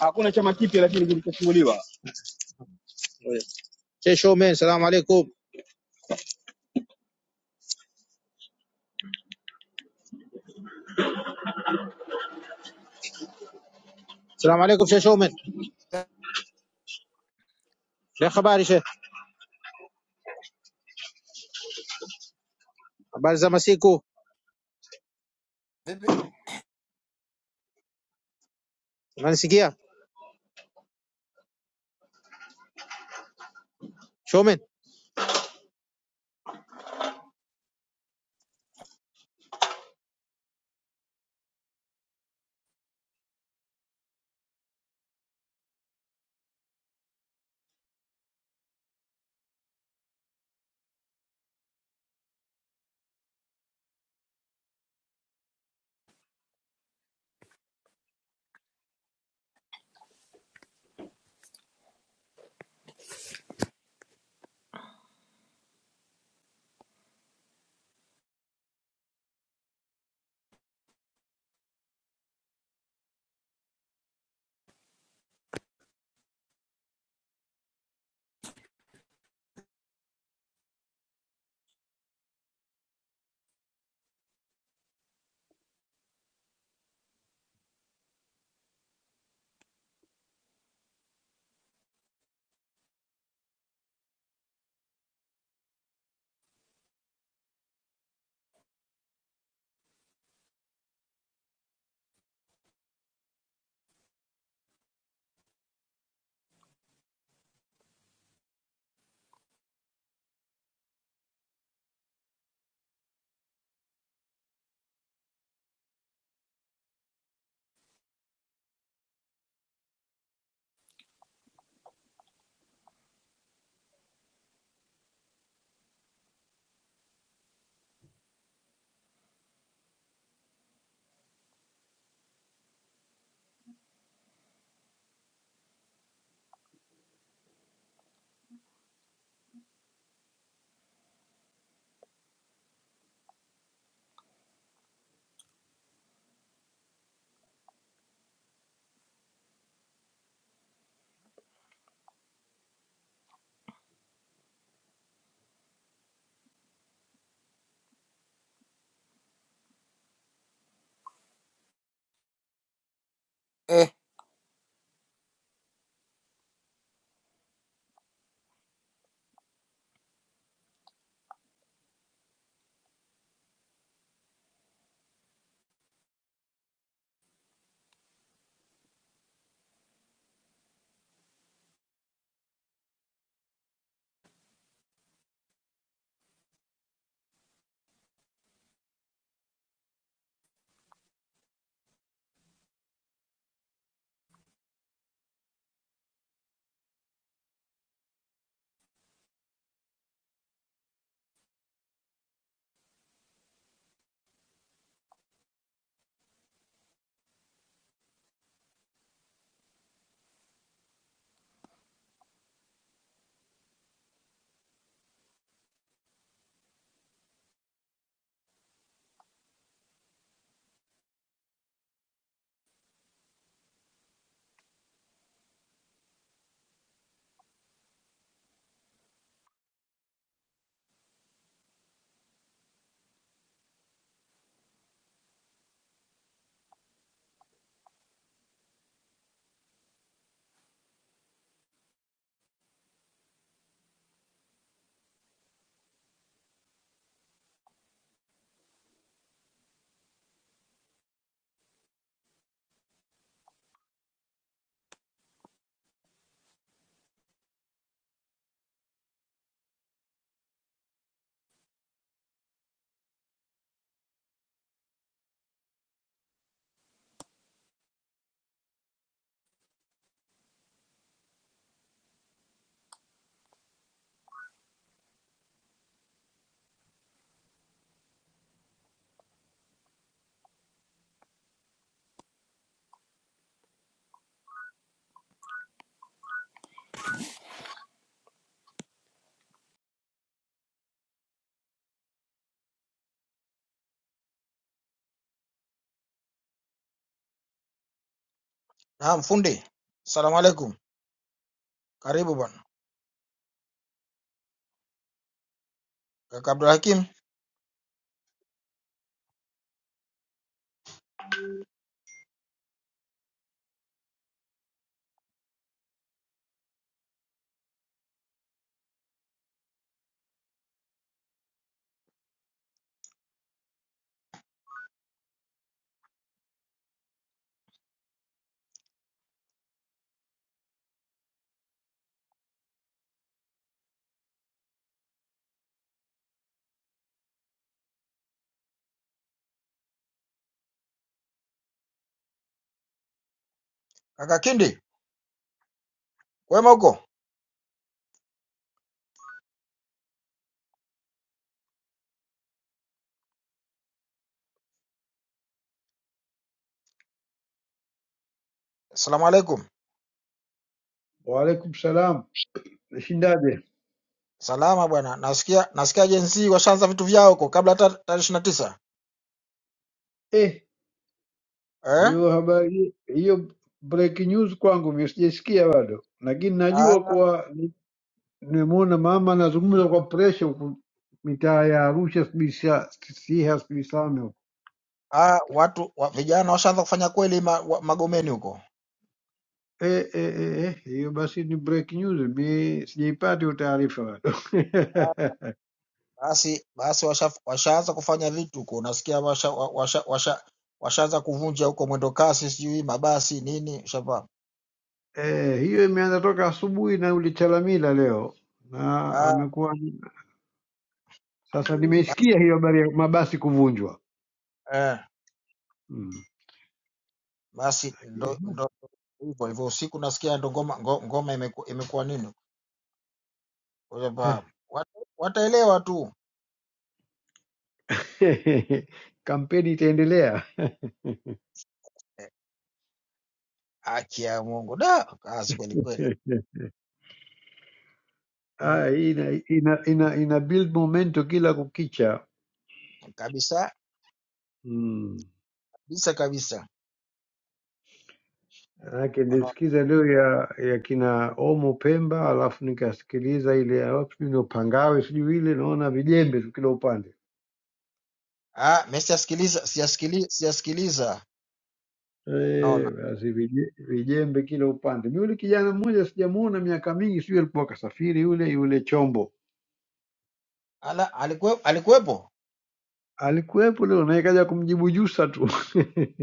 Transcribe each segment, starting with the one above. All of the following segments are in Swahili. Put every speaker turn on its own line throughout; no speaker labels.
hakuna chama kipya lakini kilichofunguliwa. Sheikh Omen, salamu alaikum. Salamu alaikum Sheikh Omen. Sheikh, habari Sheikh? Habari za masiku?
Baby,
Unanisikia? Sheikh Omen.
eh.
naam fundi salamu alaikum karibu bwana kaka abdulhakim kaka kindi kwema huko salamu alaikum
Waalaikum salam. Nishindaje?
salama bwana nasikia nasikia jensi washaanza vitu vyao huko kabla hata tarehe ishirini na tisa
Eh,
eh?
hiyo habari hiyo breaking news kwangu mimi sijaisikia bado, lakini
ah,
najua kuwa ni- nimemuona mama anazungumza kwa presha huku mitaa ya Arusha, sijui Sia- Siha, sijui Same huku.
ah, watu wa, vijana washaanza kufanya kweli ma, wa, magomeni huko
Eh, eh, eh, eh, hiyo basi ni breaking news, mi sijaipata hiyo taarifa bado.
basi basi washa, washaanza kufanya vitu huko nasikia washa, wa- washa, washa, washaanza kuvunja huko mwendo kasi sijui mabasi nini shapa
Eh, hiyo imeanza toka asubuhi na yule Chalamila leo na
ah,
amekuwa sasa,
basi,
nimeisikia hiyo habari ya mabasi kuvunjwa
eh. Basi ndo
mm.
ndo hivyo hivyo, usiku nasikia ndo ngoma ngo- ngoma imeku- imekuwa nini, kwamba wat- wataelewa tu.
Kampeni itaendelea.
Eh, Haki ya Mungu da, kazi kweli kweli
Ah,
mm,
hii ina, ina, ina, ina build momento kila kukicha
kabisa
mm.
kabisa kabisa.
Manake
Unaona?
nilisikiza leo ya, ya kina Omo Pemba, alafu nikasikiliza ile ya wapi sijui ndio Pangawe sijui ile, naona vijembe tu kila upande
Ah, mimi sijasikiliza sijasikiliza sijasikiliza, naona
Eh, basi vije- vijembe kila upande. Mi yule kijana mmoja sijamuona miaka mingi, sijui alikuwa kasafiri yule yule chombo
ala, alikuwe, alikuwepo
alikuwepo leo naye kaja kumjibu Jusa tu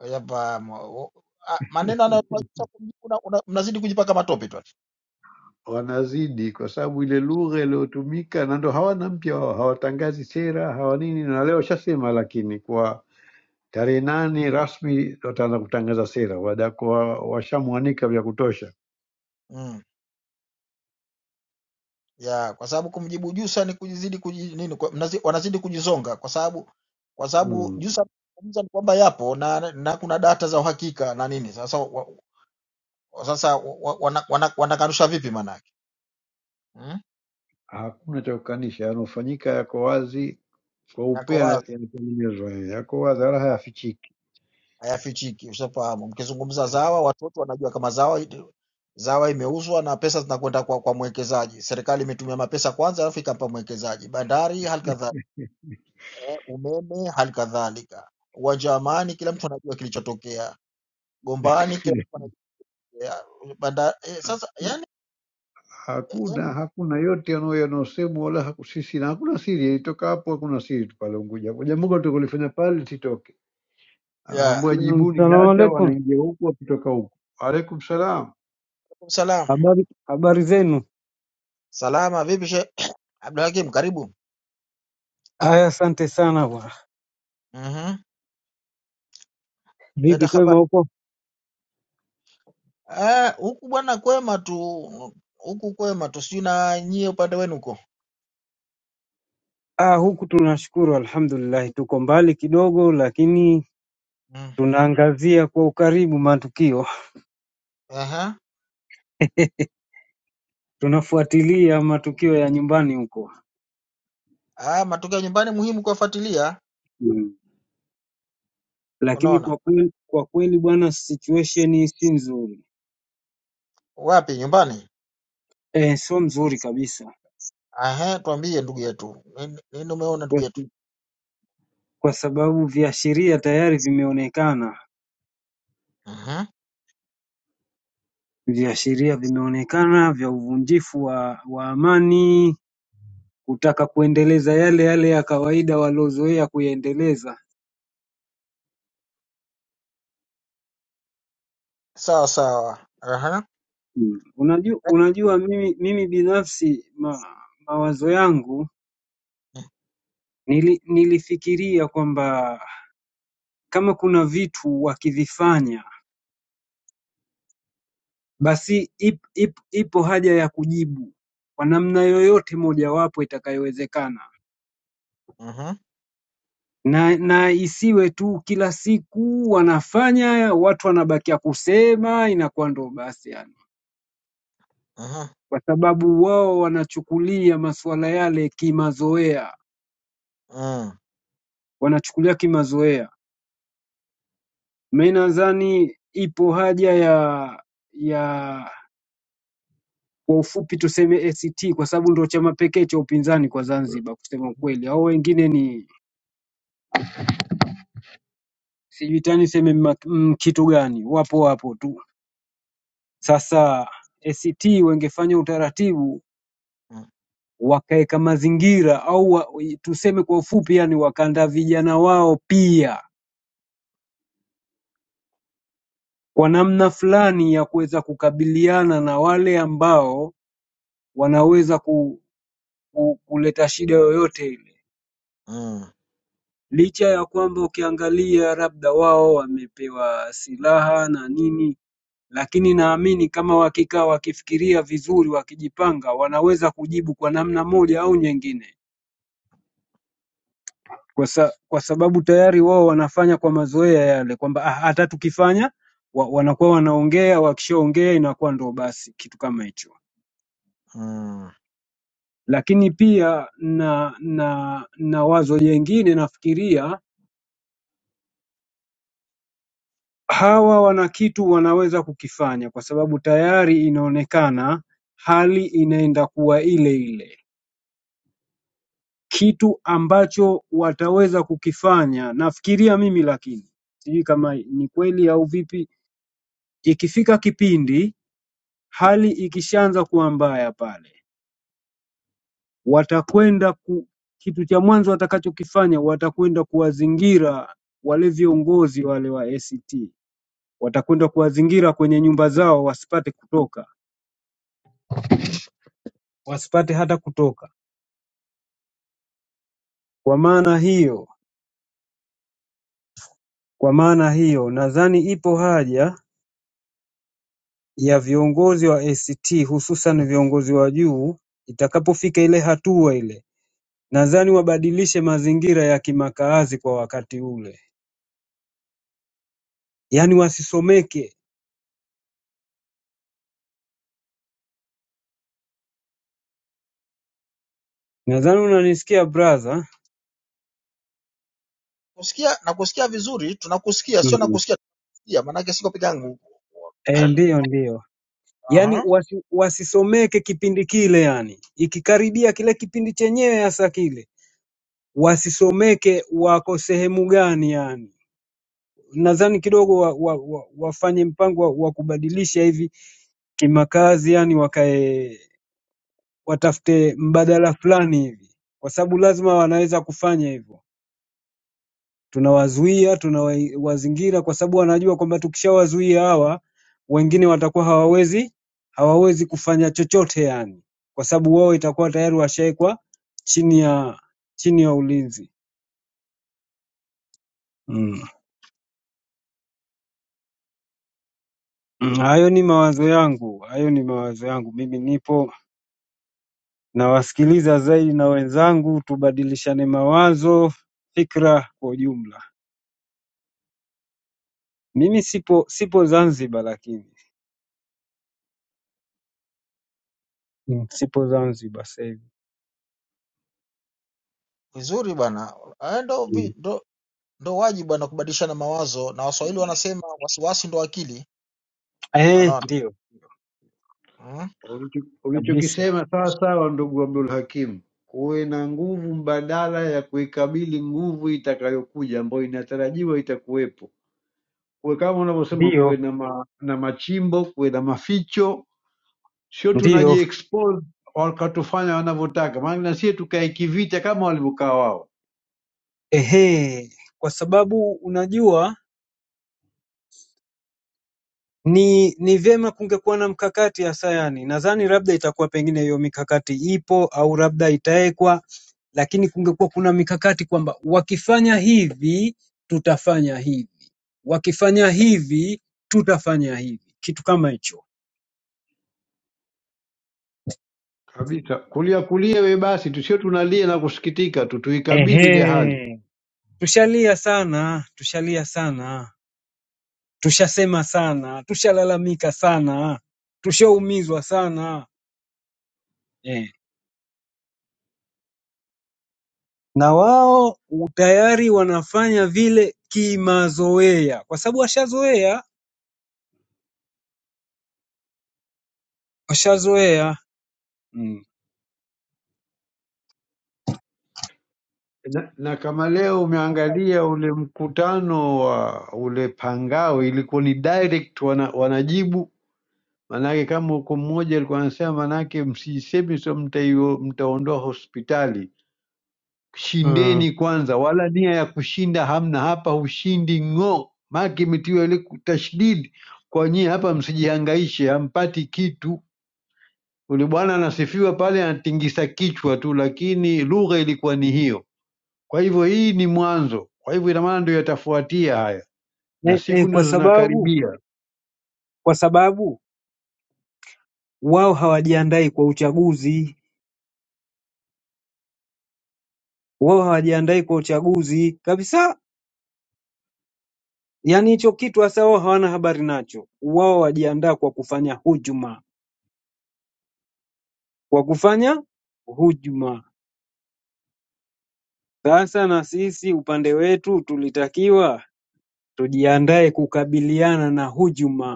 kwamba maneno anayotuacha kumji- una- una- mnazidi kujipaka matope tu.
wanazidi kwa sababu ile lugha iliyotumika, na ndo hawana mpya wao, hawatangazi sera hawa nini, na leo washasema, lakini kwa tarehe nane rasmi wataanza kutangaza sera, wadakuwa washamwanika vya kutosha
Mm. ya kwa sababu kumjibu Jusa ni kujizidi kuji, nini, kwa, mnazi, wanazidi kujizonga kwa sababu kwa sababu
mm.
Jusa anazungumza ni kwamba yapo na, na kuna data za uhakika na nini. Sasa wa, wa- sasa wa, wa- wana, wana, wanakanusha vipi manake hmm?
Hakuna cha kukanisha, yanofanyika yako wazi kwa
Yako
upea na-
wazi
yanatengenezwa, eh, yako wazi wala hayafichiki.
hayafichiki, ushafahamu. Mkizungumza Zawa, watoto wanajua kama Zawa Zawa imeuzwa na pesa zinakwenda kwa, kwa mwekezaji. Serikali imetumia mapesa kwanza, alafu ikampa mwekezaji. Bandari hali kadhalika, eh, umeme hali kadhalika, uwanja wa Amani, kila mtu anajua kilichotokea Gombani kila ya, banda, eh, sasa yani,
Hakuna
yani
hakuna yote yanao- yanayosemwa wala haku- sisi na hakuna siri, ilitoka hapo, hakuna siri tu pale Unguja. Kwa jambo gani tukulifanya pale lisitoke
ya
anaambiwa
Naam,
jibuni
Salamu
data,
alaikum.
wanaingia huku wakitoka huku. Waalaikum salam.
salam
Habari, habari zenu?
salama vipi she Abdulhakim karibu
Aya, asante sana bwana.
mhm leta
Vipi, kwema
habari
huko?
ah huku bwana kwema tu huku kwema tu sijui na nyie upande wenu huko
Ah, huku tunashukuru alhamdulillah. Tuko mbali kidogo, lakini
mm.
tunaangazia kwa ukaribu matukio,
aha
tunafuatilia matukio ya nyumbani huko
ah matokeo ya nyumbani muhimu kuyafuatilia
mm. Lakini
unaona
kwa kweli, kwa kweli bwana, situation si nzuri
wapi nyumbani
eh, sio mzuri kabisa
aha tuambie ndugu yetu nini, nini umeona ndugu
kwa,
yetu
kwa sababu viashiria tayari vimeonekana,
mhm
viashiria vimeonekana vya uvunjifu wa, wa amani kutaka kuendeleza yale yale ya kawaida waliozoea kuyaendeleza.
sawa sawa aha
Mm. Unajua, unajua mimi, mimi binafsi ma, mawazo yangu nili, nilifikiria kwamba kama kuna vitu wakivifanya basi ip, ip, ipo haja ya kujibu kwa namna yoyote mojawapo itakayowezekana,
mhm mhm
na, na isiwe tu kila siku wanafanya, watu wanabakia kusema, inakuwa ndo basi
mhm
kwa sababu wao wanachukulia masuala yale kimazoea,
mm.
wanachukulia kimazoea. Mimi nadhani ipo haja ya ya kwa ufupi tuseme ACT kwa sababu ndio chama pekee cha upinzani kwa Zanzibar kusema ukweli. Hao wengine ni sijui tani niseme ma- mm, kitu gani, wapo wapo tu. Sasa ACT wangefanya utaratibu
Mm.
wakaweka mazingira au wa, tuseme kwa ufupi, yani wakaandaa vijana wao pia kwa namna fulani ya kuweza kukabiliana na wale ambao wanaweza ku, ku, kuleta shida yoyote ile,
mm.
licha ya kwamba ukiangalia labda wao wamepewa silaha na nini, lakini naamini kama wakikaa wakifikiria vizuri, wakijipanga, wanaweza kujibu kwa namna moja au nyingine, kwa, sa, kwa sababu tayari wao wanafanya kwa mazoea yale kwamba "Ah, hata tukifanya wa, wanakuwa wanaongea, wakishaongea inakuwa ndo basi kitu kama hicho.
Mm.
Lakini pia na na na wazo jengine nafikiria hawa wana kitu wanaweza kukifanya, kwa sababu tayari inaonekana hali inaenda kuwa ile ile, kitu ambacho wataweza kukifanya. Nafikiria mimi, lakini sijui kama ni kweli au vipi, ikifika kipindi hali ikishaanza kuwa mbaya pale watakwenda ku, kitu cha mwanzo watakachokifanya watakwenda kuwazingira wale viongozi wale wa ACT, watakwenda kuwazingira kwenye nyumba zao wasipate kutoka, wasipate hata kutoka. Kwa maana hiyo, kwa maana hiyo nadhani ipo haja ya viongozi wa ACT hususan viongozi wa juu, itakapofika ile hatua ile, nadhani wabadilishe mazingira ya kimakaazi kwa wakati ule, yaani wasisomeke. Nadhani unanisikia brother?
Kusikia na kusikia vizuri, tunakusikia sio nakusikia tunakusikia, maanake siko peke yangu.
Eh, ndiyo ndiyo, yaani
Aha.
wasi, wasisomeke kipindi kile, yani ikikaribia kile kipindi chenyewe hasa kile wasisomeke, wako sehemu gani? Yani nadhani kidogo wa, wa, wa, wafanye mpango wa, wa kubadilisha hivi kimakazi, yani wakae watafute mbadala fulani hivi, kwa sababu lazima wanaweza kufanya hivyo. tunawazuia tunawazingira kwa sababu wanajua kwamba tukishawazuia hawa wengine watakuwa hawawezi hawawezi kufanya chochote yani kwa sababu wao itakuwa tayari washawekwa chini ya chini ya ulinzi mm. Mm, hayo ni mawazo yangu hayo ni mawazo yangu mimi nipo nawasikiliza zaidi na wenzangu tubadilishane mawazo fikra kwa ujumla mimi sipo sipo zanzibar lakini mm. sipo zanzibar sasa hivi
Vizuri bwana, Eh, ndo
mm.
vi- ndo ndo wajibu bwana kubadilishana mawazo, na Waswahili wanasema wasiwasi ndo akili,
eh
unaona
ndio
mm?
Ulicho-
kabisa
Ulichokisema sawa sawa, ndugu Abdul Hakim, kuwe na nguvu mbadala ya kuikabili nguvu itakayokuja ambayo inatarajiwa itakuwepo. Kuwe kama unavyosema, kuwe
Ndiyo,
na, ma, na machimbo, kuwe na maficho, sio
ndiyo,
tunajiexpose wakatufanya wanavyotaka, maana na sie tukae kivita kama walivyokaa wao
ehe, kwa sababu unajua ni ni vyema kungekuwa na mkakati hasa, yani nadhani labda itakuwa pengine hiyo mikakati ipo au labda itawekwa, lakini kungekuwa kuna mikakati kwamba wakifanya hivi tutafanya hivi, wakifanya hivi tutafanya hivi, kitu kama hicho.
kabisa, kulia kulia we basi, tusio tunalia na kusikitika tu, tuikabili ile hali.
Ehe, tushalia sana, tushalia sana, tushasema sana, tushalalamika sana, tushaumizwa sana. Eh. na wao tayari wanafanya vile kimazoea kwa sababu washazoea washazoea mm.
na, na kama leo
Unakumbuka
umeangalia ule mkutano wa ule Pangao, ilikuwa ni direct wana, wanajibu manake, kama uko mmoja alikuwa anasema manake, msisemi so mtaio mtaondoa hospitali,
Mm.
shindeni kwanza, wala nia ya kushinda hamna hapa, hushindi ng'o, maake imetiwa ile tashdidi kwa nyie hapa, msijihangaishe, hampati kitu. Ule bwana anasifiwa pale, anatingisa kichwa tu, lakini lugha ilikuwa ni hiyo. Kwa hivyo hii ni mwanzo, kwa hivyo ina maana ndio yatafuatia haya, na
E, e,
siku
kwa
ndio
sababu
zinakaribia
kwa sababu wao hawajiandai kwa uchaguzi wao hawajiandai kwa uchaguzi kabisa yaani hicho kitu hasa wao hawana habari nacho wao wajiandaa kwa kufanya hujuma kwa kufanya hujuma sasa na sisi upande wetu tulitakiwa tujiandae kukabiliana na hujuma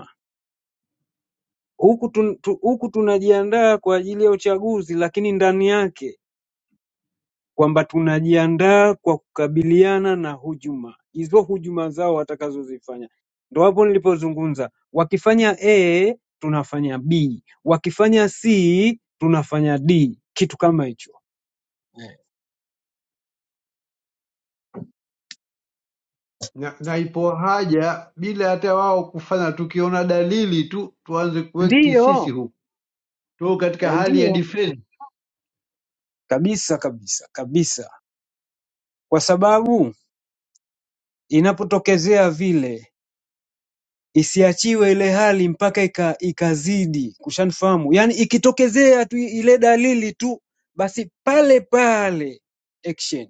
huku tun, tu, huku tunajiandaa kwa ajili ya uchaguzi lakini ndani yake kwamba tunajiandaa kwa kukabiliana na hujuma hizo, hujuma zao watakazozifanya. Ndo hapo nilipozungumza, wakifanya A tunafanya B, wakifanya C tunafanya D, kitu kama hicho. Eh,
na, na ipo haja bila hata wao kufanya, tukiona dalili tu tuanze kuekti sisi
Ndiyo,
huku, tuko katika
eh,
hali ya
ndiyo
defense.
kabisa kabisa kabisa, kwa sababu inapotokezea vile isiachiwe ile hali mpaka ika, ikazidi kushanifahamu yani ikitokezea tu ile dalili tu basi pale pale action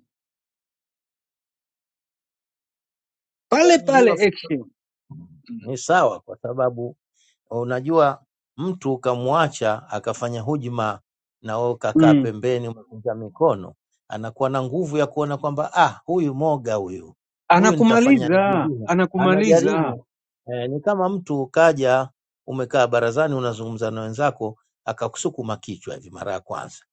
pale
yani hiyo
pale
fika
action
ni sawa, kwa sababu unajua mtu ukamwacha akafanya hujma na wewe ukakaa
mm.
pembeni umekunja mikono, anakuwa na nguvu ya kuona kwamba ah, huyu moga huyu huyu, nitafanya
anakumaliza
vingine,
anakumaliza
anajaribu eh, ni kama mtu ukaja umekaa barazani unazungumza na wenzako akakusukuma kichwa hivi mara ya kwanza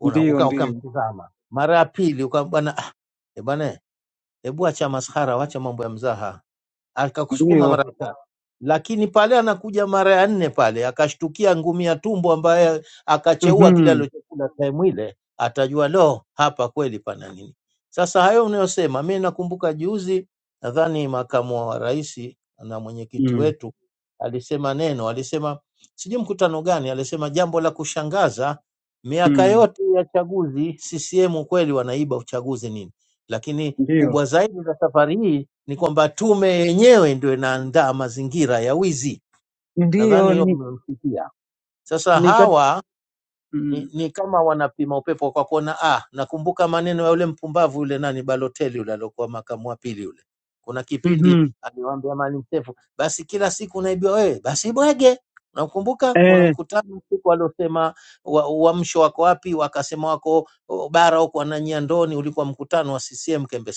Una-
ndiyo
uka-
ndiyo
ukamtizama, mara ya pili uka bwana ah, eh bwana, eh, hebu acha maskhara, acha mambo ya mzaha akakusukuma
ndiyo
mara ya tatu, lakini pale anakuja mara ya nne pale akashtukia ngumi ya tumbo ambaye akacheua kile
mm-hmm.
alichokula time ile, atajua lo, hapa kweli pana nini. Sasa hayo unayosema, mi nakumbuka juzi, nadhani makamu wa rais na mwenyekiti
mm.
wetu alisema neno, alisema sijui mkutano gani, alisema jambo la kushangaza, miaka
mm.
yote ya chaguzi CCM kweli wanaiba uchaguzi nini, lakini
ndiyo
kubwa zaidi za safari hii ni kwamba tume yenyewe ndio inaandaa mazingira ya wizi. Nadhani
ndiyo
hiyo
ni,
mmemsikia. Sasa
ni kat...
hawa ni,
mm.
ni kama wanapima upepo kwa kuona ah, nakumbuka maneno ya yule mpumbavu yule nani Baloteli yule aliokuwa makamu wa pili yule. Kuna kipindi
mm-hmm.
aliwaambia Maalim Seif, basi kila siku unaibiwa wewe, basi bwege. Nakumbuka kuna
eh,
mkutano siku aliosema wa- uamsho wako wapi, wakasema wako o, bara huko wananyia ndoni, ulikuwa mkutano wa CCM Kembe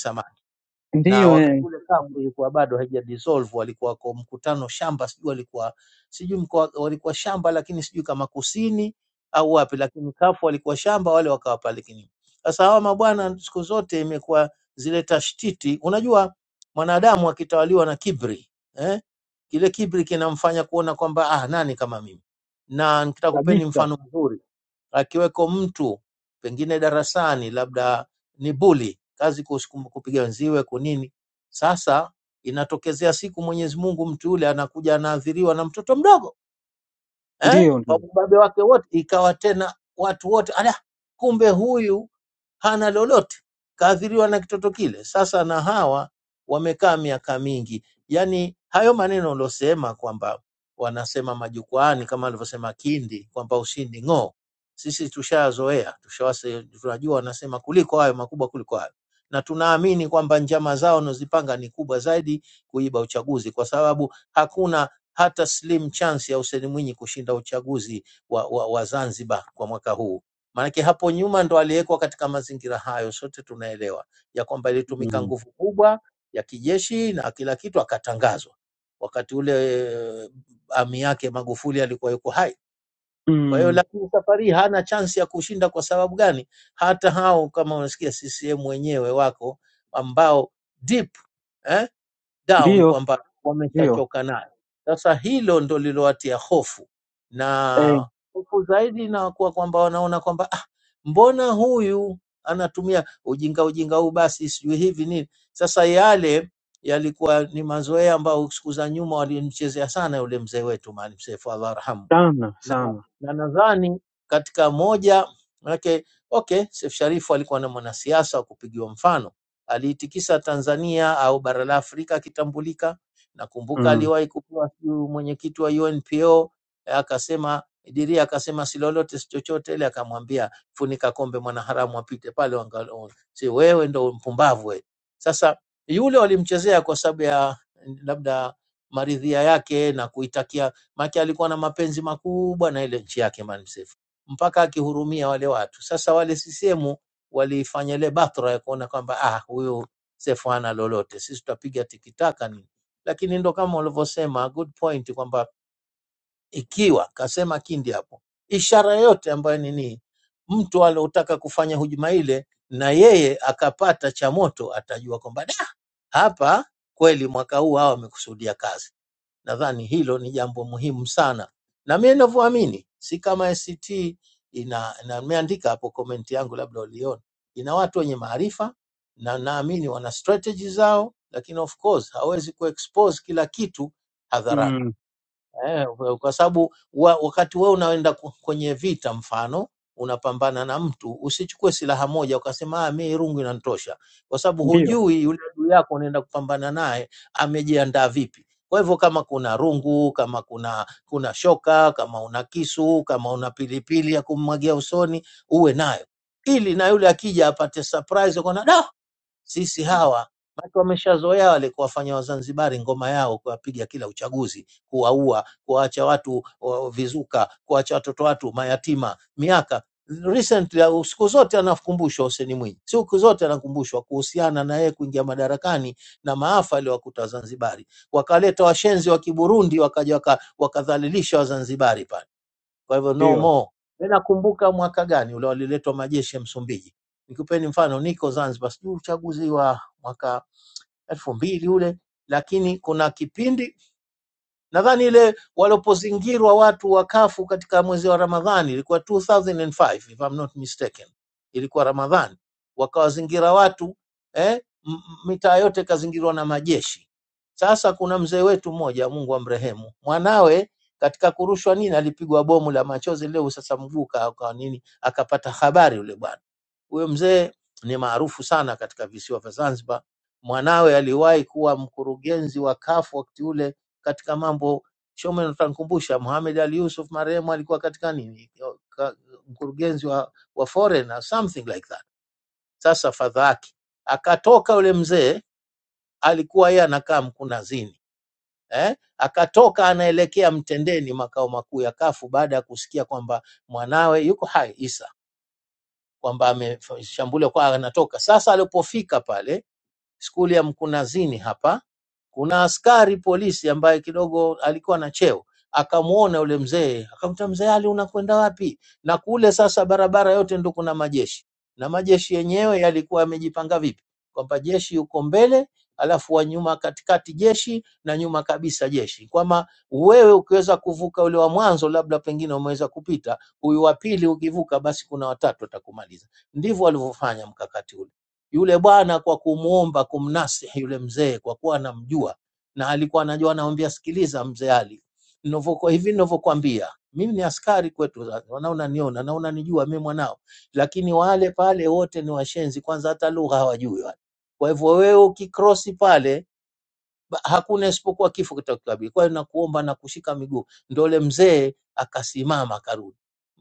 na
ndiyo
wakati
eh.
ule kafu ilikuwa bado haija dissolve, walikuwa kwa mkutano shamba, sijui walikuwa sijui mkoa walikuwa shamba, lakini sijui kama kusini au wapi, lakini kafu walikuwa shamba, wale wakawa pale kinini. Sasa hawa mabwana siku zote imekuwa zile tashtiti. Unajua mwanadamu akitawaliwa na kibri eh? Kile kibri kinamfanya kuona kwamba ah, nani kama mimi. Na nitakupeni
kabisa
mfano mzuri akiweko mtu pengine darasani, labda ni buli, kazi kus- kupiga wenziwe kunini. Sasa inatokezea siku Mwenyezi Mungu mtu yule anakuja anaathiriwa na mtoto mdogo eh,
ndiyo
kwa
ndiyo
ubabe wake wote, ikawa tena watu wote ala, kumbe huyu hana lolote, kaadhiriwa na kitoto kile. Sasa na hawa wamekaa miaka mingi, yaani hayo maneno uliosema kwamba wanasema majukwaani, kama alivyosema Kindi kwamba ushindi ng'o, sisi tushazoea, tushawase, tunajua wanasema kuliko hayo makubwa kuliko hayo, na tunaamini kwamba njama zao wanazipanga ni kubwa zaidi kuiba uchaguzi, kwa sababu hakuna hata slim chance ya Hussein Mwinyi kushinda uchaguzi wa, wa, wa Zanzibar kwa mwaka huu Maanake hapo nyuma ndo aliwekwa katika mazingira hayo, sote tunaelewa ya kwamba ilitumika
mm.
nguvu kubwa ya kijeshi na kila kitu, akatangazwa wakati ule eh, ami yake Magufuli alikuwa yuko hai. Kwa hiyo
Mm.
lakini safari hii hana chansi ya kushinda. Kwa sababu gani? Hata hao kama unasikia CCM wenyewe wako ambao deep eh, down
ndiyo
kwamba
ndiyo
wameshachoka nayo. Sasa hilo ndo lilowatia hofu
eh,
na hofu zaidi inakuwa kwamba wanaona kwamba ah, mbona huyu anatumia ujinga ujinga huu, basi sijui hivi nini. Sasa yale yalikuwa ni mazoea ambayo siku za nyuma walimchezea sana yule mzee wetu Maalim Seif Allah arhamu,
sana
na,
sana
na nadhani katika moja manake, okay, Seif Sharif alikuwa na mwanasiasa wa kupigiwa mfano, aliitikisa Tanzania au bara la Afrika akitambulika. Nakumbuka
Mm.
aliwahi kupewa sijui mwenyekiti wa UNPO eh, akasema Diria akasema si lolote si chochote ile, akamwambia funika kombe mwanaharamu apite pale, wanga- si wewe ndo mpumbavu wewe. Sasa yule walimchezea kwa sababu ya labda maridhia yake na kuitakia Maki alikuwa na mapenzi makubwa na ile nchi yake Maalim Seif mpaka akihurumia wale watu. Sasa wale CCM waliifanya ile batra ya kuona kwamba ah, huyu Seif hana lolote, sisi tutapiga tikitaka nini. Lakini ndo kama ulivyosema, good point kwamba ikiwa kasema Kindi hapo, ishara yote ambayo nini, mtu aliotaka kufanya hujuma ile na yeye akapata cha moto, atajua kwamba "Da, hapa kweli mwaka huu hawa wamekusudia kazi. Nadhani hilo ni jambo muhimu sana, na mimi ninavyoamini, si kama ACT ina, na nimeandika hapo komenti yangu, labda uliona, ina watu wenye maarifa na naamini wana strategy zao, lakini of course hawezi kuexpose kila kitu hadharani.
Mm,
Eh, kwa sababu wa, wakati wewe unaenda ku- kwenye vita, mfano unapambana na mtu, usichukue silaha moja ukasema ah, mimi rungu inanitosha, kwa sababu
ndiyo
hujui yule adui yako unaenda kupambana naye amejiandaa vipi. Kwa hivyo kama kuna rungu, kama kuna kuna shoka, kama una kisu, kama una pilipili ya kummwagia usoni, uwe nayo, ili na yule akija apate surprise, akona da sisi hawa watu wameshazoea wale kuwafanya Wazanzibari ngoma yao, kuwapiga kila uchaguzi, kuwaua, kuwaacha watu wa- vizuka, kuwaacha watoto watu mayatima miaka recently au siku zote anakumbushwa Hussein Mwinyi, siku zote anakumbushwa kuhusiana na yeye kuingia madarakani na maafa aliyowakuta Wazanzibari. Wakaleta washenzi wa Kiburundi wakaja waka- wakadhalilisha Wazanzibari pale kwa hivyo no
ndiyo,
more. Mimi nakumbuka mwaka gani ule waliletwa majeshi ya Msumbiji. Nikupeni mfano, niko Zanzibar, sijui uchaguzi wa mwaka elfu mbili ule, lakini kuna kipindi nadhani ile walipozingirwa watu wa kafu katika mwezi wa Ramadhani ilikuwa 2005 if I'm not mistaken, ilikuwa Ramadhani, wakawazingira watu eh, m- m- mitaa yote ikazingirwa na majeshi. Sasa kuna mzee wetu mmoja, Mungu amrehemu, mwanawe katika kurushwa nini alipigwa bomu la machozi leo, sasa mguu ka- ka nini, akapata habari yule bwana huyo mzee ni maarufu sana katika visiwa vya Zanzibar. Mwanawe aliwahi kuwa mkurugenzi wa CAF wakati ule katika mambo Shome, utankumbusha Mohamed Ali Yusuf marehemu alikuwa katika nini Ka- mkurugenzi wa, wa foreign or something like that. Sasa fadhaaki akatoka yule mzee, alikuwa yeye anakaa Mkunazini eh? Akatoka anaelekea Mtendeni, makao makuu ya kafu baada ya kusikia kwamba mwanawe yuko hai Isa kwamba ameshambuliwa kwa anatoka. Sasa alipofika pale skuli ya Mkunazini hapa kuna askari polisi ambaye kidogo alikuwa na cheo akamwona yule mzee, akamwambia mzee Ali, unakwenda wapi? Na kule sasa barabara yote ndo kuna majeshi, na majeshi yenyewe yalikuwa yamejipanga vipi? Kwamba jeshi yuko mbele, alafu wa nyuma katikati jeshi na nyuma kabisa jeshi, kwamba wewe ukiweza kuvuka ule wa mwanzo, labda pengine umeweza kupita, huyu wa pili ukivuka, basi kuna watatu atakumaliza. Ndivyo walivyofanya mkakati ule yule bwana kwa kumuomba kumnasihi yule mzee kwa kuwa anamjua na alikuwa anajua, anamwambia sikiliza mzee Ali, ninavyokuwa hivi ninavyokuambia, mimi ni askari kwetu, Zanzibar, na unaniona na unanijua mimi mwanao, lakini wale pale wote ni washenzi, kwanza hata lugha hawajui wale. Kwa hivyo wewe ukikrosi pale ba- hakuna isipokuwa kifo kitakukabili. Kwa hiyo nakuomba na kushika miguu. Ndio ule mzee akasimama akarudi.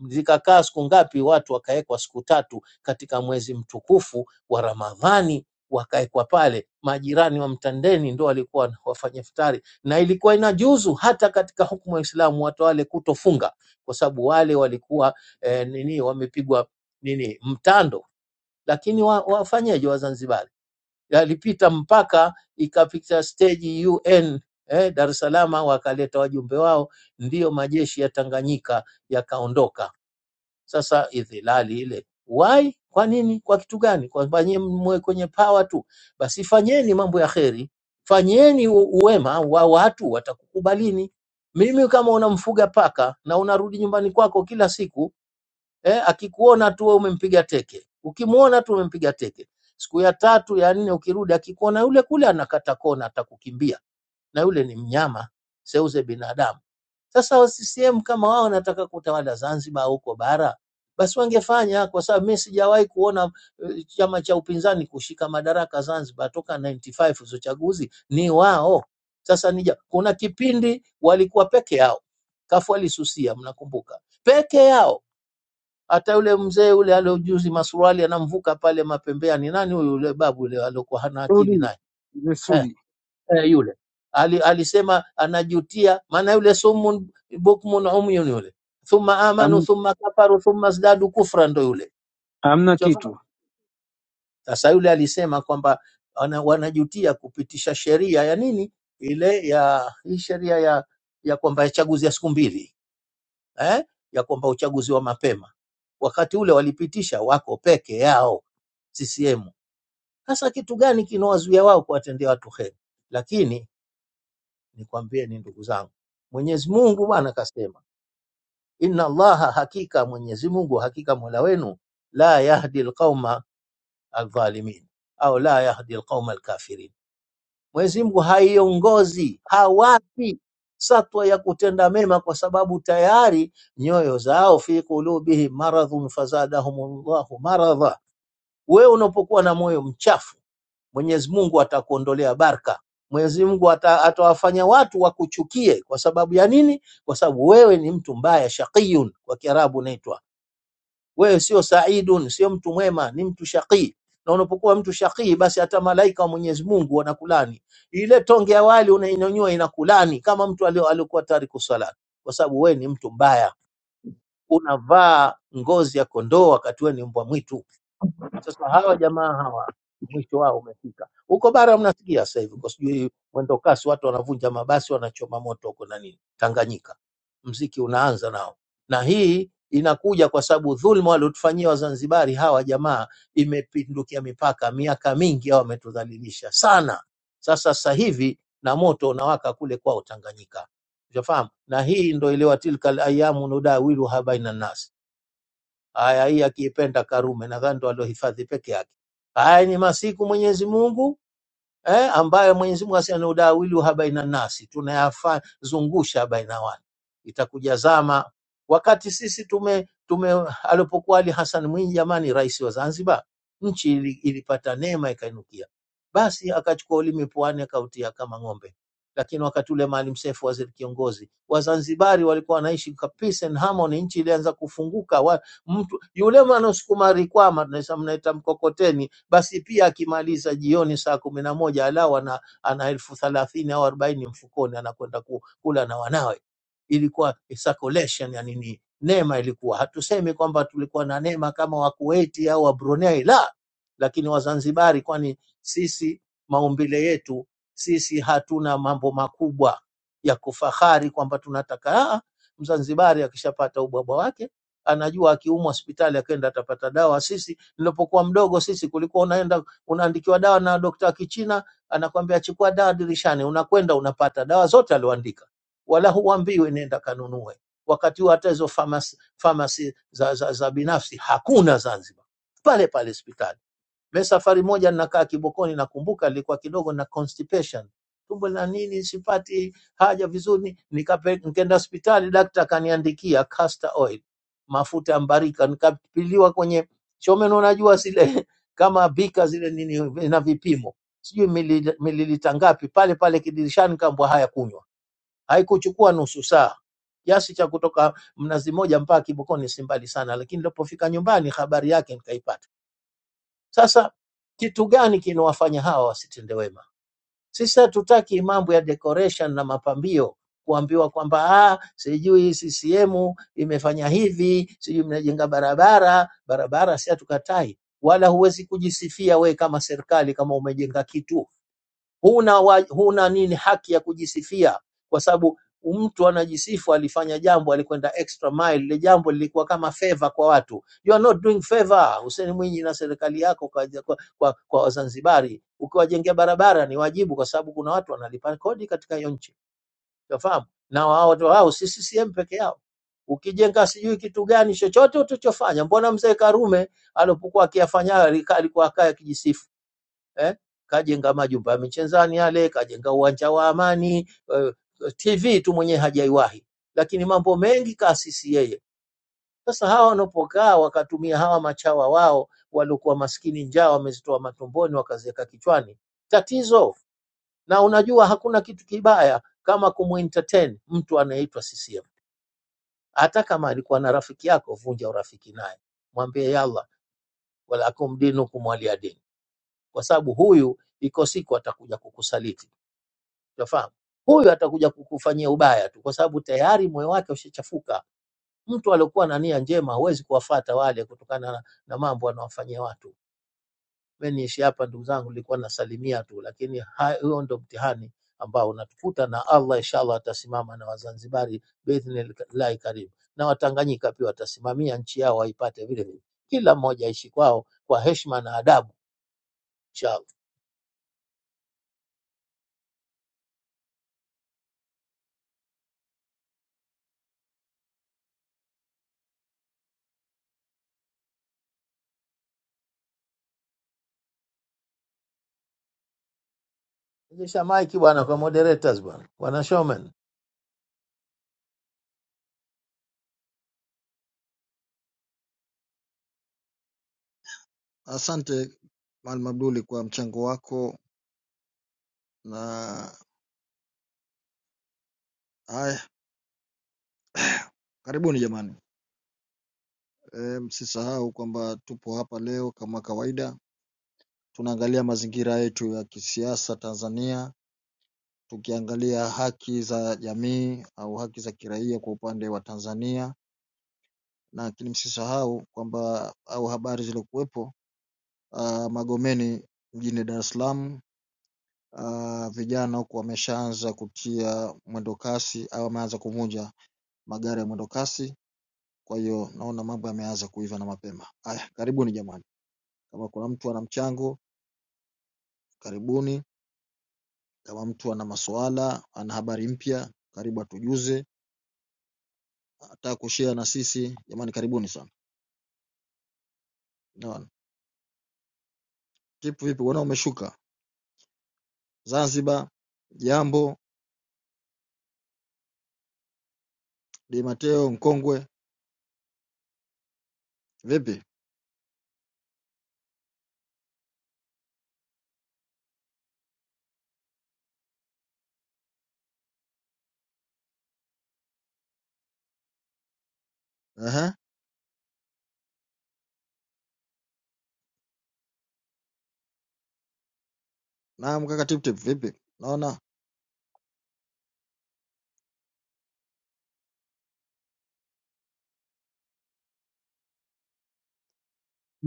Zikakaa siku ngapi? Watu wakawekwa siku tatu katika mwezi mtukufu wa Ramadhani, wakawekwa pale. Majirani wa mtandeni ndio walikuwa wafanya iftari, na ilikuwa inajuzu hata katika hukumu ya Uislamu watu wale kutofunga, kwa sababu wale walikuwa eh, nini wamepigwa nini mtando, lakini wa, wafanyeje Wazanzibari? yalipita mpaka ikapita stage UN eh, Dar es Salaam wakaleta wajumbe wao, ndiyo majeshi ya Tanganyika yakaondoka. Sasa idhilali ile why? Kwa nini? Kwa kitu gani? Kwamba nyie mwe kwenye power tu, basi fanyeni mambo ya kheri, fanyeni u- uwema wa watu, watakukubalini. Mimi kama unamfuga paka na unarudi nyumbani kwako kila siku eh, akikuona tu wewe umempiga teke, ukimwona tu umempiga teke. Siku ya tatu ya nne ukirudi, akikuona yule kule anakata kona, atakukimbia, na yule ni mnyama, seuze binadamu. Sasa wa CCM kama wao wanataka kutawala Zanzibar huko bara, basi wangefanya, kwa sababu mimi sijawahi kuona eh, chama cha upinzani kushika madaraka Zanzibar toka 95 hizo chaguzi ni wao. Sasa nija, kuna kipindi walikuwa peke yao, kafu alisusia, mnakumbuka, peke yao hata yule mzee yule aliojuzi masuruali anamvuka pale mapembeani, nani huyu yule babu yule aliokuwa hana akili
Sudi
naye
ni
eh,
Sudi.
eh, yule ali, alisema anajutia, maana yule summun bukmun umyun yule, thumma amanu
Ham-
thumma kafaru thumma zdadu kufra, ndo yule
hamna
Ushafahamu?
kitu.
Sasa yule alisema kwamba wana, wanajutia kupitisha sheria ya nini ile ya hii sheria ya ya kwamba ya chaguzi ya siku mbili eh, ya kwamba uchaguzi wa mapema. Wakati ule walipitisha wako peke yao CCM. Sasa kitu gani kinawazuia wao kuwatendea watu heri? Lakini nikwambieni ndugu zangu, Mwenyezi Mungu Bwana kasema, inna Allaha, hakika Mwenyezi Mungu, hakika mola wenu la yahdi alqauma aldhalimin au la yahdi alqauma alkafirin Mwenyezi Mungu haiongozi, hawapi satwa ya kutenda mema, kwa sababu tayari nyoyo zao fi qulubihi maradhun fazadahumullahu maradha. Wewe unapokuwa na moyo mchafu, Mwenyezi Mungu atakuondolea baraka. Mwenyezi Mungu ata- atawafanya watu wakuchukie. Kwa sababu ya nini? Kwa sababu wewe ni mtu mbaya, shaqiyun kwa Kiarabu unaitwa wewe sio saidun, sio mtu mwema, ni mtu shaqii. Na unapokuwa mtu shaqii, basi hata malaika wa Mwenyezi Mungu wanakulani. Ile tonge ya wali unainyanyua inakulani, kama mtu alio- aliokuwa tariku sala, kwa sababu wewe ni mtu mbaya, unavaa ngozi ya kondoo wakati wewe ni mbwa mwitu. Sasa hawa jamaa hawa mwisho wao umefika. Huko bara mnasikia sasa hivi kwa sijui mwendo kasi, watu wanavunja mabasi, wanachoma moto huko na nini Tanganyika. Mziki unaanza nao, na hii inakuja kwa sababu dhulma waliotufanyia Wazanzibari hawa jamaa imepindukia mipaka. Miaka mingi hao wametudhalilisha sana. Sasa sasa hivi na moto unawaka kule kwao Tanganyika, ushafahamu? Na hii ndo iliwa tilkal ayamu nudawiluha baina nas Aya hii akiipenda Karume, nadhani ndo aliohifadhi peke yake. Haya ni masiku Mwenyezi Mungu eh, ambayo Mwenyezi Mungu asema udawiliha baina nasi, tunayazungusha baina watu, itakuja zama wakati sisi tume, tume alipokuwa Ali Hassan Mwinyi jamani, rais wa Zanzibar, nchi ili, ilipata neema ikainukia, basi akachukua ulimi puani akautia kama ng'ombe. Lakini wakati ule Maalim Seif waziri kiongozi, Wazanzibari walikuwa wanaishi kwa peace and harmony, nchi ilianza kufunguka wa, mtu yule mwanasukuma rikwama tunaita- mnaita mkokoteni basi pia akimaliza jioni saa kumi na moja alau ana, ana elfu thelathini au arobaini mfukoni anakwenda ku- kula na wanawe. Ilikuwa circulation ya nini, neema ilikuwa. Hatusemi kwamba tulikuwa na neema kama wa Kuwaiti au wa Brunei, la, lakini Wazanzibari, kwani sisi maumbile yetu sisi hatuna mambo makubwa ya kufahari kwamba tunataka ah, Mzanzibari akishapata ubwabwa wake anajua akiumwa hospitali akenda atapata dawa. Sisi Nilipokuwa mdogo sisi kulikuwa unaenda unaandikiwa dawa na dokta wa Kichina, anakwambia chukua dawa dirishani, unakwenda unapata dawa zote alioandika, wala huambiwi nenda kanunue. Wakati huo hata hizo famasi, famasi za, za, za binafsi hakuna Zanzibar, pale pale hospitali mimi safari moja ninakaa Kibokoni, nakumbuka nilikuwa kidogo na constipation, tumbo la nini, sipati haja vizuri, nikape- nikaenda hospitali, daktari akaniandikia castor oil, mafuta ya mbarika, nikapiliwa kwenye chomeno, unajua zile kama bika zile nini na vipimo, sijui milili- mililita ngapi, pale pale kidirishani, kaambwa haya, kunywa. Haikuchukua nusu saa kiasi cha kutoka Mnazi Moja mpaka Kibokoni si mbali sana, lakini nilipofika nyumbani habari yake nikaipata sasa kitu gani kinawafanya hawa wasitende wema? Sisi hatutaki mambo ya decoration na mapambio kuambiwa kwamba ah, sijui CCM imefanya hivi, sijui mnajenga barabara. Barabara si hatukatai, wala huwezi kujisifia we kama serikali kama umejenga kitu huna, wa, huna nini haki ya kujisifia kwa sababu mtu anajisifu alifanya jambo alikwenda extra mile lile jambo lilikuwa kama favor kwa watu you are not doing favor Hussein Mwinyi na serikali yako kwa, kwa, kwa, kwa Wazanzibari ukiwajengea barabara ni wajibu kwa sababu kuna watu wanalipa kodi katika hiyo nchi unafahamu na wao watu wao si CCM peke yao ukijenga sijui kitu gani chochote utachofanya mbona mzee Karume alipokuwa akiyafanya alikuwa akaya kijisifu eh? Kajenga majumba ya michezani yale, kajenga uwanja wa Amani eh, TV tu mwenyewe hajaiwahi, lakini mambo mengi kaasisi yeye. Sasa hawa wanapokaa wakatumia hawa machawa wao waliokuwa maskini, njaa wamezitoa matumboni wakaziweka kichwani, tatizo. Na unajua hakuna kitu kibaya kama kumentertain mtu anayeitwa CCM, hata kama alikuwa na rafiki yako, vunja urafiki naye, mwambie yalla walakum dinukum waliya dini, kwa sababu huyu iko siku atakuja kukusaliti. Unafahamu? Huyu atakuja kukufanyia ubaya tu, kwa sababu tayari moyo wake ushachafuka. Mtu aliokuwa na nia njema huwezi kuwafata wale kutokana na, na mambo anawafanyia watu. Mimi niishi hapa ndugu zangu, nilikuwa nasalimia tu, lakini ha- huo ndo mtihani ambao unatukuta, na Allah inshallah atasimama na Wazanzibari biidhnillahi karibu, na Watanganyika pia watasimamia nchi yao waipate vile vile, kila mmoja aishi kwao kwa heshima na adabu inshallah. Rejesha maiki bwana kwa moderators bwana, bwana showman.
Asante Maalim Abduli kwa mchango wako, na haya, karibuni jamani. E, msisahau kwamba tupo hapa leo kama kawaida, tunaangalia mazingira yetu ya kisiasa Tanzania tukiangalia haki za jamii au haki za kiraia kwa upande wa Tanzania na lakini msisahau kwamba au habari zilizokuwepo uh, Magomeni mjini Dar es Salaam uh, vijana huku wameshaanza kutia mwendo kasi au wameanza kuvunja magari ya mwendo kasi. Kwa hiyo naona mambo yameanza kuiva na mapema. Haya, karibuni jamani, kama kuna mtu ana mchango karibuni, kama mtu ana maswala ana habari mpya karibu atujuze, ataka kushare na sisi jamani, karibuni sana. Naona Kipu vipi bwana umeshuka Zanzibar jambo Di Mateo mkongwe vipi Ehe. naam kaka tip tip vipi naona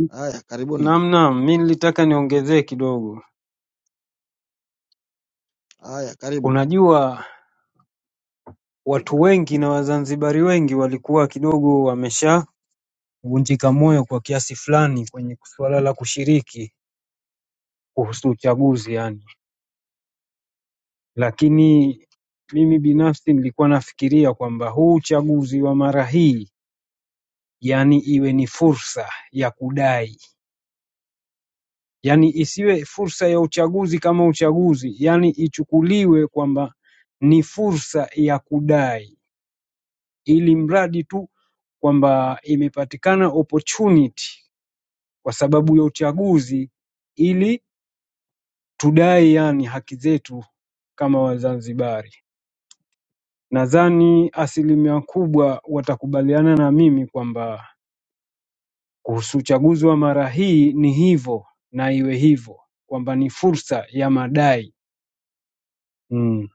haya karibuni
Naam, naam, mi nilitaka niongezee kidogo.
haya karibu
Unajua, watu wengi na Wazanzibari wengi walikuwa kidogo wameshavunjika moyo kwa kiasi fulani kwenye suala la kushiriki kuhusu uchaguzi yani, lakini mimi binafsi nilikuwa nafikiria kwamba huu uchaguzi wa mara hii yani iwe ni fursa ya kudai yani isiwe fursa ya uchaguzi kama uchaguzi yani ichukuliwe kwamba ni fursa ya kudai ili mradi tu kwamba imepatikana opportunity kwa sababu ya uchaguzi ili tudai yani haki zetu kama Wazanzibari. Nadhani asilimia kubwa watakubaliana na mimi kwamba kuhusu uchaguzi wa mara hii ni hivyo na iwe hivyo kwamba ni fursa ya madai mm.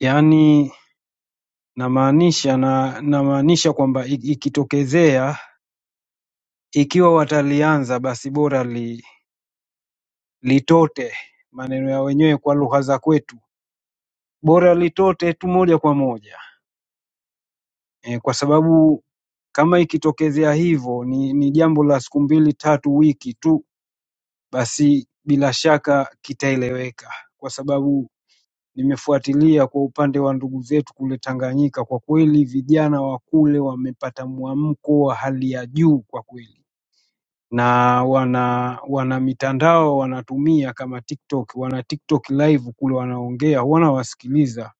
Yaani namaanisha na namaanisha kwamba ikitokezea ikiwa watalianza basi bora li, litote maneno ya wenyewe kwa lugha za kwetu bora litote tu moja kwa moja e, kwa sababu kama ikitokezea hivyo ni, ni jambo la siku mbili tatu wiki tu, basi bila shaka kitaeleweka, kwa sababu nimefuatilia kwa upande wa ndugu zetu kule Tanganyika. Kwa kweli vijana wa kule wamepata mwamko wa hali ya juu kwa kweli. na wana wana mitandao wanatumia kama tiktok wana tiktok live kule wanaongea wanawasikiliza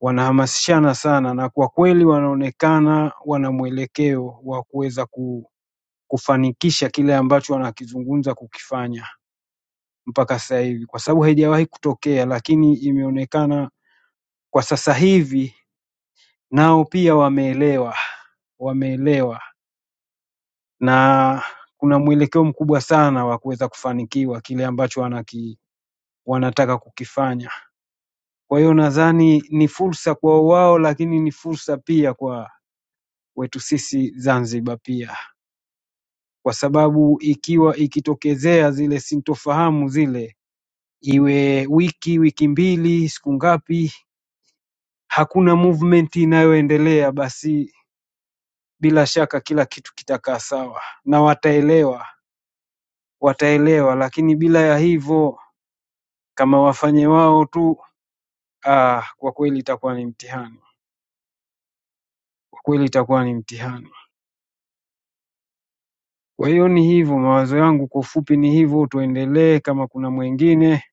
wanahamasishana sana na kwa kweli wanaonekana wana mwelekeo wa kuweza ku, kufanikisha kile ambacho wanakizungumza kukifanya mpaka sasa hivi kwa sababu haijawahi kutokea lakini imeonekana kwa sasa hivi nao pia wameelewa wameelewa na kuna mwelekeo mkubwa sana wa kuweza kufanikiwa kile ambacho wanaki wanataka kukifanya. Kwa hiyo nadhani ni fursa kwao wao, lakini ni fursa pia kwa wetu sisi Zanzibar pia, kwa sababu ikiwa ikitokezea zile sintofahamu zile, iwe wiki wiki mbili siku ngapi, hakuna movement inayoendelea, basi bila shaka kila kitu kitakaa sawa na wataelewa, wataelewa. Lakini bila ya hivyo, kama wafanye wao tu, ah, kwa kweli itakuwa ni mtihani, kwa kweli itakuwa ni mtihani. Kwa hiyo ni hivyo, mawazo yangu kwa ufupi ni hivyo. Tuendelee, kama kuna mwingine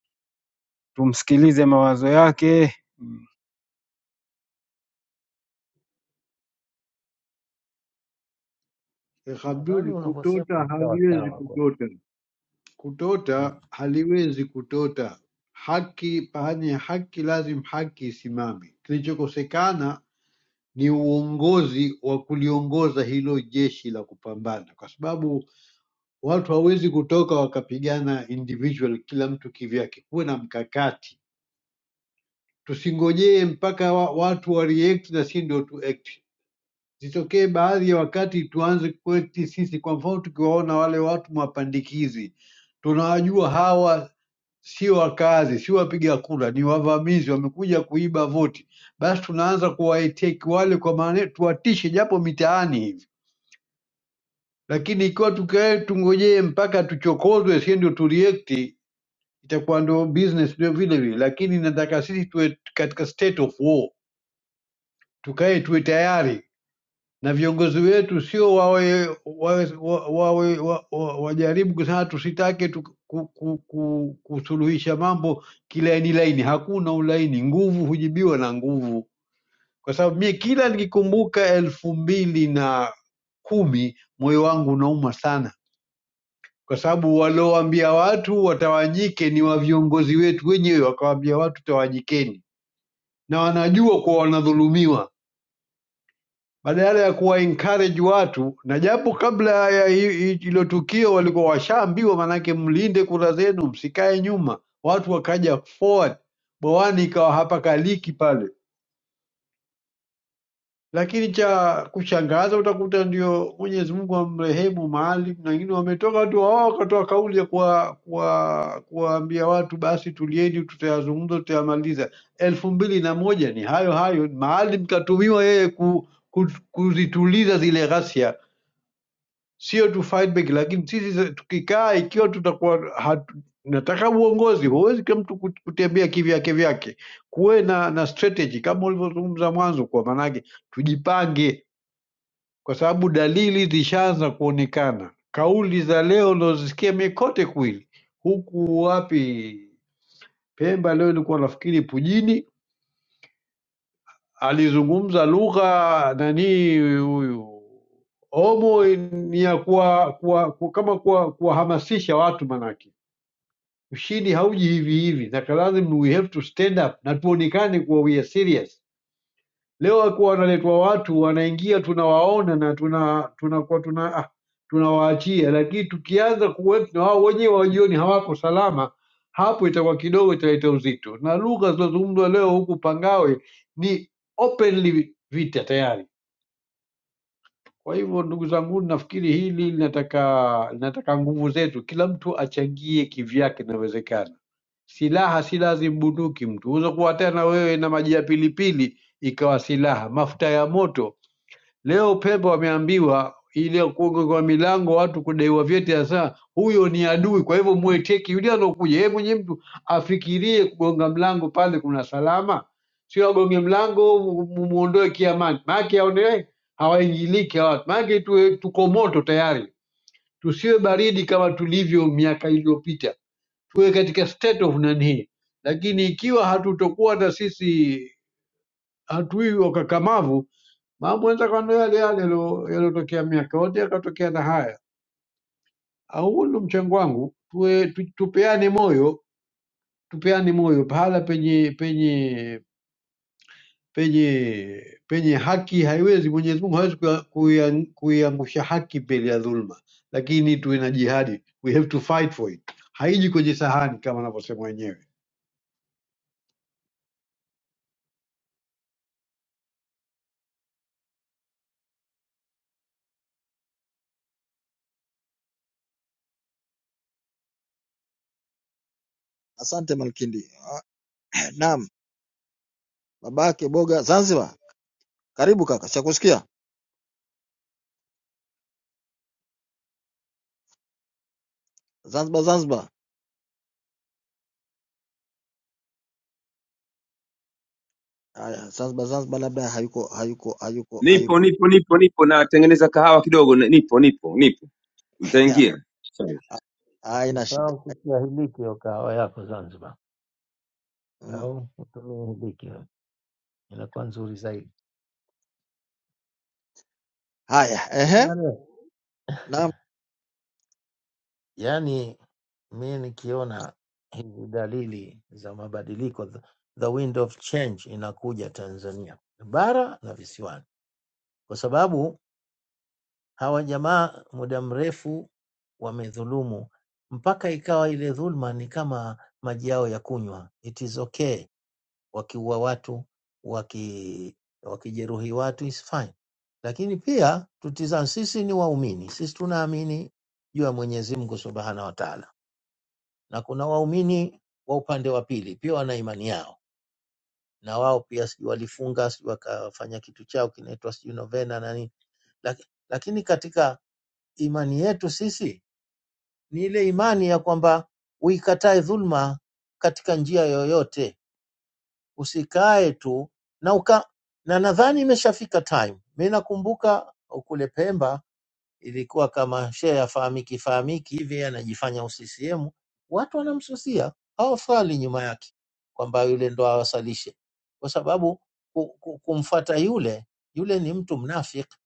tumsikilize mawazo yake. Mm.
Sheikh
Nadhani
Abdul,
unavyosema
kutota
ni sawa
haliwezi
sawa kwa
kutota, kutota
Mm.
haliwezi kutota. Haki pahali ya haki, lazim haki isimame. Kilichokosekana ni uongozi wa kuliongoza hilo jeshi la kupambana, kwa sababu Watu hawezi kutoka wakapigana individual, kila mtu kivyake. Kuwe na mkakati, tusingojee mpaka wa, watu wa react na si ndio tu act. Zitokee baadhi ya wakati tuanze kuact sisi. Kwa mfano, tukiwaona wale watu mapandikizi, tunawajua hawa sio wakazi, sio wapiga kura, ni wavamizi, wamekuja kuiba voti, basi tunaanza kuwaiteki wale, kwa maana tuwatishe japo mitaani hivi, lakini ikiwa tukae tungojee mpaka tuchokozwe, si ndio tu react itakuwa ndio business ndio vile vile, lakini nataka sisi tuwe katika state of war, tukae tuwe tayari na viongozi wetu, sio wawe wawe wa- wawe wa- wa- wajaribu kusema tusitake tu, ku, ku, ku, kusuluhisha mambo kilaini laini. Hakuna ulaini, nguvu hujibiwa na nguvu, kwa sababu mie kila nikikumbuka elfu mbili na kumi moyo wangu unauma sana kwa sababu waliowaambia watu watawanyike ni wa viongozi wetu wenyewe, wakawaambia watu tawanyikeni, na wanajua kuwa wanadhulumiwa, badala ya kuwa encourage watu. Na japo kabla ya hi- hi- hilo tukio walikuwa washaambiwa, manake mlinde kura zenu, msikae nyuma. Watu wakaja forward, bwawani ikawa hapakaliki pale. Lakini cha kushangaza utakuta ndio Mwenyezi Mungu amrehemu Maalim na wengine wametoka tu wao wakatoa kauli ya kuwa- kuwa- kuwaambia watu basi tulieni, tutayazungumza, tutayamaliza. elfu mbili na moja ni hayo hayo. Maalim katumiwa yeye ku, ku, kuzituliza zile ghasia, sio tu fight back. Lakini sisi za- tukikaa, ikiwa tutakuwa hatu, nataka uongozi, huwezi kila mtu kut- kutembea kivyake vyake, kuwe na, na strategy kama ulivyozungumza mwanzo, kwa maanake tujipange kwa sababu dalili zishaanza kuonekana. Kauli za leo unazosikia mi kote kwili, huku wapi Pemba leo ilikuwa nafikiri Pujini alizungumza lugha nani huyu Omo ni ya kuwa, kuwa, kuwa, kama kuwa- kuwahamasisha kuwa watu manake ushindi hauji hivi hivi, that lazima we have to stand up na tuonekane kuwa we are serious. Leo wakuwa wanaletwa watu wanaingia, tunawaona na tuna tunakuwa tuna ah, tunawaachia, lakini tukianza kuweka na wao wenyewe wajioni hawako salama, hapo itakuwa kidogo italeta uzito, na lugha zinazozungumzwa leo huku Pangawe ni openly vita tayari. Kwa hivyo ndugu zangu, nafikiri hili linataka linataka nguvu zetu, kila mtu achangie kivyake inawezekana. Silaha si lazima bunduki, mtu unaweza kuwa hata na wewe na maji ya pilipili ikawa silaha, mafuta ya moto Leo Pemba wameambiwa ile kugonga kwa milango watu kudaiwa vyeti, hasa huyo ni adui. Kwa hivyo mueteki yule anokuja, yeye mwenyewe mtu afikirie kugonga mlango pale, kuna salama, sio agonge mlango mu- mu- muondoe kiamani, maake aone hawaingiliki hawa watu, maake tuwe- tuko moto tayari, tusiwe baridi kama tulivyo miaka iliyopita, tuwe katika state of nani. Lakini ikiwa hatutokuwa na sisi hatui wakakamavu Mambo yanaweza kuwa ndo yale yale yalo- yaliyotokea miaka yote yakatokea na haya. Au huu ndo mchango wangu, tuwe tu, tupeane moyo, tupeane moyo pahala penye penye penye penye haki haiwezi, Mwenyezi Mungu hawezi kuya- kuiang- kuiangusha haki mbele ya dhulma, lakini tuwe na jihadi, we have to fight for it. Haiji kwenye sahani kama wanavyosema wenyewe.
asante Malkindi Ah, naam babake boga Zanzibar karibu kaka chakusikia Zanzibar Zanzibar haya Zanzibar Zanzibar labda hayuko hayuko hayuko
Nipo
hayuko
nipo nipo nipo, natengeneza kahawa kidogo. ni- Nipo nipo nipo, nitaingia. Sawa.
haina shida
Usisahau kukiahiliki hiyo kahawa yako Zanzibar,
mm.
au utumie hiliki, inakuwa nzuri zaidi.
haya
Ndio
ehe
maana-
naam
Yaani mi nikiona hizi dalili za mabadiliko, the the wind of change inakuja Tanzania bara na visiwani, kwa sababu hawa jamaa muda mrefu wamedhulumu mpaka ikawa ile dhulma ni kama maji yao ya kunywa, it is okay wakiua watu waki, wakijeruhi watu is fine, lakini pia tutizame, sisi ni waumini, sisi tunaamini juu ya Mwenyezi Mungu Subhanahu wa Ta'ala, na kuna waumini wa upande wa pili pia wana imani yao, na wao pia sijui walifunga sijui wakafanya kitu chao kinaitwa sijui novena na nini, Lak- lakini katika imani yetu sisi ni ile imani ya kwamba uikatae dhulma katika njia yoyote usikae tu na uka, na nadhani imeshafika time. Mimi nakumbuka kule Pemba ilikuwa kama shehe afahamiki fahamiki hivi, anajifanya UCCM, watu wanamsusia, hawafali nyuma yake kwamba yule ndo awasalishe, kwa sababu ku- ku- kumfata yule yule ni mtu mnafiki,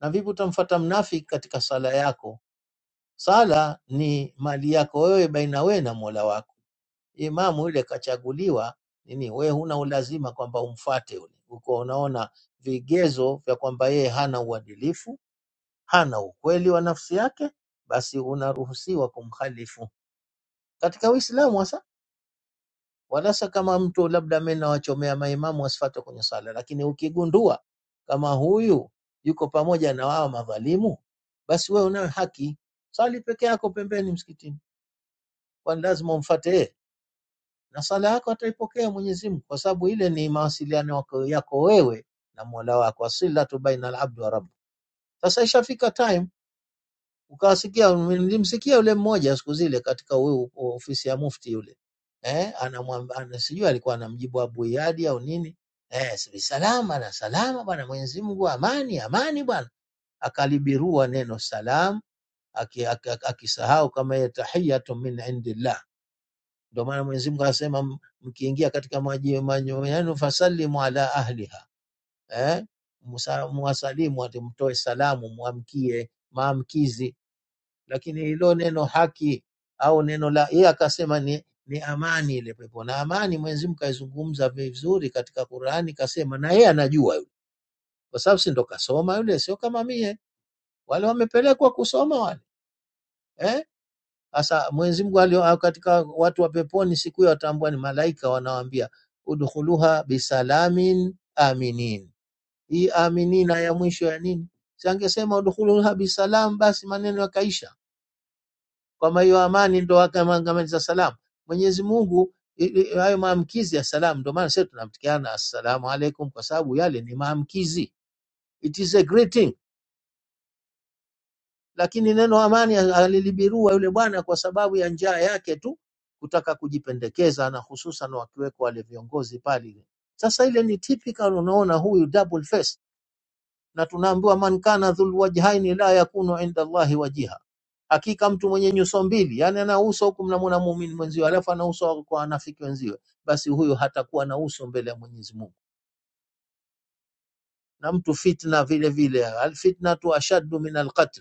na vipi utamfata mnafiki katika sala yako? Sala ni mali yako wewe baina wewe na Mola wako Imamu yule kachaguliwa nini, wewe huna ulazima kwamba umfuate yule. Uko unaona vigezo vya kwamba yeye hana uadilifu, hana ukweli wa nafsi yake, basi unaruhusiwa kumkhalifu katika Uislamu hasa. Wala sio kama mtu labda, mimi nawachomea maimamu wasifuate kwenye sala, lakini ukigundua kama huyu yuko pamoja na wao madhalimu, basi wewe unayo haki, sali peke yako pembeni msikitini, kwani lazima umfuate yeye? na sala yako ataipokea Mwenyezi Mungu, kwa sababu ile ni mawasiliano yako, yako wewe na Mola wako, asilatu baina al-abd wa rabb. Sasa ishafika time, ukawasikia, nilimsikia yule mmoja siku zile katika huyu ofisi ya mufti yule eh, anamwamba ana, sijui alikuwa anamjibu Abu Iyadi au nini eh, si salama na salama bwana, Mwenyezi Mungu amani, amani bwana, akalibirua neno salam aki- aki- aki- akisahau kama yeye tahiyatu min indillah ndio maana Mwenyezi Mungu anasema m- mkiingia katika maji manyo yenu fasalimu ala ahliha, eh, Musa- muwasalimu, ati mtoe salamu, mwamkie maamkizi. Lakini hilo neno haki au neno la yeye akasema ni, ni amani ile pepo, na amani Mwenyezi Mungu kaizungumza vizuri katika Qurani, kasema na yeye anajua yule, kwa sababu si ndo kasoma yule, sio kama mie. Wale wamepelekwa kusoma wale eh? Sasa Mwenyezi Mungu alio au katika watu wa peponi siku hiyo watambua ni malaika, wanawaambia udkhuluha bisalamin aminin. Hii aminina ya mwisho ya nini? Si angesema udkhuluha bisalam, basi maneno yakaisha. Kama hiyo amani ndo akamangamiza salamu. Mwenyezi Mungu i- i- hayo maamkizi ya salamu, ndo maana sisi tunamtikiana assalamu alaikum, kwa sababu yale ni maamkizi, it is a greeting Lakini neno amani alilibirua yule bwana kwa sababu ya njaa yake tu kutaka kujipendekeza, na hususan wakiwekwa wale viongozi pale. Sasa ile ni typical, unaona huyu double face, na tunaambiwa man kana dhul wajhaini la yakunu inda Allahi wajiha, hakika mtu mwenye nyuso mbili, yani ana uso huku mnamwona muumini mwenziwe, alafu ana uso kwa wanafiki wenziwe, basi huyo hatakuwa na uso mbele ya Mwenyezi Mungu. Na mtu fitna vile vile, alfitnatu ashaddu min alqatl,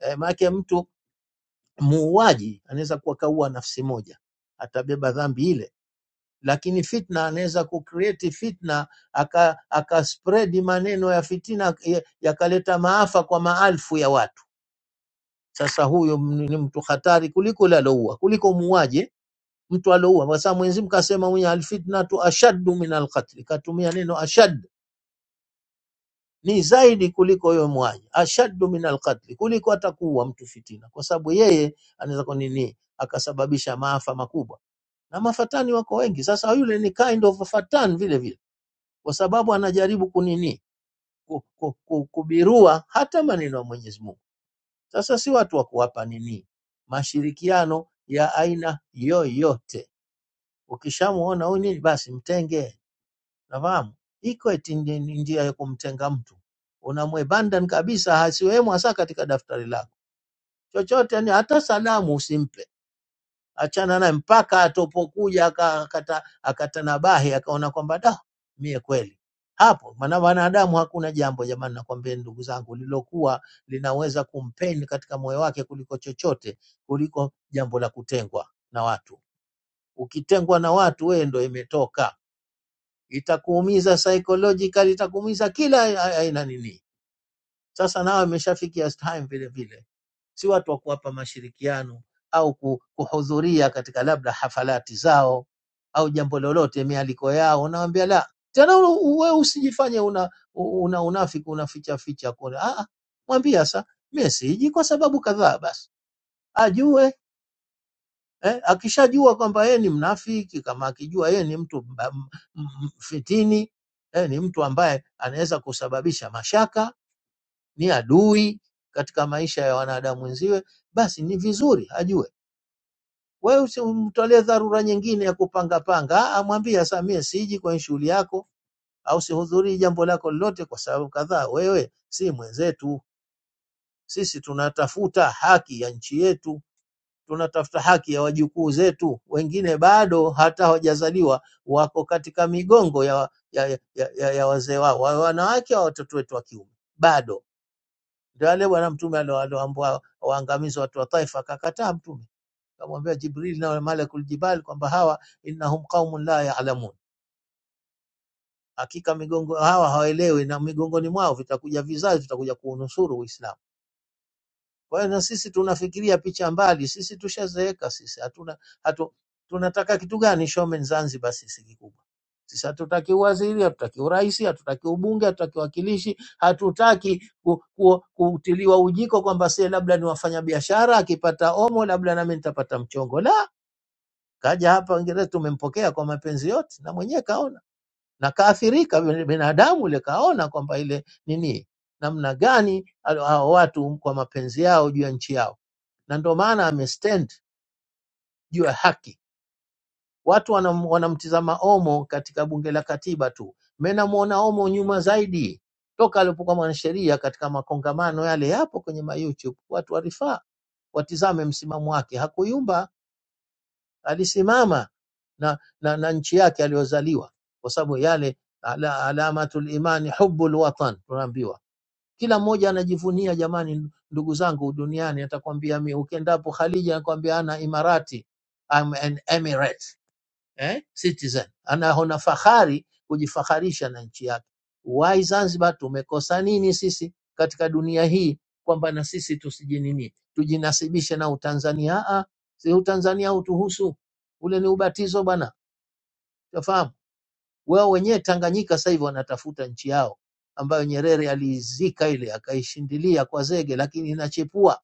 eh, maana yake mtu muuaji anaweza kuwa kaua nafsi moja, atabeba dhambi ile, lakini fitna anaweza kucreate fitna aka, aka spread maneno ya fitina ya- yakaleta maafa kwa maelfu ya watu. Sasa huyo m- ni mtu hatari kuliko yule aloua, kuliko muuaji eh, mtu aloua, kwa sababu Mwenyezi Mungu kasema mwenye alfitnatu ashaddu min alqatli, katumia neno ashadd ni zaidi kuliko huyo muuaji, ashaddu min alqatli, kuliko atakuua mtu fitina, kwa sababu yeye anaweza kwa nini akasababisha maafa makubwa. na mafatani wako wengi. Sasa yule ni kind of a fatan vile vile, kwa sababu anajaribu kunini ku, ku, ku, kubirua hata maneno ya Mwenyezi Mungu. Sasa si watu wa kuwapa nini mashirikiano ya aina yoyote. Ukishamuona huyu nini, basi mtenge. Nafahamu iko eti ndi- ndi- njia ya kumtenga mtu, unamwebanda kabisa, hasiwemo hasa katika daftari lako chochote, yani hata salamu usimpe achana naye mpaka atopokuja aka- akata, akatanabahi akaona kwamba da mie kweli hapo maana wanadamu hakuna jambo jamani nakwambia ndugu zangu lilokuwa linaweza kumpeni katika moyo wake kuliko chochote kuliko jambo la kutengwa na watu ukitengwa na watu wewe ndo imetoka itakuumiza psychological itakuumiza kila a- aina nini sasa nao imeshafikia time vile vile si watu wa kuwapa mashirikiano au ku- kuhudhuria katika labda hafalati zao au jambo lolote, mialiko yao. Unawambia la tena, wewe usijifanye una, una unafiki unaficha ficha kule. Ah, ah, mwambie sasa, mimi siji kwa sababu kadhaa, basi ajue Eh, akishajua kwamba yeye ni mnafiki, kama akijua yeye ni mtu mba- m- m- fitini, eh, ni mtu ambaye anaweza kusababisha mashaka, ni adui katika maisha ya wanadamu wenziwe, basi ni vizuri ajue. Wewe usimtolee dharura nyingine ya kupangapanga, amwambie Samia, siji kwenye shughuli yako au sihudhurii jambo lako lolote kwa sababu kadhaa. Wewe si mwenzetu, sisi tunatafuta haki ya nchi yetu, tunatafuta haki ya wajukuu zetu. Wengine bado hata hawajazaliwa, wako katika migongo ya, ya, ya, ya, ya wazee wao, wa wanawake au watoto wetu wa kiume bado. Ndio yale Bwana Mtume aliowaangamiza watu wa Taifa, akakataa Mtume. Akamwambia Jibril na malakul jibal kwamba hawa innahum qaumun la ya'lamun, hakika migongo hawa hawaelewi, na migongoni mwao vitakuja vizazi vitakuja kuunusuru Uislamu. Kwa hiyo na sisi tunafikiria picha mbali, sisi tushazeeka, sisi hatuna hatu, tunataka kitu gani Showman Zanzibar sisi kikubwa sisi hatutaki uwaziri, hatutaki urais, hatutaki ubunge, hatutaki wakilishi, hatutaki ku, ku, kutiliwa ujiko kwamba sie labda ni wafanyabiashara, akipata omo labda nami nitapata mchongo. La, kaja hapa Uingereza, tumempokea kwa mapenzi yote, na mwenyewe kaona na kaathirika vile binadamu ule, kaona kwamba ile nini, namna gani hao hao watu kwa mapenzi yao juu ya nchi yao, na ndio maana amestand juu ya haki. Watu wanam, wanamtizama Omo katika bunge la katiba tu, mimi namuona Omo nyuma zaidi toka alipokuwa mwanasheria katika makongamano yale, yapo kwenye ma YouTube, watu warifaa watizame msimamo wake, hakuyumba alisimama na, na, na nchi yake aliyozaliwa, kwa sababu yale ala, alamatul imani hubbul watan tunaambiwa. Kila mmoja anajivunia jamani, ndugu zangu duniani. Atakwambia mi ukiendapo Khaliji anakwambia ana Imarati, I'm an Emirate eh, citizen. Anaona fahari kujifaharisha na nchi yake. Why Zanzibar tumekosa nini sisi katika dunia hii kwamba na sisi tusijinini tujinasibishe na Utanzania? Ah, ah, si Utanzania utuhusu, ule ni ubatizo bwana, utafahamu wao wenyewe. Tanganyika sasa hivi wanatafuta nchi yao ambayo Nyerere aliizika ile akaishindilia kwa zege, lakini inachepua,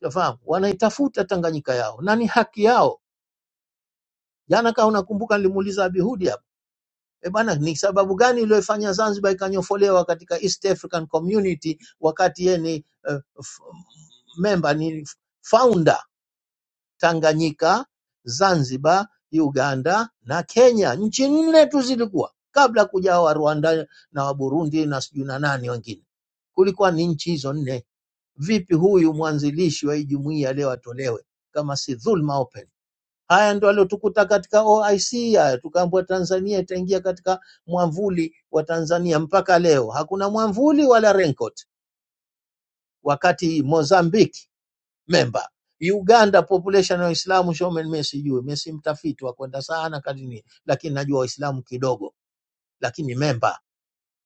utafahamu. Wanaitafuta Tanganyika yao na ni haki yao. Jana kama unakumbuka, nilimuuliza Abihudi E bana, ni sababu gani iliyofanya Zanzibar ikanyofolewa katika East African Community wakati yeye ni uh, f- member ni founder Tanganyika, Zanzibar, Uganda na Kenya, nchi nne tu zilikuwa kabla kuja wa Rwanda na wa Burundi na sijui na nani wengine, kulikuwa ni nchi hizo nne. Vipi huyu mwanzilishi wa hii jumuiya leo atolewe kama si dhulma open? Haya ndo aliotukuta katika OIC. Haya tukaambiwa Tanzania itaingia katika mwamvuli wa Tanzania. Mpaka leo hakuna mwamvuli wala raincoat, wakati Mozambique memba Uganda population ya Waislamu Shomen, mimi sijui, mimi si mtafiti wa kwenda sana kadini, lakini najua Waislamu kidogo, lakini memba.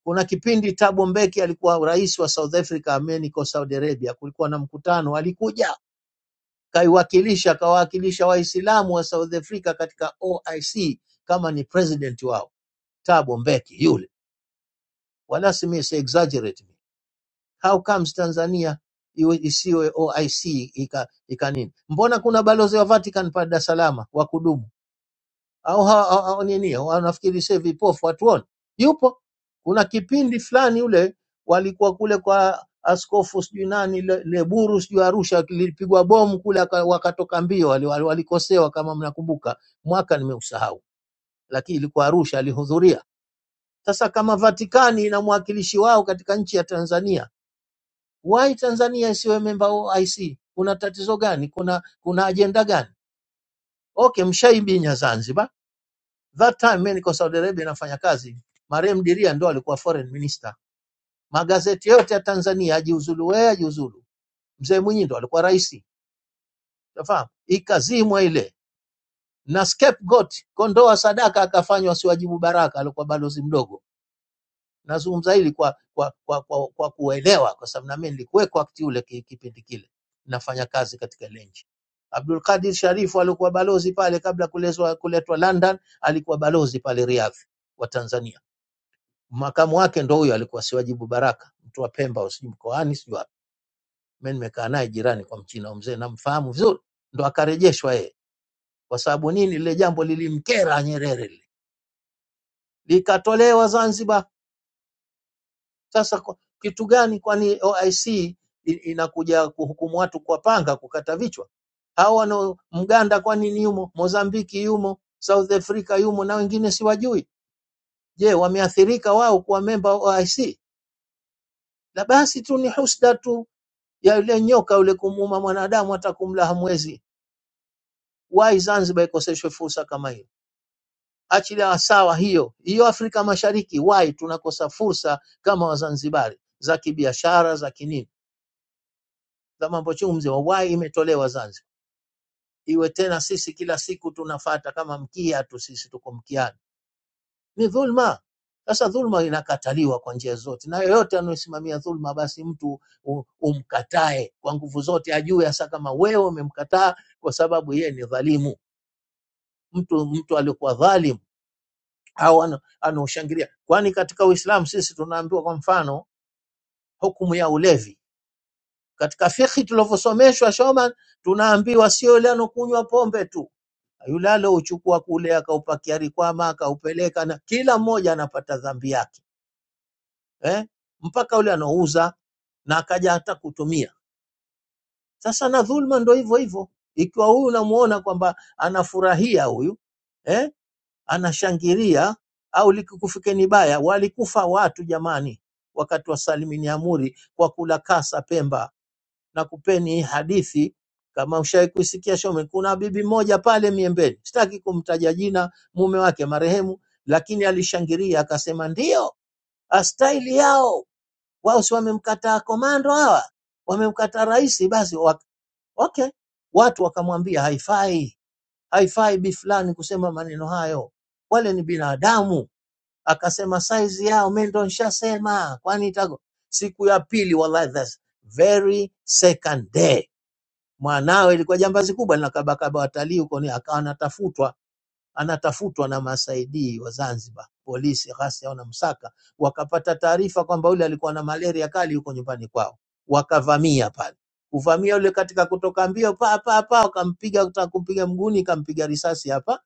Kuna kipindi Thabo Mbeki alikuwa rais wa South Africa, ameniko Saudi Arabia, kulikuwa na mkutano, alikuja kaiwakilisha kawawakilisha Waislamu wa South Africa katika OIC kama ni president wao Thabo Mbeki yule, wala si mimi si exaggerate me. How comes Tanzania iwe isiwe OIC ika, ika nini? Mbona kuna balozi wa Vatican pale Dar es Salaam wa kudumu? au ha- ha- au nini au nafikiri sasa vipofu hatuoni. Yupo kuna kipindi fulani ule walikuwa kule kwa askofu sijui nani Le- Leburu sijui Arusha, lilipigwa bomu kule, aka- wakatoka mbio, wali- wali- walikosewa kama mnakumbuka, mwaka nimeusahau, lakini ilikuwa Arusha, alihudhuria. Sasa kama Vatikani ina mwakilishi wao katika nchi ya Tanzania, why Tanzania isiwe memba OIC? Kuna tatizo gani? Kuna kuna ajenda gani? Okay, mshaibinya Zanzibar That time mimi niko Saudi Arabia nafanya kazi, marehemu Diria ndo alikuwa foreign minister. Magazeti yote ya Tanzania ajiuzulu, wewe ajiuzulu, mzee Mwinyi ndo alikuwa rais, unafahamu, ikazimwa ile na scapegoat, kondoa sadaka akafanywa siwajibu Baraka, alikuwa balozi mdogo. Nazungumza hili kwa kwa kwa, kwa, kwa kuelewa, kwa sababu na mimi nilikuweko wakati ule ki- kipindi kile nafanya kazi katika ile nchi. Abdul Qadir Sharifu alikuwa balozi pale kabla kulezwa kuletwa London, alikuwa balozi pale Riyadh wa Tanzania makamu wake ndo huyo alikuwa Siwajibu Baraka, mtu wa Pemba au sijui mkoani sijui wapi. Mimi nimekaa naye jirani kwa Mchina huyo mzee, namfahamu vizuri, ndo akarejeshwa yeye. Kwa sababu nini? Lile jambo lilimkera Nyerere, lile likatolewa Zanzibar. Sasa kwa, kitu gani? Kwani OIC i- C inakuja kuhukumu watu kwa panga, kukata vichwa? Hao wana Mganda kwa nini yumo? Mozambiki yumo, South Africa yumo, na wengine siwajui. Je, wameathirika wao kuwa memba wa OIC? La basi tu ni husda tu ya yule nyoka yule kumuuma mwanadamu hata kumla hamwezi. Why Zanzibar ikoseshwe fursa kama hiyo? Achilia sawa hiyo hiyo, Afrika Mashariki why tunakosa fursa kama Wazanzibari za kibiashara za kinini za mambo chumzi, wa why imetolewa Zanzibar? Iwe tena sisi kila siku tunafata kama mkia tu, sisi tuko mkiani ni dhulma. Sasa dhulma inakataliwa kwa njia zote, na yoyote anayesimamia dhulma, basi mtu u- umkatae kwa nguvu zote, ajue hasa kama wewe umemkataa kwa sababu yeye ni dhalimu, mtu mtu aliokuwa dhalimu au ana- anaoshangilia. Kwani katika Uislamu sisi tunaambiwa, kwa mfano, hukumu ya ulevi katika fikhi tulivyosomeshwa Shoman, tunaambiwa sio yule anokunywa pombe tu, yule alouchukua kule akaupakia rikwama akaupeleka, na kila mmoja anapata dhambi yake eh, mpaka yule anaouza na akaja hata kutumia. Sasa na dhulma ndo hivyo hivyo, ikiwa huyu unamuona kwamba anafurahia huyu eh, anashangilia au likikufikeni baya, walikufa watu jamani, wakati wa Salimini Amuri kwa kula kasa Pemba. Na kupeni hii hadithi kama ushawahi kuisikia Shome, kuna bibi moja pale Miembeni, sitaki kumtaja jina, mume wake marehemu, lakini alishangilia akasema, ndio astaili yao wao si wamemkataa komando hawa, wamemkataa rais. Basi wak, okay, watu wakamwambia haifai, haifai bi fulani kusema maneno hayo, wale ni binadamu. Akasema saizi yao mimi ndo nishasema, kwani itago siku ya pili, wallahi that's very second day mwanawe ilikuwa jambazi kubwa linakabakaba watalii huko, ni akawa anatafutwa anatafutwa na masaidii wa Zanzibar, polisi, ghasia wanamsaka, wakapata taarifa kwamba yule alikuwa na malaria kali yuko nyumbani kwao, wakavamia pale. Kuvamia yule katika kutoka mbio pa pa pa, wakampiga kutaka kumpiga mguuni, kampiga risasi hapa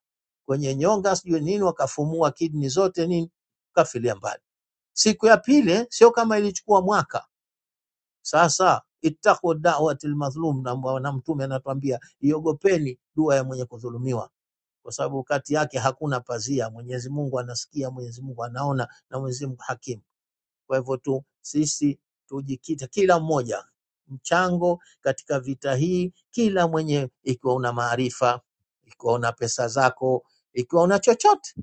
kwenye nyonga, sijui nini, wakafumua kidney zote nini, kafilia mbali. Siku ya pili sio kama ilichukua mwaka. Sasa ittaqu da'watil madhlum, na na mtume anatuambia iogopeni dua ya mwenye kudhulumiwa kwa sababu kati yake hakuna pazia. Mwenyezi Mungu anasikia, Mwenyezi Mungu anaona na Mwenyezi Mungu hakimu. Kwa hivyo tu sisi tujikite, kila mmoja mchango katika vita hii, kila mwenye, ikiwa una maarifa, ikiwa una pesa zako, ikiwa una chochote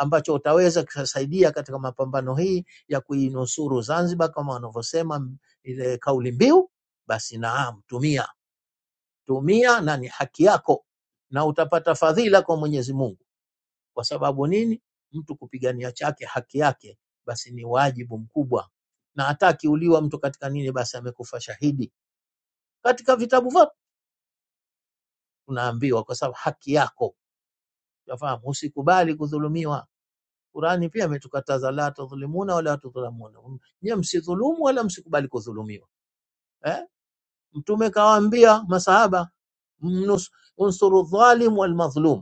ambacho utaweza kusaidia katika mapambano hii ya kuinusuru Zanzibar kama wanavyosema ile kauli mbiu, basi naam, tumia tumia, na ni haki yako na utapata fadhila kwa Mwenyezi Mungu. Kwa sababu nini? Mtu kupigania chake haki yake, basi ni wajibu mkubwa, na hata akiuliwa mtu katika nini, basi amekufa shahidi. Katika vitabu vyote tunaambiwa, kwa sababu haki yako yafahamu, usikubali kudhulumiwa. Qurani pia ametukataza la tudhlimuna wala tudhlamuna, nyie msidhulumu wala msikubali kudhulumiwa eh? Mtume kawaambia masahaba mnus- unsuru dhalim wal madhlum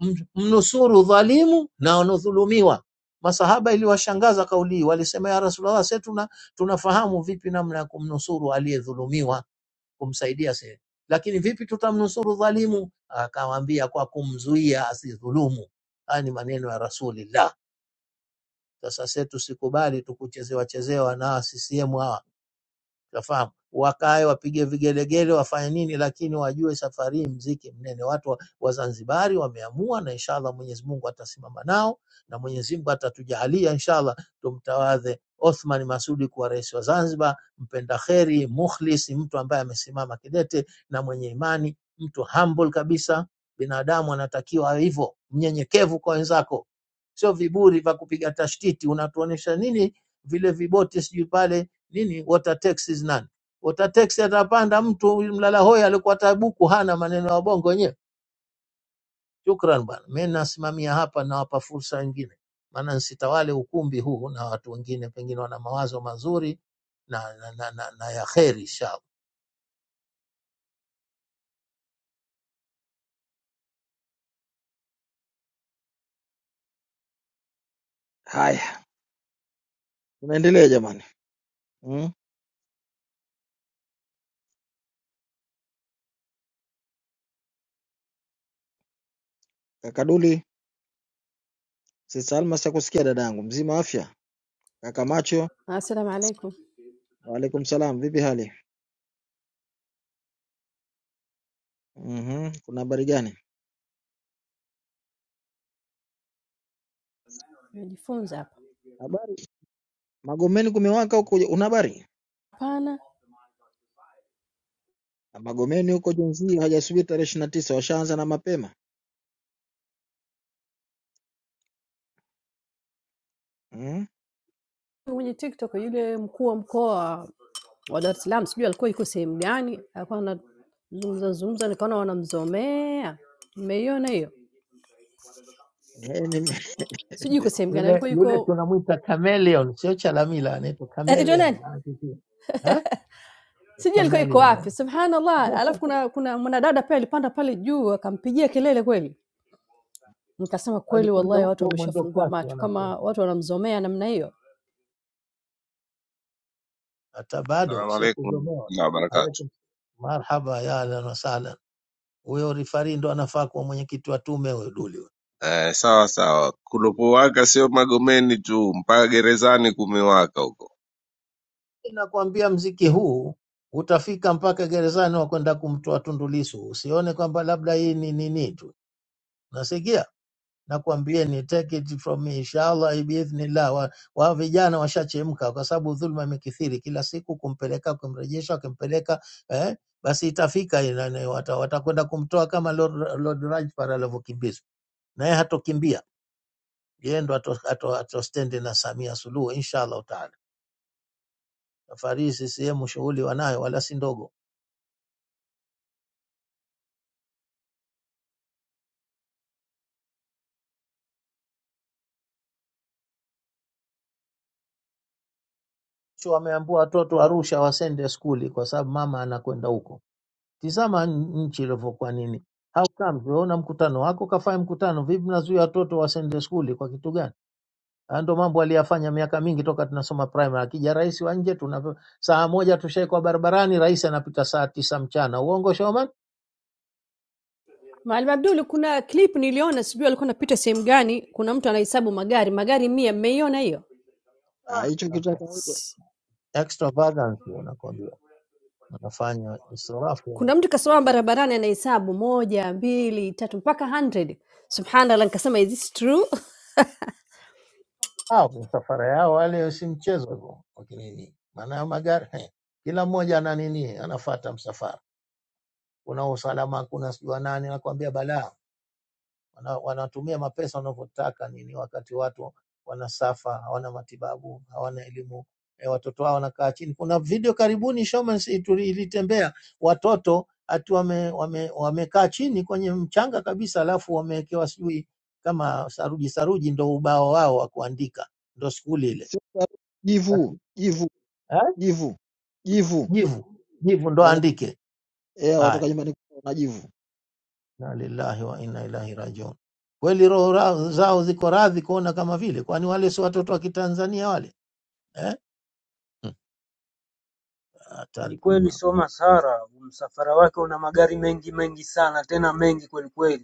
m- mnusuru dhalimu na wanaodhulumiwa. Masahaba iliwashangaza kauli hii, walisema ya Rasulullah, sisi tuna, tunafahamu vipi namna ya kumnusuru aliyedhulumiwa, kumsaidia sisi, lakini vipi tutamnusuru dhalimu? Akamwambia kwa kumzuia asidhulumu. Haya ni maneno ya Rasulillah. Sasa sisi tusikubali tukuchezewa chezewa na CCM hawa Unafahamu, wakae wapige vigelegele wafanye nini, lakini wajue safari hii mziki mnene. Watu wa Wazanzibari wameamua, na inshallah Mwenyezi Mungu atasimama nao na Mwenyezi Mungu atatujalia inshallah, tumtawadhe Othman Masudi kuwa rais wa Zanzibar, mpenda kheri, mukhlis, mtu ambaye amesimama kidete na mwenye imani, mtu humble kabisa. Binadamu anatakiwa awe hivyo, mnyenyekevu kwa wenzako, sio viburi vya kupiga tashtiti. Unatuonesha nini vile viboti sijui pale nini water taxes nani water tax atapanda mtu huyu mlala hoi alikuwa tabuku hana maneno ya bongo wenyewe shukran bwana mimi nasimamia hapa nawapa fursa wengine maana nsitawale ukumbi huu na watu wengine pengine wana mawazo mazuri na, na, na, na, na ya kheri inshallah
haya tunaendelea jamani mm. kakaduli sisi Almas chakusikia dada yangu mzima afya Kaka Macho,
Assalamu alaikum.
waalaikum salam, vipi hali? Mhm, kuna habari gani?
Najifunza hapa.
Habari. Magomeni kumewaka huko, una habari?
Hapana,
Magomeni huko jenzi hajasubiri tarehe ishirini na tisa, washaanza na mapema. Mhm.
kwenye TikTok yule mkuu wa mkoa wa Dar es Salaam sijui alikuwa yuko sehemu gani, alikuwa anazungumza zungumza, nikaona wanamzomea. Mmeiona hiyo?
Eh, ni-
Sijui yuko sehemu gani,
yule
alikuwa
yule
yuko
tunamwita chameleon sio chalamila anaitwa
anaitwa
chameleon
nani?
eh?
Sijui alikuwa yuko
chameleon eh.
wapi. Subhanallah. Alafu kuna kuna mwanadada pia alipanda pale juu akampigia kelele kweli. Nikasema kweli,
walikwenda
wallahi watu
huko mwendo
wameshafungua
kasi
macho
wanasema
kama watu wanamzomea namna hiyo.
hata bado
Salamu
sio
alaikum
kuzomewa
warahmatullahi wabarakatuh.
Alaikum- marhaba ya ahlan wasahlan huyo rifari ndo anafaa kuwa mwenyekiti wa tume huyo Duli. huyo.
Eh, sawa sawa, kulopowaka sio Magomeni tu, mpaka gerezani kumewaka huko.
Nakwambia mziki huu utafika mpaka gerezani wa kwenda kumtoa Tundu Lissu. Usione kwamba labda hii ni nini tu, nasikia nakwambia ni take it from me inshallah biidhnillah. Wa, wa vijana washachemka, kwa sababu dhulma imekithiri kila siku, kumpeleka kumrejesha, kumpeleka eh, basi itafika ina- ina- wata- watakwenda kumtoa kama Lord, Lord Rajpal alivyokimbizwa, naye hatokimbia yeye ndo ato, ato, ato stendi na Samia Suluhu inshallah taala. Safari hii CCM shughuli wanayo wala si ndogo. Sio wameambua watoto Arusha wasende skuli kwa sababu mama anakwenda huko. Tizama n- nchi ilivyokuwa nini. How come tunaona mkutano wako kafanya mkutano vipi mnazuia watoto wasende skuli kwa kitu gani? Haya ndio mambo aliyafanya miaka mingi toka tunasoma primary. Akija rais wa nje tuna saa moja tushaikuwa barabarani, rais anapita saa tisa mchana. Uongo Shoman?
Maalim Abdul, kuna clip niliona, sijui alikuwa anapita sehemu gani, kuna mtu anahesabu magari, magari mia. Mmeiona hiyo?
Ah,
Ah,
hicho kitu cha
nakwambia.
kawaida,
extravagance hiyo nakwambia, wanafanya israfu.
Kuna mtu kasimama barabarani anahesabu moja, mbili, tatu mpaka 100. Subhanallah, nikasema is this true?
hao misafara yao wale si mchezo hivyo wakinini, maana ya magari he, kila mmoja ana nini, anafata msafara. Kuna usalama, kuna sijua nani, nakwambia balaa. Wana, wanatumia mapesa wanavyotaka nini, wakati watu wanasafa, hawana matibabu, hawana elimu e, watoto wao wanakaa chini. Kuna video karibuni Showman's itu- ilitembea watoto ati wame, wame, wamekaa chini kwenye mchanga kabisa, alafu wamewekewa sijui kama saruji saruji, ndo ubao wao wa kuandika, ndo skuli ile
sio sababu. jivu
basi,
jivu
eh,
jivu jivu.
jivu jivu ndo
Eh,
andike
eh,
haya,
watoka nyumbani kwao na jivu.
na lillahi wa inna ilahi rajiun. Kweli roho ra- zao ziko radhi kuona kama vile, kwani wale si watoto wa Kitanzania wale eh? Hmm,
Ni
Hatari
kweli
kubwa.
Soma Sara, msafara wake una magari mengi mengi sana, tena mengi kweli kweli.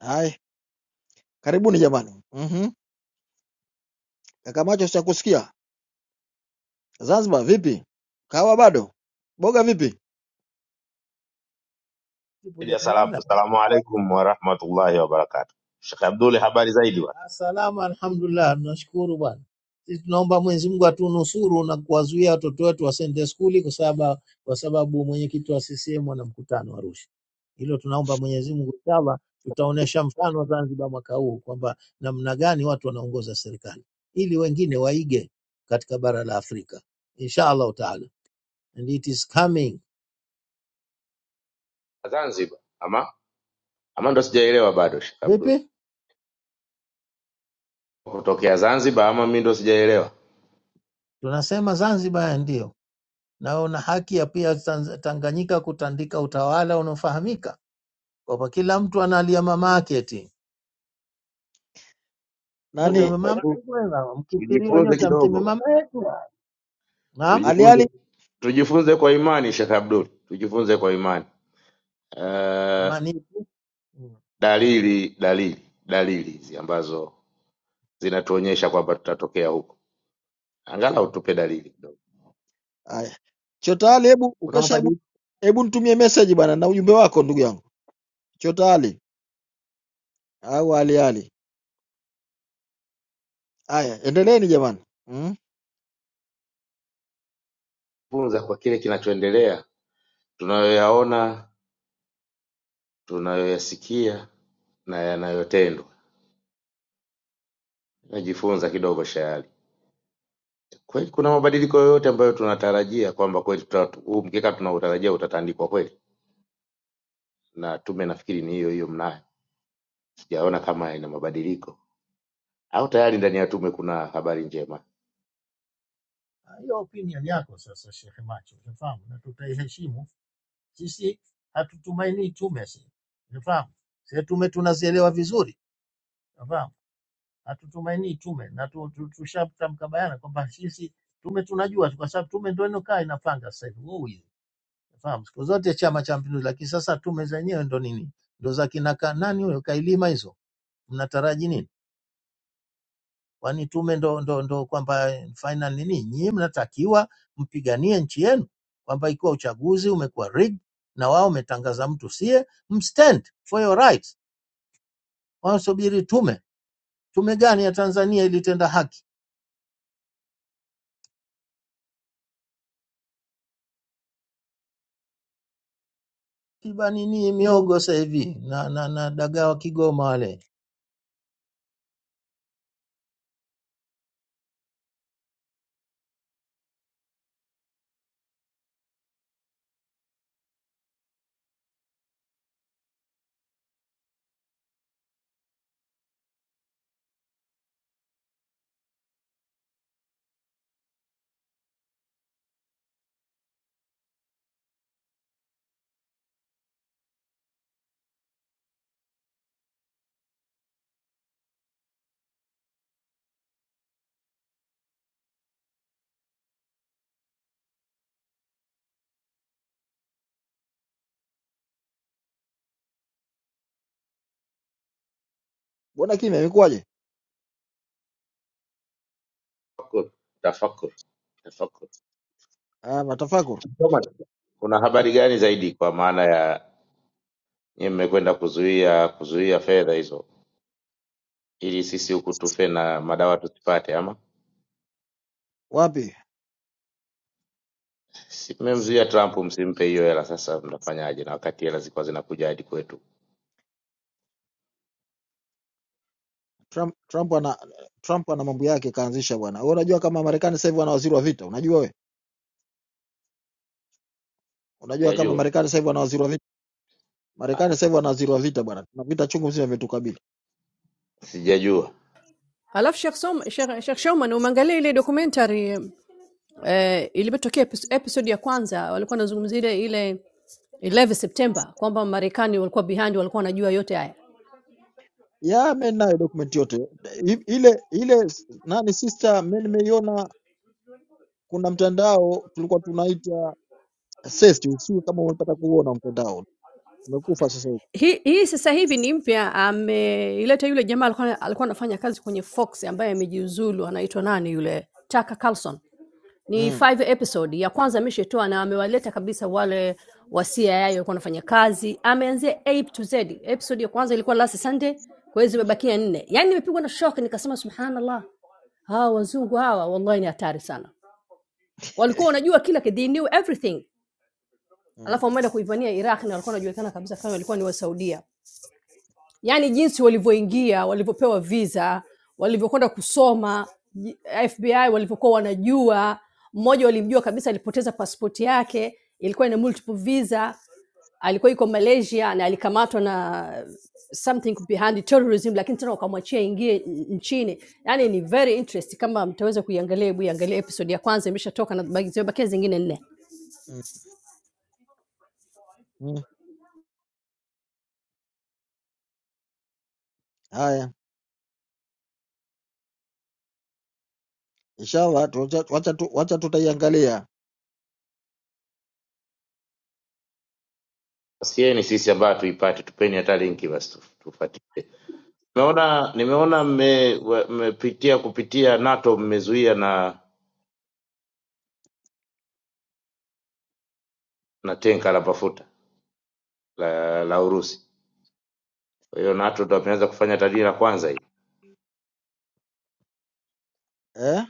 Haya, karibuni jamani. Mhm. Kaka Macho, sichakusikia. Zanzibar vipi? Kawa bado? Boga vipi?
Kuja
Ya salamu.
kuona.
Assalamu alaikum warahmatullahi wabarakatuh. Sheikh Abdul, habari zaidi bwana.
Salama, alhamdulillah, tunashukuru bwana. Sisi tunaomba Mwenyezi Mungu atunusuru na kuwazuia watoto wetu wasiende skuli kwa sababu kwa sababu mwenyekiti wa CCM ana mkutano Arusha. Hilo tunaomba Mwenyezi Mungu, inshallah tutaonesha mfano Zanzibar mwaka huu kwamba namna gani watu wanaongoza serikali ili wengine waige katika bara la Afrika inshallah taala, and it is coming.
Zanzibar ama ama ndo sijaelewa bado Sheikh Abdul.
Vipi
Kutokea Zanzibar ama mimi ndo sijaelewa.
tunasema Zanzibar, ndio na una haki ya pia Tanz- Tanganyika kutandika utawala unaofahamika kwamba kila mtu analia mama yake eti nyote
Nani?
Tu-
mama
Hebu
kwenda, mkifiriwa
tujifunze
nyote mseme
kidogo bwana.
mama yetu. Naam,
Ali
Tujifunze tujifunze kwa imani Sheikh Abdul. Tujifunze kwa imani. Uh,
imani ipi? Mm.
dalili dalili dalili hizi ambazo zinatuonyesha kwamba tutatokea huko. Angalau tupe dalili kidogo.
Haya.
Kuna
Chotale, hebu
kuna
ukesha, hebu
mabadiliko
hebu nitumie message bana na ujumbe wako ndugu yangu Chotale au Ali Ali. Haya, endeleeni jamani. Mm?
funza kwa kile kinachoendelea tunayoyaona tunayoyasikia na yanayotendwa. Najifunza kidogo shayari. Kweli kuna mabadiliko yoyote ambayo tunatarajia kwamba kweli tuta- huu mkeka tunautarajia utatandikwa kweli? Na tume nafikiri ni hiyo hiyo mnayo, sijaona kama ina mabadiliko au tayari ndani ya tume kuna habari njema.
Hiyo opinion yako sasa, Sheikh Macho, unafahamu, na tutaiheshimu sisi. Hatutumainii tume sisi, unafahamu, Sisi tume tunazielewa vizuri. unafahamu, hatutumainii tume na tu- tu- tushatamka bayana kwamba sisi tume tunajua tu, kwa sababu tume ndio inokaa inapanga sasa hivi wewe, hizi. unafahamu. Siku zote Chama cha Mapinduzi, lakini sasa tume zenyewe ndo nini? Ndo za kina ka- nani huyo kailima hizo mnataraji nini? Kwani tume ndo, ndo, ndo kwamba final nini? Nyinyi mnatakiwa mpiganie nchi yenu, kwamba ikiwa uchaguzi umekuwa rigged na wao umetangaza mtu sie, mstand for your rights. Wanasubiri tume. Tume gani ya Tanzania ilitenda haki? Kiba nini miogo sasa hivi na, na, na dagaa wa Kigoma wale
Mbona kimya imekuwaje?
Tafakur, tafakur, tafakur.
Ah, matafakuru.
Kama Kuna
Na-
habari gani zaidi kwa maana ya nyie mmekwenda kuzuia kuzuia fedha hizo ili sisi huku tufe na madawa tusipate, ama
Wapi?
si mmemzuia Trump, msimpe hiyo hela, sasa mtafanyaje? Na wakati hela zilikuwa zinakuja hadi kwetu.
Trump Trump ana Trump ana mambo yake kaanzisha bwana. Wewe unajua kama Marekani sasa hivi wana waziri wa vita, unajua we? Unajua kama
Sijajua,
Marekani sasa hivi wana waziri wa vita.
Ah,
Marekani sasa hivi wana waziri wa vita bwana. Tuna vita chungu mzima vimetukabili.
sijajua.
Alafu Sheikh Som- Sheikh Sheikh Shoman, umeangalia ile documentary eh, ilipotokea epis- episode ya kwanza walikuwa wanazungumzia ile ile 11 September kwamba Marekani walikuwa behind, walikuwa wanajua yote haya.
Ya mimi nayo document yote. I- Ile ile s- nani sister mimi nimeiona kuna mtandao tulikuwa tunaita Accept usiwe kama unataka kuona mtandao. Umekufa sasa hivi.
Hii hii sasa hivi ni mpya ameileta yule jamaa alikuwa alikuwa anafanya kazi kwenye Fox ambaye amejiuzulu anaitwa nani yule? Tucker Carlson. Ni
Mm,
five episode. Ya kwanza ameshatoa na amewaleta kabisa wale wa CIA walikuwa wanafanya kazi. Ameanzia A to Z. Episode ya kwanza ilikuwa last Sunday, kwa hiyo zimebakia nne. Yaani nimepigwa na shock nikasema subhanallah. Hawa wazungu hawa wallahi ni hatari sana. Walikuwa wanajua kila kitu, they knew everything.
mm,
Alafu wameenda kuivania Iraq na walikuwa wanajulikana kabisa kama walikuwa ni Wasaudia yaani jinsi walivyoingia, walivyopewa visa, walivyokwenda kusoma ji- FBI, walivyokuwa wanajua. Mmoja walimjua kabisa, alipoteza pasipoti yake, ilikuwa ina multiple visa, alikuwa yuko Malaysia na alikamatwa na something behind terrorism, lakini tena wakamwachia ingie n- nchini. Yani ni very interesting, kama mtaweza kuiangalia, hebu iangalie episode ya kwanza, imeshatoka na baki- zimebakia zingine nne.
mm, mm. Haya, inshallah tu- wacha wacha tu- wacha tutaiangalia.
Sieni sisi ambayo tuipate, tupeni hata linki basi tu- tufuatie. Nimeona nimeona mme- wa- mmepitia kupitia NATO, mmezuia na na tenka la mafuta la, la Urusi. Kwa hiyo NATO ndo ameanza kufanya tadili la kwanza hii
Eh?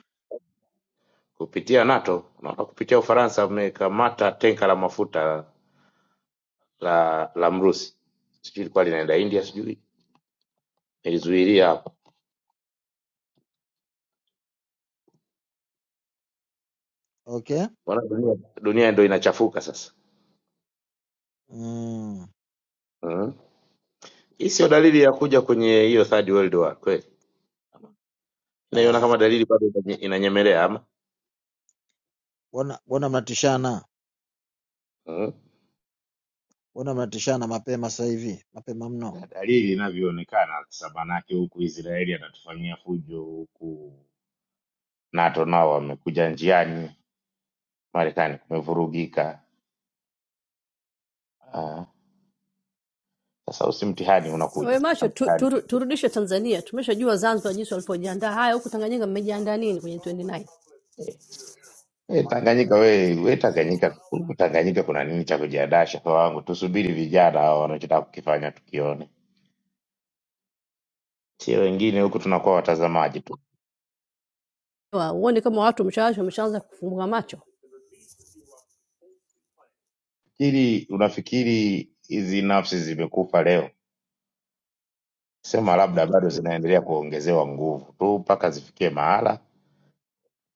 kupitia NATO. Naona kupitia Ufaransa mmekamata tenka la mafuta la la Mrusi, sijui ilikuwa linaenda India, sijui nilizuilia hapo.
Okay.
Mbona dunia dunia ndo inachafuka sasa.
Mm.
Mm-hmm. Hii sio dalili ya kuja kwenye hiyo third world war kweli, naiona
Ah,
kama dalili bado inanye- inanyemelea ama
Mbona mbona mnatishana?
mm.
Mbona mnatishana mapema sasa hivi? Mapema mno.
na dalili inavyoonekana, sasa manake huku Israeli anatufanyia fujo, huku NATO nao wamekuja njiani, Marekani kumevurugika. Ah, Sasa usi mtihani unakuja
We
na
macho tu,
mtihani
tu,
unakuja.
turudishe Tanzania, tumeshajua Zanzibar jinsi walivyojiandaa. Haya, huku Tanganyika mmejiandaa nini kwenye 29?
Eh, eh, Tanganyika we, we Tanganyika, huku Tanganyika kuna nini cha kujiadaa? Shaka wangu, tusubiri vijana hao wanachotaka kukifanya tukione, sio wengine huku tunakuwa watazamaji tu.
Huoni kama watu mshawasha wameshaanza kufunga macho?
Fikiri unafikiri hizi nafsi zimekufa leo? Sema labda bado zinaendelea kuongezewa nguvu tu mpaka zifikie mahala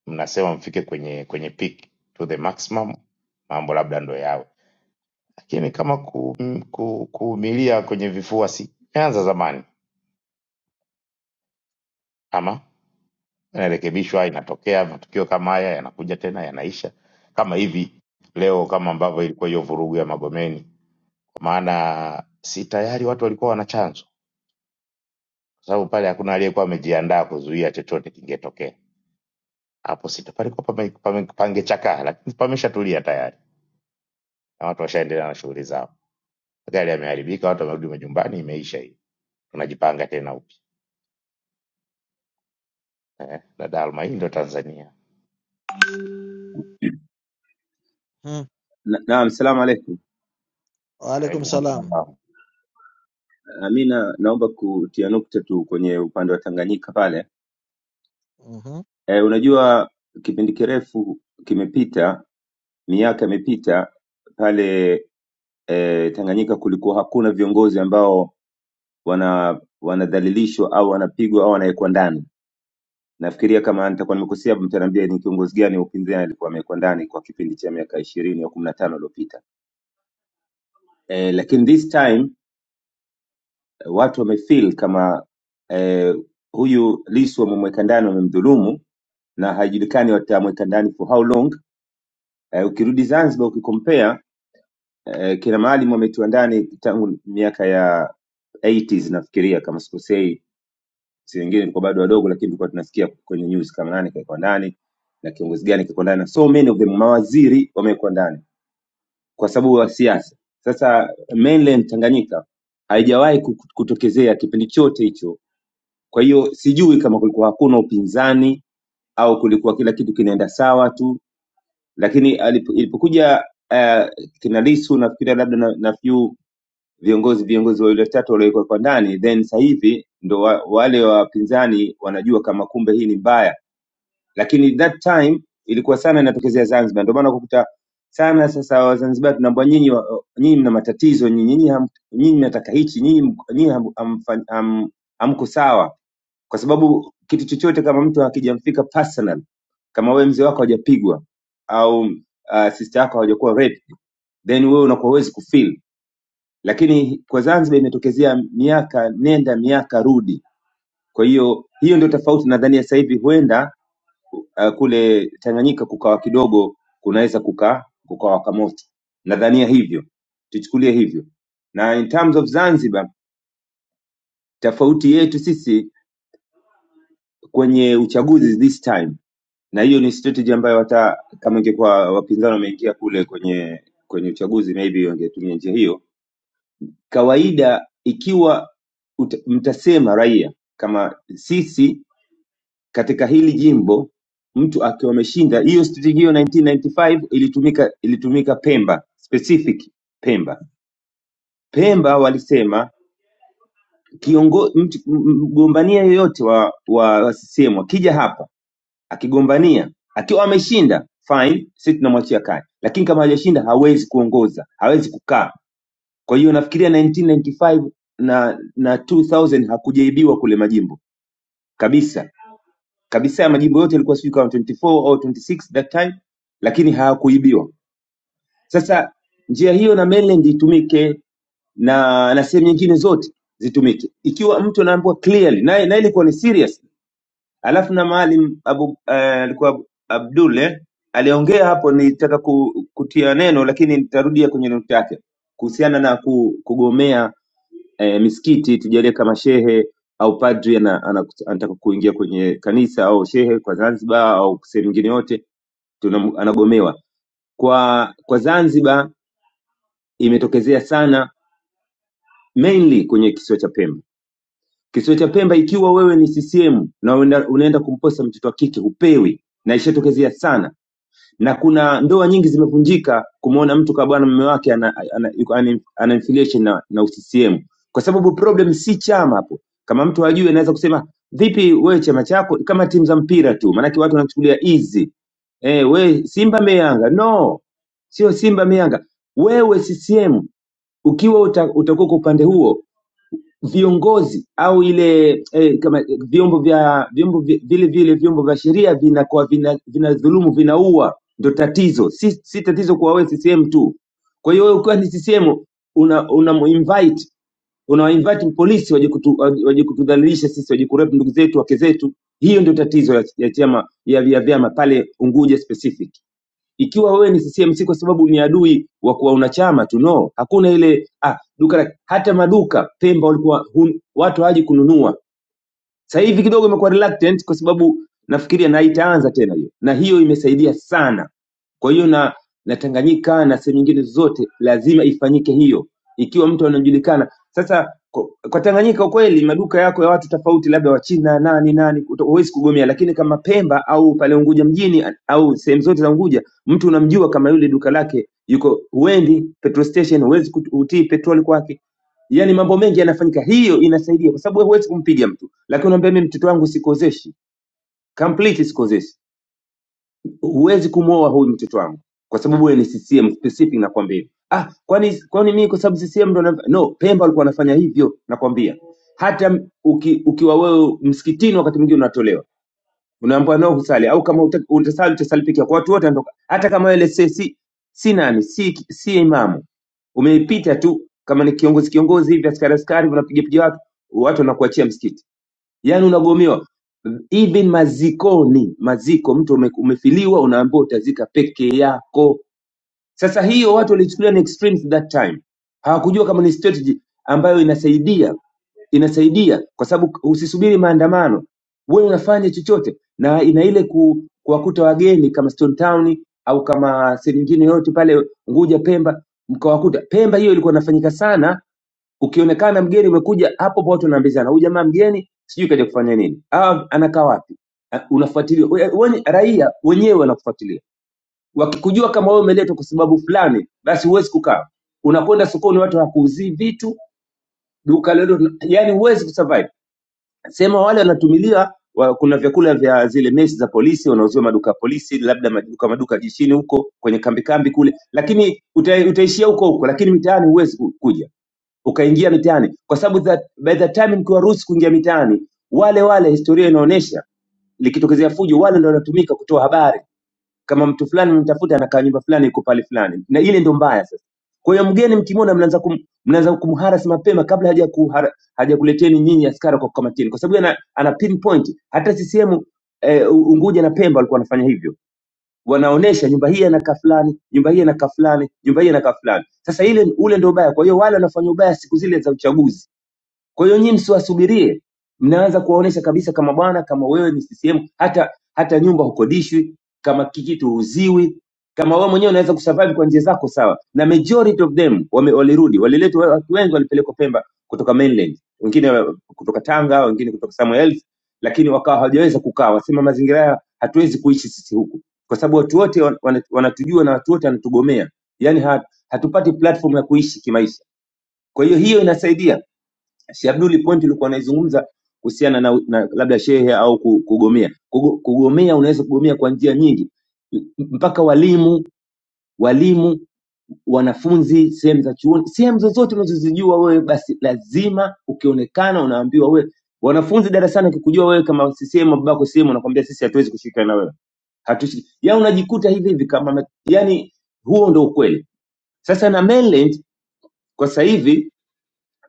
mnasema mfike kwenye kwenye peak to the maximum, mambo labda ndo yawe. Lakini kama ku, m- ku, kuumilia kwenye vifua si imeanza zamani, ama inarekebishwa, inatokea matukio kama haya yanakuja tena, yanaisha kama hivi leo, kama ambavyo ilikuwa hiyo vurugu ya Magomeni, kwa maana si tayari watu walikuwa wana chanzo kwa sababu pale hakuna aliyekuwa amejiandaa kuzuia chochote kingetokea hapo. Sita palikuwa pame, pame, pangechakaa, lakini pameshatulia tayari na watu washaendelea na shughuli zao. Magari yameharibika, watu wamerudi majumbani, imeisha hii, tunajipanga tena upya eh. Dada Alma, hii ndo Tanzania.
Mm.
Na- Naam, salamu alaikum.
Wa alaikum salam.
Ah, Mi na, naomba kutia nukta tu kwenye upande wa Tanganyika pale.
Mhm.
E, unajua kipindi kirefu kimepita, miaka imepita pale e, Tanganyika kulikuwa hakuna viongozi ambao wana wanadhalilishwa au wanapigwa au wanawekwa ndani. Nafikiria kama nitakuwa nimekosea, mtaniambia ni kiongozi gani wa upinzani alikuwa amewekwa ndani kwa kipindi cha miaka ishirini au kumi na tano iliyopita eh, lakini this time eh, watu wamefeel kama eh, huyu Lissu wamemweka ndani, wamemdhulumu na haijulikani watamweka ndani for how long. Eh, ukirudi Zanzibar ukikompare eh, kina Maalim wametiwa ndani tangu miaka ya 80s nafikiria kama sikosei, si wengine tulikuwa bado wadogo, lakini tulikuwa tunasikia kwenye news kama nani kaekwa ndani na kiongozi gani kaekwa ndani, na so many of them mawaziri wamewekwa ndani kwa sababu ya siasa. Sasa mainland Tanganyika haijawahi ku- kutokezea kipindi chote hicho. Kwa hiyo sijui kama kulikuwa hakuna upinzani au kulikuwa kila kitu kinaenda sawa tu, lakini alipo- ilipokuja uh, kina Lissu nafikiria labda na, na few viongozi viongozi wawili watatu waliowekwa kwa ndani, then sasa hivi ndo wa, wale wapinzani wanajua kama kumbe hii ni mbaya lakini that time ilikuwa sana inatokezea Zanzibar. Ndio maana ukakuta sana sasa Wazanzibar tunaambiwa nyinyi wa- nyinyi mna matatizo nyinyi nyinyi ham- nyinyi mnataka hichi nyinyi mko- nyinyi ham- hamfa- ham- hamko sawa, kwa sababu kitu chochote kama mtu hakijamfika personal, kama wewe mzee wako hajapigwa au uh, sister yako hawajakuwa raped, then wewe unakuwa huwezi kufeel, lakini kwa Zanzibar imetokezea miaka nenda miaka rudi. Kwa hiyo hiyo ndio tofauti, nadhani ya sasa hivi huenda uh, kule Tanganyika kukawa kidogo kunaweza kuka kukawaka moto. Nadhania hivyo, tuchukulie hivyo. Na in terms of Zanzibar, tofauti yetu sisi kwenye uchaguzi this time, na hiyo ni strategy ambayo hata kama ingekuwa wapinzani wameingia kule kwenye kwenye uchaguzi, maybe wangetumia njia hiyo. Kawaida ikiwa ut, mtasema raia kama sisi katika hili jimbo mtu akiwa ameshinda hiyo strategy hiyo 1995 ilitumika ilitumika Pemba specific Pemba Pemba walisema kiongo, mtu, m- m- mgombania yoyote wa, wa, wa CCM akija hapa akigombania akiwa ameshinda fine, sisi tunamwachia kazi, lakini kama hajashinda hawezi kuongoza, hawezi kukaa. Kwa hiyo nafikiria 1995 na tano na 2000 hakujaibiwa kule majimbo kabisa kabisa ya majimbo yote yalikuwa sijui kama 24 au 26 that time, lakini hayakuibiwa. Sasa njia hiyo na mainland itumike na na sehemu nyingine zote zitumike, ikiwa mtu anaambiwa clearly na, na ilikuwa ni serious. Alafu na Maalim Abu eh, alikuwa Ab- Abdul eh, aliongea hapo, nilitaka ku, kutia neno lakini nitarudia kwenye nukta yake kuhusiana na ku, kugomea eh, misikiti tujalie kama shehe au padri ana- ana- anataka kuingia kwenye kanisa au shehe kwa Zanzibar au sehemu nyingine yote tunam- anagomewa kwa kwa Zanzibar imetokezea sana mainly kwenye kisiwa cha Pemba. Kisiwa cha Pemba, ikiwa wewe ni CCM na unaenda unaenda kumposa mtoto wa kike, hupewi na ishatokezea sana na kuna ndoa nyingi zimevunjika kumwona mtu kama bwana mume wake ana, ana, yuko- ana, ana affiliation na, na UCCM kwa sababu problem si chama hapo. Kama mtu hajui anaweza kusema vipi, wewe chama chako kama timu za mpira tu, maanake watu wanachukulia easy eh, we Simba me Yanga no, sio Simba me Yanga, wewe CCM ukiwa uta, utakuwa kwa upande huo viongozi au ile eh, kama vyombo vya vyombo vi- vile vile vyombo vya sheria vinakuwa vina, vina dhulumu vinaua, ndo tatizo. Si, si tatizo kwa wewe CCM tu. Kwa hiyo wewe ukiwa ni CCM una, una invite unawa invite polisi waje kutu, waje kutudhalilisha sisi waje kurep ndugu zetu wake zetu. Hiyo ndio tatizo ya, ya chama ya vya vyama pale Unguja specific. Ikiwa wewe ni CCM si kwa sababu ni adui wa kuwa una chama tu, no. Hakuna ile ah, duka la, hata maduka Pemba walikuwa hun, watu hawaji kununua sasa hivi kidogo imekuwa reluctant kwa sababu nafikiria na itaanza tena hiyo, na hiyo imesaidia sana. Kwa hiyo na na Tanganyika na sehemu nyingine zote lazima ifanyike hiyo, ikiwa mtu anajulikana sasa. Kwa, kwa Tanganyika kweli maduka yako ya watu tofauti, labda Wachina nani nani, uta- huwezi kugomea, lakini kama Pemba au pale Unguja mjini au sehemu zote za Unguja, mtu unamjua kama yule duka lake yuko, huendi petrol station, huwezi kut- kutii petroli kwake yani mambo mengi yanafanyika. Hiyo inasaidia kwa sababu wewe huwezi kumpiga mtu, lakini unaambia mimi mtoto wangu sikozeshi complete, sikozeshi. Huwezi kumwoa huyu mtoto wangu kwa sababu wewe ni CCM specific, nakwambia. hivyo. Ah, kwani kwani mimi kwa sababu CCM ndo naf- no, Pemba walikuwa wanafanya hivyo, nakwambia. Hata m- uki, ukiwa wewe msikitini, wakati mwingine unatolewa unaambiwa no kusali au kama uta- utasali utasali peke yako watu wote wanatoka hata kama wewe si, si, si nani si, si imamu umeipita tu kama ni kiongozi kiongozi hivi askari askari unapiga piga watu watu wanakuachia msikiti yani unagomiwa even mazikoni maziko mtu ume, umefiliwa unaambiwa utazika peke yako sasa hiyo watu walichukulia ni extremes that time hawakujua kama ni strategy ambayo inasaidia inasaidia kwa sababu usisubiri maandamano, wewe unafanya chochote, na ina ile ku, kuwakuta wageni kama Stone Town au kama sehemu nyingine yote pale Unguja, Pemba, mkawakuta Pemba. Hiyo ilikuwa inafanyika sana, ukionekana mgeni umekuja hapo, hapo watu wanaambizana huyu jamaa mgeni, sijui kaja kufanya nini, ah, anakaa wapi? Ah, Unafuatiliwa We- we- raia wenyewe wanakufuatilia, wakikujua kama wewe umeletwa kwa sababu fulani, basi huwezi kukaa. Unakwenda sokoni, watu hawakuuzii vitu, duka lolote, yani huwezi kusurvive sema wale wanatumilia wa, kuna vyakula vya zile mesi za polisi wanauziwa maduka ya polisi, labda maduka maduka jishini huko kwenye kambi kambi kule, lakini uta, utaishia huko huko, lakini mitaani huwezi ku- kuja ukaingia mitaani, kwa sababu that- by the time mkiwaruhusu kuingia mitaani, wale wale historia inaonyesha likitokezea fujo, wale ndio wanatumika kutoa habari kama mtu fulani mtafuta anakaa nyumba fulani iko pale fulani, na ile ndio mbaya sasa. Kwa hiyo mgeni mkimwona, mnaanza kum, mnaanza kumharas mapema kabla haja kuhara, haja kuleteni nyinyi askari kwa kukamatini, kwa sababu ana, ana pinpoint. Hata CCM eh, U- Unguja na Pemba walikuwa wanafanya hivyo, wanaonesha nyumba hii anakaa fulani, nyumba hii anakaa fulani, nyumba hii anakaa fulani. Sasa ile ule ndio ubaya. Kwa hiyo wale wanafanya ubaya siku zile za uchaguzi kwa hiyo nyinyi msiwasubirie, mnaanza kuwaonesha kabisa kama bwana, kama wewe ni CCM, hata hata nyumba hukodishwi, kama kikitu huuziwi, kama wewe mwenyewe unaweza kusurvive kwa njia zako sawa. Na majority of them wame, walirudi, waliletwa watu wengi, walipelekwa Pemba kutoka mainland, wengine wa- kutoka Tanga, wengine kutoka somewhere else, lakini wakawa hawajaweza kukaa, wasema mazingira haya hatuwezi kuishi sisi huku, kwa sababu watu wote wan- wana- wanatujua na watu wote wanatugomea, yani ha, hatupati platform ya kuishi kimaisha. Kwa hiyo hiyo inasaidia Si Abduli, point ulikuwa unaizungumza kuhusiana na, na labda shehe au ku- kugomea. Kugo- Kugomea unaweza kugomea kwa njia nyingi, M- mpaka walimu walimu wanafunzi, sehemu za chuoni, sehemu zozote unazozijua wewe, basi lazima ukionekana unaambiwa wewe. Wanafunzi darasani akikujua wewe kama CCM babako CCM, anakuambia sisi hatuwezi kushirikiana na wewe, hatushiriki. Yani unajikuta hivi hivi kama, ame- yani huo ndio ukweli. Sasa na mainland kwa sasa hivi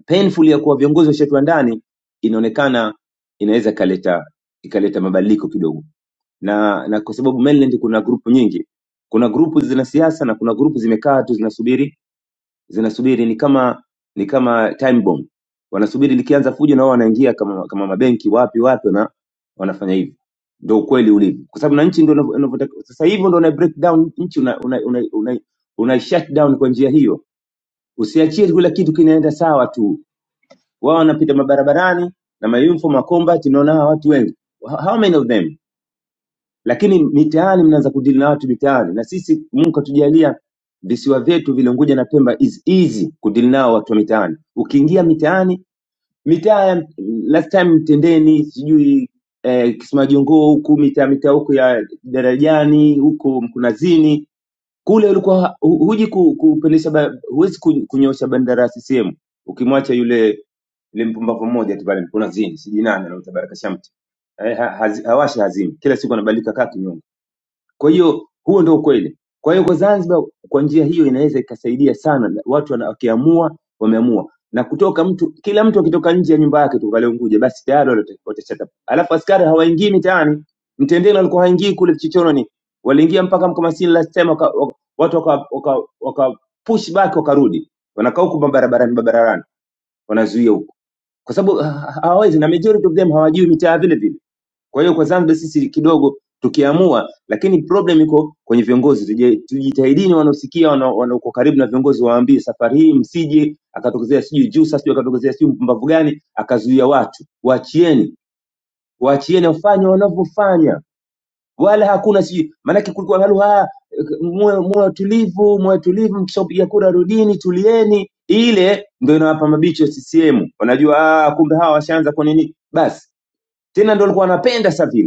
painful ya kuwa viongozi washatua ndani inaonekana inaweza ikaleta ikaleta mabadiliko kidogo na na kwa sababu mainland kuna grupu nyingi kuna grupu zina siasa na kuna grupu zimekaa tu zinasubiri zinasubiri ni kama ni kama time bomb wanasubiri likianza fujo na wao wanaingia kama kama mabenki wapi wapi wana, wanafanya hivyo ndio ukweli ulivyo kwa sababu na nchi ndio inavyo- inavyotakiwa sasa hivi ndio una break down nchi una una, una, una, una shut down kwa njia hiyo usiachie kila kitu kinaenda sawa tu wao wanapita mabarabarani na mayumfo makomba, tunaona hawa watu wengi Wha- how many of them, lakini mitaani mnaanza kudili na watu mitaani, na sisi Mungu katujalia visiwa vyetu vile Unguja na Pemba is easy kudili nao watu wa mitaani. Ukiingia mitaani, mitaa ya- last time Mtendeni, sijui eh, Kismajongoo huku mitaa mitaa huku ya Darajani huku Mkunazini, kule ulikuwa hu- huji ku- kupendesha ba- huwezi ku- kunyosha bendera ya CCM ukimwacha yule yule mpumbavu mmoja tu pale kuna zini sijui nani anaitwa Baraka Shamte eh, ha, hazi- hawashi hazini kila siku anabadilika kaa kinyoka. Kwa hiyo huo ndio ukweli. Kwa hiyo kwa Zanzibar, kwa njia hiyo inaweza ikasaidia sana, na watu wana- wakiamua, wameamua na kutoka mtu, kila mtu akitoka nje ya nyumba yake tu pale Unguja, basi tayari wale- wata- watashata. Alafu askari hawaingii mitaani, mtendeni walikuwa haingii kule Chichoroni, waliingia mpaka Mkomasini last time, waka, waka, watu waka, waka, waka push back wakarudi, wanakaa huku barabarani barabarani, wanazuia huku kwa sababu ah, ah, hawawezi, na majority of them hawajui mitaa vile vile kwa hiyo kwa Zanzibar sisi kidogo tukiamua, lakini problem iko kwenye viongozi. Tuje- Tujitahidini, wanaosikia wana- wanaoko karibu na viongozi waambie, safari hii msije akatokezea sijui juu sasa, sijui akatokezea sijui mpumbavu gani akazuia watu. Waachieni, waachieni wafanye wanavyofanya, wala hakuna sijui. Maanake kulikuwa na lugha muwe muwe watulivu, muwe tulivu, mkishapiga kura rudini, tulieni. Ile ndio inawapa mabicho CCM, wanajua ah, kumbe hawa washaanza kwa nini. Basi tena ndio walikuwa wanapenda sasa vile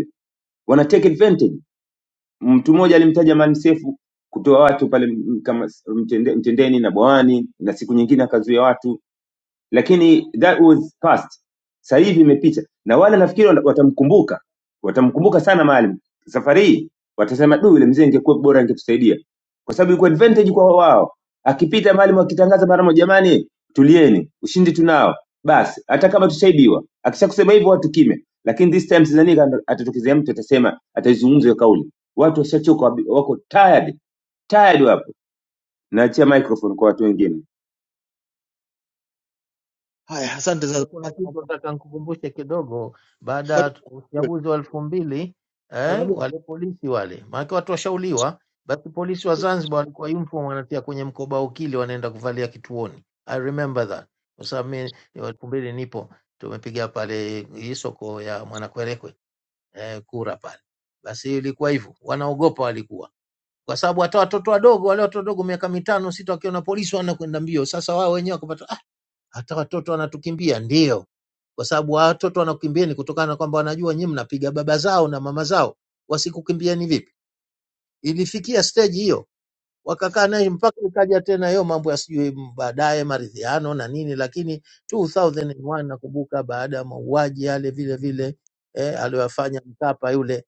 wana take advantage. Mtu mmoja alimtaja Mansefu kutoa watu pale m- kama s- mtende, mtendeni na bwawani, na siku nyingine akazuia watu lakini that was past sasa hivi imepita na wale nafikiri wana- watamkumbuka watamkumbuka sana Maalim safari hii watasema du yule mzee ingekuwa bora angetusaidia kwa sababu iko advantage kwa wao akipita Maalim akitangaza mara moja jamani tulieni ushindi tunao basi hata kama tushaibiwa akishakusema hivyo watu kime lakini this time sidhani kama atatokezea mtu atasema ataizungumza hiyo kauli watu washachoka wabi- wako tired tired wapo naachia microphone kwa watu wengine
Haya, asante za
Zanzibar kuna
kupata
kitu
mambo.
nataka nikukumbushe kidogo. Baada
Ngoja-
ya uchaguzi wa elfu mbili
Malami.
eh, wale polisi wale, maanake watu washauliwa, basi polisi wa Zanzibar walikuwa uniform wanatia kwenye mkoba wa ukili, wanaenda kuvalia kituoni. I remember that kwa sababu mi elfu mbili nipo, tumepiga pale hii soko ya Mwanakwerekwe eh, kura pale, basi ilikuwa hivyo, wanaogopa walikuwa kwa sababu hata watoto wadogo wale watoto wadogo miaka mitano sita wakiona polisi wanakwenda mbio. Sasa wao wenyewe wakapata hata watoto wanatukimbia ndio, kwa sababu hawa watoto wanakukimbia ni kutokana na kwamba wanajua nyinyi mnapiga baba zao na mama zao, wasikukimbieni vipi? Ilifikia stage hiyo, wakakaa naye mpaka ikaja tena hiyo mambo ya sijui m- baadaye maridhiano na nini, lakini 2001 nakumbuka baada ya mauaji yale vile vile eh, aliyoyafanya Mkapa yule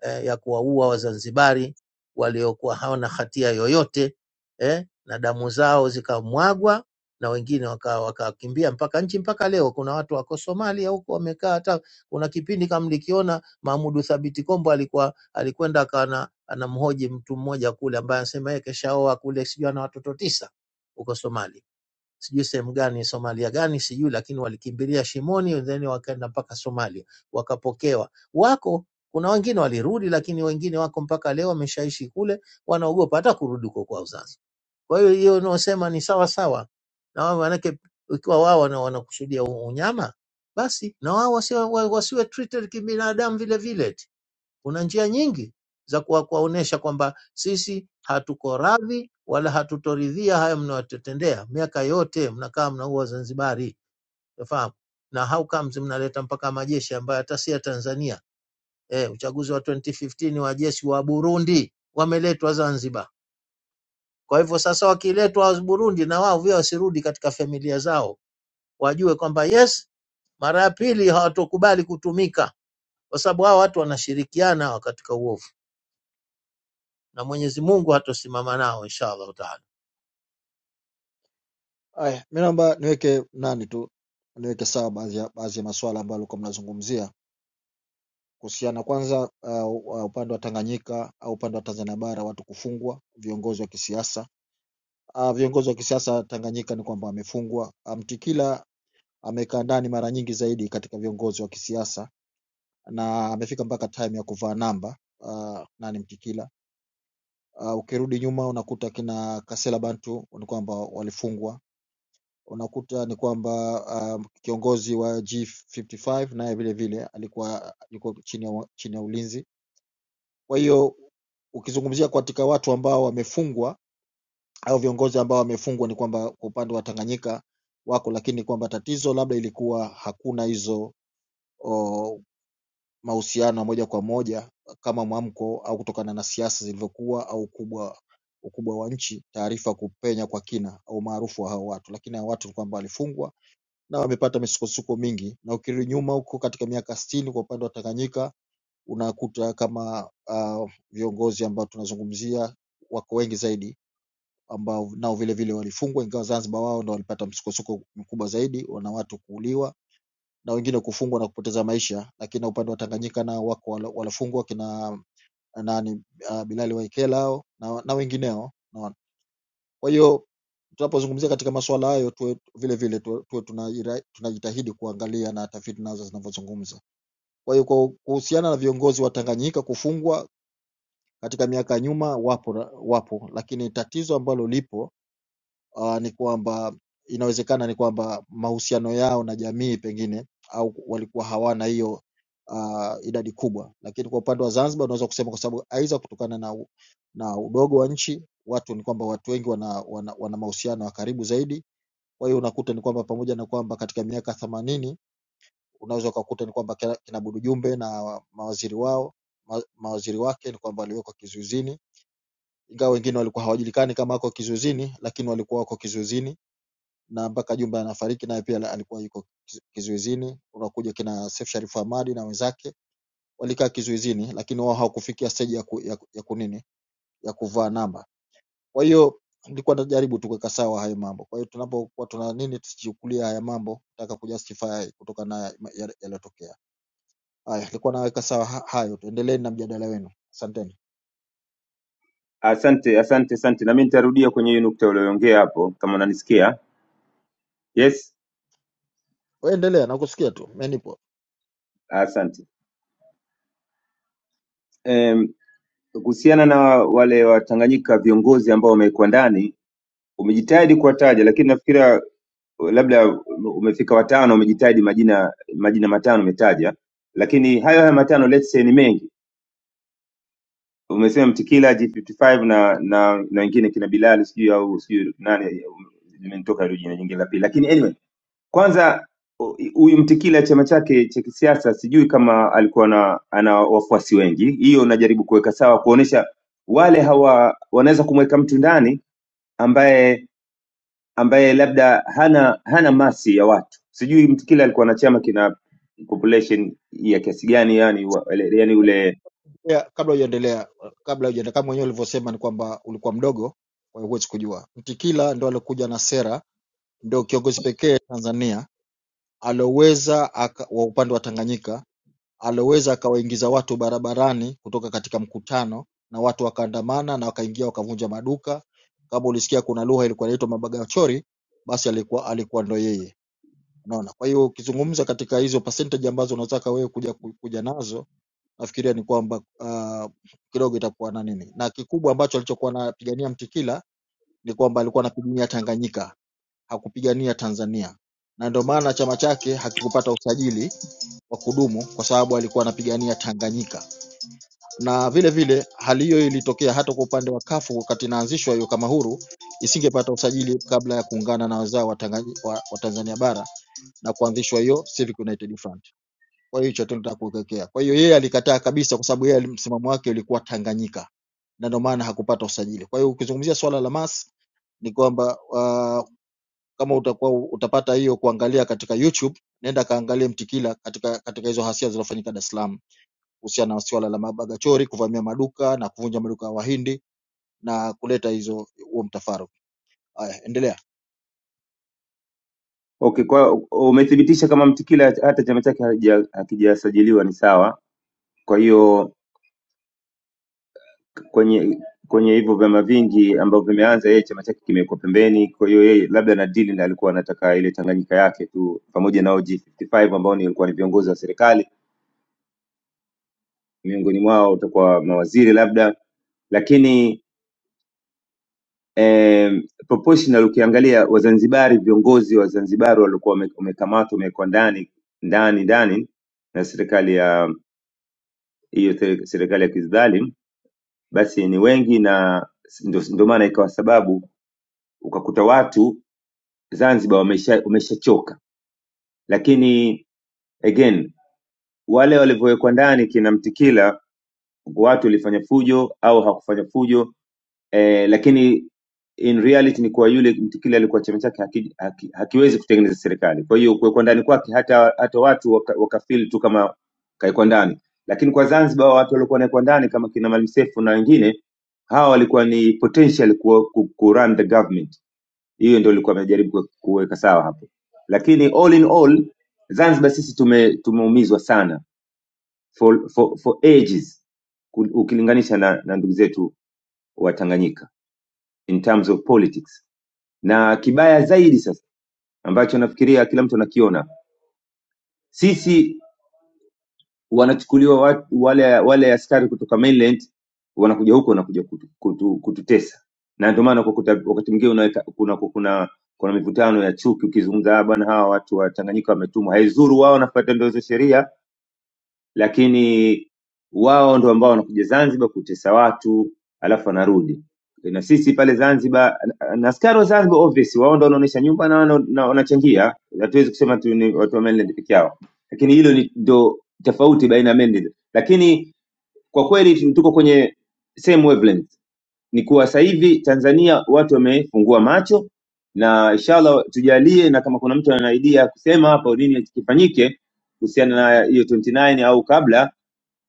eh, ya kuwaua Wazanzibari waliokuwa hawana hatia yoyote eh, na damu zao zikamwagwa na wengine waka- wakakimbia waka mpaka nchi. Mpaka leo kuna watu wako Somalia huko wamekaa. Hata kuna kipindi kama nilikiona Mahmudu Thabiti Kombo alikuwa alikwenda kana anamhoji mtu mmoja kule ambaye anasema yeye keshaoa kule, sijui ana watoto tisa huko Somalia sijui sehemu gani Somalia gani sijui, lakini walikimbilia Shimoni then wakaenda mpaka Somalia wakapokewa. Wako kuna wengine walirudi, lakini wengine wako mpaka leo wameshaishi kule, wanaogopa hata kurudi huko kwao sasa. Kwa hiyo hiyo unaosema ni sawa sawa na wao, manake ikiwa wao wana- wanakusudia u- unyama, basi na wao wasiwe, wa- wasiwe treated kibinadamu vile vile. Kuna njia nyingi za kuwa- kuwaonesha kwamba sisi hatuko radhi wala hatutoridhia haya mnayotutendea. Miaka yote mnakaa mnaua Zanzibari, unafahamu na how comes mnaleta mpaka majeshi ambayo hata si ya Tanzania. Eh, uchaguzi wa 2015 wa jeshi wa Burundi wameletwa Zanzibar. Kwa hivyo sasa wakiletwa wa Burundi na wao vile wasirudi katika familia zao, wajue kwamba yes, mara ya pili hawatokubali kutumika, kwa sababu hao watu wanashirikiana katika uovu. na Mwenyezi Mungu hatosimama nao insha Allahu taala.
Haya, mimi naomba niweke nani tu niweke sawa baadhi ya baadhi ya maswala ambayo alikuwa mnazungumzia kuhusiana kwanza uh, uh, upande wa Tanganyika au upande wa Tanzania bara watu kufungwa viongozi wa kisiasa uh, viongozi wa kisiasa Tanganyika ni kwamba wamefungwa uh, Mtikila amekaa ndani mara nyingi zaidi katika viongozi wa kisiasa na amefika mpaka time ya kuvaa namba uh, nani Mtikila uh, ukirudi nyuma unakuta kina Kasela Bantu ni kwamba walifungwa unakuta ni kwamba uh, kiongozi wa G55 naye vile vile alikuwa yuko chini ya, wa- chini ya ulinzi Kwa hiyo ukizungumzia katika watu ambao wamefungwa au viongozi ambao wamefungwa ni kwamba kwa upande wa Tanganyika wako, lakini kwamba tatizo labda ilikuwa hakuna hizo o, mahusiano ya moja kwa moja kama mwamko au kutokana na siasa zilivyokuwa au ukubwa ukubwa wa nchi, taarifa kupenya kwa kina au maarufu wa hao watu, lakini hao watu ni kwamba walifungwa na wamepata misukosuko mingi, na ukirudi nyuma huko katika miaka sitini kwa upande wa Tanganyika unakuta kama uh, viongozi ambao tunazungumzia wako wengi zaidi ambao nao vile vile walifungwa, ingawa Zanzibar wao ndo walipata msukosuko mkubwa zaidi, wana watu kuuliwa na wengine kufungwa na kupoteza maisha, lakini upande wa Tanganyika nao wako wala- walofungwa kina nani uh, Bilali Waikela hao na, na wengineo naona. Kwa hiyo tunapozungumzia katika masuala hayo tuwe vile vile tuwe, tuwe tunaira- tunajitahidi kuangalia na tafiti nazo zinavyozungumza. Kwa hiyo kwa kuhusiana na viongozi wa Tanganyika kufungwa katika miaka ya nyuma wapo wapo lakini tatizo ambalo lipo uh, ni kwamba inawezekana ni kwamba mahusiano yao na jamii pengine au walikuwa hawana hiyo uh, idadi kubwa lakini kwa upande wa zanzibar unaweza kusema kwa sababu aidha kutokana na, u- na udogo wa nchi watu ni kwamba watu wengi wana, wana, wana mahusiano ya karibu zaidi kwa hiyo unakuta ni kwamba pamoja na kwamba katika miaka themanini unaweza ukakuta ni kwamba kina kina Budu Jumbe na mawaziri wao ma, mawaziri wake ni kwamba waliwekwa kizuizini ingawa wengine walikuwa hawajulikani kama wako kizuizini lakini walikuwa wako kizuizini na mpaka Jumbe anafariki naye pia alikuwa yuko kizu- kizuizini. Unakuja kina Seif Sharif Hamad na wenzake walikaa kizuizini, lakini wao hawakufikia stage ya, ku, ya, ku- ya kunini ya kuvaa namba. Kwa hiyo nilikuwa najaribu tu kuweka sawa hayo mambo. Kwa hiyo tunapokuwa tuna nini, tusichukulia haya mambo taka kujustify kutokana na ma- yale- yaliyotokea. Haya, nilikuwa naweka sawa ha- hayo. Tuendeleeni na mjadala wenu, asanteni.
Asante, asante, asante. Na mimi nitarudia kwenye hiyo nukta uliyoongea hapo, kama unanisikia. Yes,
Wewe endelea, nakusikia tu, mimi nipo.
asante. Em, Kuhusiana na wale Watanganyika viongozi ambao wamekuwa ndani, umejitahidi kuwataja, lakini nafikiria labda umefika watano, umejitahidi majina majina matano umetaja, lakini hayo haya matano let's say ni mengi. Umesema Mtikila, G55 na na na wengine kina Bilali sijui au sijui nani, limenitoka hilo jina jingine la pili, lakini anyway Kwanza u- huyu Mtikila chama chake cha kisiasa sijui kama alikuwa na ana wafuasi wengi. Hiyo najaribu kuweka sawa, kuonesha wale hawa wanaweza kumweka mtu ndani ambaye ambaye labda hana hana masi ya watu. Sijui Mtikila alikuwa na chama kina population ya kiasi gani, yani wa- ele- yani ule
Yeah, kabla hujaendelea, kabla hujaendelea, kama mwenyewe ulivyosema ni kwamba ulikuwa mdogo, kwa hiyo huwezi kujua. Mtikila ndo alikuja na sera, ndo kiongozi pekee Tanzania alioweza aka- wa upande wa Tanganyika alioweza akawaingiza watu barabarani kutoka katika mkutano, na watu wakaandamana na wakaingia wakavunja maduka. Kama ulisikia kuna lugha ilikuwa inaitwa mabagachori, basi alikuwa alikuwa ndo yeye, unaona. Kwa hiyo ukizungumza katika hizo percentage ambazo unataka wewe kuja ku- kuja nazo nafikiria ni kwamba uh, kidogo itakuwa na nini, na kikubwa ambacho alichokuwa anapigania Mtikila ni kwamba alikuwa anapigania Tanganyika, hakupigania Tanzania, na ndio maana chama chake hakikupata usajili wa kudumu kwa sababu alikuwa anapigania Tanganyika. Na vile vile hali hiyo ilitokea hata kwa upande wa kafu wakati inaanzishwa hiyo kama huru, isingepata usajili kabla ya kuungana na wazao wa, Tanganyi- wa, wa Tanzania bara na kuanzishwa hiyo Civic United Front. Kwa hiyo hicho tu nataka kuwekea. Kwa hiyo yeye alikataa kabisa, kwa sababu yeye ali- msimamo wake ulikuwa Tanganyika, na ndio maana hakupata usajili. Kwa hiyo ukizungumzia swala la MAS ni kwamba uh, kama utakuwa utapata hiyo kuangalia katika YouTube, nenda kaangalie Mtikila katika katika hizo hasia zilizofanyika Dar es Salaam kuhusiana na swala la mabagachori kuvamia maduka na kuvunja maduka ya Wahindi na kuleta hizo huo mtafaruku. Haya, endelea.
okay. Kwa umethibitisha kama Mtikila hata chama chake hakija- hakijasajiliwa ni sawa, kwa hiyo kwenye kwenye hivyo vyama vingi ambavyo vimeanza, yeye chama chake kimekuwa pembeni. Kwa hiyo yeye labda na deal na alikuwa anataka ile Tanganyika yake tu pamoja na G55 ambao ni walikuwa ni viongozi wa serikali, miongoni mwao utakuwa mawaziri labda, lakini eh, proportional ukiangalia Wazanzibari, viongozi wa Zanzibari walikuwa wame- wamekamatwa, wamewekwa ndani ndani ndani na serikali ya hiyo te- serikali ya kidhalimu, basi ni wengi na ndio ndio maana ikawa sababu ukakuta watu Zanzibar wamesha wameshachoka, lakini again wale walivyowekwa ndani kina Mtikila, watu walifanya fujo au hawakufanya fujo eh, lakini in reality ni kuwa yule Mtikila alikuwa chama chake haki, haki, hakiwezi kutengeneza serikali. Kwa hiyo kuwekwa ndani kwake hata hata watu waka, waka feel tu kama kawekwa ndani, lakini kwa Zanzibar watu waliokuwa wanawekwa ndani kama kina Maalim Seif na wengine hawa walikuwa ni potential ku, ku, ku run the government hiyo ndio ilikuwa amejaribu kue- kuweka sawa hapo lakini all in all zanzibar sisi tume tumeumizwa sana for, for, for ages ku- ukilinganisha na, na ndugu zetu wa tanganyika in terms of politics na kibaya zaidi sasa ambacho nafikiria kila mtu anakiona sisi wanachukuliwa wa- wale wale askari kutoka mainland wanakuja huku wanakuja kutu, kutu, kututesa na ndio maana ukakuta wakati mwingine unaweka kuna kuna kuna mivutano ya chuki ukizungumza "Ah, bwana hawa watu wa Tanganyika wametumwa haizuru wao wanafuata ndio hizo sheria lakini wao ndo ambao wanakuja Zanzibar kutesa watu alafu anarudi na sisi pale Zanzibar na na askari wa Zanzibar obvious wao ndo wanaonyesha nyumba na wana- na wanachangia, hatuwezi kusema tu ni watu wa mainland peke yao, lakini hilo ni ndo tofauti baina ya mainland. Lakini kwa kweli tu- tuko kwenye same wavelength, ni kuwa sasa hivi Tanzania watu wamefungua macho na inshallah tujalie, na kama kuna mtu ana idea ya kusema hapo nini kifanyike kuhusiana na hiyo 29 au kabla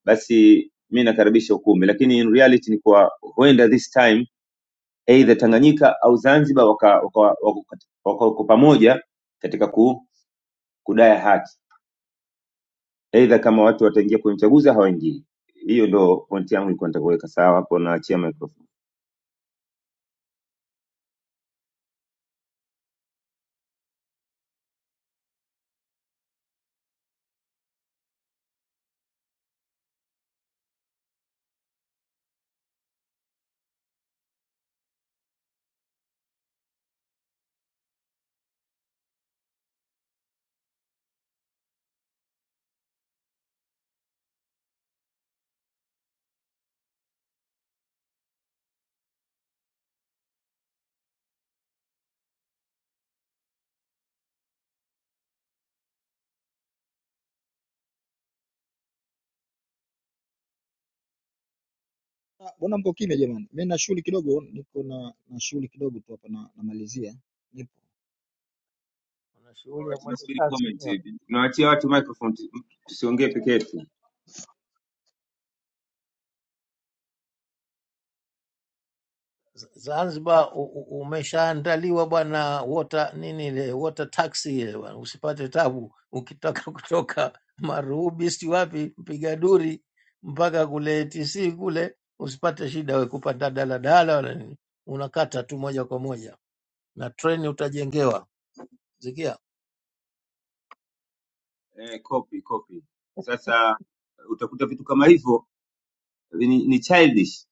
basi mi nakaribisha ukumbi lakini in reality ni kwa huenda this time either tanganyika au zanzibar waka- waka- wako kati- wako wako pamoja katika ku, kudaya haki either kama watu wataingia kwenye uchaguzi au hawaingii hiyo ndo pointi yangu ilikuwa nitakuweka sawa hapo naachia microphone
Ah, Mbona mko kimya jamani? Mimi na shughuli kidogo, niko na, na shughuli kidogo tu hapa na, namalizia.
Kuna shughuli ya
Alright,
mwendo
tunasubiri
kasi
comment
sio?
hivi tunawaachia watu microphone tu- tusiongee peke yetu
Z- Zanzibar u- u- umeshaandaliwa bwana, water nini ile water taxi ile bwana, usipate tabu ukitaka kutoka Marubi si wapi mpiga duri mpaka kule TC kule, usipate shida we kupanda daladala wala nini, unakata tu moja kwa moja na treni utajengewa. Sikia
eh, copy copy sasa utakuta vitu kama hivyo ni, ni childish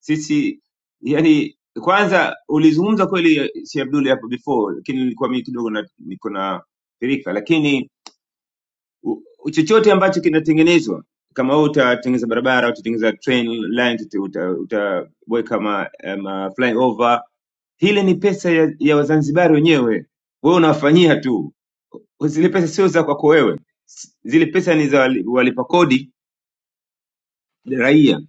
sisi yani kwanza ulizungumza kweli si Abdul hapo before lakini nilikuwa mimi kidogo na- niko na pirika lakini u- u- chochote ambacho kinatengenezwa kama wewe utatengeneza barabara utatengeneza train line utaweka uta utaweka ma, eh, ma flyover hile ni pesa ya, ya Wazanzibari wenyewe wewe unawafanyia tu zile pesa sio za kwako wewe S- zile pesa ni za wali- walipa kodi raia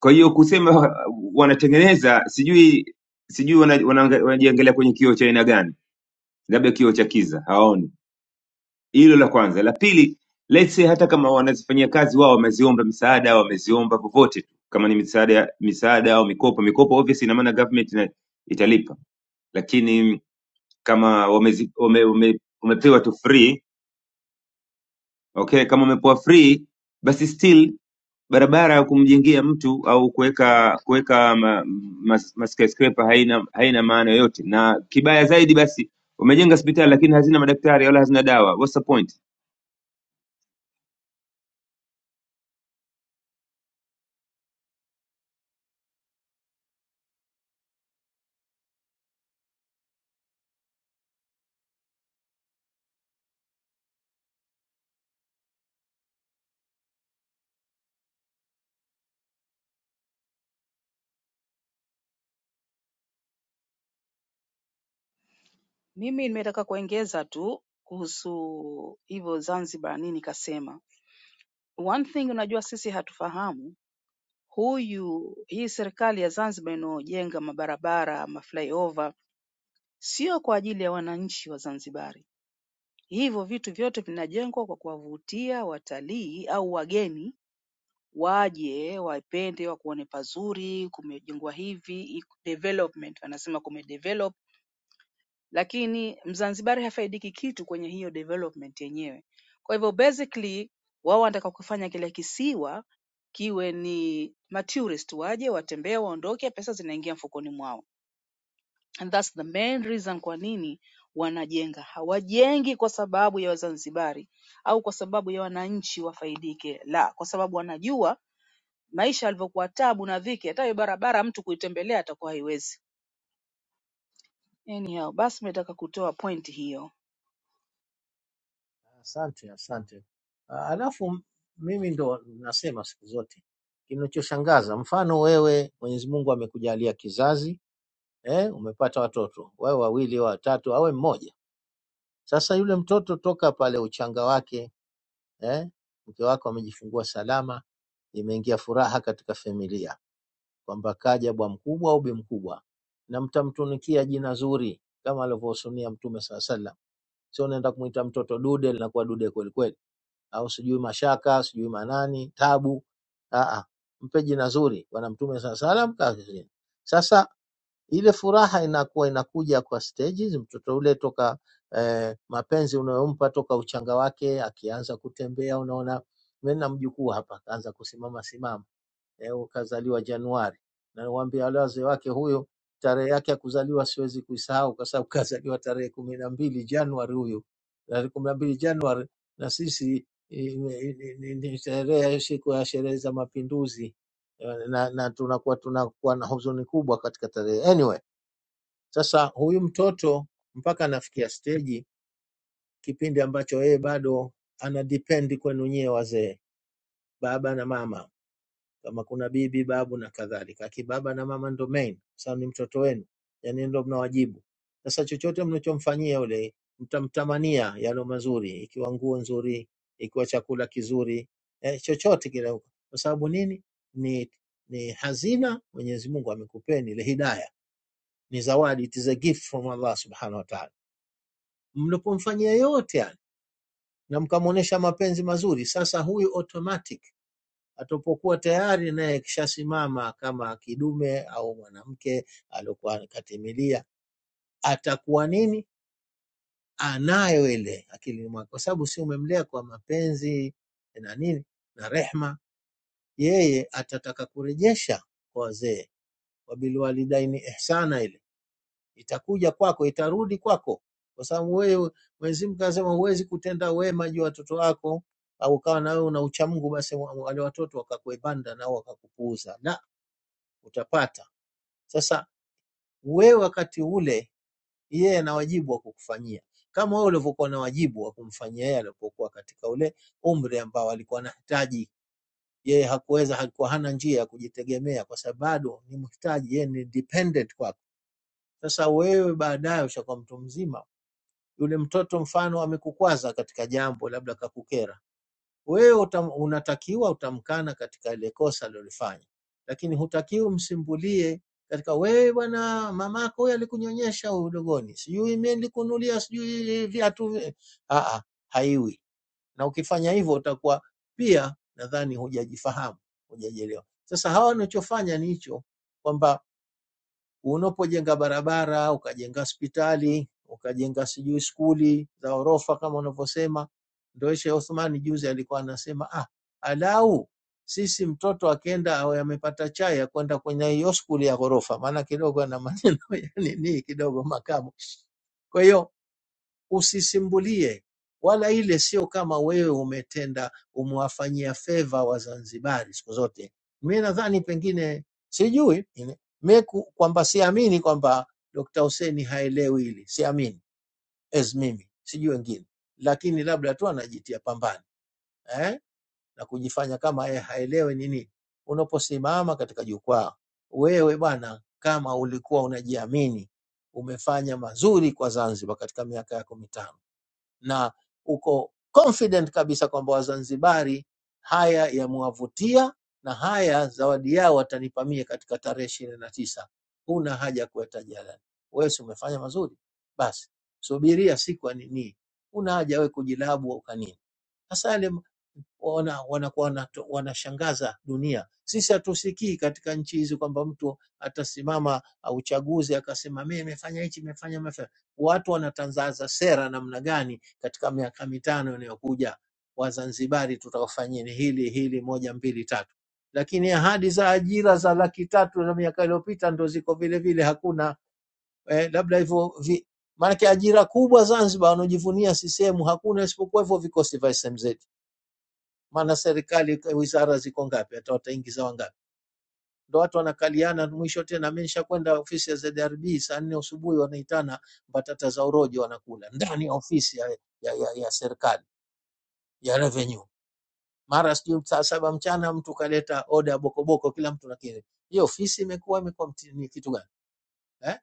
kwa hiyo kusema uh, wanatengeneza, sijui sijui wanajiangalia wana- wanaanga- wanajiangalia kwenye kioo cha aina gani, labda kioo cha kiza, hawaoni hilo. La kwanza. La pili, let's say hata kama wanazifanyia kazi wao, wameziomba misaada, wameziomba popote tu, kama ni misaada misaada au mikopo, mikopo obviously ina maana government ina, italipa, lakini kama wamezi, wame, wame, wamepewa tu free okay, kama wamepewa free basi still barabara ya kumjengea mtu au kuweka kuweka ma, mas, ma skyscraper haina haina maana yoyote, na kibaya zaidi basi umejenga hospitali lakini hazina madaktari wala hazina dawa. What's the point?
Mimi nimetaka kuongeza tu kuhusu hivyo Zanzibar nini kasema. One thing unajua sisi hatufahamu huyu hii serikali ya Zanzibar inayojenga mabarabara, maflyover sio kwa ajili ya wananchi wa Zanzibari. Hivyo vitu vyote vinajengwa kwa kuwavutia watalii au wageni waje wapende wakuone pazuri, kumejengwa hivi, development wanasema kumedevelop lakini mzanzibari hafaidiki kitu kwenye hiyo development yenyewe. Kwa hivyo basically wao wanataka kufanya kile kisiwa kiwe ni matourist, waje watembee, waondoke, pesa zinaingia mfukoni mwao, and that's the main reason kwa nini wanajenga. Hawajengi kwa sababu ya Wazanzibari au kwa sababu ya wananchi wafaidike, la, kwa sababu wanajua maisha yalivyokuwa tabu na dhiki, hata hiyo barabara mtu kuitembelea atakuwa haiwezi. Anyhow, basi nimetaka kutoa point hiyo.
Asante, asante. Ah, Alafu mimi ndo nasema siku zote kinachoshangaza, mfano wewe, Mwenyezi Mungu amekujalia kizazi eh, umepata watoto wawe wawili, wawe watatu, awe mmoja. Sasa yule mtoto toka pale uchanga wake eh, mke wako amejifungua salama, imeingia furaha katika familia kwamba kaja bwa mkubwa au bi mkubwa, na mtamtunikia jina zuri kama alivyosunia Mtume saa salam, sio unaenda kumwita mtoto dude, linakuwa dude kwelikweli au sijui mashaka sijui manani tabu Aa, mpe jina zuri bwana mtume saa salam kazini sasa ile furaha inakuwa inakuja kwa stages mtoto ule toka eh, mapenzi unayompa toka uchanga wake akianza kutembea unaona mimi na mjukuu hapa kaanza kusimama simama eh, kazaliwa Januari. Na niwaambia wale wazee wake, huyo tarehe yake ya kuzaliwa siwezi kuisahau, kwa sababu kazaliwa tarehe kumi na mbili Januari huyo, tarehe kumi na mbili Januari, na sisi eh, ni ni- ni sherehe ya siku ya sherehe za mapinduzi eh, na, na tunakuwa tunakuwa na huzuni kubwa katika tarehe. Anyway, sasa huyu mtoto mpaka anafikia steji, kipindi ambacho yeye bado ana depend kwenu nyie wazee, baba na mama kama kuna bibi, babu na kadhalika. Akibaba na mama ndo main, sababu ni mtoto wenu, yani ndo mnawajibu. Sasa chochote mnachomfanyia yule, mtamtamania yalo mazuri, ikiwa nguo nzuri, ikiwa chakula kizuri, eh, chochote kile, huko. kwa sababu nini? Ni, ni hazina Mwenyezi Mungu amekupeni ile hidaya, ni zawadi, it is a gift from Allah subhanahu wa ta'ala. Mlipomfanyia yote yani, na mkamwonyesha mapenzi mazuri, sasa huyu automatic atapokuwa tayari naye kishasimama kama kidume au mwanamke aliokuwa katimilia, atakuwa nini? Anayo ile akilini mwake, kwa sababu si umemlea kwa mapenzi na nini na rehma. Yeye atataka kurejesha kwa wazee, wabilwalidaini ihsana, ile itakuja kwako, itarudi kwako, kwa sababu wewe Mwenyezi Mungu anasema huwezi kutenda wema juu ya watoto wako au ukawa na wewe una uchamungu, basi wa- wale watoto wakakuebanda nao wakakupuuza. La, utapata. Sasa wewe wakati ule, yeye ana wajibu wa kukufanyia kama wewe ulivyokuwa na wajibu wa kumfanyia yeye alipokuwa katika ule umri ambao alikuwa anahitaji. Yeye hakuweza, alikuwa hana njia ya kujitegemea, kwa sababu bado ni mhitaji, yeye ni dependent kwako. Sasa wewe baadaye ushakuwa mtu mzima, yule mtoto mfano amekukwaza katika jambo, labda kakukera Wewe utam, unatakiwa utamkana katika ile kosa alilofanya, lakini hutakiwi msimbulie katika wewe, bwana, mamako huyo alikunyonyesha huyo udogoni, sijui mimi nilikunulia sijui viatu. vi-" Ah, ah, haiwi. Na ukifanya hivyo utakuwa pia, nadhani hujajifahamu, hujajielewa. Sasa hawa wanachofanya ni hicho kwamba Unapojenga barabara, ukajenga hospitali, ukajenga sijui skuli za ghorofa kama unavyosema. Ndio Sheikh Othman juzi alikuwa anasema ah, alau sisi mtoto akienda awe amepata chai ya kwenda kwenye hiyo skuli ya ghorofa, maana kidogo ana maneno ya nini kidogo makamu. Kwa hiyo usisimbulie wala ile sio kama wewe umetenda umewafanyia feva Wazanzibari siku zote. Mi nadhani pengine sijui ine- mi ku- kwamba siamini kwamba Dr. Hussein haelewi hili, siamini as mimi, sijui wengine, lakini labda tu anajitia pambani eh? na kujifanya kama yeye haelewi nini. Unaposimama katika jukwaa wewe bwana, kama ulikuwa unajiamini, umefanya mazuri kwa Zanzibar katika miaka yako mitano na uko confident kabisa kwamba Wazanzibari haya yamewavutia na haya zawadi yao watanipa mie katika tarehe ishirini na tisa. Huna haja ya kuweta jalani, wewe si umefanya mazuri, basi subiria siku ya nini. Huna haja wewe kujilabu au kanini. Sasa yale wana wanakuwa wanato- wanashangaza dunia. Sisi hatusikii katika nchi hizi kwamba mtu atasimama uh, uchaguzi akasema mimi nimefanya hichi, nimefanya mafanya. Watu wanatangaza sera namna gani katika miaka mitano inayokuja, Wazanzibari tutawafanyeni hili hili, moja mbili tatu, lakini ahadi za ajira za laki tatu na miaka iliyopita ndo ziko vile vile, hakuna eh, labda hivyo vi, maanake ajira kubwa Zanzibar wanaojivunia CCM hakuna isipokuwa hivyo vikosi vya SMZ maana serikali ka- wizara ziko ngapi, hata wataingiza wangapi? Ndo watu wanakaliana mwisho. Tena mimi nishakwenda ofisi ya ZRB saa nne asubuhi, wanaitana mbatata za urojo, wanakula ndani ya ofisi ya, ya, ya, ya serikali ya revenue. Mara sijui saa saba mchana mtu kaleta oda ya bokoboko, kila mtu nakiri. Hiyo ofisi imekuwa imekuwa mti- ni kitu gani eh?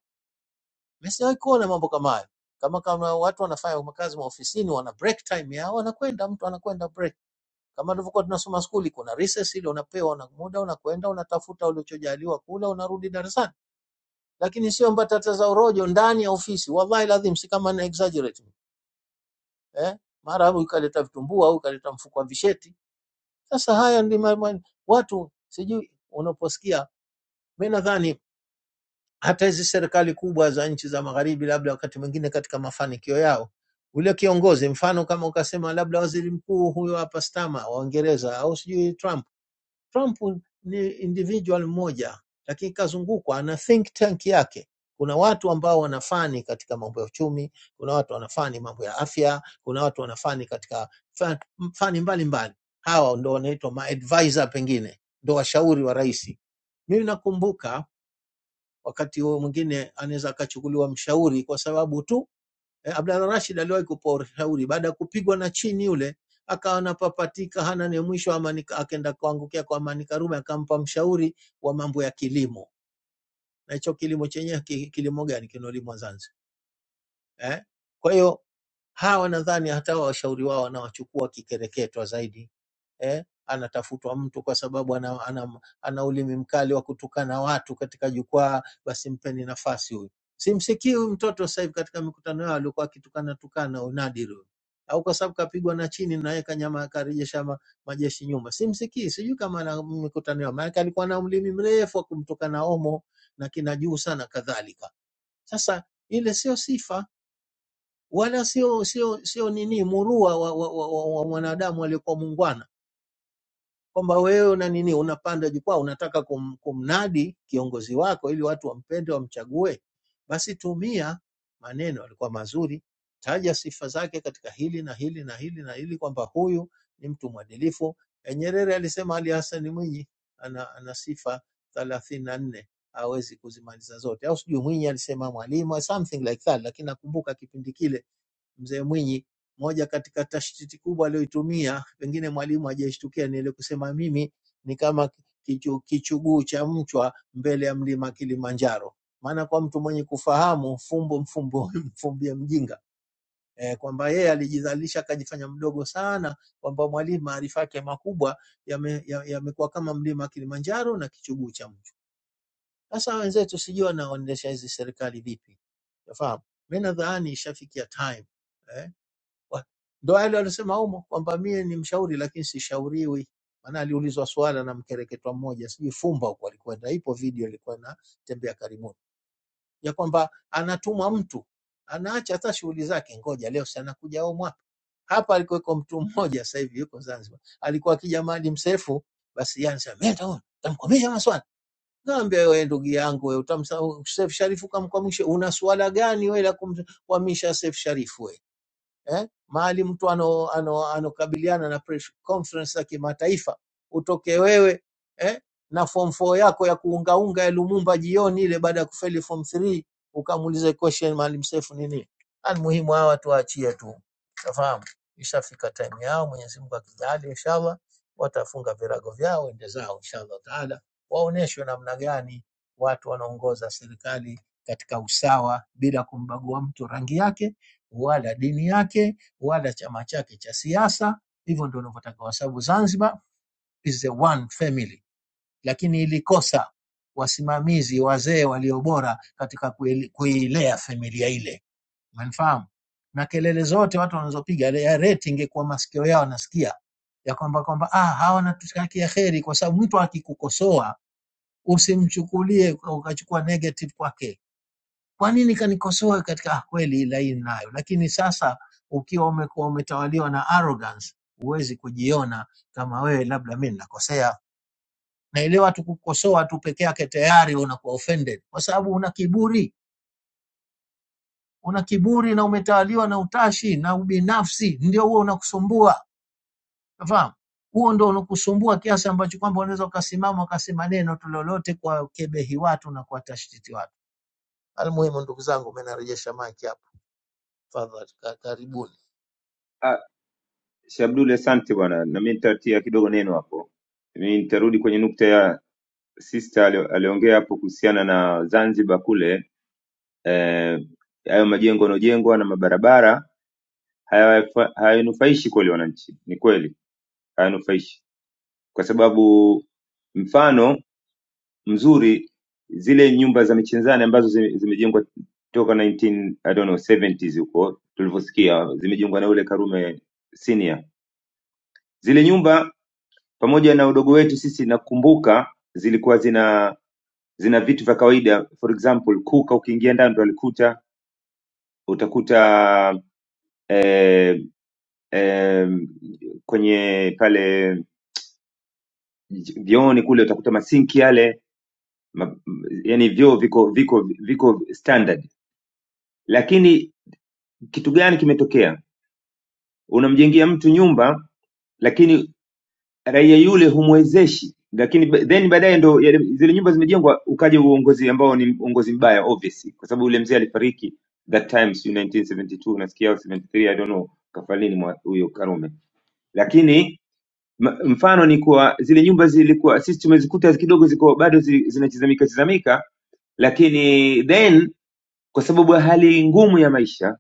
Mimi sijawahi kuona mambo kama hayo. Kama kama watu wanafanya makazi maofisini, wana break time yao, wanakwenda mtu anakwenda break Kama tulivyokuwa tunasoma skuli, kuna recess ile unapewa na muda, unakwenda unatafuta ulichojaliwa kula, unarudi darasani. Lakini sio mbatata za urojo ndani ya ofisi, wallahi ladhim, si kama na exaggerate eh, mara hapo ikaleta vitumbua au ikaleta mfuko wa visheti. Sasa haya ndi ma- ma- watu sijui, unaposikia mimi nadhani hata hizi serikali kubwa za nchi za magharibi, labda wakati mwingine katika mafanikio yao ule kiongozi, mfano kama ukasema labda waziri mkuu huyo hapa Stama wa Uingereza au sijui Trump Trump ni individual mmoja, lakini kazungukwa na think tank yake. Kuna watu ambao wanafani katika mambo ya uchumi, kuna watu wanafani mambo ya afya, kuna watu wanafani katika fa- fani mbalimbali. Hawa ndo wanaitwa maadvisor, pengine ndo washauri wa rais. Mimi nakumbuka wakati huo mwingine anaweza akachukuliwa mshauri kwa sababu tu Eh, Abdalla Rashid aliwahi kupewa ushauri baada ya kupigwa na chini yule, akawa anapapatika hana ni mwisho, Amani Ka- akaenda kuangukia kwa Amani Karume, akampa mshauri wa mambo ya kilimo, na hicho kilimo chenyewe ki- kilimo gani kinolimwa Zanzibar eh? Kwa hiyo Hawa nadhani hata hawa washauri wao wanawachukua kikereketwa zaidi eh, anatafutwa mtu kwa sababu ana, ana, ana ulimi mkali wa kutukana watu katika jukwaa, basi mpeni nafasi huyu. Simsikii huyu mtoto sasa hivi katika mikutano yao alikuwa akitukana tukana huyu Nadir huyu, au kwa sababu kapigwa na chini na yeye kanyama akarejesha ma, majeshi nyuma. Simsikii, sijui kama na mikutano yao, maana alikuwa na ulimi mrefu wa kumtukana Omo na kina juu sana kadhalika. Sasa ile sio sifa wala sio sio sio nini murua wa, wa, wa, wa, wa mwanadamu aliyekuwa muungwana kwamba wewe una nini unapanda jukwaa unataka kum, kumnadi kiongozi wako ili watu wampende wamchague basi tumia maneno alikuwa mazuri taja sifa zake katika hili na hili na hili na hili kwamba huyu ni mtu mwadilifu Eh, nyerere alisema ali hassan mwinyi ana, ana sifa thelathini na nne hawezi kuzimaliza zote au sijui mwinyi alisema mwalimu something like that lakini nakumbuka kipindi kile mzee Mwinyi, moja katika tashtiti kubwa aliyoitumia, pengine mwalimu hajaishtukia, ni ile kusema mimi ni kama kichu, kichuguu cha mchwa mbele ya mlima Kilimanjaro. Maana kwa mtu mwenye kufahamu fumbo mfumbo mfumbie mjinga eh, kwamba yeye alijizalisha akajifanya mdogo sana, kwamba mwalimu maarifa yake makubwa yamekuwa ya, yamekuwa kama mlima Kilimanjaro na kichuguu cha mchwa. Sasa wenzetu sijui wanaendesha hizi serikali vipi, unafahamu? Mimi nadhani ishafikia time eh? Wa- Ndo wale walisema humo kwamba mie ni mshauri lakini sishauriwi, maana aliulizwa swala na mkereketwa mmoja, sijui Fumba huko alikwenda, ipo video ilikuwa inatembea karibuni, ya kwamba anatumwa mtu anaacha hata shughuli zake, ngoja leo si anakuja au mwapa hapa. Alikuweko mtu mmoja sasa hivi yuko Zanzibar, alikuwa akija Maalim Seif, basi yeye anasema mimi nitamwona, nitamkwamisha maswali Naambia wewe ndugu yangu wewe, utamsa Seif Sharifu ukamkwamisha, una swala gani wewe la kumkwamisha Seif Sharifu wewe? eh, mahali mtu ano, ano, anokabiliana na press conference za kimataifa, utoke wewe eh, na form 4 yako ya kuungaunga ya Lumumba jioni ile baada ya kufeli form 3 ukamuulize question Maalim Seif ni nini? Almuhimu hawa watu waachie tu, safahamu ishafika time yao. Mwenyezi Mungu akijali, inshallah watafunga virago vyao, ende zao inshallah taala, waoneshwe namna gani watu wanaongoza serikali katika usawa bila kumbagua mtu rangi yake wala dini yake wala chama chake cha siasa. Hivyo ndio wanavyotaka, kwa sababu Zanzibar is the one family, lakini ilikosa wasimamizi wazee walio bora katika kuile- kuilea familia ile, umenifahamu? Na kelele zote watu wanazopiga ile ya reti, ingekuwa masikio yao nasikia ya kwamba kwamba ah, hawa wanatutakia heri, kwa sababu mtu akikukosoa usimchukulie ukachukua negative kwake kwa nini kanikosoa katika ah, kweli ila hii ninayo? Lakini sasa ukiwa umekuwa umetawaliwa na arrogance, huwezi kujiona kama wewe labda mimi ninakosea. Na ile watu kukosoa tu peke yake tayari unakuwa offended kwa sababu una kiburi, una kiburi na umetawaliwa na utashi na ubinafsi, ndio huo unakusumbua. Unafahamu? Huo ndio unakusumbua kiasi ambacho kwamba unaweza ukasimama ukasema neno tu lolote kwa kebehi watu na kuwatashititi watu. Almuhimu ndugu zangu, umenarejesha maki hapo. Tafadhali ka- karibuni.
Ah, Shabdul, asante bwana, na mimi nitatia kidogo neno hapo. Mimi nitarudi kwenye nukta ya sister alio- aliongea hapo kuhusiana na Zanzibar kule eh, hayo majengo yanayojengwa na mabarabara hayafa- hayanufaishi kweli wananchi. Ni kweli hayanufaishi, kwa sababu mfano mzuri zile nyumba za Michenzani ambazo zime- zimejengwa toka 19 I don't know 70s huko tulivyosikia, zimejengwa na yule Karume senior. Zile nyumba pamoja na udogo wetu sisi, nakumbuka zilikuwa zina zina vitu vya kawaida, for example kuka, ukiingia ndani ndo alikuta utakuta eh, eh, kwenye pale vyooni kule utakuta masinki yale ma, yani vyoo viko viko viko standard lakini kitu gani kimetokea unamjengea mtu nyumba lakini raia yule humwezeshi lakini ba- then baadaye ndo yale- zile nyumba zimejengwa ukaja uongozi ambao ni uongozi mbaya obviously kwa sababu yule mzee alifariki that time sijui 1972 nasikia au 73 i don't know kafalini mwa huyo Karume lakini m- mfano ni kuwa zile nyumba zilikuwa sisi tumezikuta kidogo ziko bado zi- zinachizamika chizamika lakini then kwa sababu ya hali ngumu ya maisha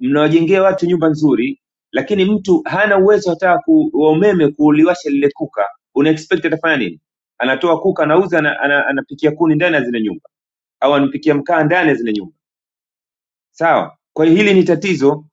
Mnawajengea watu nyumba nzuri lakini mtu hana uwezo hata ku, wa umeme kuliwasha lile kuka. Una expect atafanya nini? Anatoa kuka anauza anapikia ana, ana anapikia kuni ndani ya zile nyumba au anapikia mkaa ndani ya zile nyumba. Sawa? Kwa hiyo hili ni tatizo.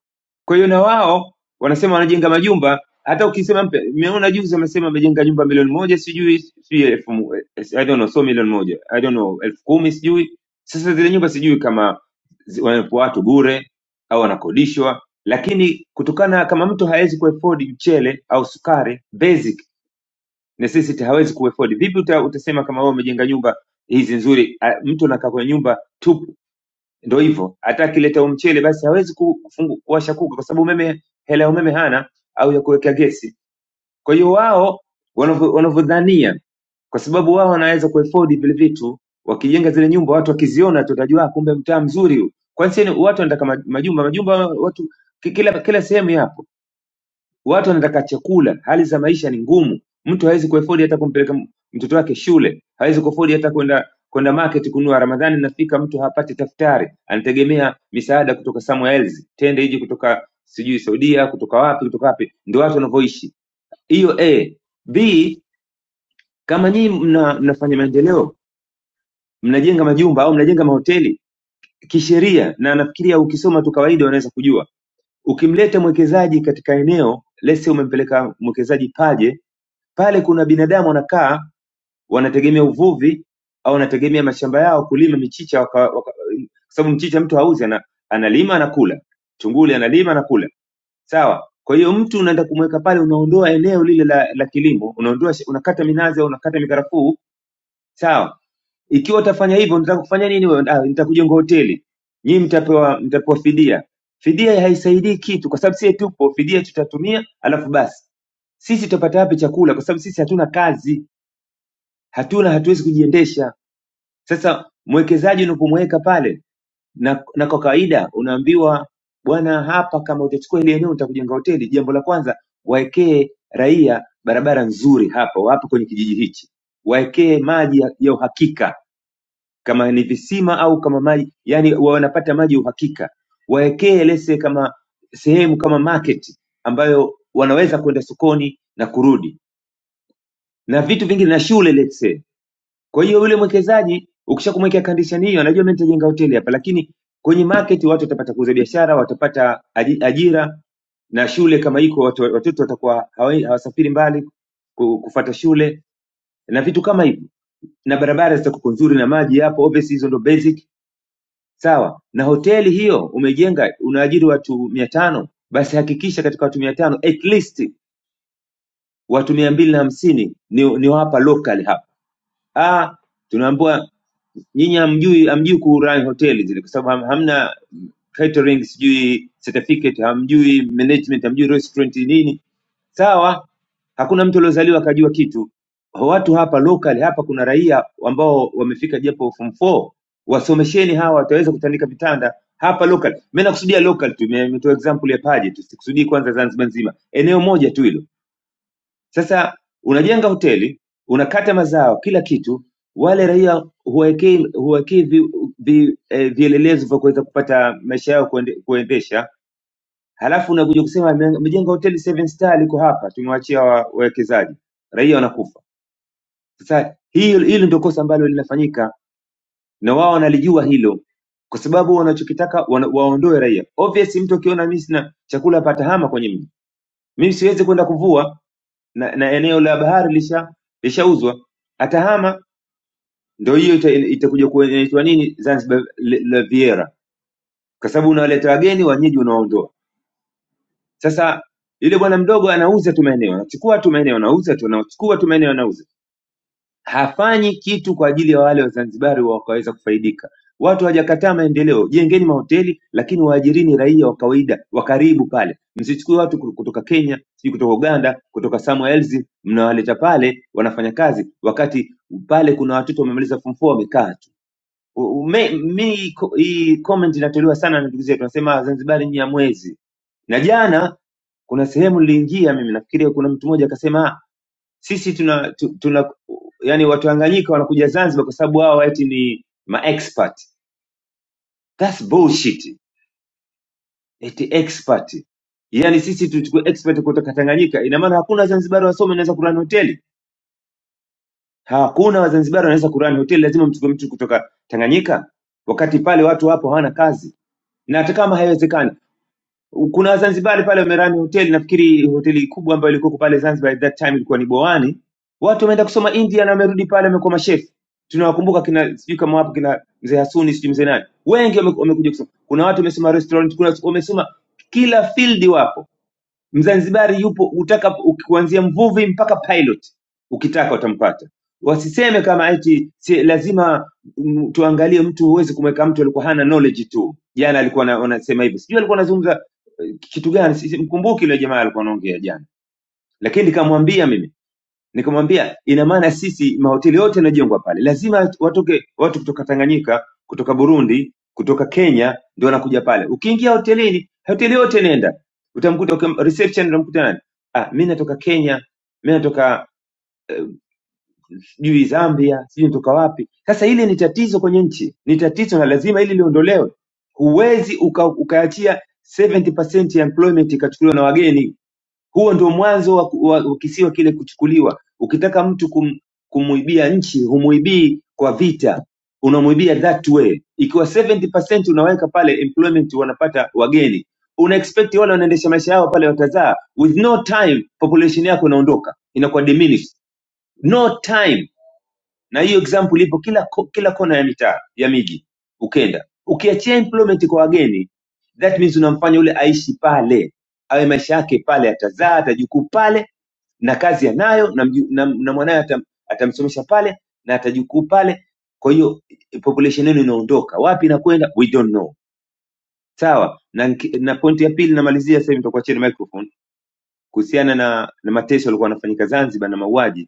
Kwa hiyo na wao wanasema wanajenga majumba, hata ukisema mpe- nimeona juzi wamesema wamejenga jumba milioni moja sijui sijui elfu mo- I don't know, so milioni moja I don't know, elfu kumi sijui. Sasa zile nyumba sijui kama zi- wanapo watu bure au wanakodishwa, lakini kutokana kama mtu hawezi kuafford mchele au sukari basic necessity hawezi kuafford, vipi uta, utasema kama wewe umejenga nyumba hizi nzuri, ah, mtu anakaa kwenye nyumba tupu ndio hivyo, hata akileta umchele basi hawezi ku- kufungu- kuwasha kuka kwa sababu umeme, hela ya umeme hana au ya kuweka gesi. Kwa hiyo wao wanavyo- wanavyodhania, kwa sababu wao wanaweza kuafford vile vitu, wakijenga zile nyumba, watu wakiziona tutajua "Ah, kumbe mtaa mzuri huu. Kwanza watu wanataka ma- majumba, majumba watu ki- kila kila sehemu yapo Watu wanataka chakula, hali za maisha ni ngumu, mtu hawezi kuafodi hata kumpeleka m- mtoto wake shule, hawezi kuafodi hata kwenda kwenda market kununua. Ramadhani inafika, mtu hapati daftari, anategemea misaada kutoka somewhere else, tende ije kutoka sijui Saudia, kutoka wapi, kutoka wapi. Ndio watu wanavyoishi. Hiyo A. B, kama nyinyi mna, mnafanya maendeleo, mnajenga majumba au mnajenga mahoteli kisheria, na nafikiria ukisoma tu kawaida unaweza kujua ukimleta mwekezaji katika eneo lese umempeleka mwekezaji paje Pale kuna binadamu wanakaa wanategemea uvuvi au wanategemea mashamba yao kulima michicha waka, waka, kwa sababu mchicha mtu hauzi ana, analima anakula, chunguli analima anakula, sawa. Kwa hiyo mtu unaenda kumweka pale, unaondoa eneo lile la, la kilimo, unaondoa sh- unakata minazi au unakata mikarafuu, sawa. Ikiwa utafanya hivyo, nitaka kufanya nini wewe? Ah, nitakujenga hoteli. Nyinyi mtapewa mtapewa fidia. Fidia haisaidii kitu, kwa sababu sie tupo, fidia tutatumia, alafu basi sisi tutapata wapi chakula? Kwa sababu sisi hatuna kazi hatuna hatuwezi kujiendesha sasa mwekezaji unapomweka pale na, na kwa kawaida unaambiwa bwana hapa kama utachukua hili eneo utakujenga hoteli jambo la kwanza waekee raia barabara nzuri hapa wapo kwenye kijiji hichi waekee maji ya, ya uhakika kama ni visima au kama maji yani wa- wanapata maji ya uhakika waekee lese kama sehemu kama market ambayo wanaweza kwenda sokoni na kurudi na vitu vingine na shule let's say Kwa hiyo yule mwekezaji ukisha kumwekea condition hiyo, anajua mimi nitajenga hoteli hapa, lakini kwenye market watu watapata kuuza biashara, watapata aji- ajira na shule kama iko, watu, watoto watakuwa hawa- hawasafiri mbali ku- kufata shule na vitu kama hivyo, na barabara zitakuwa nzuri na maji yapo. Obviously hizo ndo basic, sawa. Na hoteli hiyo umejenga, unaajiri watu mia tano, basi hakikisha katika watu mia tano at least watu mia mbili na hamsini ni, ni wapa local hapa ah, tunaambiwa nyinyi hamjui hamjui ku run hoteli zile kwa sababu ham- hamna catering sijui certificate hamjui management hamjui restaurant nini sawa hakuna mtu aliozaliwa akajua kitu watu hapa local hapa kuna raia ambao wamefika japo form 4 wasomesheni hawa wataweza kutandika vitanda hapa local mimi nakusudia local tu nimetoa example ya Paje tu sikusudii kwanza Zanzibar nzima eneo moja tu hilo sasa unajenga hoteli, unakata mazao, kila kitu, wale raia huwekei huwekei vi, vi, eh, vielelezo vya kuweza kupata maisha yao kuende, kuendesha, halafu unakuja kusema "Ame- amejenga hoteli seven star liko hapa, tumewachia wa- wawekezaji, raia wanakufa. Sasa hili hili ndio kosa ambalo linafanyika na wao wanalijua hilo, kwa sababu wanachokitaka wana, waondoe raia. Obvious, mtu akiona mimi sina chakula patahama kwenye mji, mimi siwezi kwenda kuvua na, na eneo la bahari lisha lishauzwa, atahama, ndio hiyo ita- itakuja kuitwa nini Zanzibar le- Riviera, kwa sababu unawaleta wageni, wenyeji unaondoa. Sasa yule bwana mdogo anauza tu maeneo, anachukua tu maeneo, anauza tu, anachukua tu maeneo, anauza hafanyi kitu kwa ajili ya wale Wazanzibari wakaweza kufaidika. Watu hawajakataa maendeleo, jengeni mahoteli, lakini waajirini raia wa kawaida wa karibu pale. Msichukue watu ku- kutoka Kenya, sijui kutoka Uganda, kutoka somewhere else, mnawaleta pale wanafanya kazi, wakati pale kuna watoto wamemaliza form 4 wamekaa tu. U- u- me- Mi ko- hii comment inatolewa sana na ndugu zetu, tunasema Wazanzibari ni ya mwezi. Na jana kuna sehemu niliingia mimi, nafikiria kuna mtu mmoja akasema sisi tuna, tu- tuna yani watu Tanganyika wanakuja Zanzibar kwa sababu wao eti ni maexpert. That's bullshit. Eti expert. Yaani sisi tuchukue expert kutoka Tanganyika, ina maana hakuna Wazanzibari wasomi wanaweza kurani hoteli. Hakuna Wazanzibari wanaweza kurani hoteli, lazima mchukue mtu kutoka Tanganyika, wakati pale watu wapo hawana kazi, na hata kama haiwezekani kuna wazanzibari pale wamerani hoteli nafikiri hoteli kubwa ambayo ilikuwa pale zanzibar at that time ilikuwa ni bowani watu wameenda kusoma india na wamerudi pale wamekuwa mashefu tunawakumbuka kina sijui kama wapo kina mzee hasuni sijui mzee nani wengi wame- wamekuja kusoma kuna watu wamesoma restaurant kuna wamesoma kila field wapo Mzanzibari yupo utaka kuanzia mvuvi mpaka pilot, ukitaka utampata. Wasiseme kama eti si, lazima mm, tuangalie mtu, huwezi kumweka mtu alikuwa hana knowledge tu. Jana alikuwa na- anasema hivyo, sijui alikuwa anazungumza eh, kitu gani, si- si- mkumbuki yule jamaa alikuwa anaongea jana, lakini nikamwambia mimi Nikamwambia ina maana sisi mahoteli yote yanajengwa pale, lazima watoke watu kutoka Tanganyika, kutoka Burundi, kutoka Kenya ndio wanakuja pale. Ukiingia hotelini, hoteli yote nenda, utamkuta ukim, reception utamkuta nani? Ah, mimi natoka Kenya, mimi natoka eh, sijui uh, Zambia, sijui natoka wapi. Sasa hili ni tatizo kwenye nchi, ni tatizo na lazima hili liondolewe. Huwezi uka, ukaachia 70% ya employment ikachukuliwa na wageni huo ndio mwanzo wa, wa, wa kisiwa kile kuchukuliwa. Ukitaka mtu kum, kumuibia nchi, humuibii kwa vita, unamuibia that way. Ikiwa 70% unaweka pale employment, wanapata wageni, una expect wale wanaendesha maisha yao pale watazaa, with no time population yako inaondoka, inakuwa diminished, no time na hiyo example ipo kila ko- kila kona ya mitaa ya miji ukenda ukiachia employment kwa wageni that means unamfanya yule aishi pale awe maisha yake pale atazaa atajukuu pale na kazi anayo na, mju- na, na mwanawe atam, atamsomesha pale na atajukuu pale kwa hiyo eh, population yenu inaondoka wapi inakwenda we don't know sawa na, nki- na point ya pili namalizia sasa hivi nitakuachia na microphone kuhusiana na, na mateso yalikuwa yanafanyika zanzibar na mauaji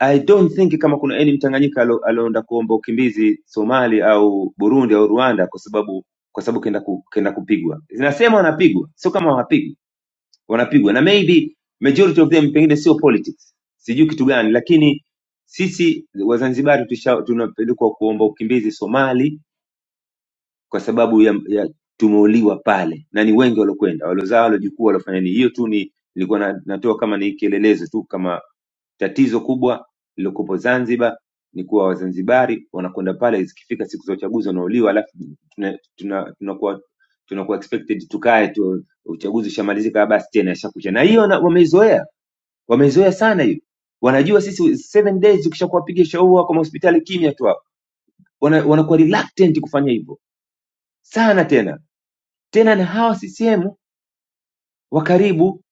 I don't think kama kuna any Mtanganyika alo- alioenda kuomba ukimbizi Somali au Burundi au Rwanda kwa sababu kwa sababu kenda ku, kenda kupigwa. Zinasema wanapigwa, sio kama hawapigwi, wanapigwa na maybe majority of them pengine sio politics, sijui kitu gani, lakini sisi Wazanzibari tusha- tunapelekwa kuomba ukimbizi Somali kwa sababu ya, ya tumeuliwa pale na ni wengi waliokwenda waliozaa waliojukuu waliofanya nini hiyo tu ni nilikuwa na, natoa kama ni kielelezo tu kama tatizo kubwa lilokuwepo zanzibar ni kuwa wazanzibari wanakwenda pale zikifika siku za uchaguzi wanauliwa alafu tunakuwa tuna, tunakuwa tunakuwa expected tukae tu uchaguzi ushamalizika basi tena ashakucha na hiyo na- wameizoea wameizoea sana hiyo wanajua sisi seven days ukishakuwapiga shauri wako mahospitali kimya tu hapo Wana- wanakuwa reluctant kufanya hivyo sana tena tena na hawa CCM wa karibu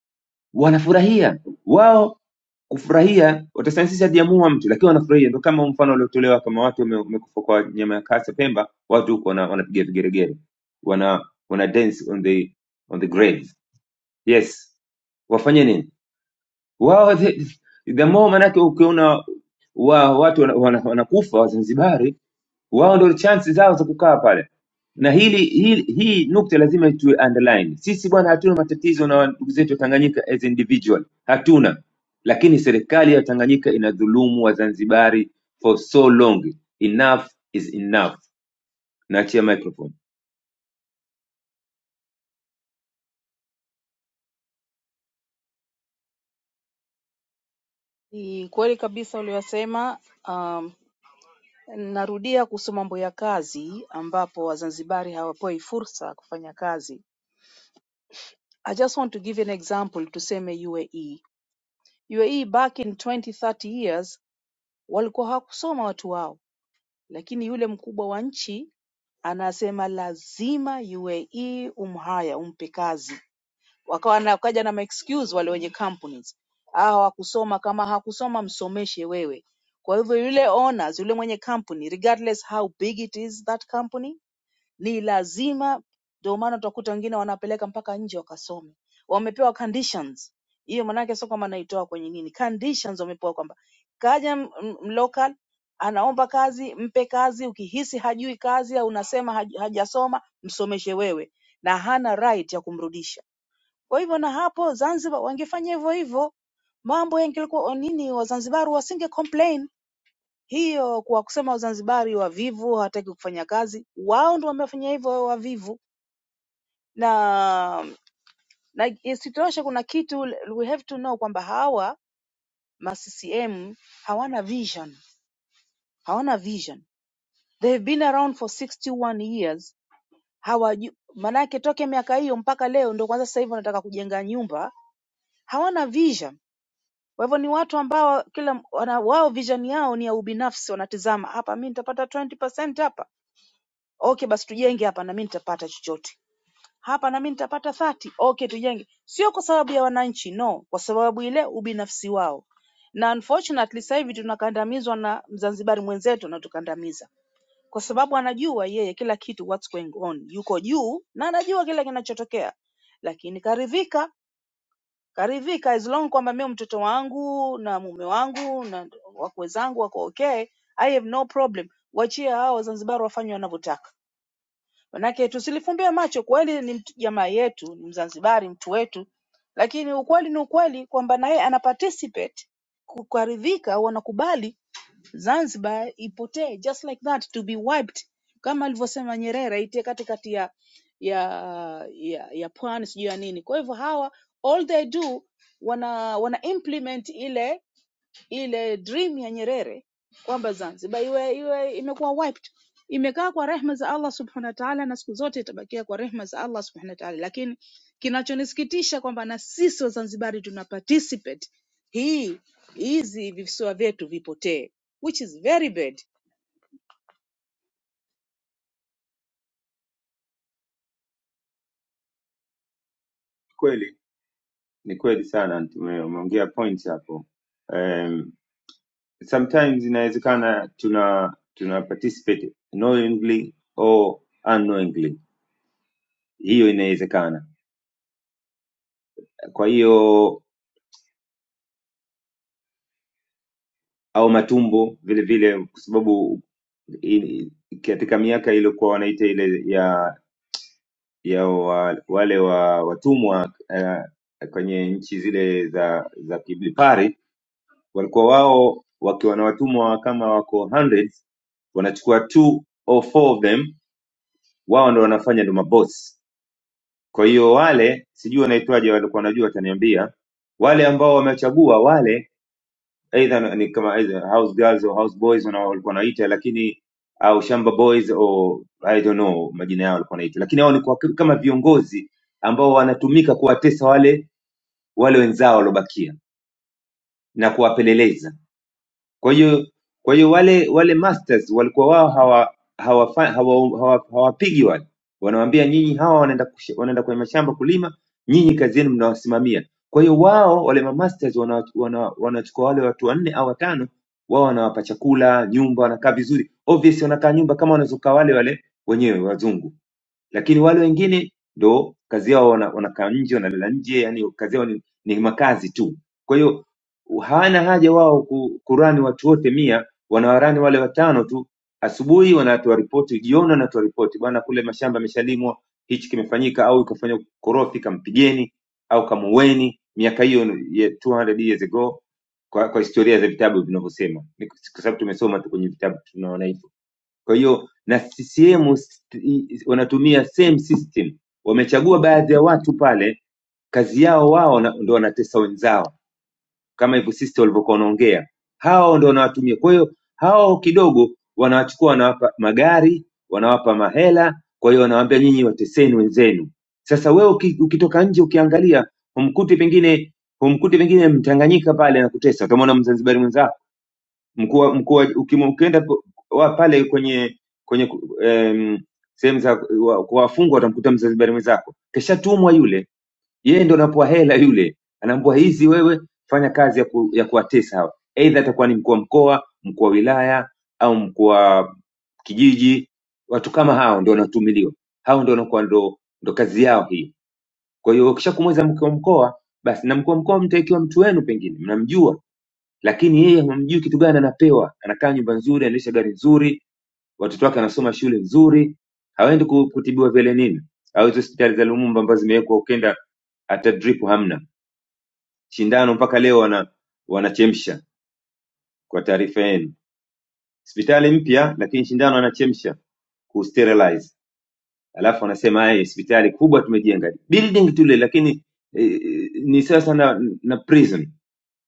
wanafurahia. Wao kufurahia watasema sisi hatujamuua mtu, lakini wanafurahia. Ndio kama mfano uliotolewa kama watu wame- wamekufa kwa nyama ya kasa Pemba, watu huko wana- wanapiga vigeregere, wana wana dance on the on the graves. Yes, wafanye nini wao? The, the more manake ukiona wa, watu wanakufa wana, wana wanakufa Wazanzibari wao ndio chansi zao za kukaa pale na hili, hili hii nukta lazima tuwe underline sisi bwana hatuna matatizo na ndugu zetu wa tanganyika as individual hatuna lakini serikali ya tanganyika inadhulumu wazanzibari for so long enough is enough naachia microphone
Ni kweli kabisa uliyosema. Um, narudia kuhusu mambo ya kazi ambapo Wazanzibari hawapewi fursa ya kufanya kazi. I just want to give an example, tuseme UAE. UAE back in 20 30 years walikuwa hawakusoma watu wao, lakini yule mkubwa wa nchi anasema lazima UAE umhaya umpe kazi wakawa na wakaja na maexcuse wale wenye companies, ah, hawakusoma. Kama hakusoma msomeshe wewe. Kwa hivyo yule owners, yule mwenye company, regardless how big it is that company, ni lazima. Ndio maana utakuta wengine wanapeleka mpaka nje wakasome, wamepewa conditions. Hiyo maanake sio kama naitoa kwenye nini, conditions wamepewa kwamba kaja m- m- mlocal anaomba kazi, mpe kazi. Ukihisi hajui kazi au unasema haj- hajasoma, msomeshe wewe, na hana right ya kumrudisha kwa hivyo na hapo Zanzibar wangefanya hivyo hivyo, mambo yangelikuwa nini, Wazanzibari wasinge complain hiyo kwa kusema Wazanzibari wavivu hawataki kufanya kazi. Wao ndio wamefanya hivyo wao wavivu, na na isitoshe, kuna kitu we have to know kwamba hawa ma CCM hawana vision, hawana vision. They have been around for 61 years. Hawaju, maanake toke miaka hiyo mpaka leo ndio kwanza sasa hivi wanataka kujenga nyumba, hawana vision Kwa hivyo ni watu ambao kila wana, wao vision yao ni ya ubinafsi, wanatizama hapa, mimi nitapata 20% hapa, okay, basi tujenge hapa na mimi nitapata chochote hapa, na mimi nitapata 30, okay, tujenge. Sio kwa sababu ya wananchi, no, kwa sababu ile ubinafsi wao. Na unfortunately sasa hivi tunakandamizwa na Mzanzibari mwenzetu anatukandamiza kwa sababu anajua yeye kila kitu what's going on, yuko juu na anajua kila kinachotokea, lakini karidhika karidhika as long kwamba mimi mtoto wangu na mume wangu na wakwe zangu wako okay, I have no problem. Wachie hao Wazanzibari wafanye wanavyotaka, manake tusilifumbie macho. Kweli ni mtu- jamaa yetu, ni Mzanzibari, mtu wetu, lakini ukweli ni ukweli kwamba na yeye ana participate kukaridhika au anakubali Zanzibar ipotee just like that to be wiped kama alivyosema Nyerere itie katikati ya ya ya, ya pwani sijui ya nini. Kwa hivyo hawa all they do wana wana implement ile ile dream ya Nyerere kwamba Zanzibar iwe, iwe imekuwa wiped imekaa kwa rehma za Allah subhanahu wa ta'ala, na siku zote itabakia kwa rehma za Allah subhanahu wa ta'ala. Lakini kinachonisikitisha kwamba na sisi Wazanzibari tuna participate hii hizi visiwa vyetu vipotee, which is very bad.
Kweli ni kweli sana, tume- umeongea point hapo. Um, sometimes inawezekana tuna tuna participate knowingly or unknowingly, hiyo inawezekana kwa hiyo au matumbo vile vile kwa sababu i- i- katika miaka iliyokuwa wanaita ile ya ya wa, wale wa watumwa eh, kwenye nchi zile za za kibepari walikuwa wao wakiwa na watumwa kama wako hundreds wanachukua two or four of them wao ndo wanafanya ndo mabosi kwa hiyo wale sijui wanaitwaje walikuwa wanajua wataniambia wale ambao wamechagua wale aidha ni kama aidha house girls au house boys wana- walikuwa wanaita lakini au shamba boys au i don't know majina yao walikuwa wanaita lakini hao ni kwa, kama viongozi ambao wanatumika kuwatesa wale wale wenzao waliobakia na kuwapeleleza kwa hiyo kwa hiyo wale wale masters walikuwa wao hawa hawafa- hawa- hawa- hawapigi wale, wanawaambia nyinyi hawa wanaenda kush- wanaenda kwenye mashamba kulima, nyinyi kazi yenu mnawasimamia. Kwa hiyo wao wale ma masters wana- wana- wanachukua wale watu wanne au watano, wao wanawapa chakula, nyumba, wanakaa vizuri. Obviously wanakaa nyumba kama wanazokaa wale wale wenyewe wazungu lakini wale wengine ndo kazi yao wana- wanakaa nje wanalala nje yani kazi yao ni, ni makazi tu kwa hiyo hawana haja wao ku- kurani watu wote mia wanawarani wale watano tu asubuhi wanatoa ripoti jioni wanatoa ripoti bwana kule mashamba yameshalimwa hichi kimefanyika au ikafanya korofi kampigeni au kamuweni miaka hiyo ya 200 years ago kwa, kwa historia za vitabu vinavyosema Ni kwa sababu tumesoma tu kwenye vitabu tunaona hivyo kwa hiyo na CCM sti- wanatumia same system, wamechagua baadhi ya watu pale, kazi yao wao na- ndo wanatesa wenzao, kama hivyo sisi walivyokuwa wanaongea, hao ndo wanawatumia. Kwa hiyo hao kidogo wanawachukua, wanawapa magari, wanawapa mahela, kwa hiyo wanawaambia nyinyi wateseni wenzenu. Sasa wewe uki- ukitoka nje ukiangalia, humkuti pengine humkuti pengine Mtanganyika pale anakutesa, utamwona Mzanzibari mwenzako mkuu wa- mkuu wa- ukim- ukienda po- wa- pale kwenye kwenye ku- em, sehemu za wa- kwa wafungwa utamkuta mzanzibari mwenzako keshatumwa yule yeye ndo anapoa hela yule anaambua hizi wewe fanya kazi ya, ku, ya kuwatesa hawa eidha atakuwa ni mkuu wa mkoa mkuu wa wilaya au mkuu wa kijiji watu kama hao ndo wanatumiliwa hao ndo wanakuwa ndo, ndo kazi yao hii kwa hiyo ukishakumweza mkuu wa mkoa basi, na mkuu wa mkoa mtu ikiwa mtu wenu, pengine mnamjua, lakini yeye hamjui kitu gani anapewa. Anakaa nyumba nzuri, anaendesha gari nzuri, watoto wake anasoma shule nzuri, hawaendi ku- kutibiwa vile nini, au hizo hospitali za Lumumba ambazo zimewekwa ukenda hata drip hamna shindano mpaka leo wana wanachemsha kwa taarifa yenu hospitali mpya lakini shindano anachemsha kusterilize alafu anasema "Eh, hospitali kubwa tumejenga building tule lakini eh, ni sawa sana na prison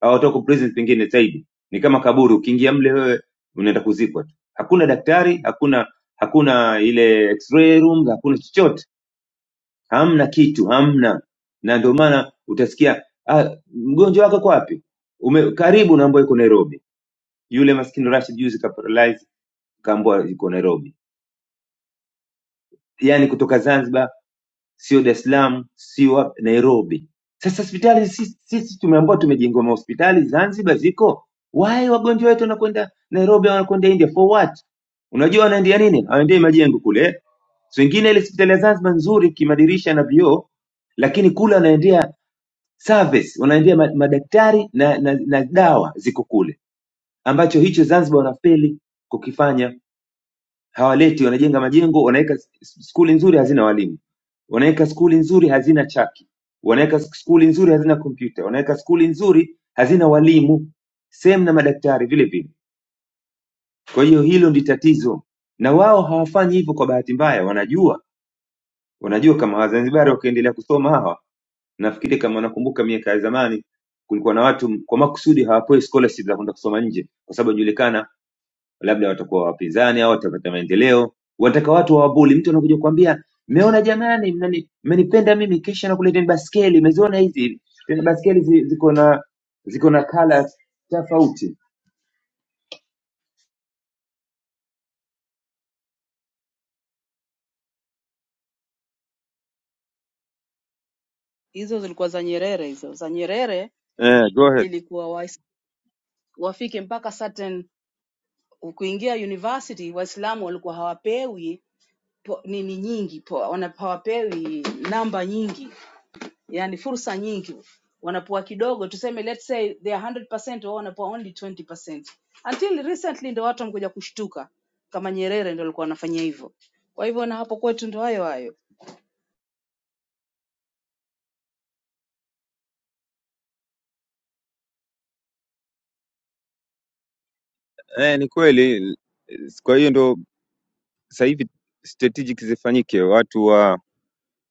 au toko prison pengine zaidi ni kama kaburi ukiingia mle wewe unaenda kuzikwa tu hakuna daktari hakuna hakuna ile x-ray room hakuna chochote hamna kitu hamna na ndio maana utasikia ah, mgonjwa wako uko wapi Ume, karibu naambua yuko Nairobi yule maskini Rashid juzi kaparalyze kaambua yuko Nairobi yani kutoka Zanzibar sio Dar es Salaam, sio hapa Nairobi. Sasa hospitali sisi, sisi tumeambiwa tumejengwa mahospitali Zanzibar ziko. Why wagonjwa wetu wanakwenda Nairobi wanakwenda India for what? Unajua wanaendea nini? Hawaendei majengo kule. So wengine ile hospitali ya Zanzibar nzuri kimadirisha na vioo, lakini kule wanaendea service, wanaendea ma- madaktari na, na, na dawa ziko kule, ambacho hicho Zanzibar wanafeli kukifanya hawaleti, wanajenga majengo, wanaweka s- skuli nzuri hazina walimu, wanaweka skuli nzuri hazina chaki, wanaweka s- skuli nzuri hazina kompyuta, wanaweka skuli nzuri hazina walimu, same na madaktari vile vile. Kwa hiyo hilo ndi tatizo, na wao hawafanyi hivyo kwa bahati mbaya, wanajua wanajua kama Wazanzibari wakiendelea kusoma hawa, nafikiri kama wanakumbuka miaka ya zamani kulikuwa na watu kwa makusudi hawapewi scholarship za kwenda kusoma nje, kwa sababu inajulikana labda watakuwa wapinzani au watapata maendeleo, wataka watu wawabuli. Mtu anakuja kukwambia mmeona jamani, mnani- mmenipenda mimi, kesha nakuleteni baskeli, mmeziona hizi tena baskeli zi- ziko na ziko na kala tofauti.
Hizo zilikuwa za Nyerere, hizo za Nyerere
Eh, go ahead.
ilikuwa wa, wafike mpaka certain kuingia university Waislamu walikuwa hawapewi po, nini nyingi po, wanapo- hawapewi namba nyingi yani fursa nyingi wanapoa kidogo tuseme let's say they are 100% wao wanapoa only 20% until recently ndio watu wamekuja kushtuka kama Nyerere ndio alikuwa anafanya hivyo kwa hivyo na hapo kwetu ndio hayo hayo
Eh, ni kweli. Kwa hiyo ndo sasa hivi strategic zifanyike, watu wa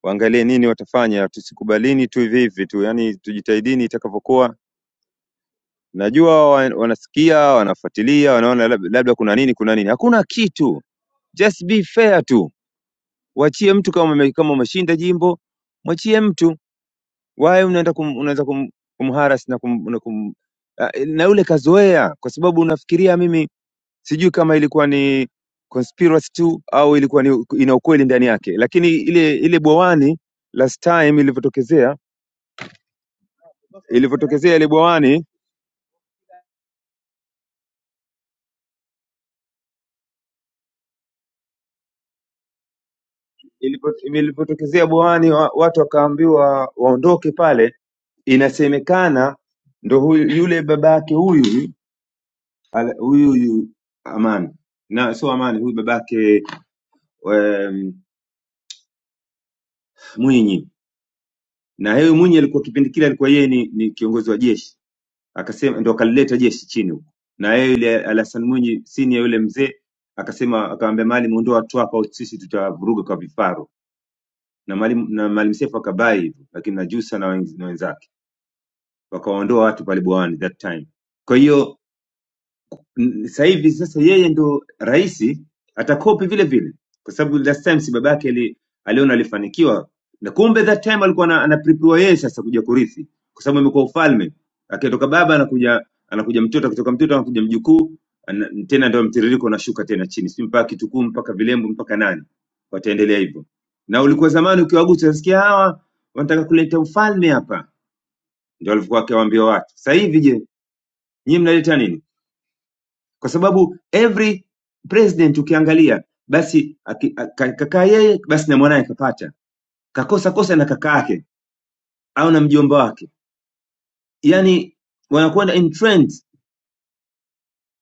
waangalie nini watafanya, tusikubalini tu hivi hivi tu, yani tujitahidini itakavyokuwa. Najua wa- wanasikia, wanafuatilia, wanaona lab- labda kuna nini, kuna nini. Hakuna kitu. Just be fair tu, wachie mtu kama ame- kama umeshinda jimbo, mwachie mtu. Why unaenda kum, unaanza kum, kumharas na kum, na, kum, Ah, na yule kazoea, kwa sababu unafikiria mimi sijui kama ilikuwa ni conspiracy tu au ilikuwa ni ina ukweli ndani yake, lakini ile ile bwawani last time ilivyotokezea ilivyotokezea ile bwawani ilipo- ilivyotokezea bwawani wa, watu wakaambiwa waondoke pale, inasemekana ndo huyu, yule babake huyu Ala- huyu huyu Amani na sio Amani, huyu babake um, Mwinyi na huyu Mwinyi alikuwa kipindi kile alikuwa yeye ni, ni kiongozi wa jeshi, akasema ndo akalileta jeshi chini huko, na yeye yule Alhasan Mwinyi sini ya yule mzee akasema, akamwambia Maalim, ondoa watu hapa, au sisi tutavuruga kwa vifaru, na Maalim na Maalim Seif akabai hivyo, lakini na Jussa na wenz- na wenzake wakawaondoa watu pale Bwawani that time. Kwa hiyo N- sasa hivi sasa yeye ndo rais atakopi vile vile kwa sababu last time si babake ali, aliona alifanikiwa na kumbe that time alikuwa ana- anaprepare yeye sasa kuja kurithi kwa sababu imekuwa ufalme akitoka baba anakuja anakuja mtoto akitoka mtoto anakuja mjukuu ana- tena ndio mtiririko unashuka tena chini si mpaka kitukuu mpaka vilembo mpaka nani wataendelea hivyo na ulikuwa zamani ukiwagusa nasikia hawa wanataka kuleta ufalme hapa ndio alivyokuwa akiwaambia watu sasa hivi je nyinyi mnaleta nini kwa sababu every president ukiangalia basi aki- a- ka- kakaa yeye basi na mwanaye kapata kakosa kosa na kaka yake au na mjomba wake yani wanakwenda in trend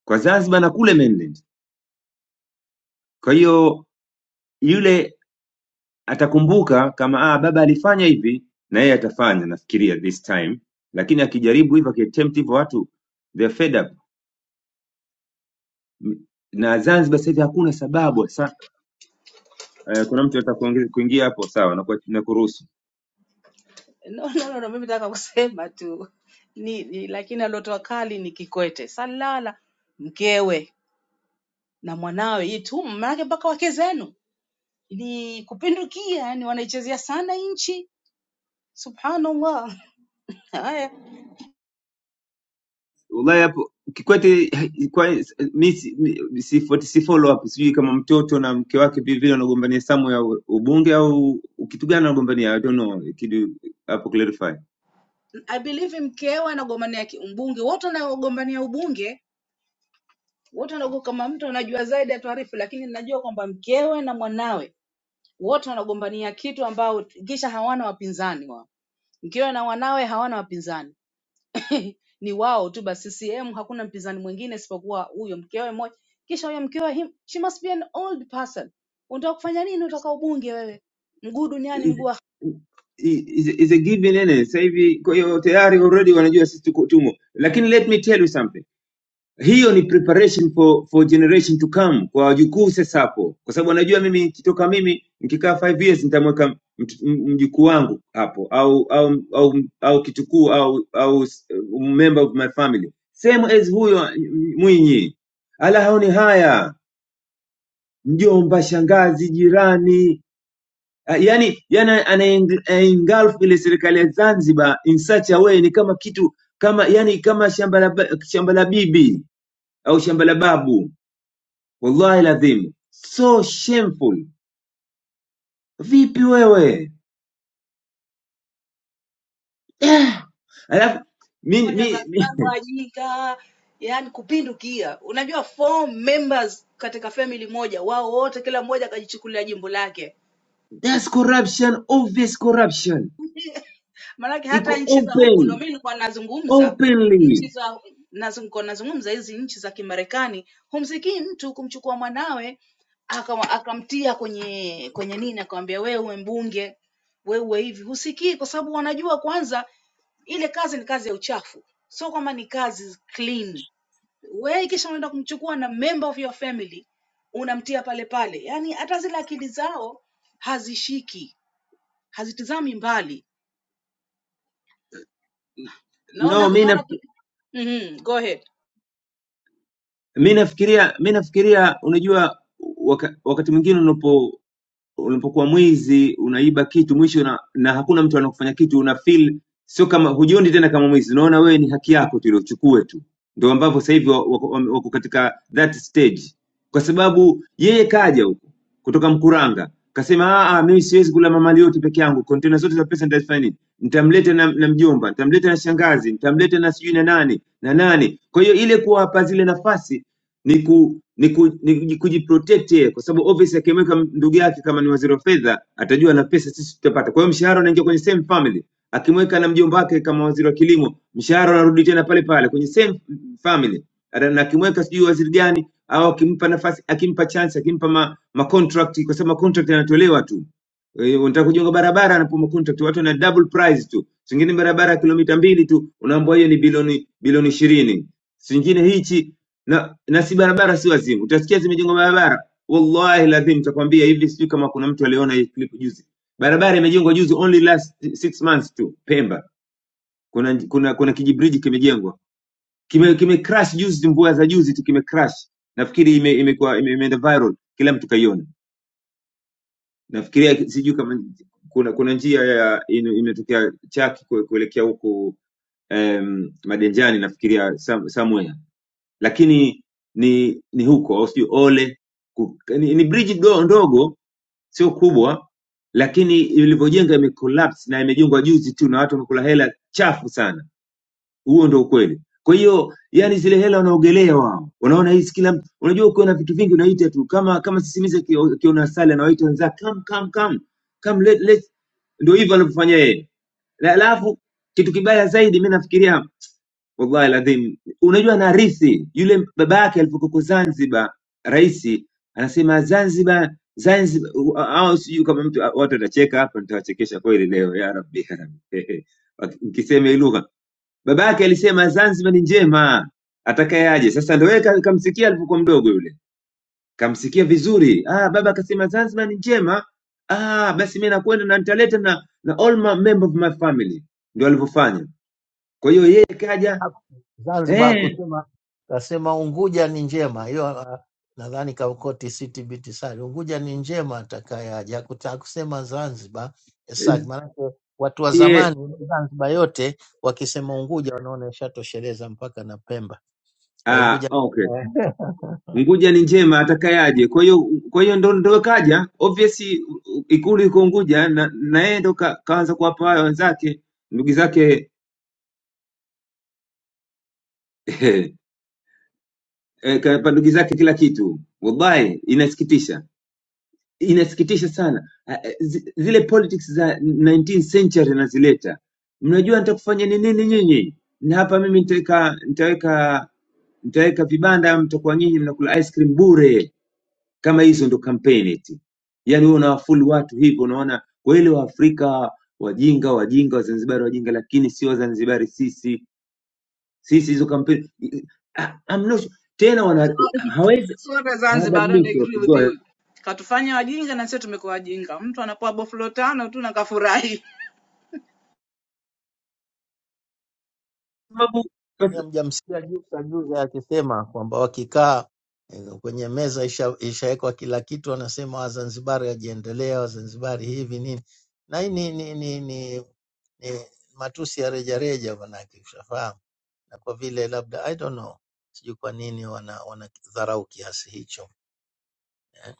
kwa zanzibar na kule mainland kwa hiyo yule atakumbuka kama ah, baba alifanya hivi na yeye atafanya nafikiria this time lakini akijaribu hivyo akitempt hivyo watu they're fed up M- na zanzibar sasa hivi hakuna sababu sa, eh, kuna mtu atakuingia kuingia hapo sawa na, na kuruhusu
no, no, no, no mimi nataka kusema tu ni, ni lakini aliotoa kali ni Kikwete Salala mkewe na mwanawe hii tu maanake mpaka wake zenu ni kupindukia yani wanaichezea sana nchi subhanallah Haya,
Ulaya hapo Kikwete kwa mi si, mi- si, si follow up sijui kama mtoto na mke wake vile vile wanagombania samu ya ubunge au kitu gani wanagombania I don't know kidu hapo clarify
I believe mkewe anagombania ki- ubunge, wote wanaogombania ubunge wote wanago, kama mtu anajua zaidi atuarifu, lakini najua kwamba mkewe na mwanawe wote wanagombania kitu ambao kisha hawana wapinzani wao. Mkewe na wanawe hawana wapinzani ni wao tu basi. CCM hakuna mpinzani mwingine isipokuwa huyo mkewe mmoja, kisha huyo mkewe him, she must be an old person. Unataka kufanya nini? Unataka ubunge wewe? Mguu duniani
is,
mguu
is, is a given yani sasa hivi kwa hiyo tayari already wanajua sisi tuko tumo lakini let me tell you something hiyo ni preparation for, for generation to come kwa wajukuu sasa hapo kwa sababu anajua mimi nikitoka mimi nikikaa 5 years nitamweka mt- m- mjukuu wangu hapo au au au, au kitukuu au au s- member of my family same as huyo m- mwinyi ala haoni haya mjomba shangazi jirani Ah, yani yani ana- anaengulf ile serikali ya Zanzibar in such a way ni kama kitu kama yani kama shamba la ba- shamba la bibi au shamba la babu wallahi ladhim so shameful vipi wewe yeah. alafu mi,
fanya za
mi, mi,
Wajika, yani kupindukia. Unajua four members katika family moja, wao wote, kila mmoja akajichukulia jimbo lake.
that's corruption obvious corruption
Maanake hata
iko
nchi za huku, ndo
open
mimi nilikuwa nazungumza
openly
nchi za nazunguko nazungumza hizi nchi za Kimarekani, humsikii mtu kumchukua mwanawe aka- akamtia kwenye kwenye nini, akamwambia wewe uwe mbunge, wewe uwe hivi, husikii kwa sababu wanajua kwanza ile kazi ni kazi ya uchafu, sio kwamba ni kazi clean wewe kisha unaenda kumchukua na member of your family unamtia pale pale, yaani hata zile akili zao hazishiki, hazitizami mbali. Naona
no mi
naona tu-
naf-
mm go ahead.
mi nafikiria mi nafikiria unajua waka, wakati mwingine unapo unapokuwa mwizi unaiba kitu mwisho na, na hakuna mtu anakufanya kitu una feel sio kama hujioni tena kama mwizi unaona wewe ni haki yako tu ile uchukue tu ndio ambavyo sasa hivi wa- wako wame- wako katika that stage kwa sababu yeye kaja huko kutoka mkuranga kasema "Ah, ah, mimi siwezi kula mamali yote peke yangu kontena zote za pesa nitazifanya nini nitamleta na, na mjomba nitamleta na shangazi nitamleta na sijui na nani na nani kwa hiyo ile kuwapa zile nafasi ni ku ni, ku, ni, kuji- kujiprotect yeye kwa sababu obviously akimweka ndugu yake kama ni waziri wa fedha atajua na pesa sisi tutapata. Kwa hiyo mshahara unaingia kwenye same family. Akimweka na mjomba wake kama waziri wa kilimo, mshahara unarudi tena pale pale kwenye same family. Ata- Na akimweka sijui waziri gani au akimpa nafasi, akimpa chance, akimpa ma, ma contract kwa sababu ma contract yanatolewa tu. Eh, unataka kujenga barabara anapoma contract watu na double price tu. Singine barabara ya kilomita mbili tu unaambiwa hiyo ni bilioni bilioni ishirini. Singine hichi na, na si barabara si wazimu. Utasikia zimejengwa barabara, wallahi lazim nitakwambia hivi. Sijui kama kuna mtu aliona hii clip juzi, barabara imejengwa juzi, only last six months tu. Pemba kuna kuna kuna kijibridge kimejengwa, kime, kime crash juzi, mvua za juzi tu kime crash. Nafikiri ime, imekuwa ime, imeenda viral, kila mtu kaiona. Nafikiria sijui kama kuna kuna njia ya ino- imetokea Chaki kue- kuelekea huku um, Madenjani, nafikiria some- somewhere lakini ni ni huko au sio ole ku, ni, ni bridge do, ndogo sio kubwa lakini ilivyojenga imecollapse na imejengwa juzi tu na watu wamekula hela chafu sana huo ndio ukweli kwa hiyo yani zile hela wanaogelea wao unaona hizi kila mtu- unajua ukiwa na vitu vingi unaita tu kama kama sisimize kiona sale anawaita wenzake come come come come let, let ndio hivyo anavyofanya yeye Na- alafu kitu kibaya zaidi mimi nafikiria wallahi ladhim. Unajua narithi yule baba yake alipokuwa Zanzibar, rais anasema Zanzibar Zanzibar, u- au sijui kama mtu watu watacheka hapa, nitawachekesha kweli leo, ya rabbi ya rabbi, mkisema hii lugha. Baba yake alisema Zanzibar ni njema, atakayeaje sasa. Ndio yeye ka- kamsikia alipokuwa mdogo yule, kamsikia vizuri. Ah, baba akasema Zanzibar ni njema. Ah, basi mimi nakwenda na nitaleta na, na all my member of my family, ndio alivyofanya. Kwa hiyo yeye kaja
Zanzibar
eh
kusema kasema Unguja ni njema hiyo. ah, Nadhani Kaukoti CTBT sari Unguja ni njema, atakayaja kutaka kusema Zanzibar eh, sari. Maanake watu wa
ye
zamani Zanzibar yote wakisema Unguja wanaona ishatosheleza mpaka na Pemba. Kwa hiyo
ah,
Unguja
okay Unguja ni njema atakayaje. Kwa hiyo kwa hiyo ndo ndo kaja obviously u- u- ikulu iko Unguja na na yeye ndo ka, kaanza kuwapa hayo wenzake ndugu zake eh, kawapa ndugu zake kila kitu. Wallahi inasikitisha, inasikitisha sana. Ah, eh, zi- Zile politics za 19th century nazileta, mnajua nitakufanya ni nini nyinyi, na hapa mimi nitaweka nitaweka nitaweka vibanda, mtakuwa nyinyi mnakula ice cream bure Kama hizo ndo kampeni eti, yaani wewe unawafulu watu hivyo, unaona wale Waafrika wajinga, wajinga, Wazanzibari wajinga, lakini si Wazanzibari sisi, sisi hizo kampeni Ah, I'm not sure. tena wana hawezi
Sorry Zanzibar, I don't
hawabadiliki
agree with
wakugoa
you. Katufanya wajinga na sio tumekuwa wajinga. Mtu anapoa boflo tano tu na kafurahi.
sababu
Yaani
basi,
Hamjamsikia juza juza akisema kwamba wakikaa eh, kwenye meza isha- ishawekwa kila kitu, anasema Wazanzibari wajiendelea, Wazanzibari hivi nini na hii ni, ni, ni, ni, ni matusi ya rejareja manake, ushafahamu. Na kwa vile labda I don't know, sijui kwa nini wana wanadharau kiasi hicho eh.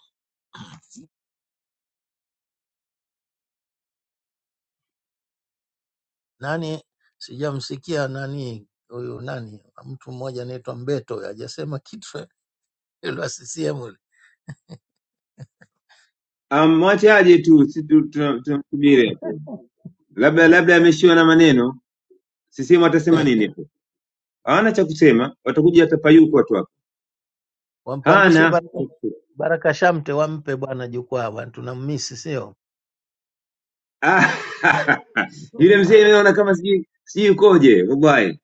Nani sijamsikia nani huyu nani mtu mmoja anaitwa Mbeto hajasema kitu yule wa CCM yule.
amwachaje tu, si tu- tuna- tunamsubiri hapo, labda labda ameshiwa na maneno, sisehemu watasema nini hapo? Hawana cha kusema, watakuja watapayuka watu hapo,
wampandishe
hana
Baraka, Baraka Shamte, wampe bwana jukwaa bwana, tunammisi sio
Ah, yule mzee mimi naona kama sijui sijui ukoje wallahi.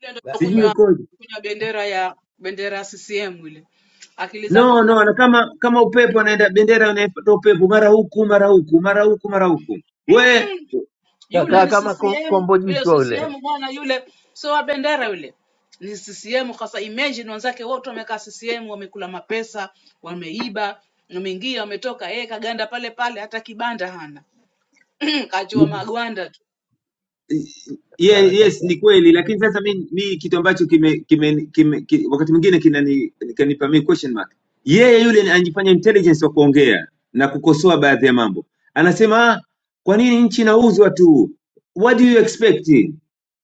Ile ndio
Ba-
Sijui
ba-
kunywa
ukoje.
kunywa bendera ya bendera ya CCM ile. Akili zake
No, no, na
zinamtoka
kama kama upepo anaenda bendera inafuata upepo mara huku mara huku mara huku mara huku. We
yule
kakaa
ni
mm.
kama ko-
CCM
kombo
yule
jichwa yule
CCM bwana yule sio wa bendera yule ni CCM sasa imagine wenzake wote wamekaa CCM wamekula mapesa wameiba wameingia wametoka yeye kaganda pale pale hata kibanda hana kachua magwanda tu.
Ye-
Baraka
yes ni
Shamte.
kweli lakini sasa mi, mi kitu ambacho kime, kime, kime, ki, wakati mwingine kinani- kinanipa mi question mark yeye yule ni- anajifanya intelligence wa kuongea na kukosoa baadhi ya mambo anasema "Ah, kwa nini nchi inauzwa tu what do you expect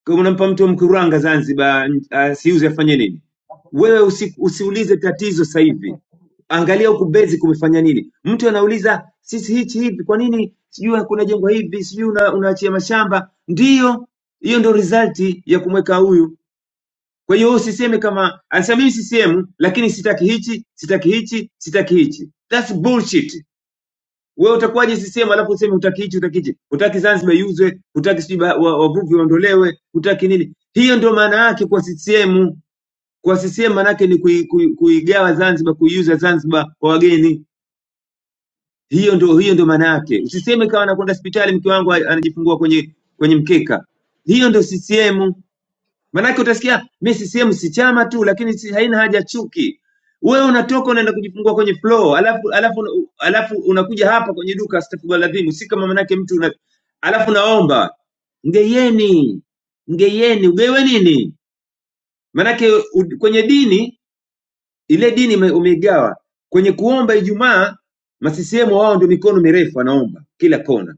kama unampa mtu wa mkuranga zanzibar n- asiuze afanye nini wewe usi, usiulize tatizo sasa hivi Angalia huku Mbezi kumefanya nini. Mtu anauliza sisi hichi hivi, kwa nini sijui kuna jengo hivi, sijui una, unaachia mashamba. Ndiyo, hiyo ndo result ya kumweka huyu. Kwa hiyo usiseme kama anasema mimi CCM lakini sitaki hichi, sitaki hichi, sitaki hichi. That's bullshit. Wewe utakuwaje CCM alafu useme hutaki hichi, hutaki hichi. Hutaki Zanzibar iuzwe, hutaki sijui ba- wa- wavuvi waondolewe, hutaki nini? Hiyo ndio maana yake kwa CCM. Kwa CCM maana yake ni kuigawa kui- kui- kuigawa Zanzibar, kuiuza Zanzibar kwa wageni hiyo ndio hiyo ndio maana yake usiseme kama anakwenda hospitali mke wangu a- anajifungua kwenye kwenye mkeka hiyo ndio ccm maanake utasikia mi ccm si chama tu lakini si, haina haja chuki wewe unatoka unaenda kujifungua kwenye floor alafu alafu alafu unakuja hapa kwenye duka astaghfirullahalazim si kama manake mtu una, alafu naomba mgeyeni mgeyeni ugewe nini manake u- kwenye dini ile dini ume- umeigawa kwenye kuomba Ijumaa, masisiemu wao ndio mikono mirefu anaomba kila kona,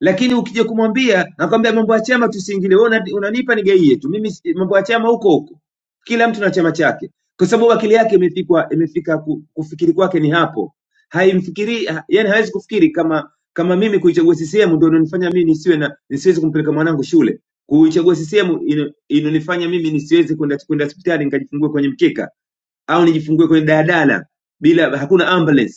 lakini ukija kumwambia anakwambia mambo ya chama tusiingilie. Wewe una- unanipa nigaie tu mimi, si- mambo ya chama huko huko, kila mtu na chama chake, kwa sababu akili yake imefikwa imefika ku, kufikiri kwake ni hapo, haimfikiri ha- yani hawezi kufikiri kama kama mimi kuichagua CCM ndio inanifanya mimi nisiwe na nisiwezi kumpeleka mwanangu shule kuichagua CCM ina- inanifanya mimi nisiweze kwenda kwenda hospitali nikajifungue kwenye mkeka au nijifungue kwenye daladala bila hakuna ambulance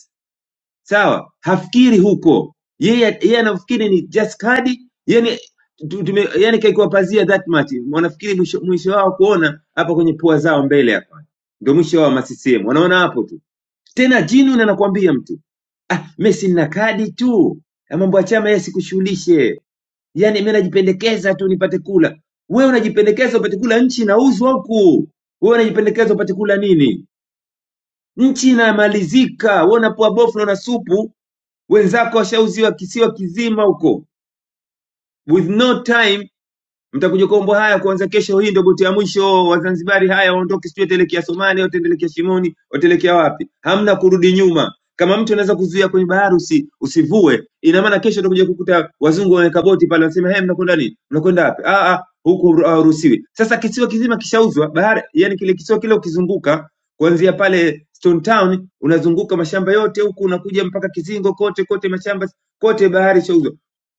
sawa hafikiri huko yeye yeye anafikiri ni just kadi yani tu- tume, yani kaikuwa pazia that much wanafikiri mwisho, mwisho wao kuona hapa kwenye pua zao mbele hapa ndio mwisho wao masisiem wanaona hapo tu tena jinu anakuambia mtu ah, mesi nina kadi tu Na mambo ya chama yeye sikushughulishe yani mimi najipendekeza tu nipate kula. Wewe unajipendekeza upate kula, nchi inauzwa huku. Wewe unajipendekeza upate kula nini? nchi inamalizika. Wewe unapoa bofu na una supu, wenzako washauziwa kisiwa kizima huko, with no time Mtakuja kuomba haya kuanza kesho. Hii ndio boti ya mwisho. Wazanzibari haya waondoke, sijui wataelekea Somali, wataelekea Shimoni, wataelekea wapi? Hamna kurudi nyuma. Kama mtu anaweza kuzuia kwenye bahari usi, usivue, ina maana kesho utakuja kukuta wazungu wameweka boti pale, wanasema hey, mnakwenda nini? Mnakwenda wapi? Ah, ah, huku hawaruhusiwi. Sasa kisiwa kizima kishauzwa bahari, yani kile kisiwa kile ukizunguka kuanzia pale Stone Town unazunguka mashamba yote huku unakuja mpaka Kizingo, kote kote mashamba kote, bahari ishauzwa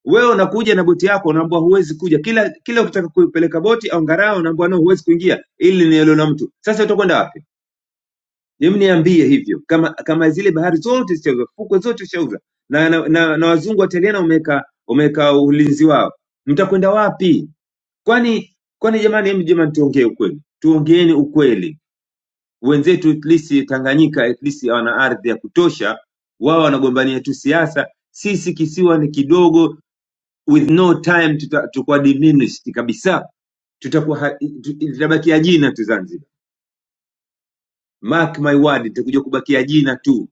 wewe unakuja na boti yako unaambiwa huwezi kuja kila kila ukitaka kupeleka boti au ngarao unaambiwa no huwezi kuingia ili ni eneo la mtu sasa utakwenda wapi Hebu niambie hivyo kama kama zile bahari zote zishauza fukwe zote zishauza na, na, na, na wazungu wataliana wameweka wameweka ulinzi wao mtakwenda wapi kwani kwani jamani hebu jamani tuongee ukweli tuongeeni ukweli wenzetu at least Tanganyika at least wana ardhi ya kutosha wao wanagombania tu siasa sisi kisiwa ni kidogo with no time tuta, tutakuwa diminished kabisa tutakuwa ha- tu- litabakia jina tu Zanzibar. Mark my word, litakuja kubakia jina tu,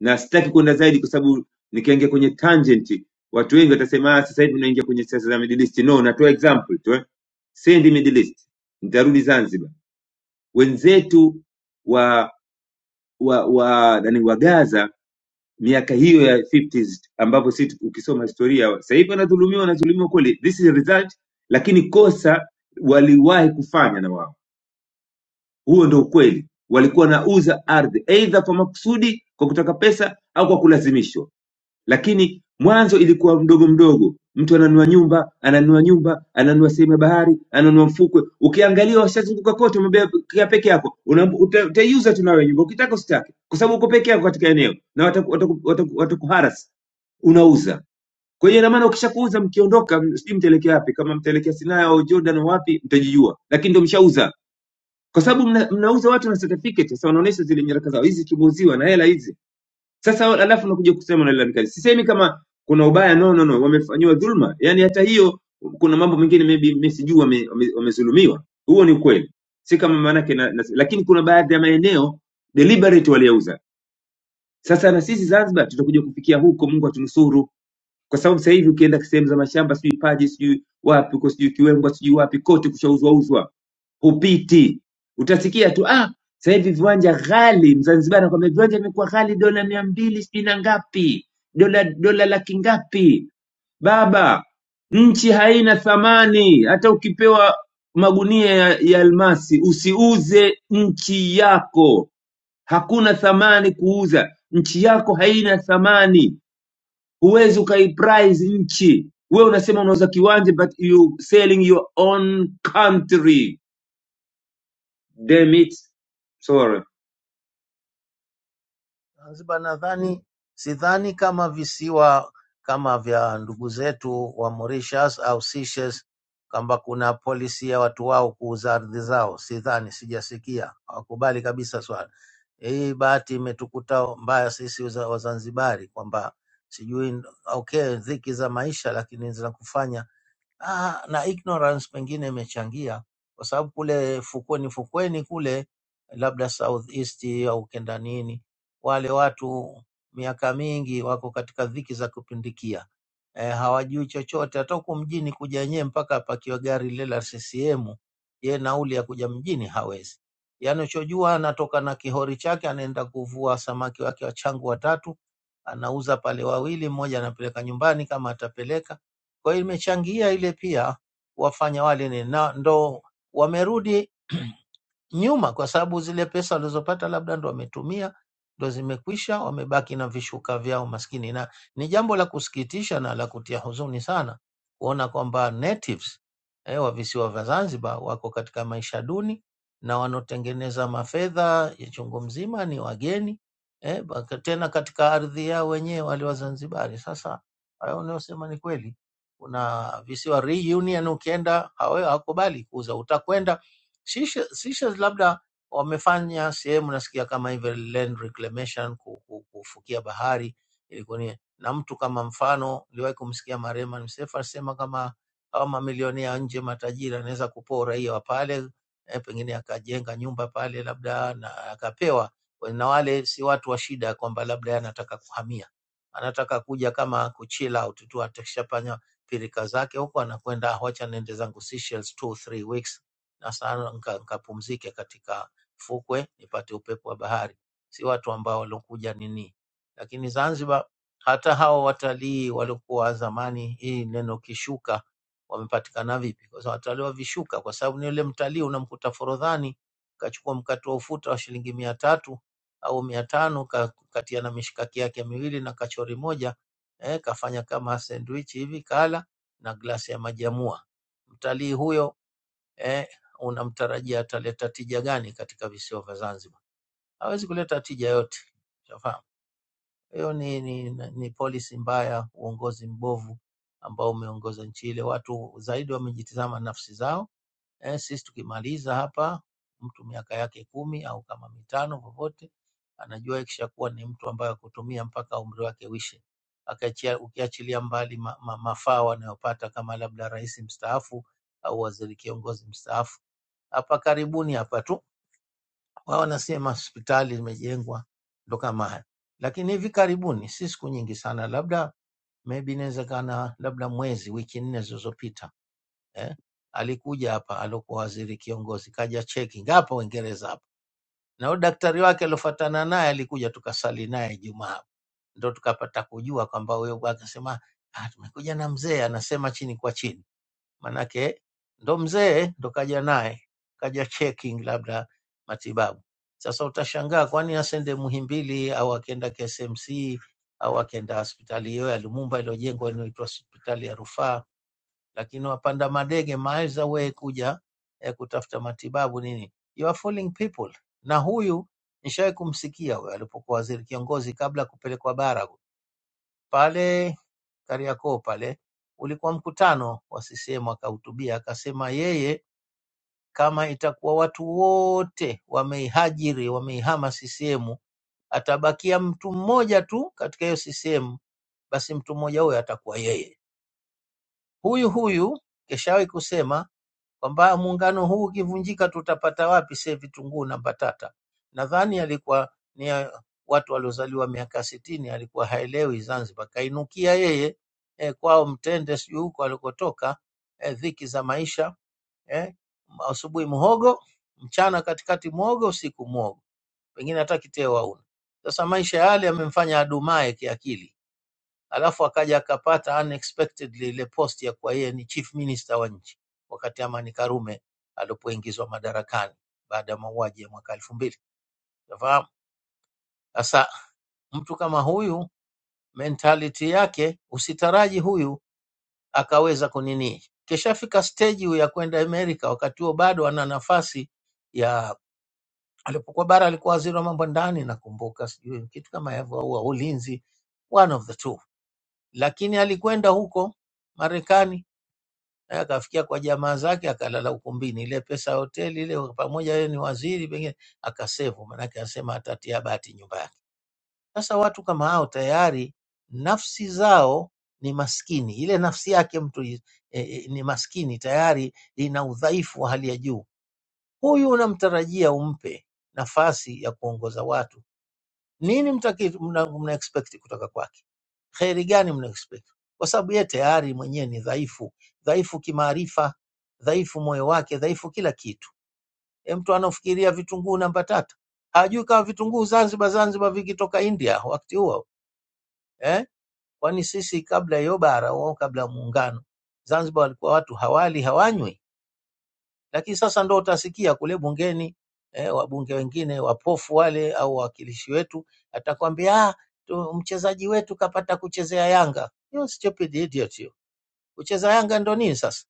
na sitaki kwenda zaidi kwa sababu nikiingia kwenye tangent watu wengi watasema "Ah, sasa hivi unaingia kwenye siasa za Middle East. No, natoa example tu eh. Sendi Middle East, nitarudi Zanzibar. Wenzetu wa wa wa nani wa Gaza miaka hiyo ya 50s ambapo sisi ukisoma historia sasa hivi wanadhulumiwa wanadhulumiwa kweli this is a result lakini kosa waliwahi kufanya na wao huo ndio ukweli walikuwa wanauza ardhi aidha kwa makusudi kwa kutaka pesa au kwa kulazimishwa lakini mwanzo ilikuwa mdogo mdogo mtu ananunua nyumba ananunua nyumba ananunua sehemu ya bahari ananunua mfukwe ukiangalia washazunguka kote umebakia peke yako Una- uta- utaiuza tu nawe nyumba ukitaka usitake kwa sababu uko peke yako katika eneo na wataku- wataku- wataku- watakuharas unauza kwa hiyo ina maana ukishakuuza mkiondoka m- sijui mtaelekea wapi kama mtaelekea sinaya au jordan au wapi mtajijua lakini ndo mshauza kwa sababu mna, mnauza watu na certificate sasa wanaonesha zile nyaraka zao hizi tumeuziwa na hela hizi sasa wa- alafu nakuja kusema nalalamika. Sisemi kama kuna ubaya, no, no, no, wamefanyiwa dhulma, yani hata hiyo kuna mambo mengine maybe mimi sijui wame- wame- wamedhulumiwa, huo ni ukweli, si kama maanake na, na, lakini kuna baadhi ya maeneo deliberate waliyauza. Sasa na sisi Zanzibar tutakuja kufikia huko, Mungu atunusuru kwa sababu sasa hivi ukienda sehemu za mashamba sijui Paje sijui wapi huko sijui Kiwembwa sijui wapi kote kushauzwauzwa, hupiti. Utasikia tu ah, sasa hivi viwanja ghali. Mzanzibari anakwambia viwanja vimekuwa ghali, dola mia mbili sijui na ngapi, dola dola laki ngapi. Baba, nchi haina thamani. Hata ukipewa magunia ya, ya almasi usiuze nchi yako, hakuna thamani kuuza. Nchi yako haina thamani huwezi ukaiprize nchi we unasema unauza kiwanja but you selling your own country damn it sorry
Zanzibar nadhani sidhani kama visiwa kama vya ndugu zetu wa Mauritius au Seychelles kwamba kuna polisi ya watu wao kuuza ardhi zao, sidhani, sijasikia, hawakubali kabisa swala hii. Bahati imetukuta mbaya sisi Waza- Wazanzibari kwamba sijui, okay, dhiki za maisha, lakini zinakufanya Ah, na ignorance pengine imechangia kwa sababu kule fukweni fukweni kule labda southeast au kenda nini, wale watu miaka mingi wako katika dhiki za kupindikia e, hawajui chochote. Hata huku mjini kuja yenyewe mpaka apakiwe gari lile la CCM, ye nauli ya kuja mjini hawezi. Yaani uchojua anatoka na kihori chake, anaenda kuvua samaki wake wachangu watatu, anauza pale wawili, mmoja anapeleka nyumbani kama atapeleka kwa hiyo imechangia ile pia wafanya wale ni na ndo wamerudi nyuma, kwa sababu zile pesa walizopata labda ndo wametumia ndo zimekwisha, wamebaki na vishuka vyao maskini. Na ni jambo la kusikitisha na la kutia huzuni sana kuona kwamba natives eh, wa visiwa vya Zanzibar wako katika maisha duni na wanaotengeneza mafedha ya chungu mzima ni wageni eh, baka- tena katika ardhi yao wenyewe wale Wazanzibari. Sasa hayo unayosema ni kweli. Kuna visiwa reunion, ukienda hawa- hawakubali kuuza, utakwenda Seychelles Seychelles labda wamefanya sehemu, nasikia kama hivyo land reclamation, ku- ku- kufukia bahari ilikuwa ni na mtu kama mfano, niliwahi kumsikia marehemu Msefu alisema kama hawa mamilionea wa nje matajiri anaweza kupoa uraia wa pale eh, pengine akajenga nyumba pale labda na akapewa, na wale si watu wa shida, kwamba labda yeye anataka kuhamia, anataka kuja kama ku chill out tu, atakishafanya pirika zake huko, anakwenda wacha nende zangu Seychelles two three weeks na sana nika- nikapumzike katika fukwe nipate upepo wa bahari, si watu ambao waliokuja nini. Lakini Zanzibar, hata hao watalii waliokuwa zamani, hii neno kishuka, wamepatikana vipi? Kwa sababu watalii wa vishuka, kwa sababu ni yule mtalii unamkuta Forodhani kachukua mkate wa ufuta wa shilingi mia tatu au mia tano ka- katia na mishikaki yake miwili na kachori moja eh, kafanya kama sandwich hivi kala na glasi ya maji ya mua. Mtalii huyo eh, unamtarajia ataleta tija gani katika visiwa vya Zanzibar? Hawezi kuleta tija yote, shafahamu. Hiyo ni, ni, ni policy mbaya, uongozi mbovu ambao umeongoza nchi ile. Watu zaidi wamejitizama nafsi zao. Eh, sisi tukimaliza hapa, mtu miaka yake kumi au kama mitano vyovyote, anajua ikishakuwa ni mtu ambaye akutumia mpaka umri wake uishe Akaachia- ukiachilia mbali ma, ma, mafao anayopata kama labda rais mstaafu au waziri kiongozi mstaafu hapa karibuni hapa tu, wao wanasema hospitali zimejengwa ndo kama haya, lakini hivi karibuni, si siku nyingi sana, labda maybe inawezekana labda mwezi, wiki nne zilizopita eh, alikuja hapa alokuwa waziri kiongozi, kaja checking hapa Uingereza hapa, na huyo daktari wake aliofuatana naye alikuja, tukasali naye Ijumaa, ndo tukapata kujua kwamba huyo bwana akasema, "Ah, tumekuja na mzee anasema chini kwa chini manake ndo mzee ndo kaja naye kaja checking labda matibabu. Sasa utashangaa kwani asende Muhimbili au akenda KSMC au akenda hospitali hiyo ya Lumumba iliyojengwa inaitwa hospitali ya rufaa, lakini wapanda madege miles away kuja eh, kutafuta matibabu nini. You are fooling people. Na huyu nishawahi kumsikia huyo alipokuwa waziri kiongozi kabla ya kupelekwa bara pale Kariakoo pale ulikuwa mkutano wa CCM, akahutubia akasema yeye kama itakuwa watu wote wameihajiri wameihama CCM, atabakia mtu mmoja tu katika hiyo CCM, basi mtu mmoja huyo atakuwa yeye huyu huyu. Keshawahi kusema kwamba muungano huu ukivunjika tutapata wapi sie vitunguu na mbatata. Nadhani alikuwa ni ya watu waliozaliwa miaka sitini, alikuwa haelewi Zanzibar, kainukia yeye eh, kwao Mtende, sijui huko alikotoka eh, dhiki za maisha eh, asubuhi muhogo, mchana katikati muogo, usiku muogo, pengine hata kiteo hauna. Sasa maisha yale yamemfanya adumae kiakili Alafu akaja akapata unexpectedly ile post ya kuwa yeye ni chief minister wa nchi wakati Amani Karume alipoingizwa madarakani baada ya mauaji ya mwaka elfu mbili. Unafahamu? Sasa mtu kama huyu mentality yake usitaraji huyu akaweza kunini. Kishafika stage huyu ya kwenda Amerika, wakati huo bado ana nafasi ya alipokuwa bara, alikuwa waziri wa mambo ya ndani, nakumbuka, sijui kitu kama hivyo, au wa ulinzi, one of the two, lakini alikwenda huko Marekani naye akafikia kwa jamaa zake akalala ukumbini, ile pesa ya hoteli ile pamoja, yeye ni waziri pengine, akasevu, maanake anasema atatia bati nyumba yake. Sasa watu kama hao tayari nafsi zao ni maskini, ile nafsi yake mtu i- e, e, ni maskini tayari, ina udhaifu wa hali ya juu. Huyu unamtarajia umpe nafasi ya kuongoza watu, nini mtaki- mna mna expect kutoka kwake? kheri gani mna expect? Kwa sababu yeye tayari mwenyewe ni dhaifu, dhaifu kimaarifa, dhaifu moyo wake, dhaifu kila kitu. E, mtu anafikiria vitunguu namba tatu hajui kama vitunguu Zanzibar Zanzibar vikitoka India wakati huo eh? Kwani sisi kabla ya bara au kabla ya muungano Zanzibar walikuwa watu hawali hawanywi, lakini sasa ndo utasikia kule bungeni eh, wabunge wengine wapofu wale au wawakilishi wetu atakwambia "Ah, tu- mchezaji wetu kapata kuchezea Yanga. You're stupid idiot you. kucheza Yanga ndo nini sasa?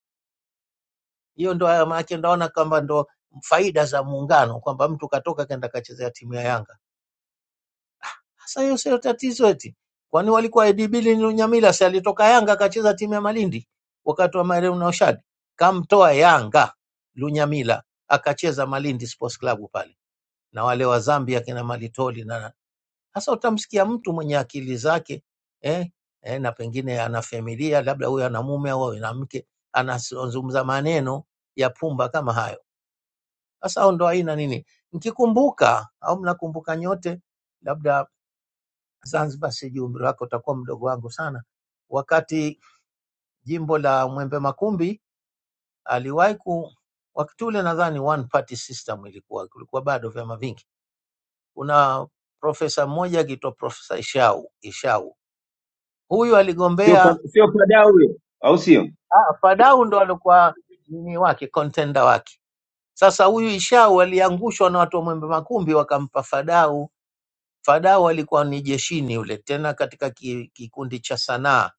Hiyo ndo haya maana ndaona kwamba ndo faida za muungano, kwamba mtu katoka kaenda kachezea timu ya Yanga. Sasa hiyo sio tatizo eti, kwani walikuwa ADB Lunyamila, si alitoka Yanga akacheza timu ya Malindi wakati wa marehemu Naushad, kamtoa Yanga Lunyamila akacheza Malindi Sports Club pale na wale wa Zambia kina Malitoli na Sasa utamsikia mtu mwenye akili zake eh, eh, na pengine ana familia, labda huyo ana mume au ana mke, anazungumza maneno ya pumba kama hayo. Sasa hao ndo aina nini, mkikumbuka au mnakumbuka nyote, labda Zanzibar, sijui umri wako utakuwa mdogo wangu sana, wakati jimbo la Mwembe Makumbi aliwahi ku wakati ule nadhani one party system ilikuwa, kulikuwa bado vyama vingi. Kuna profesa mmoja akiitwa Profesa Ishau, Ishau huyu
sio
aligombea
pa- sio padau huyo au sio
Ah, Fadau ndo alikuwa ni wake contender wake. Sasa huyu Ishau aliangushwa na watu wa Mwembe Makumbi wakampa Fadau. Fadau alikuwa ni jeshini yule, tena katika ki- kikundi cha sanaa,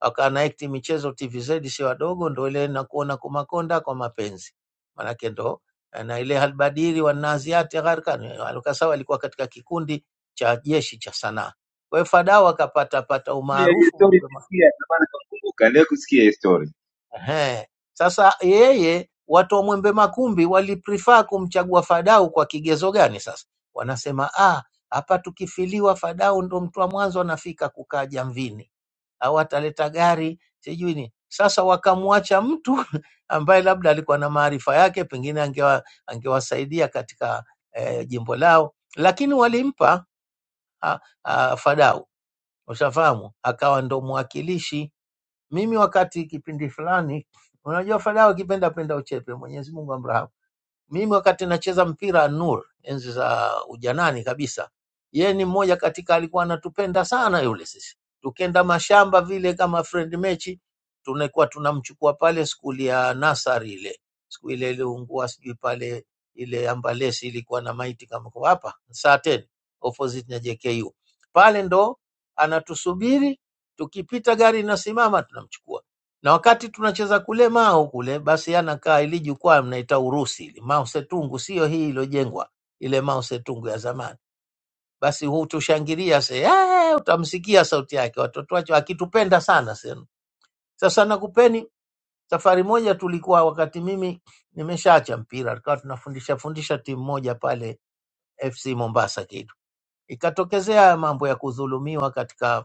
akaana act michezo TVZ, si wadogo, ndo ile na kuona kumakonda kwa mapenzi, manake ndo eh, na ile halbadiri wa naziati gharkan alukasawa alikuwa katika kikundi cha jeshi cha sanaa. Kwa hiyo Fadau akapata pata
Yeah, hiyo
umaarufu
story nisikia ndio maana nakumbuka ndio kusikia hiyo story
Ehe. Sasa yeye watu wa Mwembe Makumbi waliprefer kumchagua Fadau kwa kigezo gani? Sasa wanasema ah, hapa tukifiliwa Fadau ndo mtu wa mwanzo anafika kukaa Jamvini, au ataleta gari sijui ni sasa. Wakamwacha mtu ambaye labda alikuwa na maarifa yake, pengine angewa, angewasaidia katika eh, jimbo lao, lakini walimpa ah, ah, Fadau, ushafahamu, akawa ndo mwakilishi mimi wakati kipindi fulani, unajua fadhaa ukipenda penda uchepe, Mwenyezi Mungu amrahamu. Mimi wakati nacheza mpira Nur, enzi za ujanani kabisa, yeye ni mmoja katika, alikuwa anatupenda sana yule. Sisi tukenda mashamba vile kama friend mechi, tunakuwa tunamchukua pale skuli ya nasari ile, siku ile iliungua sijui pale ile ambalesi ilikuwa na maiti kama kwa hapa saa tena opposite na JKU pale, ndo anatusubiri tukipita gari inasimama tunamchukua na wakati tunacheza kule Mao kule, basi anakaa ili jukwaa mnaita Urusi ili Mao Setungu, sio hii iliyojengwa ile Mao Setungu ya zamani. Basi hutushangilia se, "Eh," utamsikia sauti yake, watoto wake akitupenda sana senu. Sasa nakupeni safari moja, tulikuwa wakati mimi nimeshaacha mpira, tukawa tunafundisha fundisha timu moja pale FC Mombasa kitu ikatokezea mambo ya kudhulumiwa katika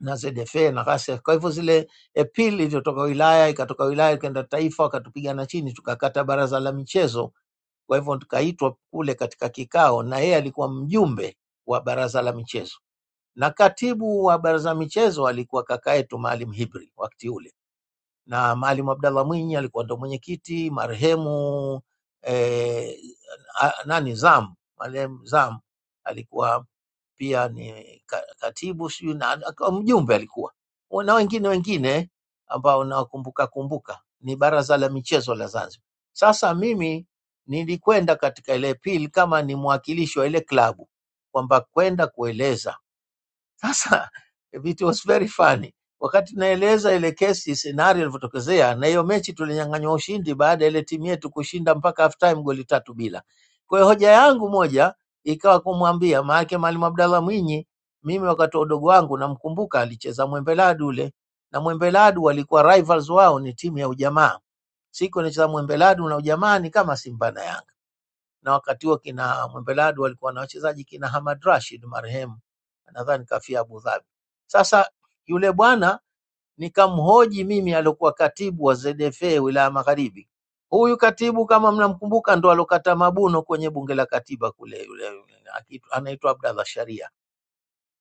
na ZFA na ghasia. Kwa hivyo zile appeal ilivyotoka wilaya ikatoka wilaya ikaenda taifa, wakatupigana chini, tukakata baraza la michezo. Kwa hivyo tukaitwa kule katika kikao, na yeye alikuwa mjumbe wa baraza la michezo, na katibu wa baraza la michezo alikuwa kaka yetu Maalim Hibri wakati ule, na Maalim Abdallah Mwinyi alikuwa ndo mwenyekiti marehemu eh, a- nani Zam, Maalim Zam alikuwa pia ni ka- katibu sijui na na- kama mjumbe alikuwa na wengine wengine ambao nawakumbuka kumbuka, ni baraza la michezo la Zanzibar. Sasa mimi nilikwenda katika ile pili kama ni mwakilishi wa ile klabu kwamba kwenda kueleza sasa it was very funny. Wakati naeleza ile kesi scenario ilivyotokezea, na hiyo mechi tulinyang'anywa ushindi baada ya ile timu yetu kushinda mpaka half time goli tatu bila. Kwa hiyo hoja yangu moja ikawa kumwambia, maanake Mwalimu Abdallah Mwinyi, mimi wakati wa udogo wangu namkumbuka, alicheza Mwembeladu ule na Mwembeladu walikuwa rivals wao ni timu ya Ujamaa. Siku anacheza Mwembeladu na Ujamaa ni kama Simba na Yanga na wakati huo kina Mwembeladu walikuwa na wachezaji kina Hamad Rashid marehemu, nadhani kafia Abu Dhabi. Sasa yule bwana nikamhoji mimi, aliokuwa katibu wa ZFA wilaya Magharibi. Huyu katibu kama mnamkumbuka, ndo alokata mabuno kwenye bunge la katiba kule, yule akiitwa- anaitwa Abdallah Sharia.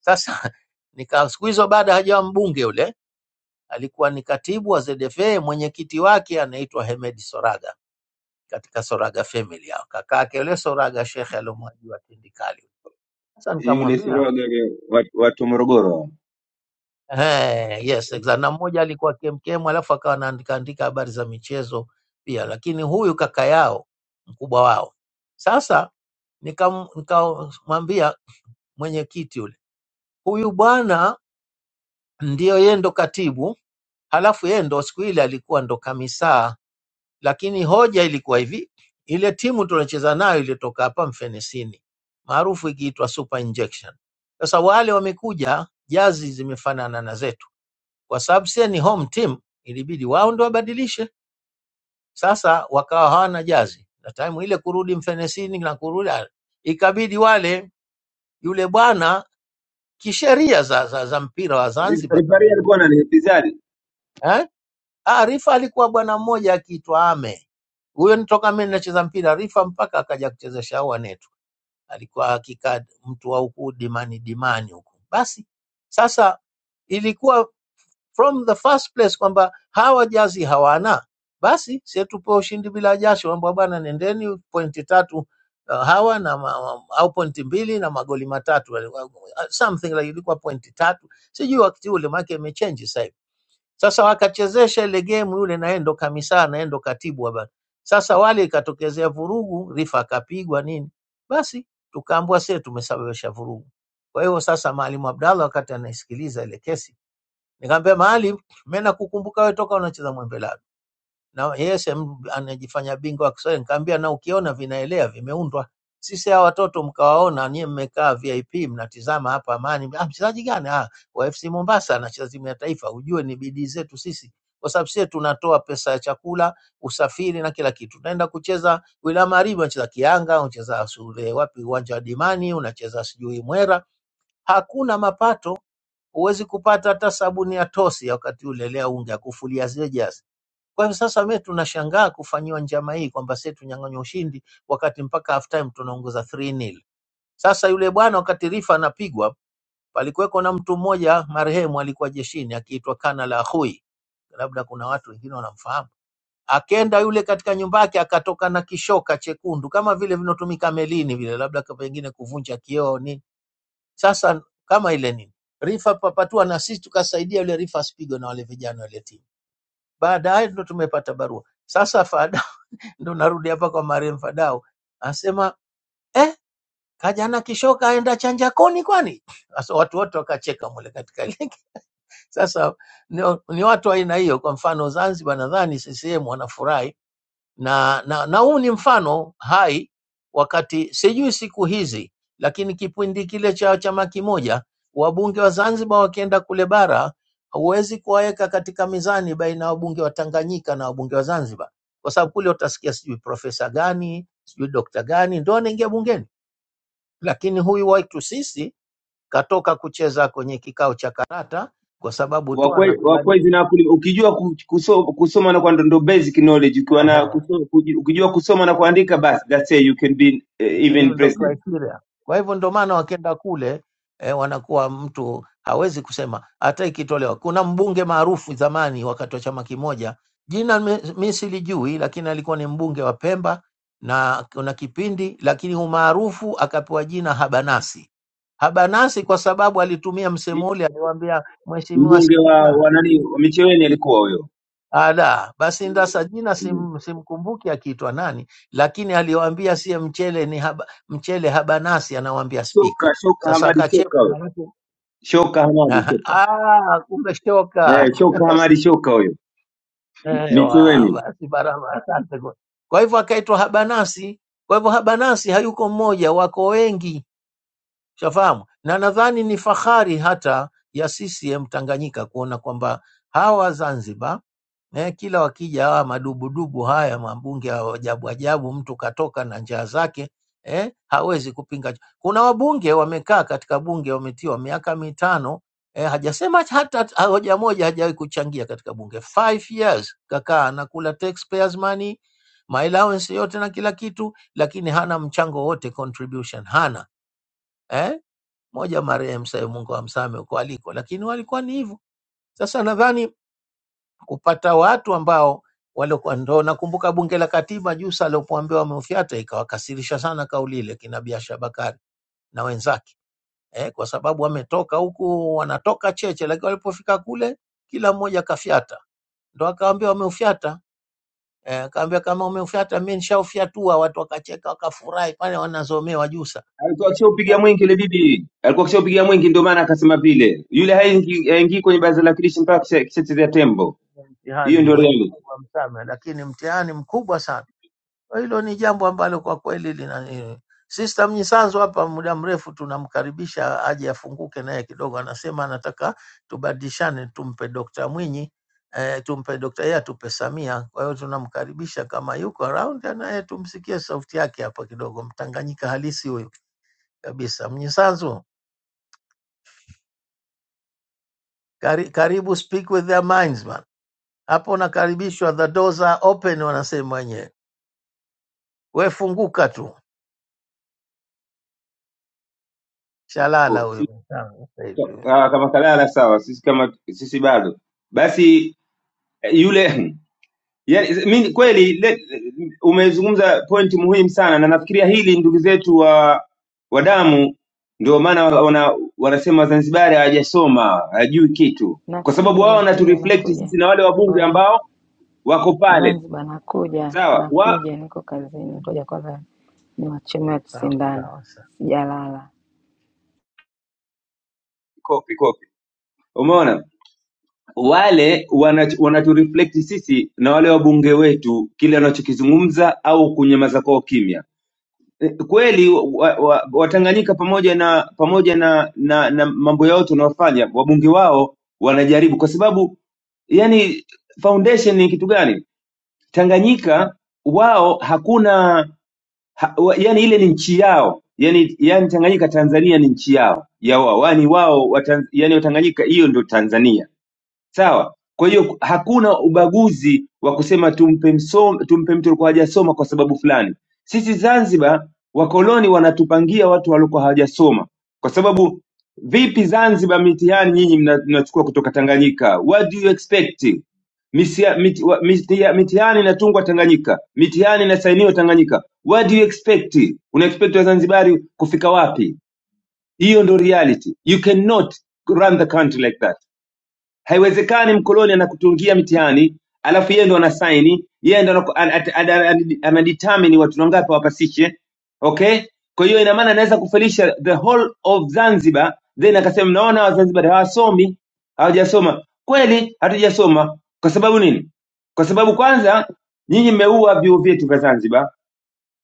Sasa nika siku hizo baada hajawa mbunge yule, alikuwa ni katibu wa ZFA, mwenyekiti wake anaitwa Hemed Soraga katika Soraga family yao, kakake yule Soraga shekhe alomwajua Tindikali. Sasa
yule
nikamwambia
siroga yule watu watu wa morogoro
eh, yes exactly. Na mmoja alikuwa KMKM alafu akawa anaandika andika habari za michezo pia, lakini huyu kaka yao mkubwa wao. Sasa nikam- nikamwambia mwenyekiti yule, huyu bwana ndiyo yeye ndo katibu, halafu yeye ndo siku ile alikuwa ndo kamisaa lakini hoja ilikuwa hivi, ile timu tunacheza nayo ilitoka hapa Mfenesini maarufu ikiitwa Super Injection. Sasa wale wamekuja, jazi zimefanana na zetu, kwa sababu sie ni home team, ilibidi wao ndo wabadilishe. Sasa wakawa hawana jazi na time ile kurudi Mfenesini na kurudi, ah, ikabidi wale yule bwana kisheria za, za, za mpira wa Zanzibar
rifari alikuwa ananihitizari
za, Ah, Rifa alikuwa bwana mmoja akiitwa Ame. Huyo ni toka mimi nacheza mpira Rifa mpaka akaja kucheza Shaua Netu. Alikuwa hakika mtu wa huku dimani dimani huku. Basi sasa ilikuwa from the first place kwamba hawa jazi hawana. Basi sie tupewe ushindi bila jasho, kwamba bwana, nendeni pointi tatu uh, hawa na ma, ma- au pointi mbili na magoli matatu, something like ilikuwa pointi tatu, sijui wakati ule, maana yake imechange sasa hivi sasa wakachezesha ile gemu, yule naye ndo kamisaa naye ndo katibu wa bara. Sasa wale ikatokezea vurugu, Rifa akapigwa nini, basi tukaambua sie tumesababisha vurugu. Kwa hiyo sasa Maalim Abdallah wakati anaisikiliza ile kesi, nikamwambia Maalim, mimi nakukumbuka wewe toka unacheza mwembela na yeye sem- anajifanya bingwa wa Kiswahili. Nikamwambia na ukiona vinaelea vimeundwa. Sisi hawa watoto mkawaona, nyie mmekaa VIP mnatizama hapa Amani. Ah, mchezaji gani? Ah, wa FC Mombasa anacheza timu ya taifa. Ujue ni bidii zetu sisi, kwa sababu sisi tunatoa pesa ya chakula, usafiri na kila kitu. Tunaenda kucheza wilaya Magharibi, unacheza Kianga, unacheza Sule, wapi, uwanja wa Dimani, unacheza sijui Mwera, hakuna mapato. Huwezi kupata hata sabuni ya tosi ya wakati ule, lea unga ya kufulia zile jazi kwa hivyo sasa we tunashangaa kufanyiwa njama hii kwamba sisi tunyang'anywa ushindi, wakati mpaka half time tunaongoza 3-0. Sasa yule bwana wakati Rifa anapigwa, palikuweko na mtu mmoja marehemu alikuwa jeshini akiitwa Kanala Hui, labda kuna watu wengine wanamfahamu. Akenda yule katika nyumba yake akatoka na kishoka chekundu kama vile vinatumika melini vile, labda kwa pengine kuvunja kioo nini. Sasa kama ile nini Rifa papatua, na sisi tukasaidia yule Rifa asipigwe na wale vijana wale timu. Baadaye ndo tumepata barua sasa faada ndo narudi hapa kwa Mariam Fadau, anasema eh, kajana kishoka aenda chanja koni kwani? Sasa watu wote wakacheka mule katika link. Sasa ni, ni watu wa aina hiyo. Kwa mfano Zanzibar, nadhani CCM wanafurahi na, na, na huu ni mfano hai wakati sijui siku hizi, lakini kipindi kile cha chama kimoja, wabunge wa Zanzibar wakienda kule bara, huwezi kuwaweka katika mizani baina ya wabunge wa Tanganyika na wabunge wa Zanzibar, kwa sababu kule utasikia sijui profesa gani sijui dokta gani ndo anaingia bungeni, lakini huyu wetu sisi katoka kucheza kwenye kikao cha karata kwa sababu tu
wakwezi
anakubali
wakwezi na wakulima ukijua ku- kuso- kusoma na kuandika ndo basic knowledge ukiwa na kuso- kuji- ukijua kusoma na kuandika basi that's it you can be eh, even
hiyo ndo
president
criteria. Kwa hivyo ndo maana wakenda kule eh, wanakuwa mtu hawezi kusema hata ikitolewa. Kuna mbunge maarufu zamani wakati wa chama kimoja, jina mi mi silijui, lakini alikuwa ni mbunge wa Pemba na kuna kipindi, lakini umaarufu akapewa jina Habanasi. Habanasi kwa sababu alitumia msemo ule, aliwaambia Mheshimiwa
mbunge wa
Spika,
wa nani wa Micheweni alikuwa huyo
Ala, basi ndasa jina
Mm.
sim, simkumbuki akiitwa nani, lakini aliwaambia siye mchele ni haba, mchele habanasi, anawaambia spika.
shoka shoka
Sasa
Hamadi shoka
akacheka
huyo
maanake,
shoka Hamadi shoka
ah, kumbe shoka
eh, shoka Hamadi shoka huyo
Ewa,
Micheweni
basi baraba, asante kwa. Kwa hivyo akaitwa habanasi. Kwa hivyo habanasi hayuko mmoja, wako wengi, shafahamu, na nadhani ni fahari hata ya CCM Tanganyika kuona kwamba hawa Zanzibar Eh, kila wakija hawa madubudubu haya mabunge wa ajabu ajabu, mtu katoka na njaa zake eh, hawezi kupinga. Kuna wabunge wamekaa katika bunge wametiwa miaka mitano eh, hajasema hata hata hoja moja, hajawahi kuchangia katika bunge. Five years kakaa anakula taxpayers money, my allowance yote na kila kitu, lakini hana mchango wote, contribution hana eh. Moja marehemu, sasa Mungu amsame huko aliko, lakini walikuwa ni hivyo. Sasa nadhani kupata watu ambao walikuwa ndo, nakumbuka bunge la katiba Jusa alipoambiwa wameufiata, ikawakasirisha sana kauli ile kina Biasha Bakari na wenzake eh, kwa sababu wametoka huku wanatoka cheche, lakini walipofika kule kila mmoja kafyata, ndo akaambiwa wameufiata. Eh, akaambia kama umeufiata, mi nishaufiatua. Watu wakacheka wakafurahi pale, wanazomewa Jusa.
alikuwa akishaupigia mwingi ile bibi alikuwa akishaupigia mwingi ndio maana akasema vile yule haingii haingii kwenye baraza la kilishi mpaka kisha- kishachezea tembo
Mtihani
hiyo ndio
mwezi,
reality
Mungu amsame, lakini mtihani mkubwa sana Kwa Hilo ni jambo ambalo kwa kweli lina Sister Mnyisanzu hapa muda mrefu tunamkaribisha aje afunguke naye kidogo, anasema anataka tubadilishane, tumpe Dr. Mwinyi eh, tumpe Dr. yeye atupe Samia. Kwa hiyo tunamkaribisha kama yuko around, naye tumsikie sauti yake hapa kidogo, Mtanganyika halisi huyu kabisa. Mnyisanzu, kari, karibu speak with their minds man. Hapo unakaribishwa, the doors are open, wanasema wenyewe. We funguka tu, shalala
Kwa-
huyu
si-
mwenzangu sasa hivi.
ah, kama kalala sawa sisi kama sisi bado basi eh, yule Yani mi kweli le, umezungumza pointi muhimu sana, na nafikiria hili ndugu zetu wa wa damu ndio maana wana, wanasema Wazanzibari hawajasoma hawajui kitu, kwa sababu
Nakuja
wao
nakuja
wanatureflect
nakuja
sisi na wale wabunge
oya
ambao wako pale,
Zanzibar nakuja
sawa wa
nakuja niko kazini ngoja kwanza niwachome
Sawa
wasindano
sawa
sijalala
kopi kopi, umeona wale wana- wanatureflect sisi na wale wabunge wetu kile wanachokizungumza au kunyamaza kwao kimya. kweli Watanganyika wa, wa Watanganyika pamoja na pamoja na, na, na mambo yao tunayofanya, wabunge wao wanajaribu, kwa sababu yani foundation ni kitu gani? Tanganyika wao hakuna ha, wa, yani ile ni nchi yao yani, yani Tanganyika Tanzania ni nchi yao ya wao, yani wao watan, yani Watanganyika hiyo ndio Tanzania sawa. Kwa hiyo hakuna ubaguzi wa kusema tumpe, msom, tumpe mtu alikuwa hajasoma kwa sababu fulani. Sisi Zanzibar wakoloni wanatupangia watu waliokuwa hawajasoma, kwa sababu vipi Zanzibar mitihani nyinyi mna- mnachukua kutoka Tanganyika? What do you expect? Misia- miti- wa- mitia- mitihani inatungwa Tanganyika, mitihani inasainiwa Tanganyika. What do you expect? Una expect Wazanzibari kufika wapi? Hiyo ndo reality. You cannot run the country like that. Haiwezekani mkoloni anakutungia mitihani alafu yeye ndo anasaini, yeye ndo anaku- ana- ata- ana- ana- anadetermine watu wangapi wapasishe. Okay, kwa hiyo ina maana anaweza kufelisha the whole of Zanzibar, then akasema mnaona Wazanzibar hawasomi, hawajasoma. Kweli hatujasoma. Kwa sababu nini? Kwa sababu kwanza nyinyi mmeua vyuo vyetu vya Zanzibar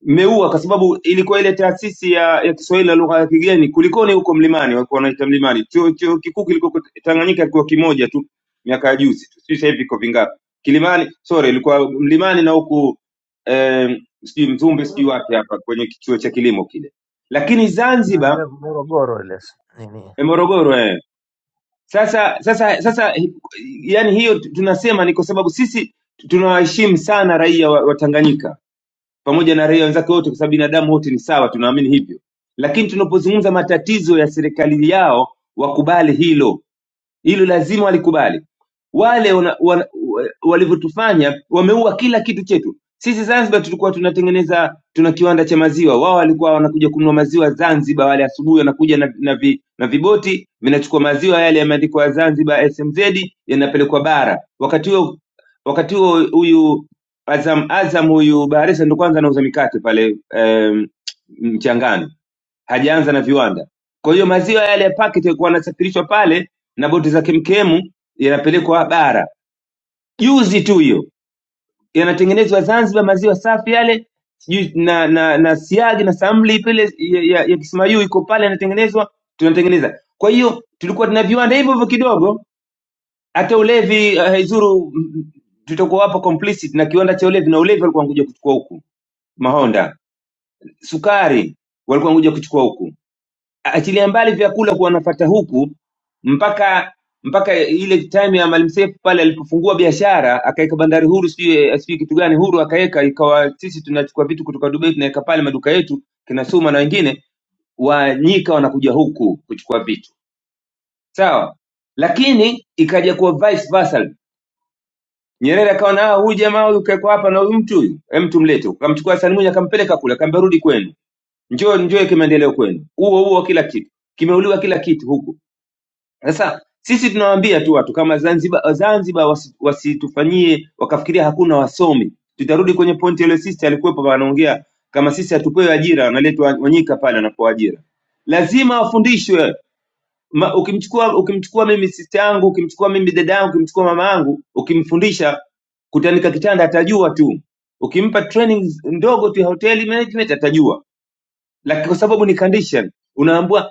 mmeua kwa sababu ilikuwa ile taasisi ya, ya Kiswahili na lugha ya kigeni kulikoni huko mlimani, walikuwa wanaita mlimani. Chuo, chuo kikuu kilikuwa Tanganyika kikiwa kimoja tu miaka ya juzi tu, sijui sasa hivi iko vingapi. Kilimani, sorry, ilikuwa mlimani na huku eh, sijui Mzumbe sijui
sawa.
wapi hapa kwenye kichuo cha kilimo kile, lakini
Ah,
Zanzibar
ile Morogoro ile s- nini
eh, Morogoro eh. Sasa sasa sasa, hi- yani hiyo tu- tunasema ni kwa sababu sisi tunawaheshimu sana raia wa, wa Tanganyika pamoja na raia wenzake wote, kwa sababu binadamu wote ni sawa, tunaamini hivyo. Lakini tunapozungumza matatizo ya serikali yao, wakubali hilo hilo lazima walikubali wale wana- wana- wa- walivyotufanya wameua kila kitu chetu sisi zanzibar tulikuwa tunatengeneza tuna kiwanda cha maziwa wao walikuwa wanakuja kununua maziwa zanzibar wale asubuhi wanakuja na, na, vi, na viboti vinachukua maziwa yale yameandikwa zanzibar smz yanapelekwa bara wakati huo wakati huo huyu azam azam huyu baharesa ndo kwanza anauza mikate pale em, mchangani hajaanza na viwanda. Kwa hiyo maziwa yale ya paketi yalikuwa yanasafirishwa pale na boti za kemkemu yanapelekwa bara. Juzi tu hiyo yanatengenezwa Zanzibar maziwa safi yale, sijui na na na siagi na samli pale ya, ya, ya Kismayu iko pale yanatengenezwa, tunatengeneza. Kwa hiyo tulikuwa tuna viwanda hivyo hivyo kidogo, hata ulevi uh, haizuru mm, tutakuwa hapo complicit na kiwanda cha ulevi, na ulevi walikuwa wanakuja kuchukua huku, Mahonda sukari walikuwa wanakuja kuchukua huku achilia mbali vyakula kuwa nafata huku mpaka mpaka ile time ya Maalim Seif pale alipofungua biashara akaweka bandari huru, sijui sijui kitu gani huru akaweka, ikawa sisi tunachukua vitu kutoka Dubai tunaweka pale maduka yetu kina Suma na wengine, wanyika wanakuja huku kuchukua vitu sawa, lakini ikaja kuwa vice versa. Nyerere akaona ah, huyu jamaa huyu kaekwa hapa na huyu mtu huyu, hem, tumlete. Akamchukua Hassan Mwinyi akampeleka kule, akamwambia rudi kwenu, njoo njoo kimaendeleo kwenu, huo huo kila kitu kimeuliwa, kila kitu huku Sasa sisi tunawaambia tu watu kama Zanzibar, Zanzibar wasi- wasitufanyie wakafikiria hakuna wasomi. Tutarudi kwenye pointi ile, sisi alikuwepo anaongea kama sisi hatupewi ajira, analetwa Wanyika pale anapewa ajira, lazima wafundishwe. Ma, ukimchukua ukimchukua mimi sista yangu, ukimchukua mimi dada yangu, ukimchukua mama yangu, ukimfundisha kutandika kitanda atajua tu, ukimpa training ndogo tu ya hoteli management atajua, lakini kwa sababu ni condition unaambua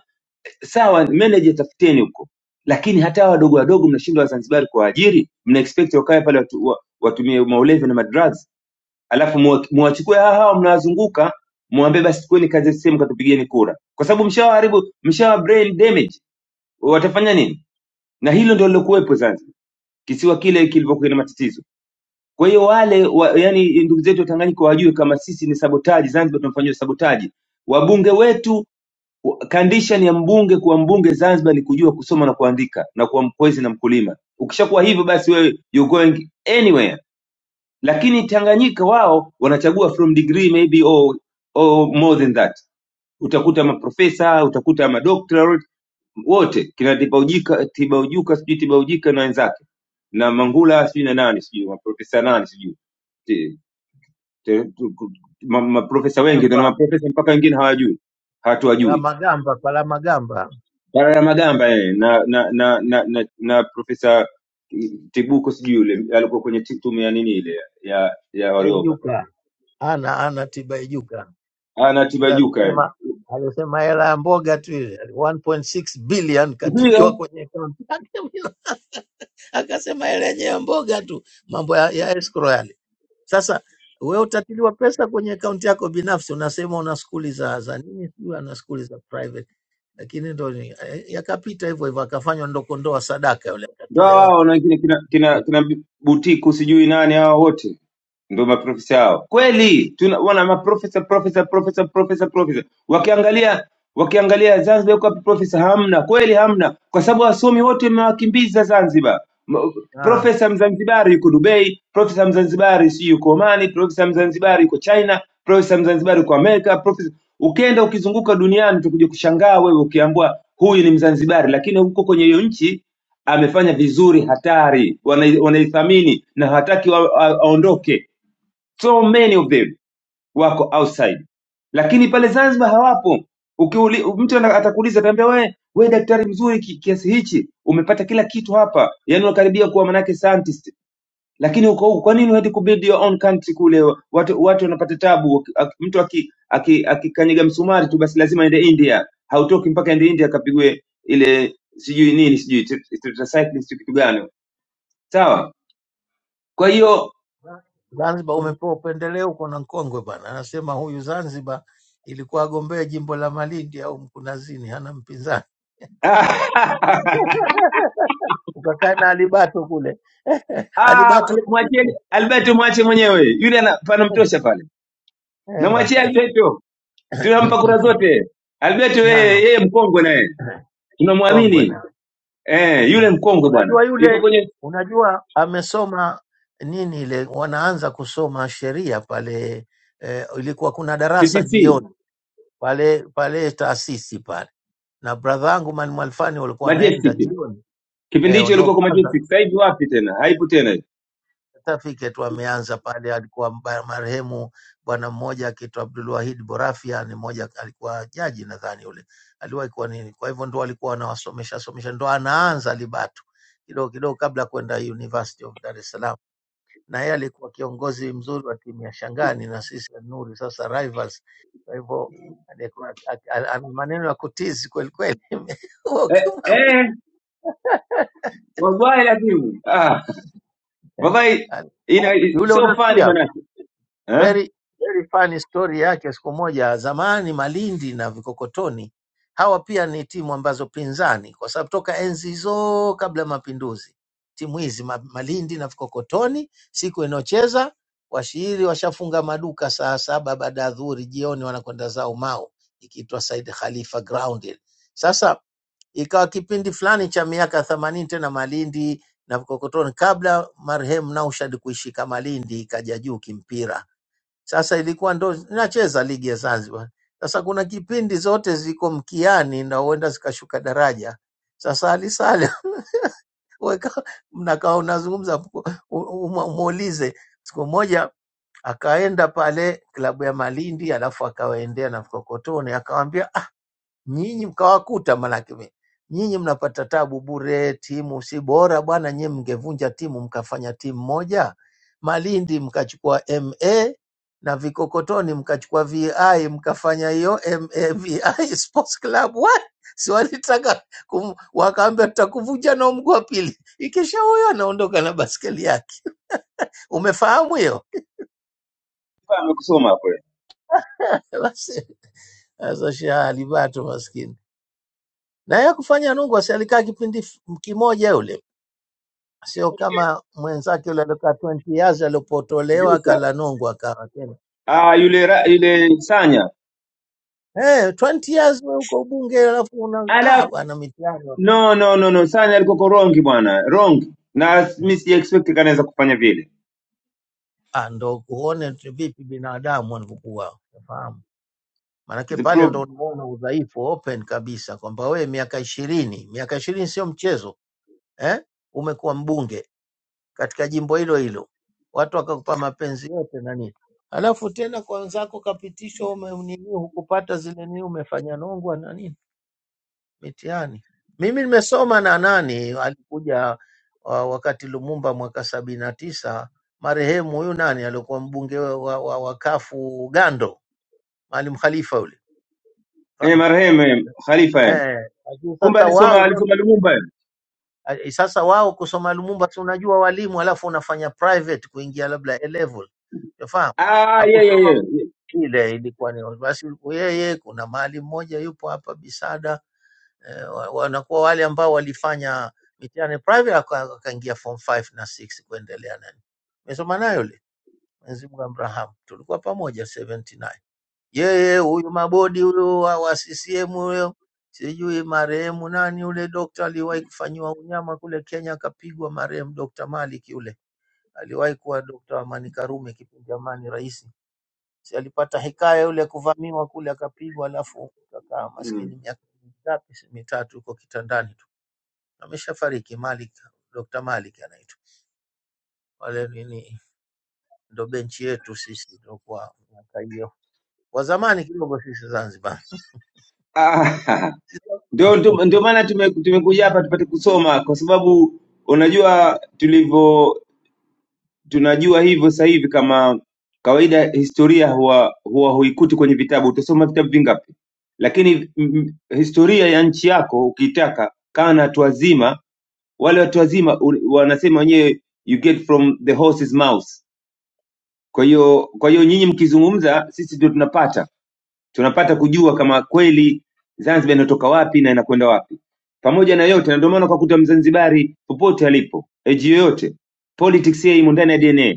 sawa meneja tafuteni huko lakini hata hawa wadogo wadogo mnashindwa wazanzibari kuwaajiri mna expect wakae pale watu, wa, watumie maulevi na madrugs alafu muwa- muwachukue hawa hawa mnawazunguka muambie basi chukueni kazi sehemu katupigeni kura kwa sababu mshawaharibu mshawa brain damage watafanya nini na hilo ndio lilokuwepo zanzibar kisiwa kile kilivyokuwa na matatizo kwa hiyo wale wa, yani ndugu zetu wa tanganyika wajue kama sisi ni sabotaji zanzibar tunafanywa sabotaji wabunge wetu Kandishan ya mbunge kuwa mbunge Zanzibar ni kujua kusoma na kuandika na kuwa mkwezi na mkulima. Ukishakuwa hivyo basi wewe you going anywhere. Lakini Tanganyika wao wanachagua from degree maybe or, or more than that. Utakuta maprofesa, utakuta madoctorate wote kina Tibaujika, Tibaujuka sijui Tibaujika na wenzake na Mangula sijui na nani sijui maprofesa nani sijui Ti- ti- tu- ku- ma- maprofesa wengi, na
hapa
maprofesa mpaka wengine hawajui hatuwajui
Palamagamba, Palamagamba
Barara Magamba eh, na na na na, na, na profesa Tibuko sijui yule alikuwa kwenye ti- tume ya nini ile ya ya Warioba.
Baijuka ana ana Tibaijuka yule
Anatibajuka yani.
alisema alisema hela ya mboga tu ile 1.6 billion
Ndio
katiliwa kwenye akaunti yake. akasema hela yenyewe ya mboga tu, mambo ya, ya escrow yale. Sasa wewe utatiliwa pesa kwenye akaunti yako binafsi, unasema una skuli za za nini, sijui ana skuli za private lakini ndo ni- eh, yakapita hivyo hivyo, akafanywa ndokondoa sadaka, yule
Ndio hao
akatolewa.
hao na kina kina, kina, kina butiku sijui nani hao wote ndio maprofesa hao. Kweli tuna wana maprofesa profesa profesa profesa profesa. Wakiangalia wakiangalia Zanzibar yuko wapi profesa? Hamna kweli, hamna, kwa sababu wasomi wote wamewakimbiza Zanzibar. M-
Naam.
Profesa Mzanzibari yuko Dubai, profesa Mzanzibari si yuko Omani, profesa Mzanzibari yuko China, profesa Mzanzibari yuko Amerika, profesa ukienda ukizunguka duniani utakuja kushangaa wewe ukiambiwa huyu ni Mzanzibari, lakini huko kwenye hiyo nchi amefanya vizuri hatari wanai- wanaithamini na hataki wa- a- aondoke so many of them wako outside lakini pale zanzibar hawapo Ukiuli, mtu ana- atakuuliza ataambia wewe we daktari mzuri ki, kiasi hichi umepata kila kitu hapa yani unakaribia kuwa manake scientist lakini uko huku kwa nini huendi kubuild your own country kule watu watu wanapata tabu Ak- mtu akikanyaga aki- aki- akikanyaga msumari tu basi lazima aende india hautoki mpaka aende india akapigwe ile sijui nini sijui tetracycline sijui kitu gani sawa kwa hiyo
Zanzibar umepewa upendeleo, uko na mkongwe bana, anasema huyu Zanzibar ilikuwa agombee jimbo la Malindi au Mkunazini, hana mpinzani. Ukakaa na Alibato kule
Ah,
Alibato
mwacheni
kupitia
alberto mwache mwenyewe yule ana- panamtosha pale
Ewa.
namwachia alberto tunampa kura zote alberto yeye
Naam,
yeye mkongwe naye
kongwe
tunamwamini
na
eh, yule
Na
mkongwe bwana
unajua
yuko
yule,
kwenye
unajua amesoma nini ile, wanaanza kusoma sheria pale eh, ilikuwa kuna darasa
ctc
jioni pale pale taasisi pale, na bradha yangu Mwalimu Alfani walikuwa wanaenda
majestic
jioni
kipindi
eh,
hicho
ndo
ilikuwa kwa
kwanza
majestic sasa hivi wapi tena haipo tena hiyo.
certificate wameanza pale. Alikuwa mba- marehemu bwana mmoja akiitwa Abdul Wahid Borafia, ni mmoja alikuwa jaji nadhani yule aliwahi kuwa nini. Kwa hivyo ndo alikuwa anawasomesha somesha, ndo anaanza Libatu kidogo kidogo kabla kwenda University of Dar es Salaam, na yeye alikuwa kiongozi mzuri wa timu ya Shangani na sisi ya Nuri sasa rivals. Kwa hivyo alikuwa ak- al- ana maneno ya kutizi kweli kweli,
eh,
ukimwambia
eh, wallahi lazima ah, wallahi ina
yule
so funny
unasikia
manake eh?
very very funny story yake. Siku moja zamani, Malindi na Vikokotoni hawa pia ni timu ambazo pinzani, kwa sababu toka enzi hizo kabla ya mapinduzi, timu hizi ma, Malindi na Vikokotoni siku inayocheza washiri washafunga maduka saa saba baada ya dhuhuri, jioni wanakwenda zao Mau, ikiitwa Said Khalifa Ground ile. Sasa ikawa kipindi fulani cha miaka themanini tena Malindi na Vikokotoni, kabla marehemu Naushad kuishika Malindi, ikaja juu kimpira sasa ilikuwa ndo nacheza ligi ya Zanzibar. Sasa kuna kipindi zote ziko mkiani na huenda zikashuka daraja. Sasa Ali Saleh weka mnakaa unazungumza, umu- umuulize. Siku moja akaenda pale klabu ya Malindi, alafu akawaendea na Mkokotoni, akawambia nyinyi mkawakuta, manake mi- nyinyi mnapata tabu bure. Timu si bora bwana, nyinyi mngevunja timu mkafanya timu moja, Malindi mkachukua MA na Vikokotoni mkachukua VI mkafanya hiyo MA VI Sports Club. What? Si walitaka kum- wakaambia tutakuvunja na mguu wa pili, ikisha huyo anaondoka na baskeli yake. Umefahamu hiyo?
amekusoma hapo eh.
Basi sasa shahali bato maskini na yeye kufanya nungu, si alikaa kipindi f- kimoja yule sio kama mwenzake yule aliokaa 20 years alipotolewa
Jusa.
akalanongwa akawa tena
ah,
ah,
yule ra- yule sanya
eh, 20 years wewe uko bunge alafu una ah,
Ala,
bwana mitihani
no no no no, Sani alikoko wrong bwana, wrong na mi si expect kanaweza kufanya vile.
ah, ndo uone tu vipi binadamu wanavyokuwa, unafahamu? Maanake
The
pale
prob
ndo unaona udhaifu open kabisa kwamba wewe miaka ishirini, miaka ishirini sio mchezo eh? Umekuwa mbunge katika jimbo hilo hilo, watu wakakupa mapenzi yote na nini, alafu tena kwa wenzako kapitishwa ume- nini, hukupata zile nini, umefanya nongwa na nini mitihani. Mimi nimesoma na nani alikuja wa, wakati Lumumba mwaka sabini na tisa, marehemu huyu nani aliokuwa mbunge wa, wa, wa wa kafu Ugando, Maalim Khalifa yule,
eh,
fahamu
marehemu eh, Khalifa eh.
eh. lakini
Kumbe
Sasa
alisoma
wao
alisoma Lumumba. eh.
Eh, eh, Sasa wao kusoma Lumumba, si unajua walimu, alafu unafanya private kuingia labda A level, unafahamu?
Ah, yeah yeah
Hakusoma
yeah. yeah.
ile, ilikuwa ni basi yeye. Kuna mahali mmoja yupo hapa Bisada, eh, wa- wanakuwa wale ambao walifanya mitihani private, aka- akaingia form 5 na 6 kuendelea nani, nimesoma nayo yule Mwenzi Mungu amrahamu, tulikuwa pamoja 79 yeye huyu mabodi huyo wa, wa CCM huyo, sijui marehemu nani yule dokta aliwahi kufanyiwa unyama kule Kenya, akapigwa marehemu Dokta Malik yule, aliwahi kuwa Dokta Amani Karume kipindi Amani rais, si alipata hekaya yule kuvamiwa kule akapigwa, alafu kakaa
Mm.
maskini miaka mingapi, si mitatu huko kitandani tu, ameshafariki Malik, Dokta Malik anaitwa wale nini, ndo benchi yetu sisi, ndo kwa miaka hiyo wa zamani kidogo sisi Zanzibar
Ah, ndio ndio ndio maana tume- tumekuja hapa tupate kusoma kwa sababu unajua tulivyo tunajua hivyo sasa hivi kama kawaida historia huwa huwa huikuti kwenye vitabu utasoma vitabu vingapi lakini mm, mm, historia ya nchi yako ukiitaka kaa na watu wazima wale watu wazima u- wanasema wenyewe you get from the horse's mouth kwa hiyo kwa hiyo nyinyi mkizungumza sisi ndio tunapata tunapata kujua kama kweli zanzibar inatoka wapi na inakwenda wapi pamoja na yote na ndio maana ukakuta mzanzibari popote alipo eji yoyote politics yeye imo ndani ya dna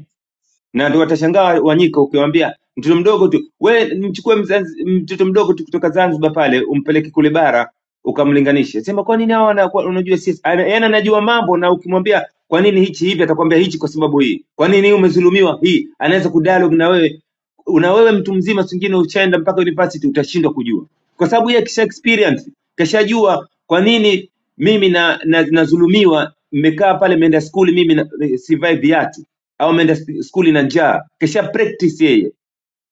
na ndio watashangaa Wanyika ukiwaambia mtoto mdogo tu, we mchukue mzazi, mtoto mdogo tu kutoka Zanzibar pale umpeleke kule bara ukamlinganishe, sema kwa nini hawa wanakuwa- unajua sisi, ana- yaani anajua mambo, na ukimwambia kwa nini hichi hivi, atakwambia hichi kwa sababu hii, kwa nini hii umedhulumiwa hii, anaweza kudialogue na wewe una wewe mtu mzima, singine ushaenda mpaka university utashindwa kujua, kwa sababu yeye kisha experience kashajua kwa nini mimi na, na, nazulumiwa mmekaa pale, mmeenda skuli, mimi na, sivai viatu au ameenda sk- skuli na njaa, kesha practice yeye.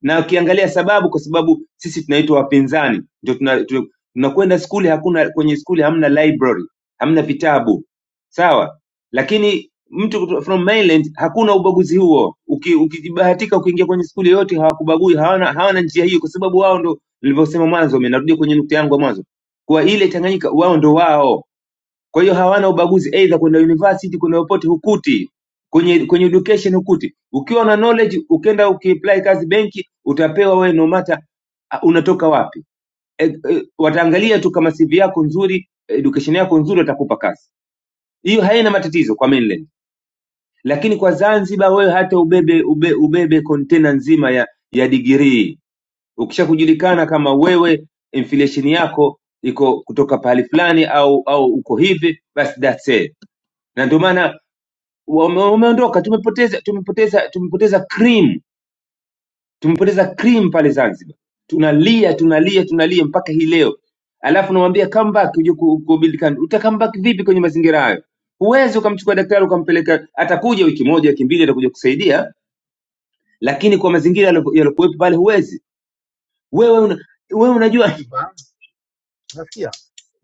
Na ukiangalia sababu, kwa sababu sisi tunaitwa wapinzani, ndio tunakwenda tuna, tuna- tunakwenda skuli, hakuna kwenye skuli hamna library, hamna vitabu, sawa. Lakini mtu kuto- from mainland hakuna ubaguzi huo. Uki- Ukijibahatika ukiingia kwenye skuli yoyote hawakubagui, hawana, hawana njia hiyo, kwa sababu wao ndo nilivyosema mwanzo, mimi narudia kwenye nukta yangu ya mwanzo, kwa ile Tanganyika wao ndo wao kwa hiyo hawana ubaguzi either kuna university, kuna popote hukuti. Kwenye kwenye education hukuti. Ukiwa na knowledge ukienda ukiapply kazi benki utapewa wewe no matter ah, unatoka wapi. E, e, wataangalia tu kama CV yako nzuri, education yako nzuri watakupa kazi. Hiyo haina matatizo kwa mainland. Lakini kwa Zanzibar wewe hata ubebe ube, ubebe container nzima ya ya degree. Ukisha kujulikana kama wewe inflation yako iko kutoka pahali fulani au au uko hivi basi that's it na ndio maana wame- wameondoka. Tumepoteza, tumepoteza, tumepoteza cream, tumepoteza cream pale Zanzibar. Tunalia, tunalia, tunalia mpaka hii leo, alafu namwambia come back uje ku, ku build country. Uta come back vipi kwenye mazingira hayo? Huwezi ukamchukua daktari ukampeleka, atakuja wiki moja, wiki mbili, atakuja kusaidia, lakini kwa mazingira yalo- yalokuwepo pale huwezi wewe. Una, wewe unajua
Zanzibar, unasikia?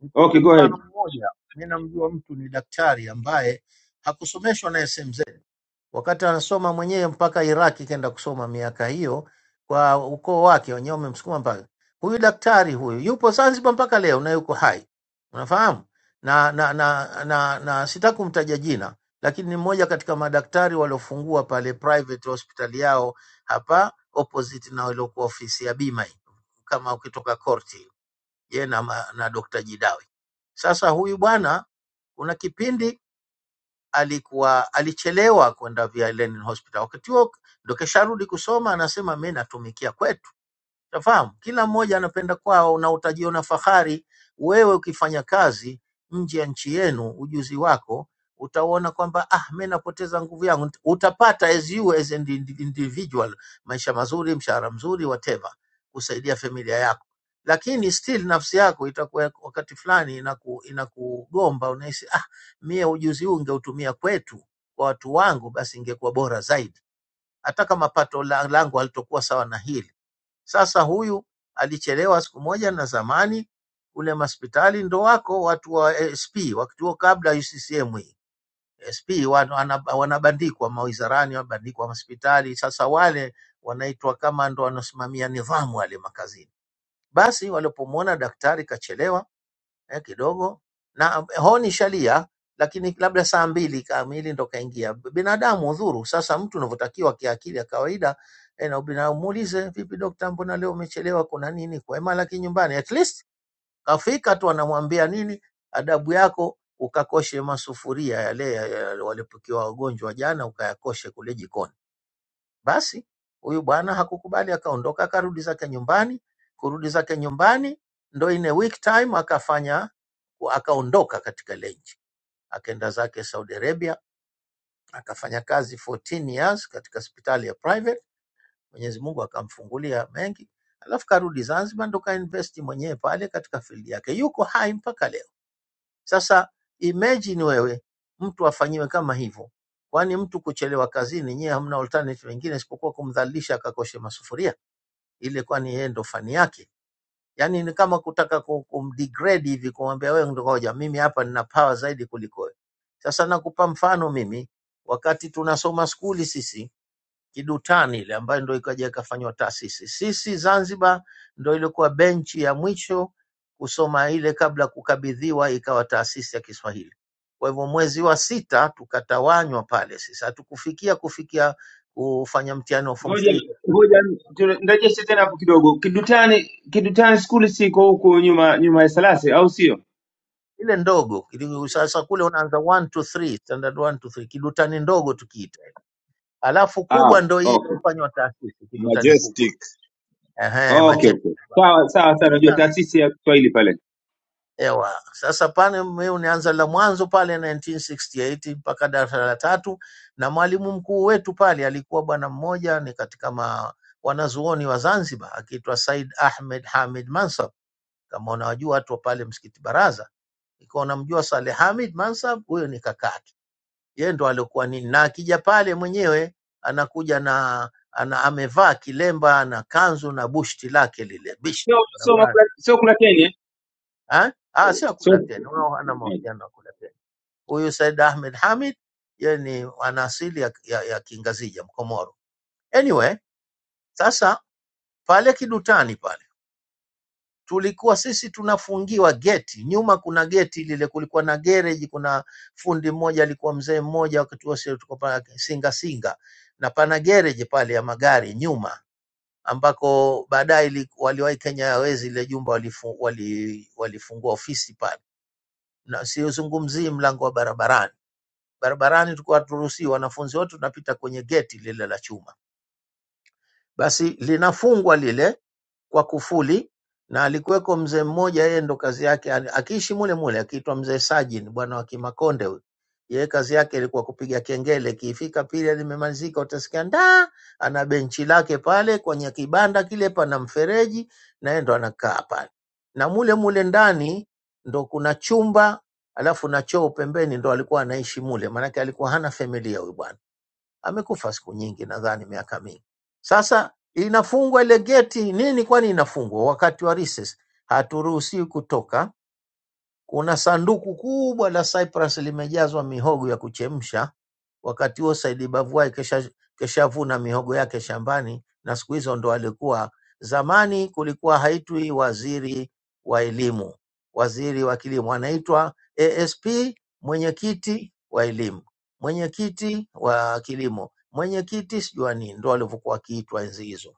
Nikupe
okay, go
mfano
ahead.
mmoja. Mimi namjua mtu ni daktari ambaye hakusomeshwa na SMZ, wakati anasoma mwenyewe mpaka Iraki kenda kusoma miaka hiyo kwa ukoo wake wenyewe, wamemsukuma mpaka huyu daktari huyu yupo Zanzibar mpaka leo na yuko hai, unafahamu na na, na, na, na, na sitaki kumtaja jina lakini ni mmoja katika madaktari waliofungua pale private hospital yao hapa opposite na waliokuwa ofisi ya bima hii, kama ukitoka korti yeye na, ma- na Dr. Jidawi. Sasa huyu bwana kuna kipindi alikuwa alichelewa kwenda Via Lenin Hospital. Wakati huo ndo kesharudi kusoma, anasema mimi natumikia kwetu Utafahamu, kila mmoja anapenda kwao, na utajiona fahari wewe ukifanya kazi nje ya nchi yenu, ujuzi wako utauona kwamba ah, mimi napoteza nguvu yangu. Utapata as you as an indi- individual maisha mazuri, mshahara mzuri, whatever, kusaidia familia yako, lakini still nafsi yako itakuwa wakati fulani inaku, inakugomba, unahisi ah, mie ujuzi huu ngeutumia kwetu kwa watu wangu, basi ingekuwa bora zaidi, hata kama pato la- langu halitokuwa sawa na hili sasa huyu alichelewa siku moja, na zamani kule maspitali ndo wako watu wa SP, wakati huo kabla UCCM hii SP wana- wana- wanabandikwa mawizarani, wanabandikwa hospitali. Sasa wale wanaitwa kama ndo wanasimamia nidhamu wale makazini. Basi walipomwona daktari kachelewa eh, kidogo na eh, honi shalia, lakini labda saa mbili kamili ndo kaingia. Binadamu udhuru. Sasa mtu unavyotakiwa kiakili ya kawaida eh, na ubinadamu muulize, vipi dokta, mbona leo umechelewa? Kuna nini? kwa malaki nyumbani, at least kafika tu, anamwambia nini, adabu yako ukakoshe masufuria yale ya- ya- walipokiwa wagonjwa jana, ukayakoshe kule jikoni basi huyu bwana hakukubali, akaondoka akarudi zake nyumbani. Kurudi zake nyumbani ndo in a week time akafanya akaondoka katika ile nchi, akaenda zake Saudi Arabia, akafanya kazi 14 years katika hospitali ya private. Mwenyezi Mungu akamfungulia mengi, alafu karudi Zanzibar ndo kainvesti mwenyewe pale katika field yake, yuko hai mpaka leo. Sasa imagine wewe mtu afanyiwe kama hivyo, kwani mtu kuchelewa kazini, nyewe hamna alternative nyingine isipokuwa kumdhalilisha akakoshe masufuria ile kwani yeye ndo fani yake. Yaani ni kama kutaka ku- kumdegrade hivi kumwambia wewe ndo hoja, mimi hapa nina power zaidi kuliko wewe. Sasa nakupa mfano mimi, wakati tunasoma skuli sisi Kidutani ile ambayo ndo ikaja ikafanywa taasisi. Sisi Zanzibar ndo ilikuwa benchi ya mwisho kusoma ile kabla kukabidhiwa ikawa taasisi ya Kiswahili. Kwa hivyo mwezi wa sita tukatawanywa pale sisi, hatukufikia kufikia kufanya mtihani wa form
Ngoja
3
ngoja tu- nirejeshe tena hapo kidogo. Kidutani, Kidutani skuli siko huku nyuma nyuma ya Salasi, au sio?
ile ndogo ili- sasa kule unaanza one two three standard one two three kidutani ndogo tukiita alafu
Ah,
kubwa ndo hii
okay.
inayofanywa taasisi kidutani
Majestic.
kubwa ehe
Okay, okay.
majestic
Sawa sawa sana, najua
sasa
taasisi ya Kiswahili pale.
ewa sasa pale mimi unaanza la mwanzo pale 1968 mpaka darasa la tatu na mwalimu mkuu wetu pale alikuwa bwana mmoja ni katika ma, wanazuoni wa Zanzibar akiitwa Said Ahmed Hamid Mansab kama unawajua watu wa pale msikiti Baraza ikiwa unamjua Saleh Hamid Mansab huyo ni kakake yeye ndo aliokuwa nini, na akija pale mwenyewe anakuja na ana, amevaa kilemba na kanzu na bushti lake lile bishti
Sio sio
anavaa
makula sio kuna Kenya.
ha? Ah, sio akula
Sio
tena, wao hana
eh,
mahusiano na akula tena. Huyu Said Ahmed Hamid yeye ni ana asili ya, ya, ya Kingazija Mkomoro. Anyway, sasa pale Kidutani pale tulikuwa sisi tunafungiwa geti, nyuma kuna geti lile, kulikuwa na gereji, kuna fundi mmoja alikuwa mzee mmoja, wakati huo sisi tulikuwa pale Singa Singa, na pana gereji pale ya magari nyuma, ambako baadaye ili- waliwahi Kenya Airways ile jumba walifu, wali, walifungua ofisi pale, na siuzungumzii mlango wa barabarani. Barabarani tulikuwa haturuhusiwi, wanafunzi wote tunapita kwenye geti lile la chuma, basi linafungwa lile kwa kufuli na alikuweko mzee mmoja, yeye ndo kazi yake ali- akiishi mule mule, akiitwa mzee Sajin, bwana wa Kimakonde huyu. Yeye kazi yake ilikuwa kupiga kengele, kiifika pili limemalizika, utasikia ndaa. Ana benchi lake pale kwenye kibanda kile, pana mfereji, na yeye ndo anakaa pale, na mule mule ndani ndo kuna chumba alafu na choo pembeni, ndo alikuwa anaishi mule, maanake alikuwa hana familia huyu bwana amekufa siku nyingi, nadhani miaka mingi. Sasa inafungwa ile geti nini? Kwani inafungwa wakati wa recess, haturuhusiwi kutoka kuna sanduku kubwa la Cyprus limejazwa mihogo ya kuchemsha. Wakati huo Saidi Bavuai kesha keshavuna mihogo yake shambani, na siku hizo ndo alikuwa. Zamani kulikuwa haitwi waziri wa elimu, waziri wa kilimo, anaitwa ASP, mwenyekiti wa elimu, mwenyekiti wa kilimo, mwenyekiti sijua nini, ndo walivyokuwa wakiitwa enzi hizo,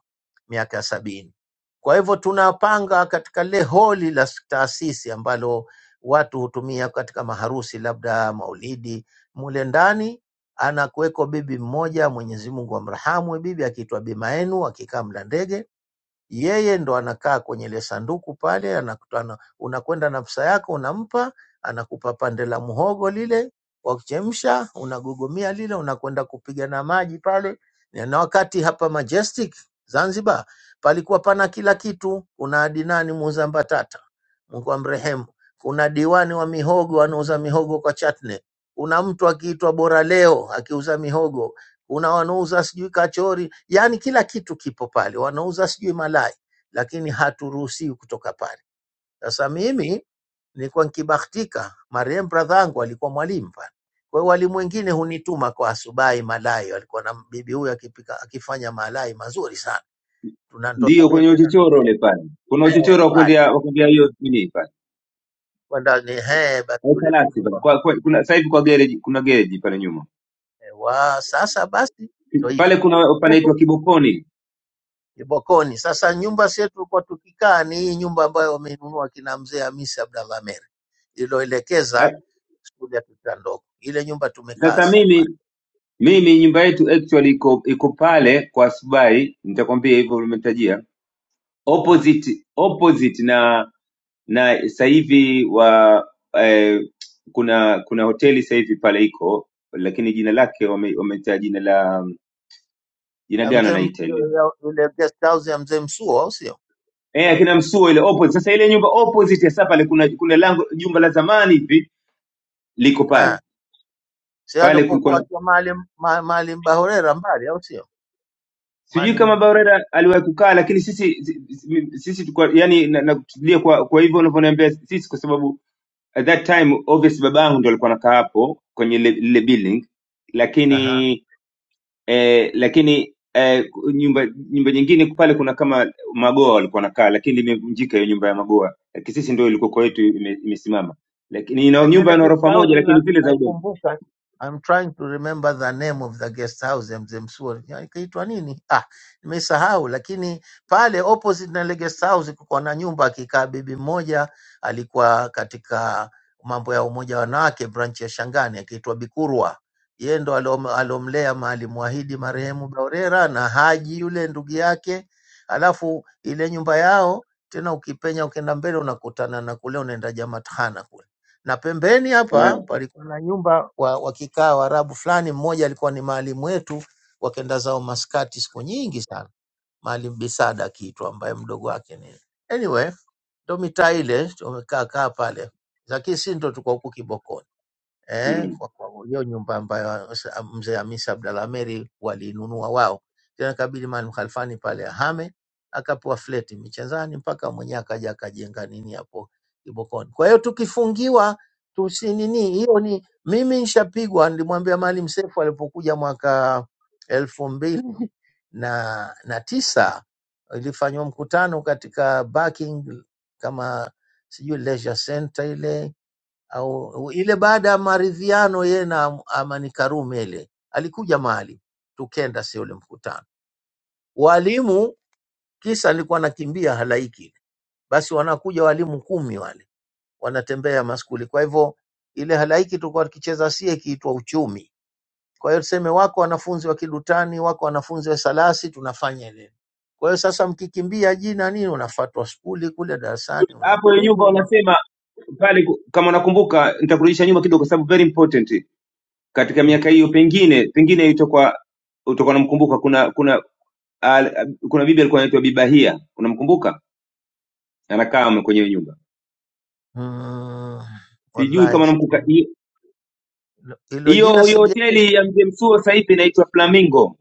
miaka ya sabini. Kwa hivyo tunapanga katika lile holi la taasisi ambalo watu hutumia katika maharusi, labda maulidi. Mule ndani anakuweko bibi mmoja, Mwenyezi Mungu amrahamu, bibi akiitwa Bimaenu, akikaa mla ndege yeye ndo anakaa kwenye ile sanduku pale, anakutana, unakwenda na pesa yako unampa, anakupa pande la muhogo lile wa kuchemsha, unagogomia lile, unakwenda kupiga na maji pale. Na wakati hapa Majestic Zanzibar palikuwa pana kila kitu, kuna adinani muuza mbatata, Mungu amrehemu, kuna diwani wa mihogo anauza mihogo kwa chatne, kuna mtu akiitwa Bora leo akiuza mihogo kuna wanauza sijui kachori, yani kila kitu kipo pale, wanauza sijui malai, lakini haturuhusiwi kutoka pale. Sasa mimi nilikuwa nikibahtika, marehemu bradhangu alikuwa mwalimu pale, kwa hiyo walimu wengine hunituma kwa asubuhi malai, walikuwa na bibi huyu akipika akifanya malai mazuri sana, tunandoa
ndio
mie
kwenye
tena na
uchochoro ule pale. Kuna
eh,
uchochoro wa
pale
kuendea wa kuendea hiyo nini pale.
kwenda ni eh, basi
Au
yule bibi
salasi
Mungu
pale. Kwa,
ambariki.
kwa, kuna sasa hivi kwa garage kuna garage pale nyuma.
Eh, wa sasa basi ndo
Pale
hivyo
kuna panaitwa Kibokoni.
Kibokoni. Sasa nyumba sie tulikuwa tukikaa ni hii nyumba ambayo wameinunua kina mzee Hamisi Abdallah Mere
Ah,
iliyoelekeza skuli ya Tita Ndogo. Ile nyumba tumekaa
Sasa
sie pale
mimi mimi nyumba yetu actually iko iko pale kwa Subai, nitakwambia hivyo ulimetajia.
Ah.
Opposite opposite na na sasa hivi wa eh, kuna kuna hoteli sasa hivi pale iko lakini jina lake wame- wametaa jina la jina
na
gani
mzee M-
wanaita ile
ile guest house ya mzee Msuo, au sio?
eh akina msuo ile opposite sasa ile nyumba opposite ya sasa pale kuna kuna lango jumba la zamani hivi liko pale
Ah. Si
pale kulikuwa
alipokuwa
na
akiwa Maalim ma- Maalim Bahorera mbali, au sio?
sijui kama
Maalim
Baurera aliwahi kukaa lakini sisi sisi tulikuwa yani na, na kutulia kwa kwa hivyo unavyoniambia sisi kwa sababu at that time obviously babangu ndo alikuwa anakaa hapo kwenye ile ile building
aha.
lakini eh, lakini eh, nyumba nyumba nyingine pale kuna kama magoa walikuwa wanakaa, lakini limevunjika hiyo nyumba ya magoa. Lakini sisi ndio ilikuwa kwetu ime- imesimama, lakini ina
Like ile
nyumba na
guest
orofa
house
moja, lakini
na-
vile za udongo
naikumbuka. I'm trying to remember the name of the guest house ya mzee Msuri. Ya, Ikaitwa nini? Ah, nimesahau lakini pale opposite na ile guest house kulikuwa na nyumba akikaa bibi mmoja alikuwa katika mambo ya umoja wa wanawake branch ya Shangani akiitwa Bikurwa. Yeye ndo alom, alomlea Maalim Wahidi marehemu Baurera na Haji yule ndugu yake. Alafu ile nyumba yao tena ukipenya ukienda mbele unakutana na kule unaenda Jamatana na pembeni hapa
Eh,
palikuwa na nyumba wa, wakikaa Waarabu fulani. Mmoja alikuwa ni maalimu wetu, wakenda zao Maskati siku nyingi sana, Maalim Bisada akiitwa, ambaye mdogo wake ni anyway, ndo mitaa ile tumekaa kaa pale, lakini si ndo tuko huku Kibokoni eh,
mhm.
kwa kwa hiyo nyumba ambayo sa- mzee Hamisi Abdalla Meri walinunua wao, tena kabidi Maalim Khalfani pale ahame, akapewa fleti Michenzani mpaka mwenyewe akaja akajenga nini hapo Kibokoni. Kwa hiyo tukifungiwa tusi nini, hiyo ni mimi nishapigwa, nilimwambia Maalim Seif alipokuja mwaka elfu mbili na, na tisa ilifanywa mkutano katika Barking kama sijui leisure center ile au ile baada ya maridhiano yeye na Amani Karume, ile alikuja mahali tukenda, si ule mkutano walimu, kisa nilikuwa nakimbia halaiki, basi wanakuja walimu kumi wale wanatembea maskuli. Kwa hivyo ile halaiki tulikuwa tukicheza sie ikiitwa uchumi. Kwa hiyo tuseme wako wanafunzi wa Kidutani, wako wanafunzi wa Salasi, tunafanya ile. Kwa hiyo sasa mkikimbia jina nini, unafuatwa skuli kule darasani,
hapo. Hiyo nyumba
unapigwa ma-
wanasema pale, ku- kama nakumbuka, nitakurudisha nyuma kidogo, kwa sababu very important katika
mm.
miaka hiyo, pengine pengine itakuwa utakuwa unamkumbuka. Kuna kuna al, kuna bibi alikuwa anaitwa Bibahia, unamkumbuka? Anakaa kwenye hiyo nyumba,
Mm.
sijui
Wallahi
kama
si-
namkumbuka
Hilo jina
hiyo hiyo
Sigeli
hoteli ya mzee Msuva sasa hivi inaitwa Flamingo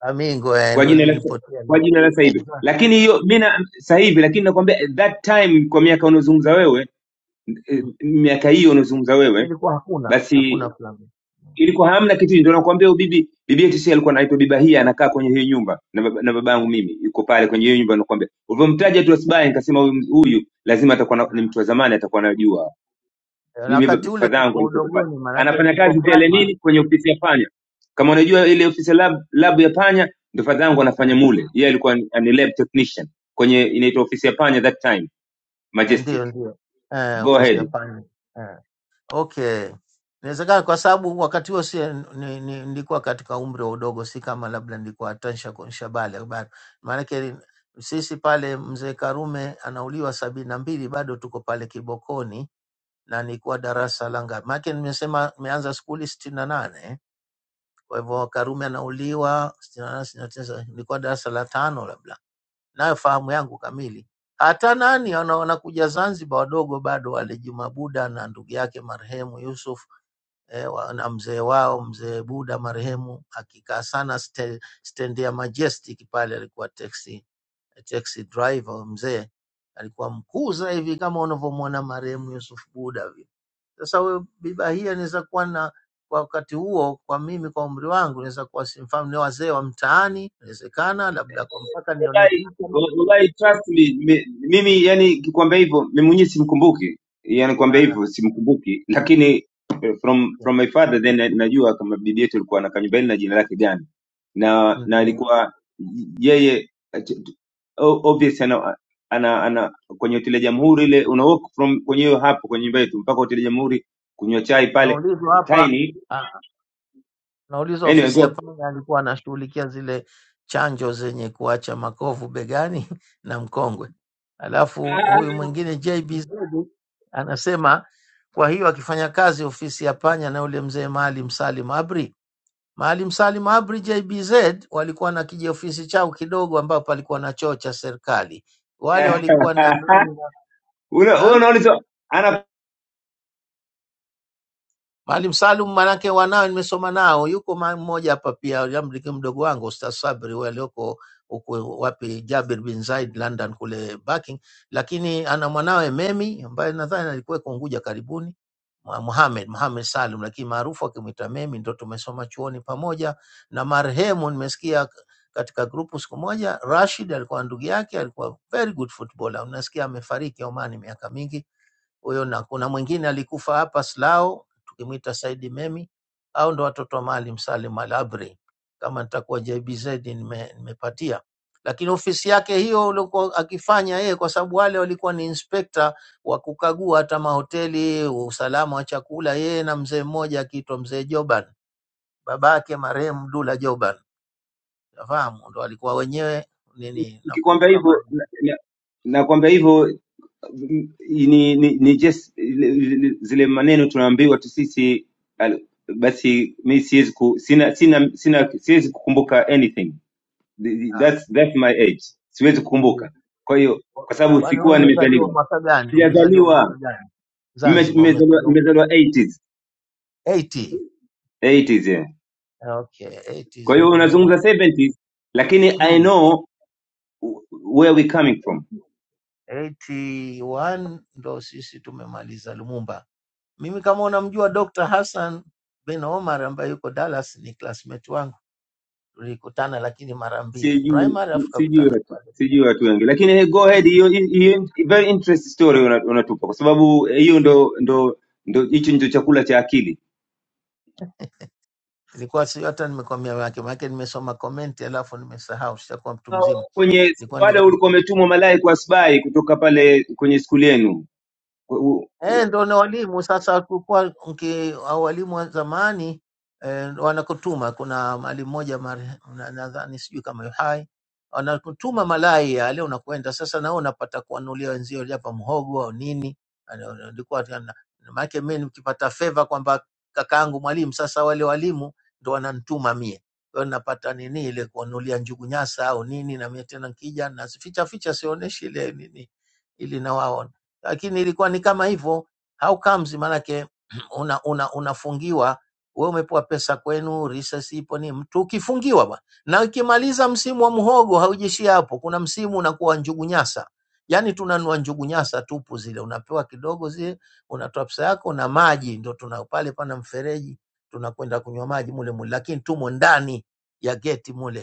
Flamingo eh,
kwa
ndo
jina la
lilinipotea
kwa
mimi.
jina la sasa hivi,
Exact.
lakini hiyo mimi na- sasa hivi, lakini nakwambia that time, kwa miaka unaozungumza wewe eh, miaka hiyo unaozungumza
Ah,
wewe,
Ilikuwa hakuna
basi
hakuna Flamingo.
ilikuwa hamna kitu. Ndio nakwambia huyu bibi bibi yetu si alikuwa anaitwa Biba hii, anakaa kwenye hiyo nyumba na baba, na babangu mimi yuko pale kwenye hiyo nyumba, nakwambia ulivyomtaja tu Asibahi, nikasema huyu huyu lazima atakuwa na- ni
Ah,
mtu wa zamani, atakuwa anajua
eh, Na
mimi baba
wakati ule
fadhangu
tuko
alikuwa pale
udogoni, maanake
anafanya
niko
kazi pale
primary.
nini kwenye ofisi ya panya kama unajua ile ofisi ya lab, lab ya panya ndo fadhangu anafanya
Eh,
mule yeye alikuwa ni, ni lab technician kwenye inaitwa ofisi ya panya that time
eh,
majestic
Ndio, ndio Eh,
go
ofisi
ahead
ya pani. Eh, Okay, inawezekana kwa sababu wakati huo si ni, ni, nilikuwa katika umri wa udogo, si kama labda nilikuwa tansha kuonyesha bale bado, maanake ni- sisi pale mzee Karume anauliwa sabini na mbili bado tuko pale Kibokoni na nilikuwa darasa la ngapi? Maana nimesema nimeanza skuli sitini na nane, kwa hivyo Karume anauliwa sitini na nane, sitini na tisa, nilikuwa darasa la tano labda, nayo fahamu yangu kamili. Hata nani wana- wanakuja Zanzibar wadogo bado wale Juma Buda na ndugu yake marehemu Yusuf eh, wa- na mzee wao mzee Buda marehemu akikaa sana ste- stendi ya Majestic pale, alikuwa taxi taxi driver mzee, alikuwa mkuu sasa hivi kama unavyomwona marehemu Yusuf Buda vile sasa wewe bibahia inaweza kuwa na kwa wakati huo, kwa mimi, kwa umri wangu, naweza kuwa simfahamu, ni wazee wa mtaani, inawezekana labda kwa mpaka nione
wallahi
picha ama-
wallahi, trust me, mi- mimi yani kikwambia hivyo mimi mwenyewe simkumbuki, yani kwambia
Ah,
hivyo simkumbuki, lakini eh, from
okay.
from my father then na- najua kama bibi yetu alikuwa na kanyumba na jina lake gani, na na
Ndio
alikuwa yeye eh, t- t- o- obvious ana ana, ana kwenye hoteli ya Jamhuri ile una walk from kwenye hiyo hapo kwenye nyumba yetu mpaka hoteli ya Jamhuri kunywa chai pale
naulizwa hapa
tiny
ah, naulizwa
anyway
ofisi ya
go
panya alikuwa anashughulikia zile chanjo zenye kuacha makovu begani na mkongwe, alafu huyu mwingine JBZ anasema kwa hiyo akifanya kazi ofisi ya panya na yule mzee Maalim Salim Abri Maalim Salim Abri JBZ walikuwa na kijiofisi chao kidogo, ambapo palikuwa na choo cha serikali. Wale walikuwa nadhani
una wewe unaona hizo
Maalim Salum manake wanao nimesoma nao, yuko ma- mmoja hapa pia, jamri ki- mdogo wangu Ustaz Sabri huyu aliyoko huko wapi, Jabir bin Zaid London kule Barking, lakini ana mwanawe Memi ambaye nadhani alikuwa Unguja karibuni, Mu- Muhammad Muhammad Salum, lakini maarufu akimwita Memi, ndo tumesoma chuoni pamoja na marehemu. Nimesikia katika grupu siku moja, Rashid alikuwa ndugu yake, alikuwa very good footballer, unasikia amefariki Omani miaka mingi huyo, na kuna mwingine alikufa hapa Silao, tukimwita Saidi Memi. Au ndo watoto wa Maalim Salim Al Abri, kama nitakuwa JBZ nime, nimepatia. Lakini ofisi yake hiyo ulikuwa akifanya yeye, kwa sababu wale walikuwa ni inspekta wa kukagua hata mahoteli, usalama wa chakula, yeye na mzee mmoja akiitwa mzee Joban, babake marehemu Dula Joban, nafahamu ndo alikuwa wenyewe nini,
Nikikwambia
nakumbuka ma-
hivyo na- na- nakwambia hivyo mm, ni, ni, ni just zile zile maneno tunaambiwa tu sisi al- basi mi siwezi ku, sina, sina, sina, siwezi kukumbuka anything Th- that's, that's my age siwezi
ah,
kukumbuka kwa hiyo kwa sababu
Kwani wewe
sikuwa
umezaliwa
nimezaliwa
mwaka gani? Umezaliwa mwaka
sijazaliwa
gani?
Mme-
Zanzibar
nimezaliwa
umezaliwa
nimezaliwa 80s
80.
80s yeah.
Okay,
kwa
80s
hiyo
mena.
unazungumza 70s lakini i
Mm.
know where we coming from
81 ndo sisi tumemaliza Lumumba. Mimi kama unamjua Dr. Hassan bin Omar ambaye yuko Dallas ni classmate wangu, tulikutana lakini mara mbili
sijui
primary, afu
sijui
tukakutana
watu
pale.
sijui watu wengi lakini eh, go ahead hiyo hiyo very interesting story una- unatupa kwa sababu eh, hiyo ndo ndo ndo hicho ndio chakula cha akili
Ilikuwa sio hata nimekwambia wake, maana nimesoma comment alafu nimesahau, sitakuwa mtu
Na
mzima.
kwenye pale
Ilikuwa
ulikuwa umetumwa malai kwa sbai kutoka pale kwenye skuli yenu Kwa- u-
Eh, ndo na walimu sasa. Kulikuwa mki- au walimu wa zamani eh, wanakutuma. Kuna mwalimu mmoja mare- na- nadhani sijui kama yu hai, wanakutuma malai yale, unakwenda sasa, nao unapata kuwanulia wenzio, japa mhogo au nini. Ana- Ilikuwa tena- na- maanake mimi nikipata feva kwamba kakaangu mwalimu, sasa wale walimu ndo wananituma mie, kwa hiyo napata nini ile kuwanulia njugu nyasa au nini, na mimi tena nkija nasificha ficha, ficha sionyeshi ile nini, ili na wao lakini ilikuwa ni kama hivyo how comes maanake una, una, unafungiwa wewe umepewa pesa kwenu resource ipo ni mtu ukifungiwa bwana na ukimaliza msimu wa mhogo haujishi hapo kuna msimu unakuwa njugu nyasa yaani tunanua njugu nyasa tupu zile unapewa kidogo zile unatoa pesa yako na maji ndio tuna pale pana mfereji tunakwenda kunywa maji mule mule lakini tumo ndani ya geti mule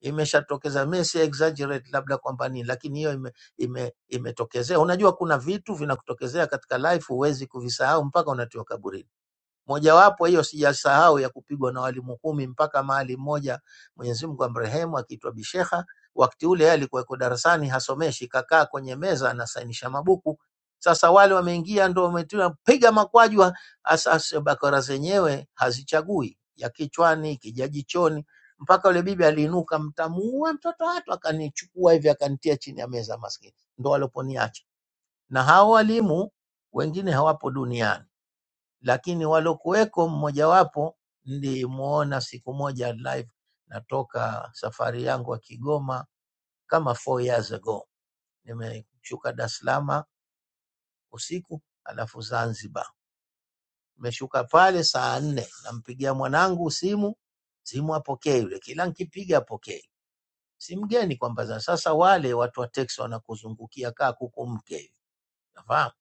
imeshatokeza mi si exaggerate labda kwamba nini lakini hiyo ime, ime, imetokezea unajua kuna vitu vinakutokezea katika life huwezi kuvisahau mpaka unatiwa kaburini Mojawapo hiyo sijasahau ya kupigwa na walimu kumi mpaka mahali mmoja Mwenyezi Mungu amrehemu akiitwa Bishekha. Wakati ule yeye alikuwa yuko darasani hasomeshi, kakaa kwenye meza anasainisha mabuku. Sasa wale wameingia ndo wametia piga makwajwa. Asasa bakora zenyewe hazichagui ya kichwani, kijajichoni, mpaka yule bibi aliinuka, mtamuua mtoto watu, akanichukua hivi akanitia chini ya meza, maskini ndo waloponiacha. Na hao walimu wengine hawapo duniani lakini walokuweko mmojawapo nilimuona siku moja live natoka safari yangu ya Kigoma kama four years ago. Nimeshuka Dar es Salaam usiku alafu Zanzibar. Nimeshuka pale saa nne, nampigia mwanangu simu, simu apokee yule, kila nikipiga apokee. Si mgeni kwamba za- sasa wale watu wa teksi wanakuzungukia kaa kuku mke, nafahamu.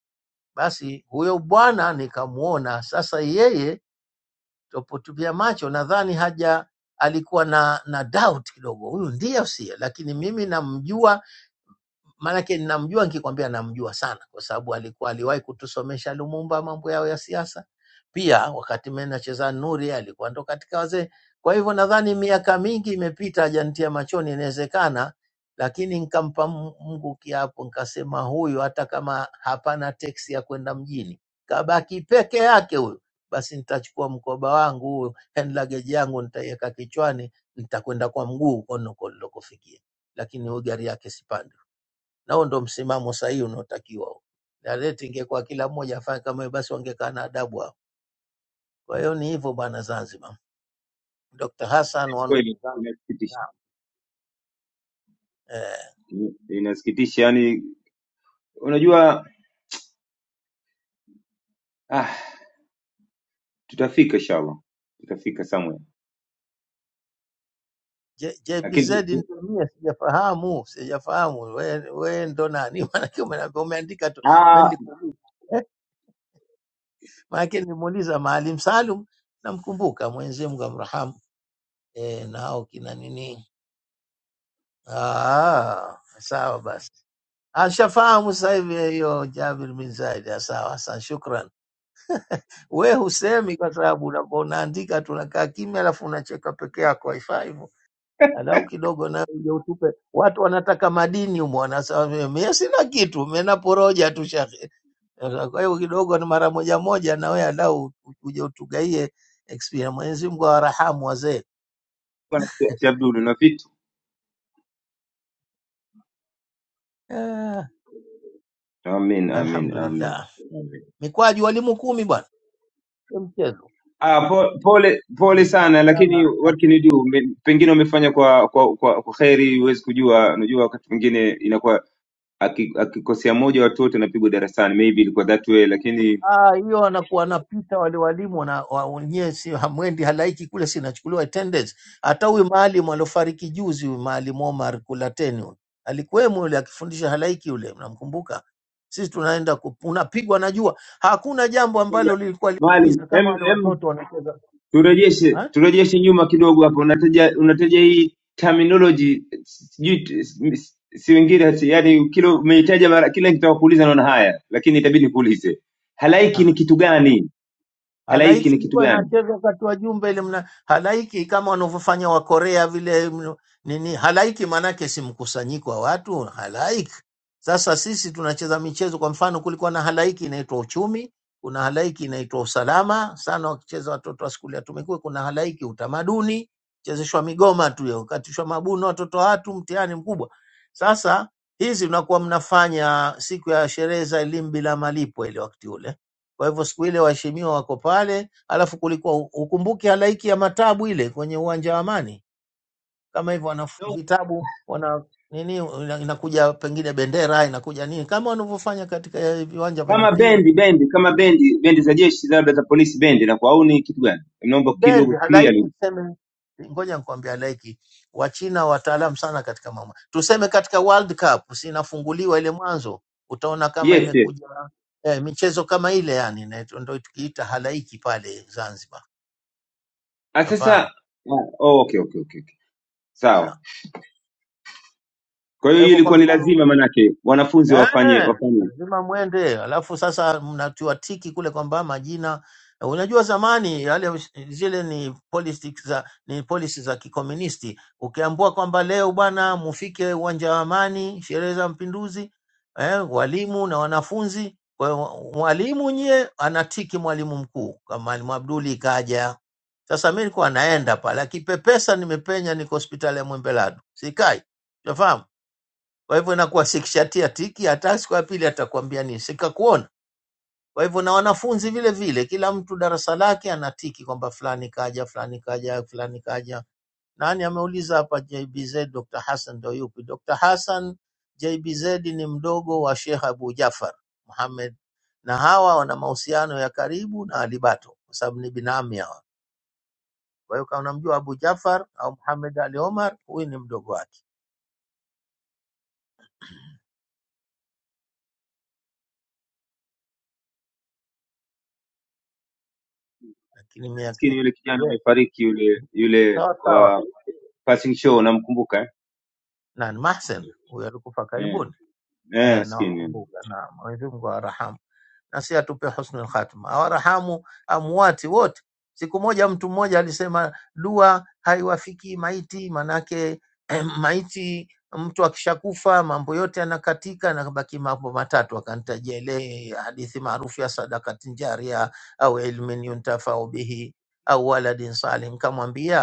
Basi huyo bwana nikamuona sasa, yeye Tupotupia macho nadhani haja alikuwa na na doubt kidogo, huyu ndiye au sio, lakini mimi namjua maanake namjua, nikikwambia namjua sana, kwa sababu alikuwa aliwahi kutusomesha Lumumba mambo yao ya siasa. Pia wakati mimi nacheza Nuri alikuwa ndo katika wazee. Kwa hivyo nadhani miaka mingi imepita, hajantia machoni, inawezekana, lakini nikampa Mu- Mungu kiapo, nikasema huyu hata kama hapana teksi ya kwenda mjini, kabaki peke yake huyu, basi nitachukua mkoba wangu huyu, hand luggage yangu nitaiweka kichwani, nitakwenda kwa mguu huko niloko- nilikofikia, lakini huyu gari yake sipandi. Na huo ndo msimamo sahihi unaotakiwa. Na leti ingekuwa kila mmoja afanye kama hiyo, basi wangekaa na adabu hao. Kwa hiyo ni hivyo bwana Zanzibar. Dr. Hassan one of the
kweli
Zanzibar.
inasikitisha
Naam. Eh,
inasikitisha yani unajua ah tutafika inshallah tutafika somewhere
J-
lakini
JBZ
tu- tu-
ndio mie sijafahamu, sijafahamu. We, we ndo nani? Maanake umeniambia- umeandika tu, mimi
ah
nilikuuliza. Eh, maanake nimuuliza Maalim Salum, namkumbuka Mwenyezi Mungu amrahamu. Eh, na hao kina nini? Ah, sawa basi. Ashafahamu sasa hivi hiyo Jabir bin Zaid. Ya Sawa, Hassan, shukran. We husemi kwa sababu unapo- unaandika tunakaa kimya, alafu unacheka peke yako, haifai hivyo. Angalau kidogo nawe uje utupe. Watu wanataka madini humo, wanasema mimi mimi sina kitu, mimi naporoja tu shekhe. Kwa hiyo kidogo ni mara moja moja, na wewe angalau uje utugaie experience. Mwenyezi Mungu awarahamu wazee.
bwana, Sheikh Abdul na vitu
Ah,
amin amin
alhamdulillah.
amin
Mikwaju walimu kumi bwana, Sio mchezo.
Ah, po- pole pole
Mwenyezi
sana
Mungu
lakini
sana
what can you do? Me- Pengine wamefanya kwa kwa kwa, kwa kheri, huwezi kujua. Unajua wakati mwingine inakuwa aki- akikosea moja watu wote wanapigwa darasani, maybe ilikuwa that way, lakini
Ah, hiyo wanakuwa wanapita wale walimu wana- wa- wenyewe, si hamwendi, halaiki kule, si inachukuliwa attendance. Hata huyu maalimu aliofariki juzi, huyu maalimu Omar Kulateni huyu, alikuwemo yule akifundisha halaiki, yule mnamkumbuka? Sisi tunaenda ku- unapigwa na jua, hakuna jambo
Ngoja,
ambalo lilikuwa
Maalim,
linaumiza
em
kama wale
em
watoto wanacheza
turejeshe
ha?
turejeshe nyuma kidogo hapo. Unataja unataja hii terminology sijui t- si si wengine hati- yani kila umeitaja mara kila nikitaka kuuliza naona haya, lakini itabidi nikuulize. Halaiki ni kitu gani? Halaiki
Halaiki
ni kitu
ilikuwa
gani?
inachezwa wakati wa Jumbe ile mna halaiki kama wanavyofanya Wakorea vile mno- nini. Halaiki maanake si mkusanyiko wa watu, halaiki. Sasa sisi tunacheza michezo, kwa mfano, kulikuwa na halaiki inaitwa uchumi, kuna halaiki inaitwa usalama, sana wakicheza watoto wa skuli ya Tumekuwa. Kuna halaiki utamaduni, chezeshwa migoma tu hiyo, katishwa mabuno watoto wa watu, mtihani mkubwa. Sasa hizi mnakuwa mnafanya siku ya sherehe za elimu bila malipo ile wakati ule kwa hivyo siku ile waheshimiwa wako pale, alafu kulikuwa ukumbuke halaiki ya matabu ile kwenye uwanja wa Amani, kama hivyo wana vitabu wana nini, ina- inakuja pengine bendera inakuja nini, kama wanavyofanya katika eh, viwanja vya
kama
mipira
bendi
Ni
bendi kama bendi bendi za jeshi labda za polisi bendi na kwa au ni kitu gani naomba kidogo
bendi halaiki.
clearly
Tuseme ngoja nikwambia, halaiki Wachina wataalamu sana katika mambo, tuseme katika World Cup sinafunguliwa ile mwanzo, utaona kama
yes yes
imekuja eh, michezo kama ile yani, na ndio tukiita halaiki pale Zanzibar,
Ah, sasa
unafahamu
ah, oh, okay, okay okay okay sawa kwa hiyo
Kwa
hii
hivyo kwa
ilikuwa ni
mfano
lazima manake wanafunzi wafanye
eh,
wafanye
lazima mwende, alafu sasa mnatiwa tiki kule kwamba majina. Unajua zamani yale ush- zile ni politics za ni policy za kikomunisti. Ukiambua kwamba leo bwana mufike uwanja wa Amani, sherehe za Mapinduzi, eh, walimu na wanafunzi. Kwa hiyo mwalimu nyie anatiki mwalimu mkuu, kama mwalimu Abduli kaja. Sasa mimi nilikuwa naenda pale, akipepesa nimepenya, niko hospitali ya Mwembelado, sikai, unafahamu kwa hivyo inakuwa sikishatia tiki, hata siku ya pili atakwambia nini, sikakuona. Kwa hivyo na wanafunzi vile vile, kila mtu darasa lake anatiki kwamba fulani kaja, fulani kaja, fulani kaja. Nani ameuliza hapa? JBZ Dr. Hassan ndo yupi? Dr. Hassan JBZ ni mdogo wa Sheikh Abu Jafar Muhammad, na hawa wana mahusiano ya karibu na Alibato kwa sababu ni binamu hawa. Kwa hiyo kama unamjua Abu Jafar au Muhammad Ali Omar, huyu ni mdogo wake, lakini miaka
maskini yule kijana
yes,
amefariki yule yule
sawa sawa
wa passing show namkumbuka
nani Mahsen, huyo alikufa
eh
karibuni
eh, eh
eh,
maskini yule.
nawakumbuka. Na Mwenyezi Mungu awarahamu na si atupe husnul khatima, awarahamu amuwati wote. Siku moja mtu mmoja alisema dua haiwafikii maiti, manake eh, maiti mtu akishakufa mambo yote yanakatika, nakabaki mambo matatu. Akanitajia ile hadithi maarufu ya sadakatin jaria au ilmin yuntafau bihi au waladin salih, nikamwambia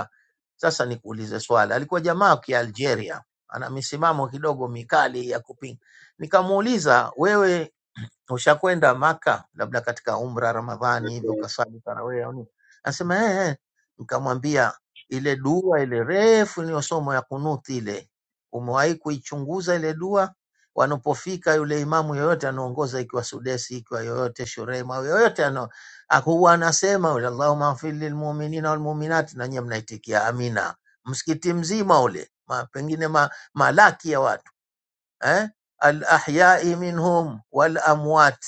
sasa nikuulize swali, alikuwa jamaa wa Kialgeria ana misimamo kidogo mikali ya kupinga. Nikamuuliza, wewe Ushakwenda Maka labda katika umra Ramadhani hivi ukaswali tarawih au nini? Anasema eh, eh. Nikamwambia ile dua ile refu iliyosomwa ya kunuti ile, umewahi kuichunguza ile dua? Wanapofika yule imamu yoyote anaongoza, ikiwa Sudesi, ikiwa yoyote Shurem au yoyote ano, ah, huwa anasema yule, Allahumma ighfir lilmu'minina walmu'minati, na nyie mnaitikia amina. Msikiti mzima ule ma, pengine ma, malaki ya watu eh? al ahyai minhum wal amwat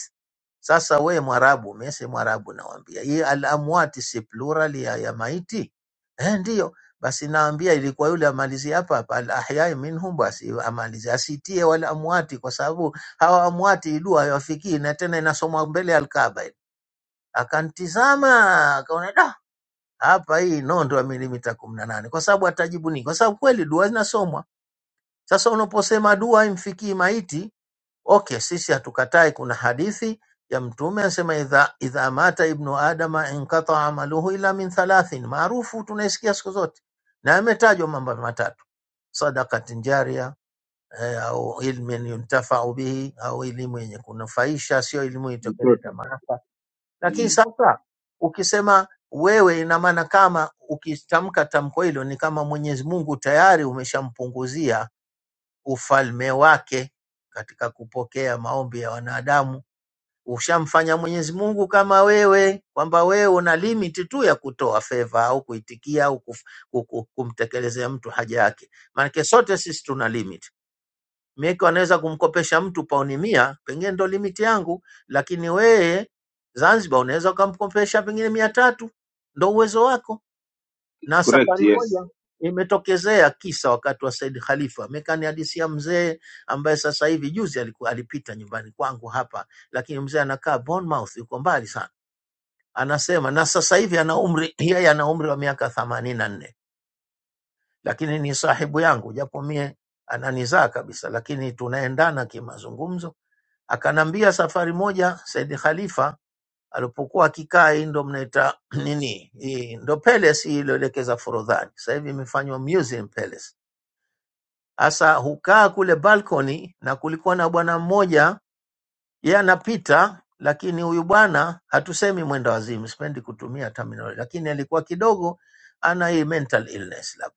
sasa we Mwarabu, mimi si Mwarabu, nawambia hii al amwati si plural ya, ya maiti eh? Ndiyo basi, nawambia ilikuwa yule amalizie hapa hapa, al ahyai minhum, basi amalizie asitie wal amwati, kwa sababu hawa amwati idua hawafikii na tena inasomwa mbele ya Alkaaba. ile. Akantizama akaona da, hapa hii nondo ya milimita kumi na nane, kwa sababu atajibu nini? Kwa sababu kweli dua zinasomwa. Sasa unaposema dua imfikii maiti okay sisi hatukatai kuna hadithi ya mtume anasema idha, idha mata ibnu adama inqataa amaluhu ila min thalathin maarufu tunaisikia siku zote na yametajwa mambo matatu sadakatin jaria eh, au ilmin yuntafau bihi au elimu yenye kunufaisha sio elimu itakaleta
mtoto
maafa lakini
mm.
sasa ukisema wewe ina maana kama ukitamka tamko hilo ni kama mwenyezi mungu tayari umeshampunguzia ufalme wake katika kupokea maombi ya wanadamu. Ushamfanya Mwenyezi Mungu kama wewe, kwamba wewe una limit tu ya kutoa feva au kuitikia au kuf, ku- ku- kumtekelezea mtu haja yake. Maanake sote sisi tuna limit. Mieko anaweza kumkopesha mtu pauni mia, pengine ndo limit yangu, lakini wewe Zanzibar unaweza ukamkopesha pengine mia tatu, ndo uwezo wako na
correct
safari
yes
moja imetokezea kisa wakati wa Said Khalifa, amekanihadisia mzee ambaye sasa hivi juzi alikuwa alipita nyumbani kwangu hapa, lakini mzee anakaa Bournemouth, yuko mbali sana. Anasema na sasa hivi ana umri yeye ana umri wa miaka themanini na nne, lakini ni sahibu yangu, japo mie ananizaa kabisa, lakini tunaendana kimazungumzo. Akanambia safari moja Said Khalifa alipokuwa akikaa, hii ndo mnaita nini, hii ndo palace hii iliyoelekeza Forodhani, sasa hivi imefanywa museum palace. Sasa hukaa kule balcony, na kulikuwa na bwana mmoja, yeye anapita, lakini huyu bwana hatusemi mwenda wazimu, sipendi kutumia terminology, lakini alikuwa kidogo ana hii mental illness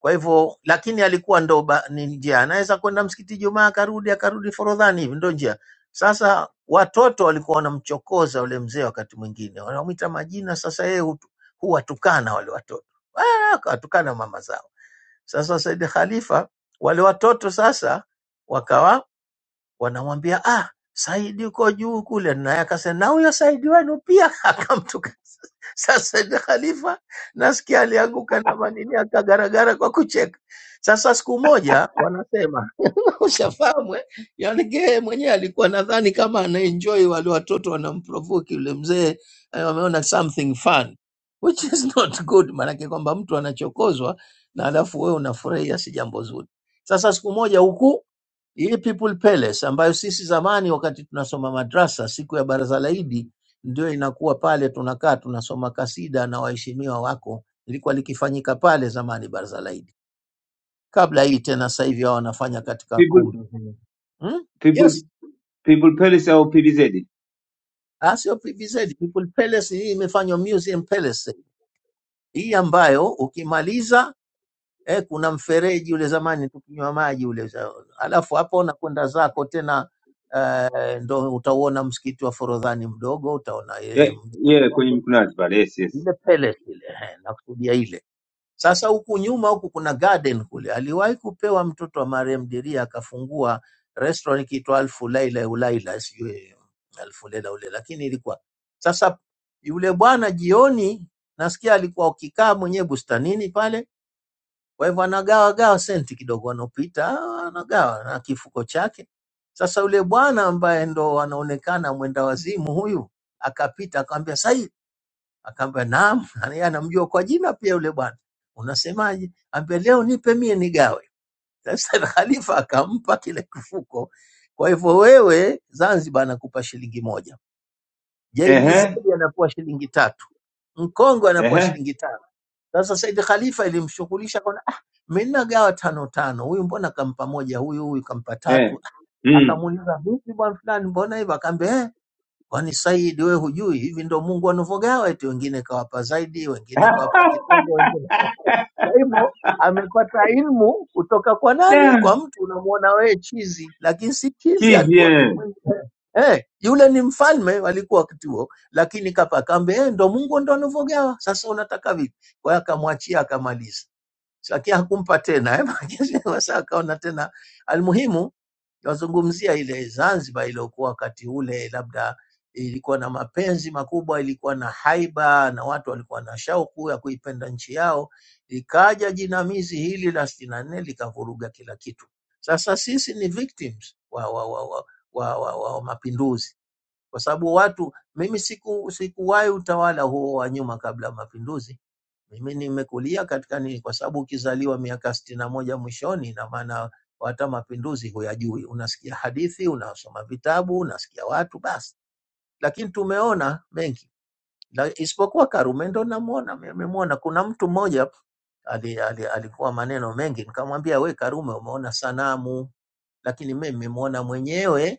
kwa hivyo lakini alikuwa ndo ba, ni njia, anaweza kwenda msikiti Jumaa akarudi akarudi Forodhani hivi, ndo njia. Sasa watoto walikuwa wanamchokoza yule mzee, wakati mwingine wanamwita majina. Sasa yeye hutu- huwatukana wale watoto, Ah, akawatukana mama zao. Sasa Said Khalifa wale watoto sasa wakawa wanamwambia ah, Saidi uko juu kule, naye akasema na huyo Saidi wenu pia akamtuka. Sasa ni Khalifa nasikia alianguka na manini akagaragara kwa kucheka. Sasa siku moja wanasema ushafahamu eh? Yaani yeye mwenyewe alikuwa nadhani kama anaenjoy wale watoto wanamprovoke yule mzee, eh, wameona something fun which is not good, maanake kwamba mtu anachokozwa na alafu wewe unafurahia, si jambo zuri. Sasa siku moja huku hii People Palace ambayo sisi zamani wakati tunasoma madrasa, siku ya baraza la Idi ndio inakuwa pale tunakaa tunasoma kasida na waheshimiwa wako, ilikuwa likifanyika pale zamani baraza la Idi kabla hili tena sasa hivi hao wanafanya katika
people
kumbi Mhm. hmm?
people
Yes,
people police au pbz
Ah, sio PVZ, People Palace hii imefanywa Museum Palace hii ambayo ukimaliza eh, kuna mfereji ule zamani tukinywa maji ule, za- alafu hapo unakwenda zako tena eh, ndo utauona msikiti wa Forodhani mdogo, utaona ile
eh
mji
yeah kwenye
mkongwe,
mkunazi pale yes yes
ile palace ile, eh, nakusudia ile Sasa huku nyuma huku kuna garden kule, aliwahi kupewa mtoto wa Mariam Diria akafungua restaurant ikiitwa Alfu Laila Ulaila, sijui Alfu Laila ule, lakini ilikuwa sasa. Yule bwana jioni nasikia alikuwa akikaa mwenyewe bustanini pale, kwa hivyo anagawa gawa senti kidogo, anopita ah, anagawa na kifuko chake. Sasa yule bwana ambaye ndo anaonekana mwenda wazimu huyu akapita akamwambia, sasa Akaambia naam, yeye anamjua kwa jina pia yule bwana. Unasemaje? Ambia leo nipe mie nigawe. Sasa Khalifa akampa kile kifuko. Kwa hivyo wewe Zanzibar anakupa shilingi moja, JBZ
ehe
anapewa shilingi tatu, Mkongwe anapewa
ehe
shilingi tano. Sasa Said Khalifa ilimshughulisha kwa ah, mimi nagawa tano tano, huyu mbona kampa moja, huyu huyu kampa
Eh.
tatu.
Mm.
Akamuuliza vipi bwana fulani, mbona hivyo? Akaambia eh, Kwani Said wewe hujui hivi ndo Mungu anavyogawa, eti wengine kawapa zaidi, wengine kawapa kidogo, wengine kwa hivyo amepata ilmu kutoka kwa nani?
Da,
Kwa mtu unamuona wewe chizi, lakini si chizi,
Chizi
alikuwa
eh.
eh, yule ni mfalme walikuwa wakati huo, lakini kapa kaambe eh, ndo Mungu ndo anavyogawa. Sasa unataka vipi? Kwa hiyo akamwachia akamaliza lakini hakumpa tena eh, sasa akaona tena. Almuhimu wazungumzia ile Zanzibar iliyokuwa wakati ule, labda ilikuwa na mapenzi makubwa, ilikuwa na haiba na watu walikuwa na shauku ya kuipenda nchi yao. Likaja jinamizi hili la sitini na nne likavuruga kila kitu. Sasa sisi ni victims wa, wa, wa, wa, wa, wa, wa mapinduzi kwa sababu watu, mimi siku sikuwahi utawala huo wa nyuma kabla ya mapinduzi mimi nimekulia katika nini, kwa sababu ukizaliwa miaka sitini na moja mwishoni, ina maana hata mapinduzi huyajui. Unasikia hadithi, unasoma vitabu, unasikia watu basi, lakini tumeona mengi La- isipokuwa Karume ndo namwona, nimemwona. Kuna mtu mmoja ali, ali, alikuwa maneno mengi, nikamwambia we Karume, umeona sanamu, lakini mimi nimemwona mwenyewe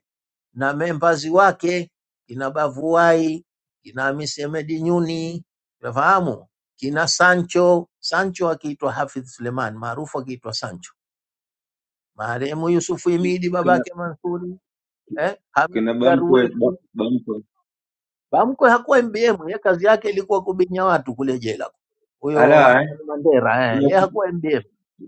na members wake kina Bavuai, kina Hamisi Ahmed Nyuni, unafahamu kina Sancho. Sancho akiitwa Hafidh Suleiman, maarufu akiitwa Sancho, marehemu Yusufu Himidi
Kina
babake Mansuri, eh, Hamis
kina bamkwe
Darwishi.
ba- bamkwe.
Bamkwe hakuwa MBM, yeye kazi yake ilikuwa kubinya watu kule jela. Huyo
Ala eh.
Hassan Mandera eh,
Tuna-
yeye hakuwa MBM,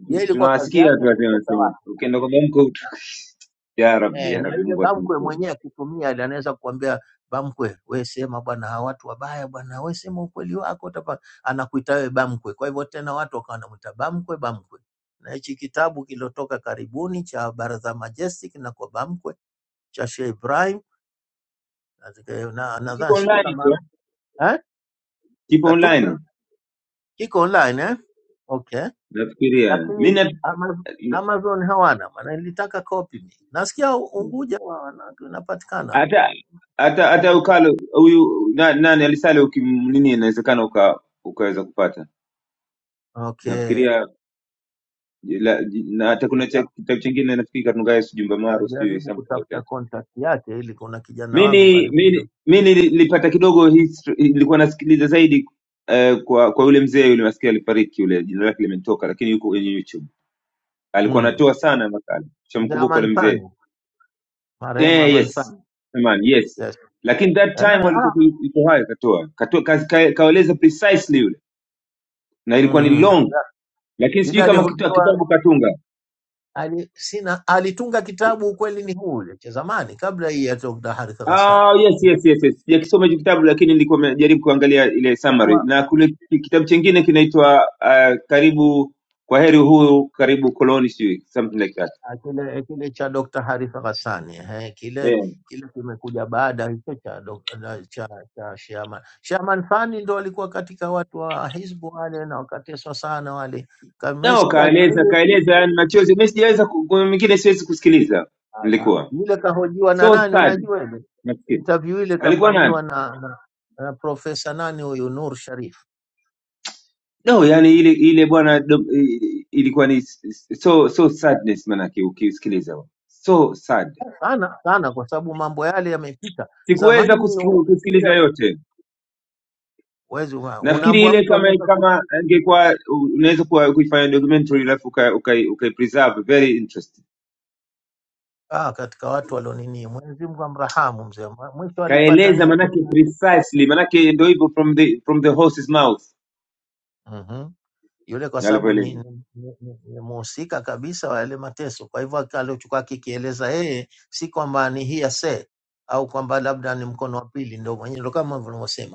yeye ilikuwa kazi
Tunawasikia tu
yake
watu
kutesa watu.
wanasema. Ukienda kwa bamkwe ut- ya Rabbi
Eh,
ya
na
Rabbi
yule
Mungu
bamkwe
atuokoe.
mwenyewe akitumia ile anaweza kukuambia bamkwe, we sema bwana, hawa watu wabaya bwana, we sema ukweli wako utapa, anakuita wewe bamkwe. Kwa hivyo tena watu wakawa wanamuita bamkwe, bamkwe. Na hichi kitabu kilotoka karibuni cha Baraza Majestic na kwa bamkwe cha Sheikh Ibrahim na zika- na-
Kiko
nadhani sijui
online tu.
kama
eh?
eh,
Kipo
katunga
online.
kiko online eh? Okay,
Nafikiria. Mimi
lakini
na-
Ama-
na-
Amazon hawana maana, nilitaka copy mimi. Nasikia Unguja wa- wana- unapatikana
hata hata
eh,
hata
kuna-
ukalo huyu na- nani alisale ukimnini inawezekana uka ukaweza kupata.
Okay.
Nafikiria la, ji- na
Sasa
hata kuna cha,
ika-
kitabu chingine nafikiri Katungaye sijui Mbamaru sijui
Ikajaribu
something like
kutafuta
that.
contact yake, ili kuna kijana wangu
Mimi
karibu na
mimi mimi nilipata kidogo history, nilikuwa nasikiliza zaidi eh, kwa kwa yule mzee yule maskini alifariki yule, jina lake limenitoka, lakini yuko kwenye YouTube alikuwa
mm.
anatoa sana makala,
mzee
shamkumbuka
Aman
yule mzee
Sani, marehemu
eh,
Aman
yes
Sani
man, yes
yes.
lakini that
Eh,
time walikuwa
ah.
iko hai katoa katoa kaeleza precisely yule na ilikuwa ni
mm.
long, lakini sijui
Ile
kama kitu-
alihojiwa
kitabu katunga
ali, sina alitunga kitabu, ukweli ni huu ule cha zamani, kabla hii ya Dr. Harith Ghassani
Ah, yes, yes, yes, yes. Sijakisoma hicho kitabu lakini nilikuwa najaribu kuangalia ile summary. Na kule ki- kitabu chingine kinaitwa uh, karibu kwa heri huyu karibu koloni sijui something like that.
Ah, kile kile cha Dr. Harifa Ghassani eh, kile
Eh.
kile kimekuja baada hicho cha dok- na- cha cha Shaman. Shaman Fani ndo alikuwa katika watu wa Hizbu wale na wakateswa sana wale.
Nao
Kamesikia na
kaeleza
ile
kaeleza yani machozi. Mimi sijaweza ku- kuna mingine siwezi kusikiliza.
ah, na-
Nilikuwa
yule kahojiwa na
so
nani
sad
unajua ile
nafikiri.
interview ile
Alikuwa
kafanyiwa
nani?
na, na, na profesa nani huyu Nur Sharif
No, yani ile ile bwana dom- i- i- ilikuwa ni s- s- so so sadness manake ukisikiliza. So sad.
sana sana, kwa sababu mambo yale yamepita zamani.
Sikuweza kusiki- kusikiliza
Ukifikia
yote.
wezi
nafikiri
unaambua
ile
mtu
kama
anaweza
kama angekuwa u- unaweza kuwa- kuifanya documentary alafu uka, uka, uka preserve very interesting
ah, katika watu walionini. Mwenyezi Mungu amrahamu mzee, Mwa- mwisho alipata
kaeleza
nini?
manake precisely manake ndio hivyo from the from the horse's mouth
mm Yule kwa sababu ni,
alivyoeleza
ni, ni, ni, ni muhusika kabisa wa yale mateso. Kwa hivyo aki- alichokuwa akikieleza yeye si kwamba ni hearsay au kwamba labda ni mkono wa pili, ndio mwenyewe, ndio kama unavyosema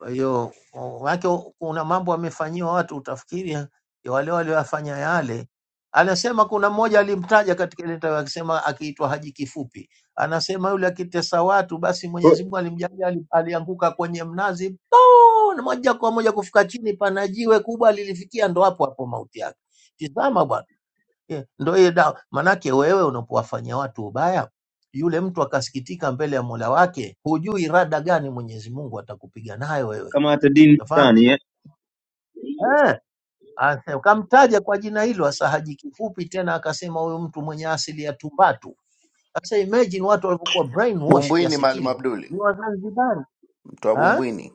Kwa hiyo o- wake kuna mambo wamefanyiwa watu, utafikiri ya wale walioyafanya yale. Anasema kuna mmoja alimtaja katika ile tawi akisema, akiitwa Haji Kifupi, anasema yule akitesa watu, basi
Kwa-
Mwenyezi Mungu alimjalia, ali- alianguka kwenye mnazi poo, na moja kwa moja kufika chini, pana jiwe kubwa lilifikia, ndo hapo hapo mauti yake. Tizama bwana, eh, ndo hiyo dawa. Manake wewe unapowafanyia watu ubaya, yule mtu akasikitika mbele ya Mola wake, hujui rada gani Mwenyezi Mungu atakupiga nayo wewe
kama hata dini
Unafahamu?
fulani eh
Eh, ase- kamtaja kwa jina hilo hasa Haji Kifupi, tena akasema huyu mtu mwenye asili ya Tumbatu. Sasa imagine watu walivyokuwa brainwash
Bumbwini
kiasi
Maalim
kilo,
Abduli,
ni Wazanzibari
mtu wa
Ah,
Bumbwini.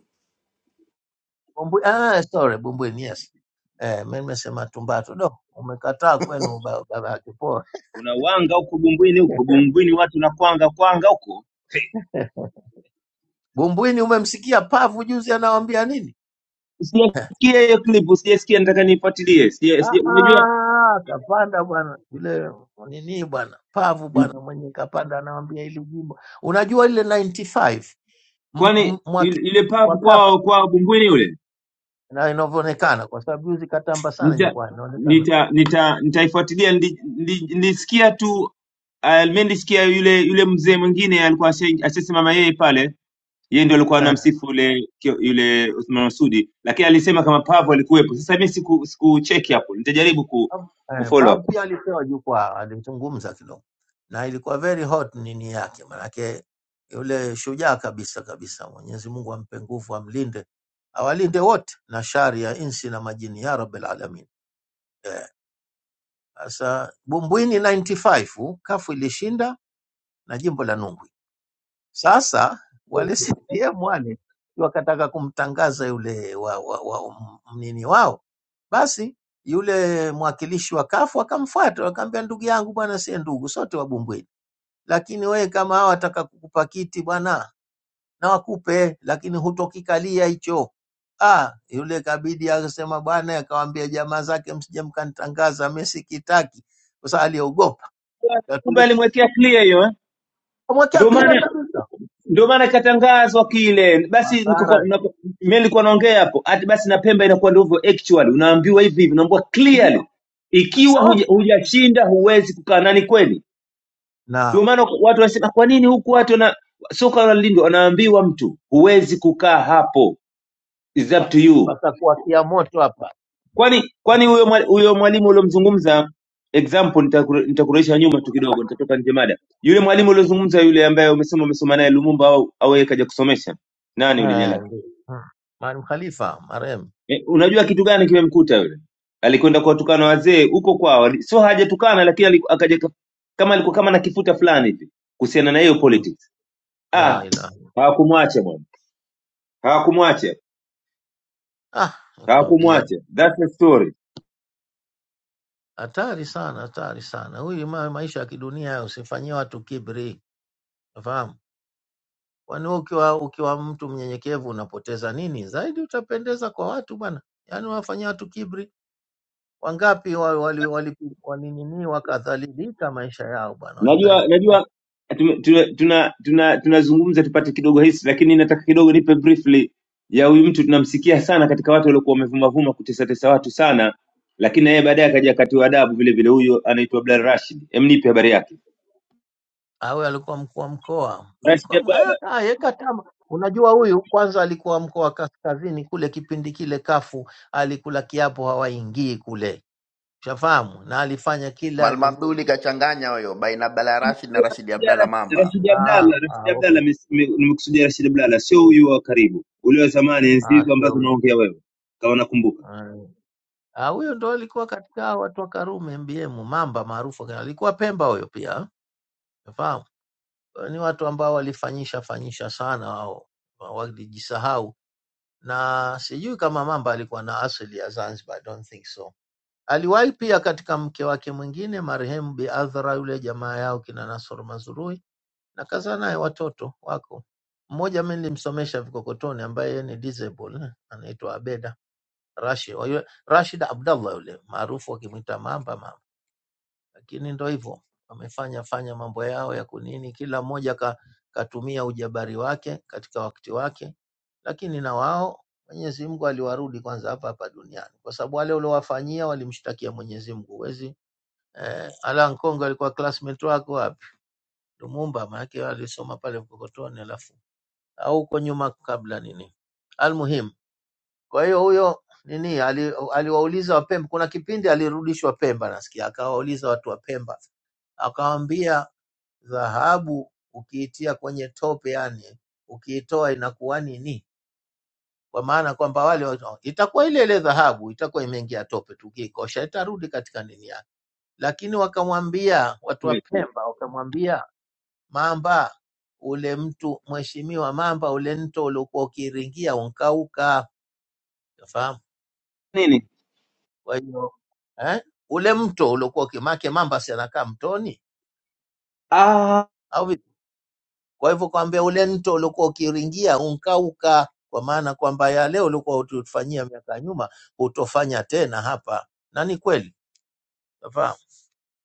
Bumbwe- ah, sorry, Bumbwini, yes. Eh, mimi nimesema Tumbatu. Do, umekataa kwenu ba- baba yake poa.
kuna wanga huko bumbwini huko bumbwini watu na kwanga kwanga huko
Bumbwini umemsikia pavu juzi anawaambia nini?
usijasikia hiyo clip usijasikia nataka nifuatilie sija- sija-
Ah,
unajua
ah, kapanda bwana yule nini bwana pavu bwana mwenye kapanda anawaambia hili jimbo, unajua ile 95 m- m-
kwani il-
mwaki
ile
wa
pub
kafu
kwao kwao bumbwini ule
na inavyoonekana, kwa sababu juzi katamba sana
nita
jukwaa inaonekana
nita nita nitaifuatilia nili- nili- nilisikia tu ah, mimi nilisikia yule yule mzee mwingine alikuwa ashe- ashasimama yeye pale yeye ndio alikuwa
eh.
anamsifu yule kio- yule Uthman Masudi lakini alisema kama Pavo alikuwepo sasa mimi siku siku check hapo nitajaribu ku,
Pavu
ku
eh,
follow
Pavu
up
pia alipewa jukwaa, alizungumza kidogo na ilikuwa very hot nini yake, manake yule shujaa kabisa kabisa. Mwenyezi Mungu ampe nguvu, amlinde, awalinde wote na shari ya insi na majini, ya rabbil alamin. Eh, Sasa bumbwini 95 kafu ilishinda na jimbo la Nungwi. Sasa wale CCM wale wakataka kumtangaza yule wa, wa, wa, mnini wao, basi yule mwakilishi wa kafu akamfuata, akamwambia ndugu yangu bwana, sie ndugu sote Wabumbwini, lakini wewe kama hawa wataka kukupa kiti bwana, na wakupe, lakini hutokikalia hicho. Ah, yule kabidi akasema bwana, akawambia jamaa zake, msije mkanitangaza, mimi sikitaki, kwa sababu aliogopa,
kumbe
Lakini-
alimwekea clear hiyo eh?
akamwekea
ndio
clear
maana
kabisa
ndio maana ikatangazwa kile basi. niko-
madhara,
unapo- Mimi nilikuwa naongea hapo ati basi na Pemba inakuwa ndivyo actually, unaambiwa hivi hivi, unaambiwa clearly,
ndio Ah,
ikiwa
sawa.
huja- hujashinda huwezi kukaa, na ni kweli.
Naam.
Ndio maana watu wanasema kwa nini huku watu wana soka wanalindwa, wanaambiwa mtu huwezi kukaa hapo, It's up
hapa
to you.
patakuwakia moto hapa
Kwani kwani huyo mwa- huyo mwalimu uliomzungumza example, nitaku- nitakurudisha nyuma tu kidogo, nitatoka nje mada. Yule mwalimu uliozungumza yule ambaye umesema umesoma naye Lumumba au au yeye kaja kusomesha, nani yule jina
Eh,
lake?
ndio. Mm. Maalim Khalifa marehemu,
E, unajua kitu gani kimemkuta yule? Alikwenda kuwatukana wazee huko kwao, ali- sio hajatukana, lakini aliku- akaja ka- kama alikuwa kama na kifuta fulani hivi kuhusiana na hiyo
Ndio.
politics.
la
Ah,
ilaha
hawakumwacha bwana, hawakumwacha,
ah, nikwambia
hawakumwacha. That's the story.
hatari sana, hatari sana huyu ma, maisha ya kidunia hayo, usifanyie watu kibri, nafahamu kwani wewe ukiwa ukiwa mtu mnyenyekevu unapoteza nini zaidi? Utapendeza kwa watu bwana, yaani wafanyia watu kibri. Wangapi walinini wali, wali, wali walinini wakadhalilika maisha yao bwana,
Najua
walidhalilika
najua tume- tume- tuna tuna tunazungumza tupate kidogo hisi, lakini nataka kidogo nipe briefly ya huyu mtu tunamsikia sana katika watu waliokuwa wamevumavuma kutesatesa watu sana, lakini na yeye baadaye akaja akatiwa adabu vile vile. Huyo anaitwa Abdalla Rashid, Em, nipe habari yake.
awe alikuwa mkuu wa mkoa
Rashid
alikuwa m- eh,
Abdalla,
aka- yeka tama. Unajua huyu kwanza alikuwa mkoa wa kaskazini kule, kipindi kile kafu alikula kiapo hawaingii kule, ushafahamu, na alifanya kila
Maalim
nini.
Abduli kachanganya huyo baina ya Abdalla Rashid na Rashidi Abdalla Mamba.
Rashid
Ah, ah,
Abdalla,
ah,
Rashid Abdalla,
okay.
mis- mi- nimekusudia Rashid Abdalla, sio huyu wa karibu, ule wa zamani, enzi
Ah,
hizo
sio
ambazo
huyo
unaongea wewe, kama nakumbuka
Ah, ah, huyo ndo alikuwa katika hao watu wa Karume MBM mamba maarufu, kana- alikuwa Pemba huyo pia, ushafahamu. Ni watu ambao walifanyisha fanyisha sana wao, walijisahau na sijui kama mamba alikuwa na asili ya Zanzibar, I don't think so Aliwahi pia katika mke wake mwingine marehemu Bi Adhra yule jamaa yao kina Nasoro Mazurui na kazaa naye watoto wako. Mmoja mimi nilimsomesha vikokotoni ambaye yeye ni disable eh, anaitwa Abeda Rashid. Wa yule- Rashid Abdallah yule maarufu wakimwita Mamba Mamba. Lakini ndo hivyo wamefanya fanya mambo yao ya kunini, kila mmoja ka, katumia ujabari wake katika wakati wake, lakini na wao Mwenyezi Mungu aliwarudi kwanza hapa hapa duniani, kwa sababu wale uliowafanyia walimshtakia Mwenyezi Mungu, huwezi eh, Ala Nkongo alikuwa classmate wako wapi? Lumumba, maanake alisoma pale Mkokotoni, alafu au huko nyuma kabla nini, almuhim. Kwa hiyo huyo nini ali- aliwauliza Wapemba, kuna kipindi alirudishwa Pemba, nasikia akawauliza watu wa Pemba, akawambia dhahabu ukiitia kwenye tope, yani ukiitoa inakuwa nini? Kwa maana kwamba wale watu- itakuwa ile ile dhahabu, itakuwa imeingia tope, tu, ukiikosha itarudi katika nini yake. Lakini wakamwambia watu wa Pemba, wakamwambia Mamba ule mtu mheshimiwa, mamba ule mto uliokuwa ukiringia unkauka, unafahamu?
nini.
Kwa hiyo eh, ule mto uliokuwa ukimake, mamba si anakaa mtoni
Ah,
au vipi? Kwa hivyo kwambia ule mto uliokuwa ukiringia unkauka, kwa maana kwamba yale uliokuwa utufanyia miaka ya nyuma hutofanya tena hapa, na ni kweli, unafahamu?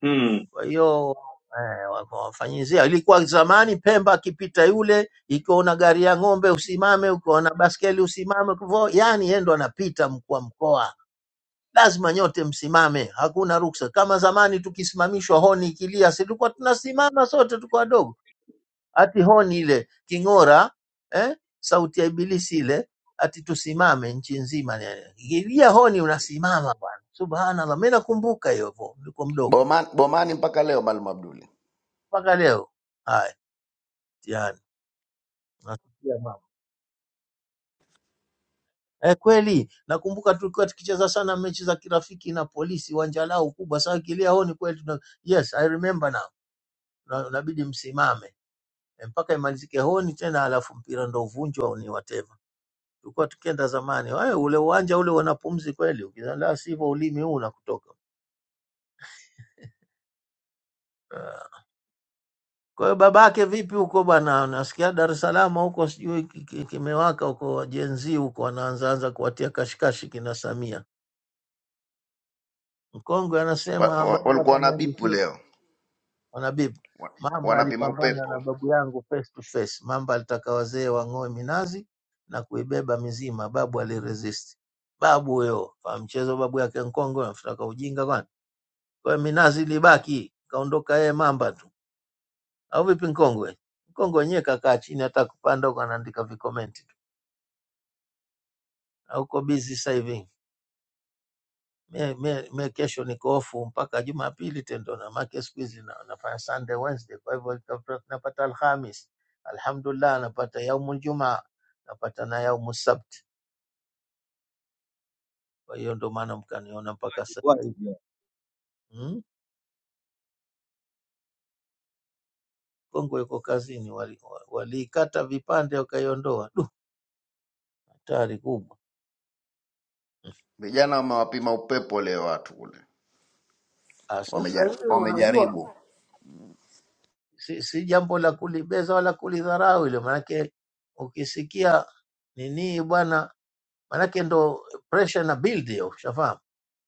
hmm.
Kwa hiyo eh, wakawafanyizia. Ilikuwa zamani Pemba akipita yule, ikiona gari ya ng'ombe usimame, ukiona baskeli usimame. Kwa hivyo, yani yeye ndo anapita mkuu wa mkoa, lazima nyote msimame, hakuna ruksa. Kama zamani tukisimamishwa honi ikilia, si tulikuwa tunasimama sote, tuko wadogo, ati honi ile king'ora, eh, sauti ya ibilisi ile, ati tusimame nchi nzima. eh, Ikilia honi unasimama bwana, subhanallah. Mimi nakumbuka hiyo, hivyo, nilikuwa mdogo
Bomani, bomani mpaka leo Maalim Abduli.
mpaka leo. Haya. yani. Nasikia mama. Eh, kweli nakumbuka tulikuwa tukicheza sana mechi za kirafiki na polisi uwanja lao kubwa sasa kilia honi kweli tuna... yes I remember now Na- inabidi msimame Eh, mpaka imalizike honi tena alafu mpira ndo uvunjwa au ni whatever tulikuwa tukienda zamani wewe ule uwanja ule wanapumzi kweli ukizala sivyo ulimi huu unakutoka Ah. kwa hiyo babake vipi huko bwana nasikia Dar es Salaam huko sijui ki- ki- kimewaka huko jenzi huko anaanza anza kuwatia kashikashi kina Samia Mkongwe
Wa-
anasema
wa-
baba
Walikuwa wana bipu
akaniandikia
leo.
wanabibu
Wa-
Mamba
Wanapima
alipambana na
upepo.
babu yangu face to face. Mamba alitaka wazee wang'oe minazi na kuibeba mizima, babu aliresist. Babu huyo fa mchezo, babu yake Mkongwe anafutaka ujinga kwani. Kwa hiyo minazi ilibaki, kaondoka yeye Mamba tu, au vipi Mkongwe? Mkongwe wenyewe kakaa chini, hata kupanda huko anaandika vikomenti tu, na uko busy sasa hivi. me, me, me kesho niko ofu mpaka Jumapili tendo, na make siku hizi na- nafanya Sunday Wednesday, kwa hivyo nitapata- napata Alhamis, alhamdulillah, napata yaumul Jumaa, napata na yaumu Sabt. Kwa hiyo ndo maana mkaniona mpaka
What?
sasa hivi mm? Kongo iko kazini, walikata wali waliikata vipande wakaiondoa. Du, hatari kubwa.
Vijana wamewapima upepo leo watu kule.
Ah, Sasa
Wameja-
hivi unajua
Wamejaribu.
si, si jambo la kulibeza wala kulidharau ile, maanake ukisikia nini bwana maanake ndo pressure na build hiyo, ushafahamu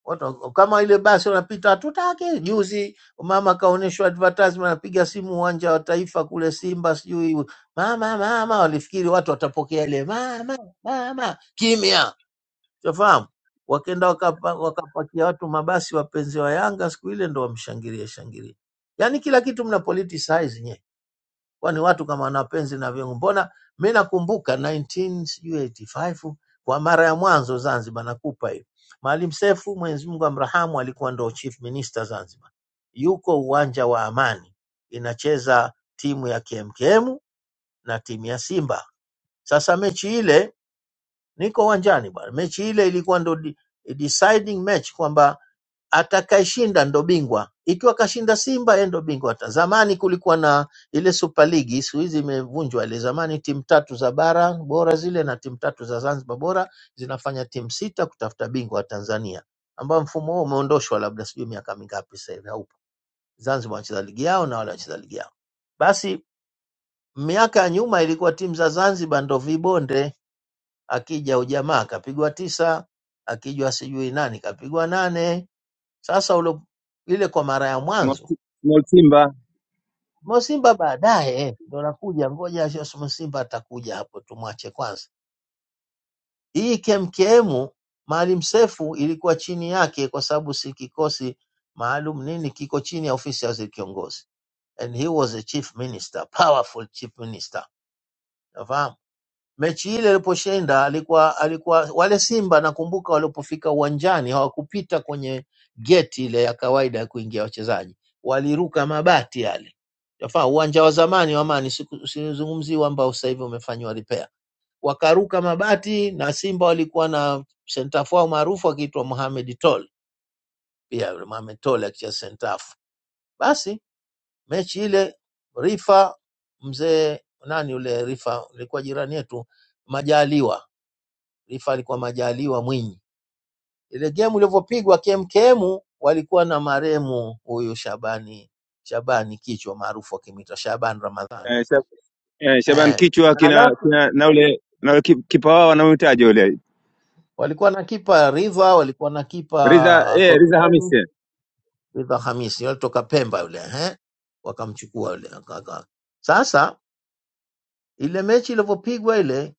watu kama ile basi wanapita hatutaki. Juzi mama kaonyeshwa advertisement, anapiga simu uwanja wa Taifa kule Simba, sijui mama mama, walifikiri watu watapokea ile mama mama, kimya, ushafahamu. Wakenda wakapa, wakapakia watu mabasi, wapenzi wa Yanga siku ile ndo wamshangilie shangilie, yani kila kitu mna politicize nyewe kwani watu kama wana penzi na vyungu. Mbona mi nakumbuka 1985 kwa mara ya mwanzo Zanzibar, nakupa hiyo, Maalim Seif, Mwenyezi Mungu amrahamu, alikuwa ndo chief minister Zanzibar, yuko uwanja wa Amani, inacheza timu ya KMKM na timu ya Simba. Sasa mechi ile, niko uwanjani bwana, mechi ile ilikuwa ndo de- deciding match kwamba atakayeshinda ndo bingwa. Ikiwa kashinda Simba, yeye ndo bingwa. Ta- Zamani kulikuwa na ile Super League, siku hizi imevunjwa ile. Zamani timu tatu za bara bora zile na timu tatu za Zanzibar bora zinafanya timu sita kutafuta bingwa wa Tanzania, ambao mfumo huo umeondoshwa labda sijui miaka mingapi sasa hivi haupo. Zanzibar wanacheza ligi yao na wale wanacheza ligi yao. Basi miaka ya nyuma ilikuwa timu za Zanzibar ndo vibonde, akija ujamaa kapigwa tisa, akijwa sijui nani kapigwa nane sasa ulo, ile kwa mara ya
Small,
mwanzo
small Simba
Mosimba baadaye ndo nakuja, ngoja Jos Mosimba atakuja hapo, tumwache kwanza. Hii KMKM Maalim Sefu ilikuwa chini yake, kwa sababu si kikosi maalum nini, kiko chini ya ofisi ya waziri kiongozi, and he was a chief minister, powerful chief minister, unafahamu mechi ile aliposhinda alikuwa alikuwa wale Simba nakumbuka walipofika uwanjani hawakupita kwenye geti ile ya kawaida ya kuingia wachezaji, waliruka mabati yale yafaa uwanja wa zamani wa Amani, siku- usizungumzie huu ambao sasa hivi umefanywa repair, wakaruka mabati na Simba walikuwa na sentafu wao maarufu akiitwa Mohamed Tol, pia yule Mohamed Tol akicheza sentafu. Basi mechi ile Rifa mzee nani yule Rifa, alikuwa jirani yetu Majaliwa Lifa alikuwa Majaliwa Mwinyi. Ile gemu ilivyopigwa KMKM walikuwa na maremu huyu Shabani Shabani kichwa maarufu akimwita Shaban Ramadhan
eh, Shab, eh, Shaban
eh.
kichwa
Na
kina,
alafu
kina na ule na ule ki- kipa wao wanaohitaji ule
walikuwa na kipa Riva, walikuwa na
Riza
kipa
eh, Riza Hamis
Korokoni
eh.
Riva Hamisi, walitoka Pemba yule eh, wakamchukua yule aka- aka- sasa ile mechi ilivyopigwa ile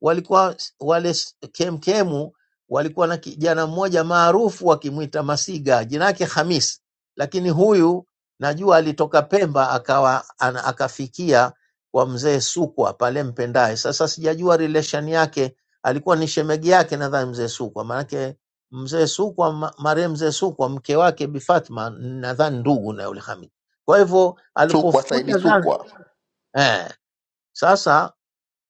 walikuwa s- wale s- kemkemu walikuwa na kijana mmoja maarufu wakimwita Masiga, jina lake Hamis, lakini huyu najua alitoka Pemba akawa ana, akafikia kwa mzee Sukwa pale Mpendae. Sasa sijajua relation yake, alikuwa ni shemegi yake nadhani mzee Sukwa, maanake mzee Sukwa ma- marehemu mzee Sukwa mke wake Bi Fatma nadhani ndugu na yule Hamis. Kwa hivyo
Sukwa
alipokuja
Saidi
Zanzibar
Sukwa.
eh, sasa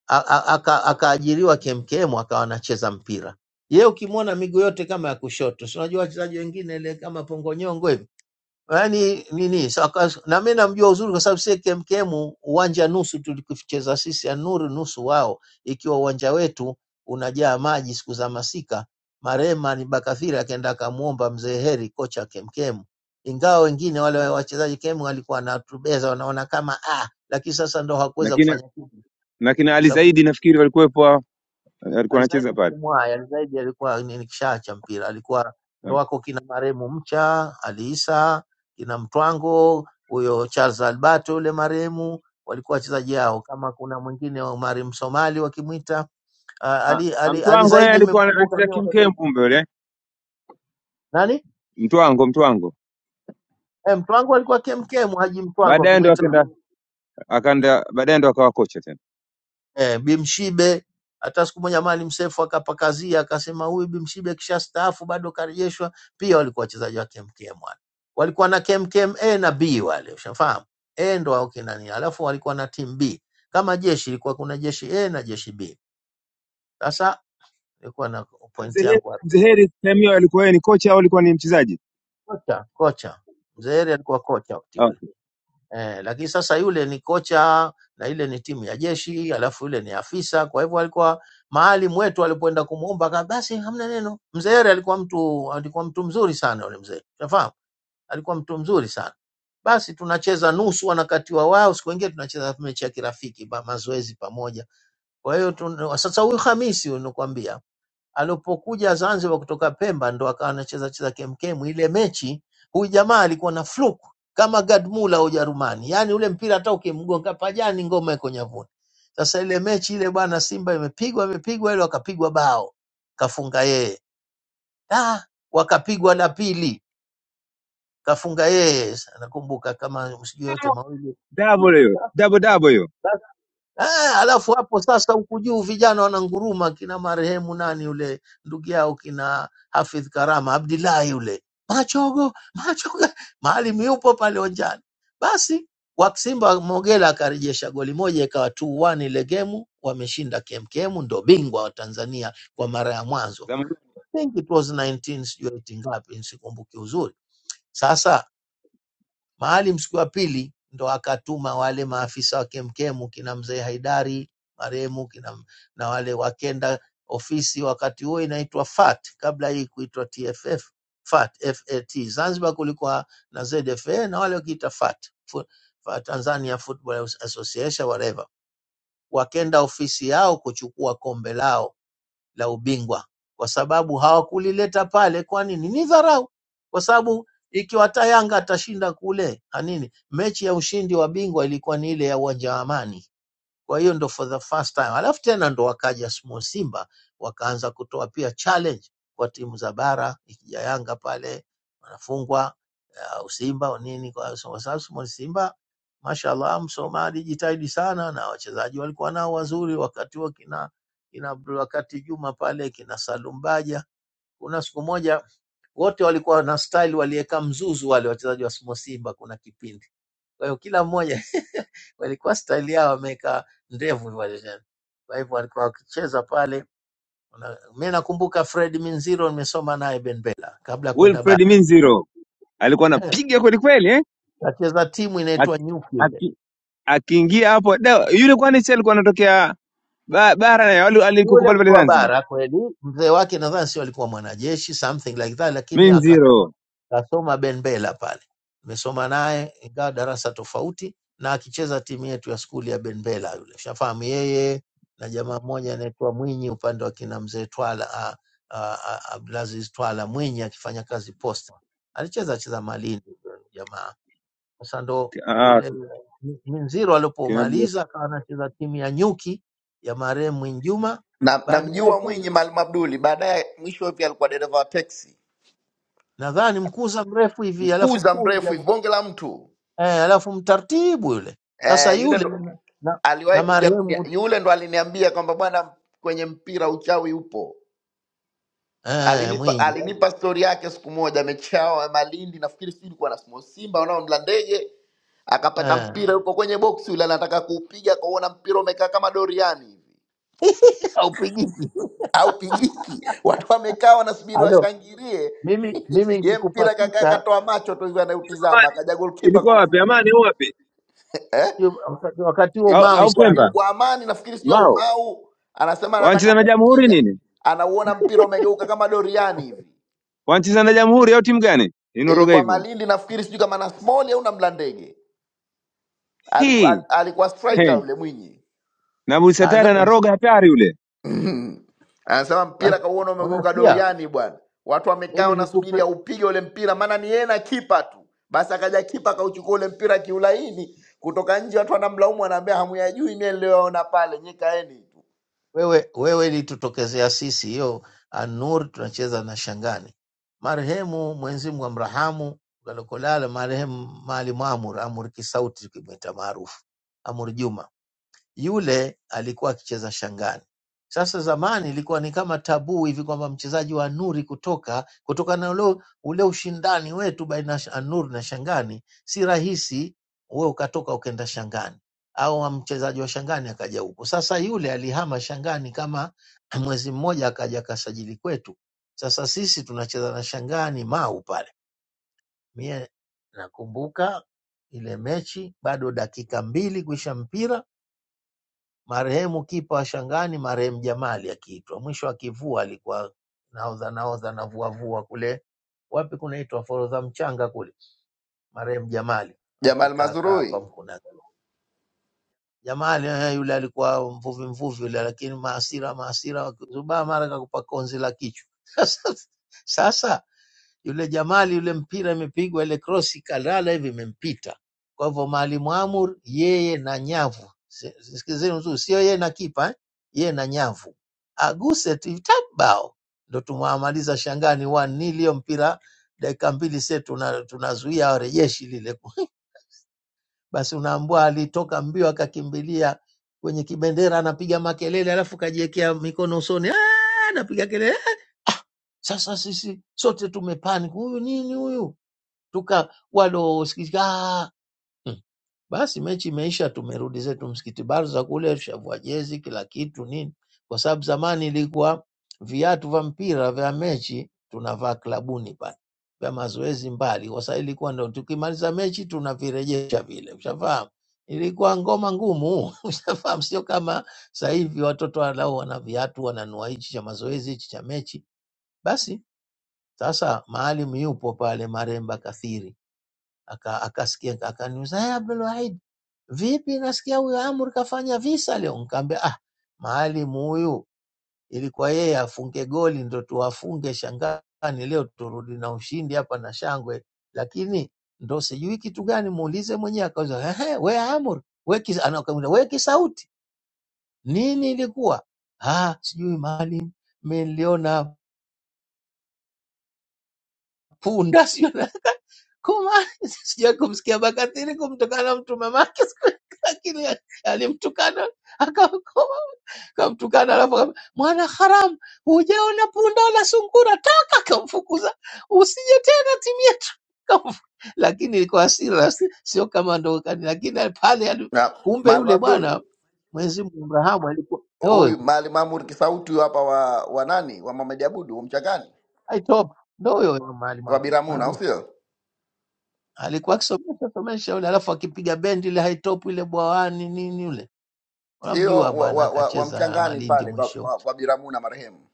a- a- aka- akaajiriwa KMKM akawa anacheza mpira. Yeye ukimwona miguu yote kama ya kushoto, si unajua wachezaji wengine ile kama pongonyongo hivi yaani nini so, aka- na mimi namjua uzuri kwa sababu sie KMKM uwanja nusu tulikucheza sisi ya nuru nusu wao, ikiwa uwanja wetu unajaa maji siku za masika. Marema ni Bakathiri akaenda akamwomba mzee Heri, kocha wa KMKM, ingawa wengine wale wachezaji KM walikuwa wanatubeza, wanaona kama ah, lakini sasa ndo
na
hakuweza
kina
kufanya kitu
na kina Ali
sababu
Zaidi nafikiri walikuwepo, alikuwa anacheza
Alizaidi
pale
kumwaya, Alizaidi alikuwa ni ni kishaa cha mpira, alikuwa ndo wako kina marehemu Mcha, Ali Isa, kina Mtwango, huyo Charles Albato yule marehemu walikuwa wachezaji hao, kama kuna mwingine wa marehemu Somali wakimwita ah,
Ah,
Ali,
ah,
Ali, Ali
Mtwango naye
Zaidi
alikuwa
imemkumbuka
anacheza
mimi wakati wa-
kimkem, kumbe yule
nani
Mtwango Mtwango
eh, Mtwango alikuwa KMK, Haji Mtwango
baadaye ndo
wakimwita
akaenda akaenda baadaye ndo akawa kocha tena.
eh, Bimshibe hata siku moja Maalim Seif akapakazia akasema huyu Bimshibe kishastaafu bado karejeshwa. Pia walikuwa wachezaji wa KMKM wale, walikuwa na KMKM A na B wale, ushafahamu A ndo wao kina nini, alafu walikuwa na timu B kama jeshi, ilikuwa kuna jeshi A na jeshi B. Sasa nilikuwa na
Mzee
point
Heri
yangu hapo,
Mzee Heri sehemu hiyo alikuwa yeye ni kocha au alikuwa ni mchezaji?
kocha kocha Mzee Heri alikuwa kocha wakati ule
Okay.
eh, lakini sasa yule ni kocha na ile ni timu ya jeshi, alafu yule ni afisa. Kwa hivyo alikuwa maalim wetu alipoenda kumuomba aka basi, hamna neno. Mzee Heri alikuwa mtu alikuwa mtu mzuri sana yule mzee, unafahamu, alikuwa mtu mzuri sana. Basi tunacheza nusu, wanakatiwa wao, siku ingine tunacheza mechi ya kirafiki ba, mazoezi pamoja. Kwa hiyo tun- sasa huyu Hamisi huyu nakwambia alipokuja Zanzibar kutoka Pemba ndo akawa anacheza cheza kemkem. Ile mechi huyu jamaa alikuwa na fluke kama Gadmula wa Ujerumani, yaani ule mpira hata ukimgonga pajani ngoma iko nyavuni. Sasa ile mechi ile bwana, Simba imepigwa imepigwa, ile wakapigwa bao kafunga yeye, ah, wakapigwa la pili kafunga yeye. Nakumbuka kama sijui yote mawili
Double hiyo double double hiyo
Ah, alafu hapo sasa huku juu vijana wananguruma kina marehemu nani yule ndugu yao kina Hafidh Karama Abdillahi yule machogo machogo, Maalim yupo pale onjani. Basi Waksimba Mogela akarejesha goli moja, ikawa 2-1 ile gemu, wameshinda KMKM, ndo bingwa wa Tanzania kwa mara ya mwanzo.
zamani,
I think it was 19 sijui 80 ngapi, sikumbuki uzuri. Sasa Maalim siku ya pili ndo akatuma wale maafisa wa kemkemu kina mzee Haidari marehemu kina, na wale wakenda ofisi, wakati huo inaitwa FAT kabla hii kuitwa TFF. FAT, FAT. Zanzibar kulikuwa na ZFA na wale wakiita FAT, Fu- Fa- Tanzania Football Association whatever, wakenda ofisi yao kuchukua kombe lao la ubingwa, kwa sababu hawakulileta pale. Kwa nini? Ni dharau, kwa sababu ikiwa hata Yanga atashinda kule na nini, mechi ya ushindi wa bingwa ilikuwa ni ile ya uwanja wa Amani. Kwa hiyo ndo for the first time, alafu tena ndo wakaja small Simba wakaanza kutoa pia challenge kwa timu za bara, ikija Yanga pale wanafungwa uh, Simba au nini. Kwa so- kwa sababu small Simba mashallah, Msoma alijitahidi sana na wachezaji walikuwa nao wazuri wakati huo, kina kina Abdul wakati Juma pale kina Salumbaja. Kuna siku moja wote walikuwa na style, waliweka mzuzu wale wachezaji wa small Simba, kuna kipindi kwa hiyo kila mmoja walikuwa staili yao wameweka ndevu wale tena. Kwa hivyo walikuwa wakicheza pale. Una- Mi nakumbuka Fred Minziro nimesoma naye Benbela kabla ya kwenda
Wilfred
bara,
Minziro alikuwa anapiga kweli kweli eh?
kacheza timu inaitwa Nyuki
akiingia hapo da, yule kwani si alikuwa anatokea ba, bara ya wale
Yule
alikukubali
mtu
pale
wa
Zanzibar?
bara kweli, mzee wake nadhani sio alikuwa mwanajeshi something like that, lakini
Mimi
akasoma
nziro.
akasoma Benbela pale, amesoma naye ingawa darasa tofauti, na akicheza timu yetu ya skuli ya Benbela yule, shafahamu yeye na jamaa mmoja anaitwa Mwinyi upande wa kina mzee Twala a- a- a- Abdulaziz Twala Mwinyi akifanya kazi posta, alicheza cheza Malindi yule jamaa sasa ndo
Ah,
yule Minziro
kinabu.
alipomaliza akawa anacheza timu ya nyuki ya marehemu Mwinjuma.
Na
Baadaye
namjua
tena
Mwinyi Maalim Abduli baadaye mwisho hivi alikuwa dereva wa teksi.
nadhani mkuza mrefu hivi, alafu
Mkuza
cool
mrefu
yani,
hivi bonge la mtu.
eh, alafu mtaratibu yule. Sasa
Eh, yule
yule
ndo
na, na,
aliwahi
na
kuja kunia,
marehemu
yule ndo aliniambia kwamba bwana, kwenye mpira uchawi upo.
eh,
Alinipa
Mwinyi
alinipa stori yake siku moja, mechi yao ya Malindi, nafikiri sijui ilikuwa na Small Simba wanaomla ndege, akapata
eh,
mpira yuko kwenye boksi yule, anataka kuupiga akauona mpira umekaa kama doriani hivi
haupigiki.
au pigiki, watu wamekaa wanasubiri
Halo,
washangilie
mimi mimi
ye
nikikupa
mpira kakaa,
kisa
katoa macho tu hivi anautizama, akaja golkipa
Ilikuwa wapi?
akauchukua.
Amani au wapi?
Eh?
sio wakati wakati huo
ili-
Au,
mau
au
ilikuwa
Pemba?
sana.
ilikuwa amani nafikiri sijui au
Mao.
mau anasema
Wanacheza
anataka
na Jamhuri
kupiga
nini?
anauona mpira umegeuka kama doriani hivi
Wanacheza na Jamhuri au timu gani? Inoroga
ilikuwa
hivyo.
malindi nafikiri sijui kama na small au na mlandege alikuwa, al-
Hii.
alikuwa striker
He.
yule mwinyi
Na
Halo,
Busatara na roga hatari yule.
anasema mpira
basi,
kauona umegeuka
unasikia
doriani bwana watu wamekaa
mimi nikupe
wanasubiri aupige ule mpira maana ni yeye na kipa tu basi akaja kipa akauchukua ule mpira kiulaini kutoka nje watu wanamlaumu wanaambia hamuyajui mie niliyoona pale nyikaeni tu
wewe, wewe ilitutokezea sisi hiyo Anur, tunacheza na Shangani. Marehemu Mwenyezi Mungu amrahamu, ukalokolala marehemu Maalim Amur, Amur Kisauti tukimwita maarufu, Amur Juma yule alikuwa akicheza Shangani. Sasa zamani ilikuwa ni kama tabu hivi kwamba mchezaji wa Nuri kutoka kutokana na ule, ule ushindani wetu baina ya Nuri na Shangani, si rahisi wewe ukatoka ukenda Shangani au mchezaji wa Shangani akaja huku. Sasa yule alihama Shangani kama mwezi mmoja, akaja akasajili kwetu. Sasa sisi tunacheza na Shangani Mau pale. Mie nakumbuka ile mechi, bado dakika mbili kuisha mpira Marehemu kipa wa Shangani marehemu Jamali akiitwa, mwisho akivua alikuwa nahodha nahodha navuavua kule wapi kunaitwa Forodha Mchanga kule, marehemu Jamali
jamal
akikaa kaa hapa
mazurui
mkuna Jamali eh, yule alikuwa mvuvi mvuvi yule, lakini maasira maasira wakizubaa mara kakupa konzi la kichwa sasa yule Jamali, yule mpira imepigwa ile krosi, kalala hivi imempita. Kwa hivyo Mwalimu Amur yeye na nyavu, Si- sikilizeni vizuri, sio yeye na kipa eh? yeye na nyavu aguse tu tap bao, ndo tumwamaliza Shangani one nil. Hiyo mpira dakika mbili se tuna, tunazuia warejeshi lile basi unaambua alitoka mbio akakimbilia kwenye kibendera, anapiga makelele, alafu kajiwekea mikono usoni, "Ah!" anapiga kelele. Ah, Sasa sisi sote tumepani, huyu nini huyu tuka waliosikitika "Ah, mm." basi mechi imeisha, tumerudi zetu msikiti Barza kule, tushavua jezi kila kitu nini, kwa sababu zamani ilikuwa viatu vya mpira vya mechi tunavaa klabuni pale vya mazoezi mbali, kwa sababu ilikuwa ndo tukimaliza mechi tunavirejesha vile, ushafahamu. Ilikuwa ngoma ngumu ushafahamu, sio kama sasa hivi watoto walau wana viatu wananua hichi cha mazoezi hichi cha mechi. Basi sasa maalim yupo pale Maremba Kathiri aka- akasikia aka akaniuliza "Eh, Abdul Wahid, vipi nasikia huyo Amr kafanya visa leo? Nikamwambia ah, maalim huyu ilikuwa yeye afunge goli ndo tuwafunge shangani leo, turudi na ushindi hapa na shangwe, lakini ndo sijui kitu gani, muulize mwenyewe. Akauza ehe, we Amr we kis, anakamwambia we Kisauti, nini ilikuwa? Ah, sijui maalim, mimi niliona punda sio na- kuma sijawai kumsikia Bakatini kumtukana mtu mamake siku- lakini alimtukana akamkoma akamtukana, alafu akamwambia, mwana haramu, hujaona punda wala sungura, toka! Akamfukuza, usije tena timu yetu. Akamfu- Lakini kwa hasira, si- sio kama ndo kani, lakini pale ali-
na
kumbe
malma
yule
abdul
bwana Mwenyezi Mungu Abrahamu alikuwa oh,
huyu Maalim Amur Kisauti huyu hapa wa, wa nani wa Mohamed Abudu wa Mchangani
aitop ndo huyo Maalim
wa Biramuna,
Mahmud
au sio?
alikuwa akisomesha somesha yule, alafu akipiga bendi ile haitop ile bwawani nini yule,
Sio
unamjua
wa,
bwana,
wa, wa, wa
akacheza
Mchangani
Malindi
pale kwa,
mwisho
kwa, kwa Biramuna marehemu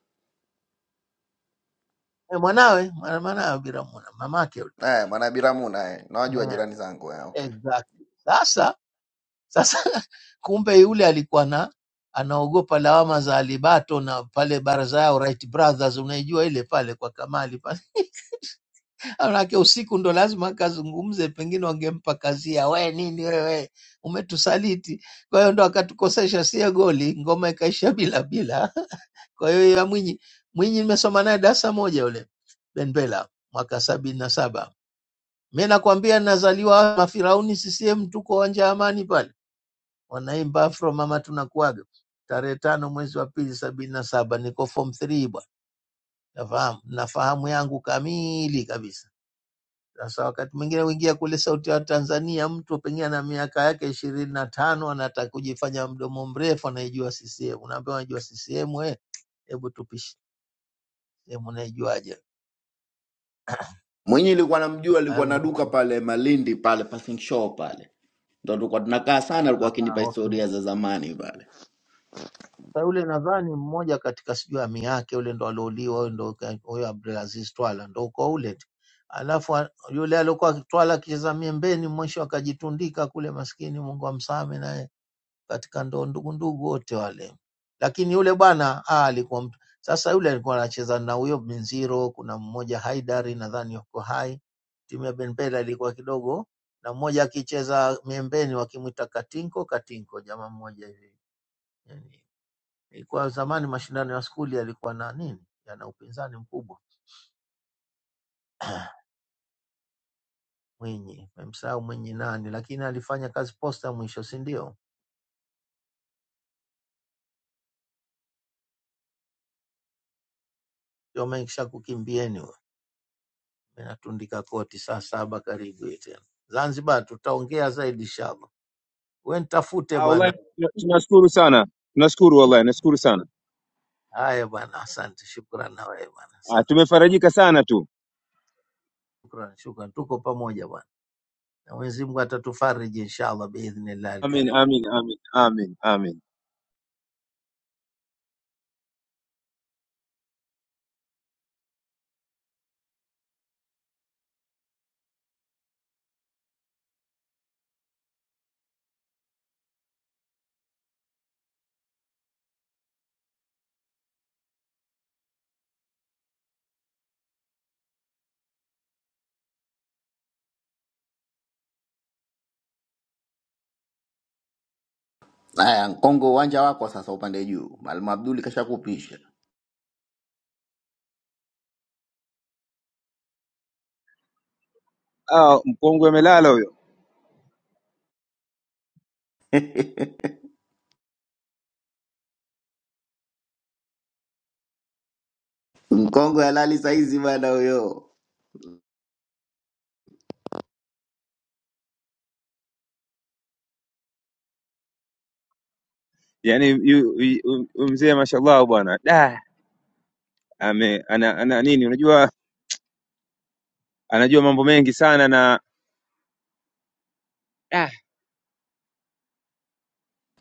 e, mwanawe mwana- mwanawe Biramu na mamake yule
eh, mwana Biramuna eh. Nawajua
Eh,
jirani zangu eh, okay.
exactly. Sasa sasa kumbe yule alikuwa na anaogopa lawama za Alibato na pale baraza yao Wright Brothers, unaijua ile pale kwa Kamali Manake usiku ndo lazima akazungumze, pengine wangempa kazi ya we nini wewe umetusaliti. Kwa hiyo ndo akatukosesha sie goli, ngoma ikaisha bila bila. Kwa hiyo ya Mwinyi, Mwinyi nimesoma naye darasa moja yule Benbela mwaka sabini na saba. Mi nakwambia nazaliwa Mafirauni CCM, tuko uwanja wa Amani pale, wanaimba afro mama tunakuaga tarehe tano mwezi wa pili sabini na saba, niko form 3 bwana, nafahamu nafahamu yangu kamili kabisa Sasa wakati mwingine huingia kule Sauti ya Tanzania, mtu pengine ana miaka yake ishirini na tano anataka kujifanya mdomo mrefu, anaijua CCM. Unaambiwa unajua CCM we, hebu tupishe CCM, unaijuaje?
Mwinyi ilikuwa namjua, alikuwa na duka
Almuhimu
pale Malindi pale passing show pale, ndo tulikuwa tunakaa sana, alikuwa
ah,
akinipa
okay.
historia za zamani pale.
Sasa yule nadhani mmoja katika sijui ami yake yule ndo aliouliwa, huyo ndo ka- huyo Abdulaziz Twala ndo uko ule tu. Alafu a- yule aliokuwa Twala akicheza miembeni mwisho akajitundika kule, maskini, Mungu amsame naye katika ndoo ndugu ndugu wote wale, lakini yule bwana ah, alikuwa mtu sasa. Yule alikuwa anacheza na huyo Minziro, kuna mmoja Haidari nadhani yuko hai, timu ya Benbela ilikuwa kidogo na mmoja akicheza miembeni wakimwita Katinko Katinko, jamaa mmoja hivi. Yani, ilikuwa zamani mashindano ya skuli yalikuwa na nini, yana upinzani mkubwa Mwinyi, memsahau Mwinyi nani, lakini alifanya kazi posta mwisho, si ndio? Ndio amekisha kukimbieni Natundika koti saa saba karibu hii tena. Zanzibar tutaongea zaidi inshallah. We nitafute
Ah, wallahi
bwana.
tuna- tunashukuru sana. Tunashukuru wallahi, nashukuru sana.
Haya bwana, asante. Shukran na wewe bwana,
Ah,
asante.
tumefarajika sana tu.
Shukran, shukran. Tuko pamoja bwana, na Mwenyezi Mungu atatufariji inshallah biidhnillah
Amin,
alkarim.
amin, amin, amin, amin.
Haya, Mkongo, uwanja wako sasa, upande juu. Mwalimu Abduli kashakupisha
Ah, mkongwe amelala huyo.
Mkongo halali saizi bana, huyo
yani yu- yu- huyu mzee mashallah bwana da ame ana, ana nini unajua anajua mambo mengi sana na da,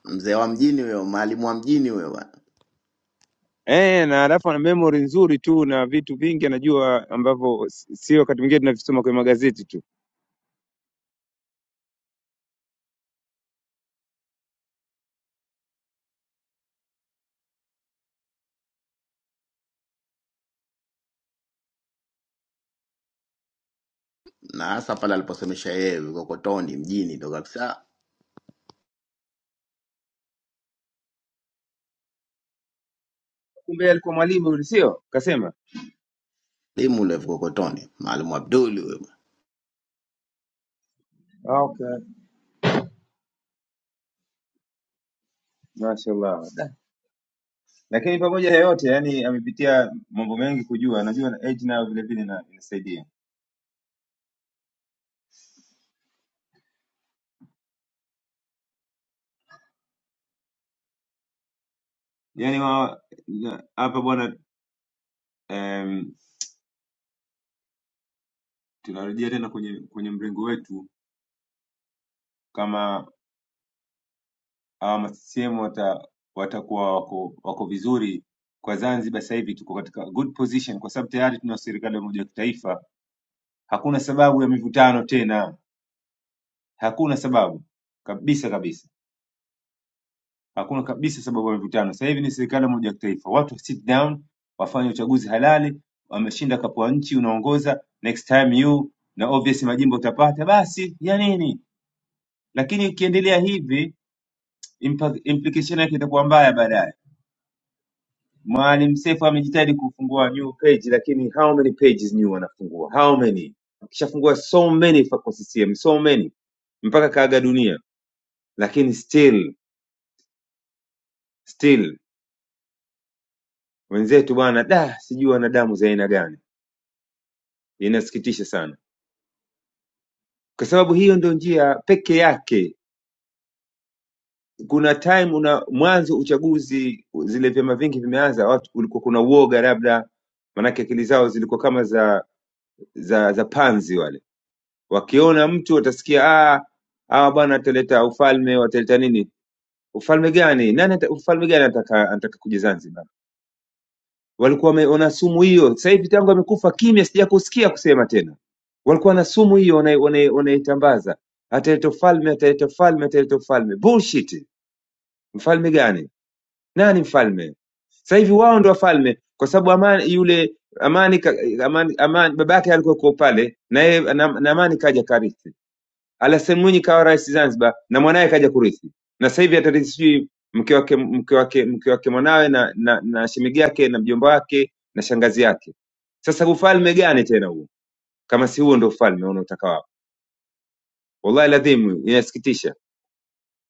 mzee wa mjini huyo, mwalimu wa mjini huyo bana.
eh na alafu ana memory nzuri tu na vitu vingi anajua ambavyo s- sio wakati mwingine tunavisoma kwenye magazeti tu
na hasa pale aliposemesha yeye vikokotoni mjini ndo kabisa
kumbe yeye alikuwa mwalimu yule sio kasema
limu ule vikokotoni Maalim Abduli huyo.
Ah, okay mashallah da. lakini pamoja na yote yani amepitia mambo mengi kujua anajua na age nayo vile vile na inasaidia yani wa- na- hapa bwana em, tunarejea tena kwenye kwenye mrengo wetu kama hawa ma CCM wata, watakuwa wako, wako vizuri kwa Zanzibar. Sasa hivi tuko katika good position kwa sababu tayari tuna serikali ya umoja wa kitaifa. Hakuna sababu ya mivutano tena, hakuna sababu kabisa kabisa, hakuna kabisa sababu ya mivutano. Sasa hivi ni serikali ya umoja wa kitaifa, watu sit down, wafanye uchaguzi halali. Wameshinda kapu wa nchi, unaongoza next time you na obvious majimbo utapata, basi ya nini? Lakini ikiendelea hivi impa- implication yake itakuwa mbaya baadaye Maalim Seif amejitahidi kufungua new page lakini how many pages new anafungua? How many? Akishafungua so many fa- kwa CCM, so many mpaka kaaga dunia, lakini still still wenzetu bwana, da sijui wana damu za aina gani. Inasikitisha sana, kwa sababu hiyo ndio njia peke yake. Kuna time una mwanzo uchaguzi, zile vyama vingi vimeanza, watu kulikuwa kuna uoga labda, manake akili zao zilikuwa kama za za za panzi wale Wakiona mtu watasikia ah, hawa bwana wataleta ufalme, wataleta nini? Ufalme gani? Nani ata, ufalme gani anataka anataka kuja Zanzibar? Walikuwa wame- wana sumu hiyo. Sasa hivi tangu amekufa kimya, sija kusikia kusema tena. Walikuwa na sumu hiyo wanai- wanai- wanaitambaza, ataleta ufalme, ataleta ufalme, ataleta ufalme. Bullshit! Mfalme gani? Nani mfalme? Sasa hivi wao ndio wafalme, kwa sababu amani yule amani, ka- amani, amani babake alikuwa kuwa pale na yeye na, na amani kaja karithi Alassan Mwinyi kawa rais Zanzibar na mwanaye kaja kurithi, na sasa hivi atarithi sijui mke wake mke wake mke wake mwanawe na, na, na shemeji yake na mjomba wake na shangazi yake. Sasa ufalme gani tena huo, kama si huo ndio ufalme unaotaka wao? Wallahi ladhimu, inasikitisha.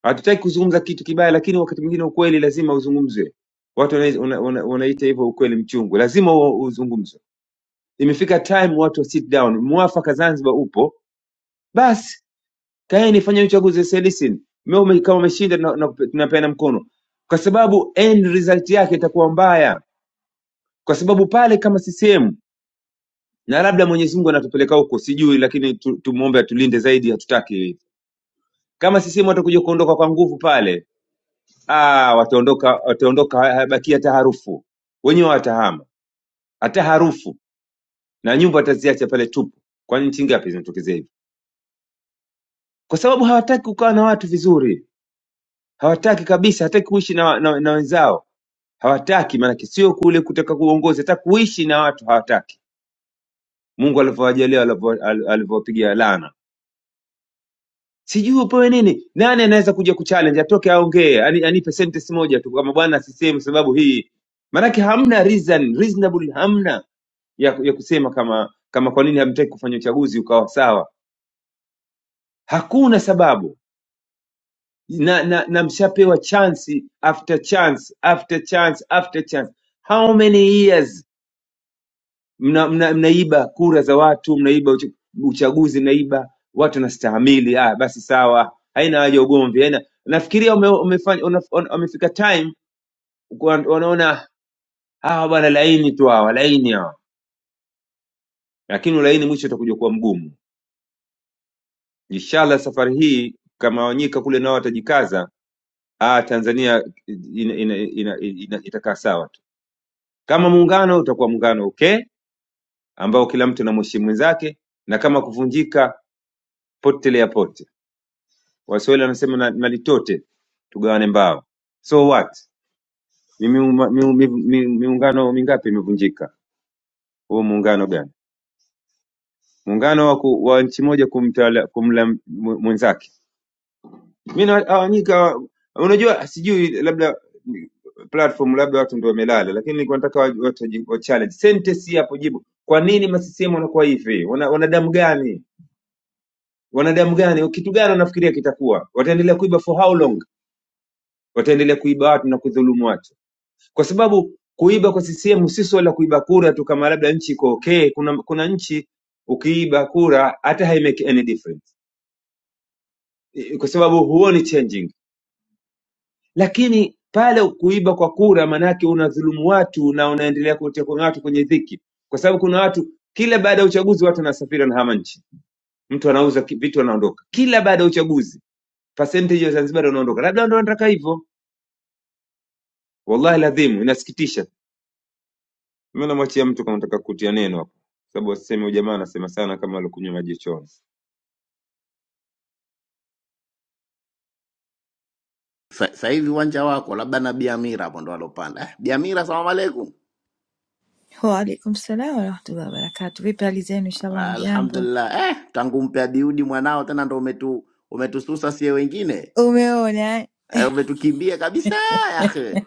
Hatutaki kuzungumza kitu kibaya, lakini wakati mwingine ukweli lazima uzungumzwe. Watu wanai- wana- wana- wanaita hivyo ukweli mchungu, lazima huo uzungumzwe. Imefika time watu wa sit down, mwafaka Zanzibar upo basi kaeni fanyeni uchaguzi selisi Mimi kama umeshinda na- na- tunapeana mkono kwa sababu end result yake itakuwa mbaya kwa sababu pale kama CCM na labda Mwenyezi Mungu anatupeleka huko sijui lakini tu- tumuombe atulinde zaidi hatutaki hivi. kama CCM watakuja kuondoka kwa nguvu pale ah wataondoka wataondoka ha- habaki hata harufu wenyewe watahama hata harufu na nyumba wataziacha pale tupu kwani nchi ngapi zinatokezea hivi kwa sababu hawataki kukaa na watu vizuri hawataki kabisa hataki kuishi na, na, na wenzao hawataki, maanake sio kule kutaka kuongozi, hata kuishi na watu hawataki. Mungu alivyowajalia alivyo- al- alivyowapigia laana, sijui upewe nini. Nani anaweza kuja kuchallenge, atoke aongee, ani- anipe sentence moja tu kama bwana sisemi sababu hii, maanake hamna reason reasonable, hamna ya, ya kusema kama kama kwa nini hamtaki kufanya uchaguzi ukawa sawa. Hakuna sababu na, na, na mshapewa chance after chance after chance after chance, how many years mnaiba mna, mna, mnaiba kura za watu, mnaiba ucha- uchaguzi, mnaiba watu wanastahamili. Ah, basi sawa, haina haja ya ugomvi, haina. Nafikiria ume, umefanya unaf- un- wamefika time kwa- wanaona hawa bwana laini tu hawa laini hawa, lakini ulaini mwisho utakuja kuwa mgumu. Inshallah safari hii kama Wanyika kule nao watajikaza, ah, Tanzania ina, ina, ina, ina, itakaa sawa tu. Kama muungano utakuwa muungano okay, ambao kila mtu anamheshimu mwenzake, na kama kuvunjika potelea pote. Waswahili wanasema na, na litote tugawane mbao. So what? Ni miuma- miu- mi- mi- miungano mingapi imevunjika? Huo muungano gani? Muungano wa, ku, wa nchi moja kumtawala kumla m- mwenzake. Mimi awanyika, unajua sijui, labda mm, platform labda watu ndio wamelala, lakini nilikuwa nataka wa, watu waji- wa challenge sentence hii hapo, jibu kwa nini masisiemu wanakuwa hivi? Wana, wanadamu gani? Wanadamu gani? Kitu gani wanafikiria kitakuwa? Wataendelea kuiba for how long? Wataendelea kuiba watu na kudhulumu watu kwa sababu kuiba kwa CCM si swala la kuiba kura tu kama labda nchi iko okay. Kuna, kuna nchi ukiiba kura hata haimake any difference Eh, kwa sababu huoni changing, lakini pale kuiba kwa kura maanake unadhulumu watu na unaendelea kuwatia kwenye watu kwenye dhiki, kwa sababu kuna watu kila baada ya uchaguzi watu wanasafiri wanahama nchi, mtu anauza ki- vitu anaondoka, kila baada ya uchaguzi percentage ya Zanzibar wanaondoka, labda ndio wanataka hivyo. Wallahi ladhimu, inasikitisha. Mimi namwachia mtu kama nataka kutia neno hapo, sababu asiseme huyu jamaa anasema sana kama alikunywa maji chooni.
Sa- Sasa hivi uwanja wako labda na Biamira hapo ndo alopanda. Eh, Biamira, salamu alaikum.
Waalaikum salaam warahmatullahi wabarakatuh. Vipi hali zenu? Inshallah mjambo.
Alhamdulillah. Eh, tangu mpe Abiudi mwanao tena ndo umetu umetususa sie wengine.
Umeona
Eh, umetukimbia kabisa ya akhi.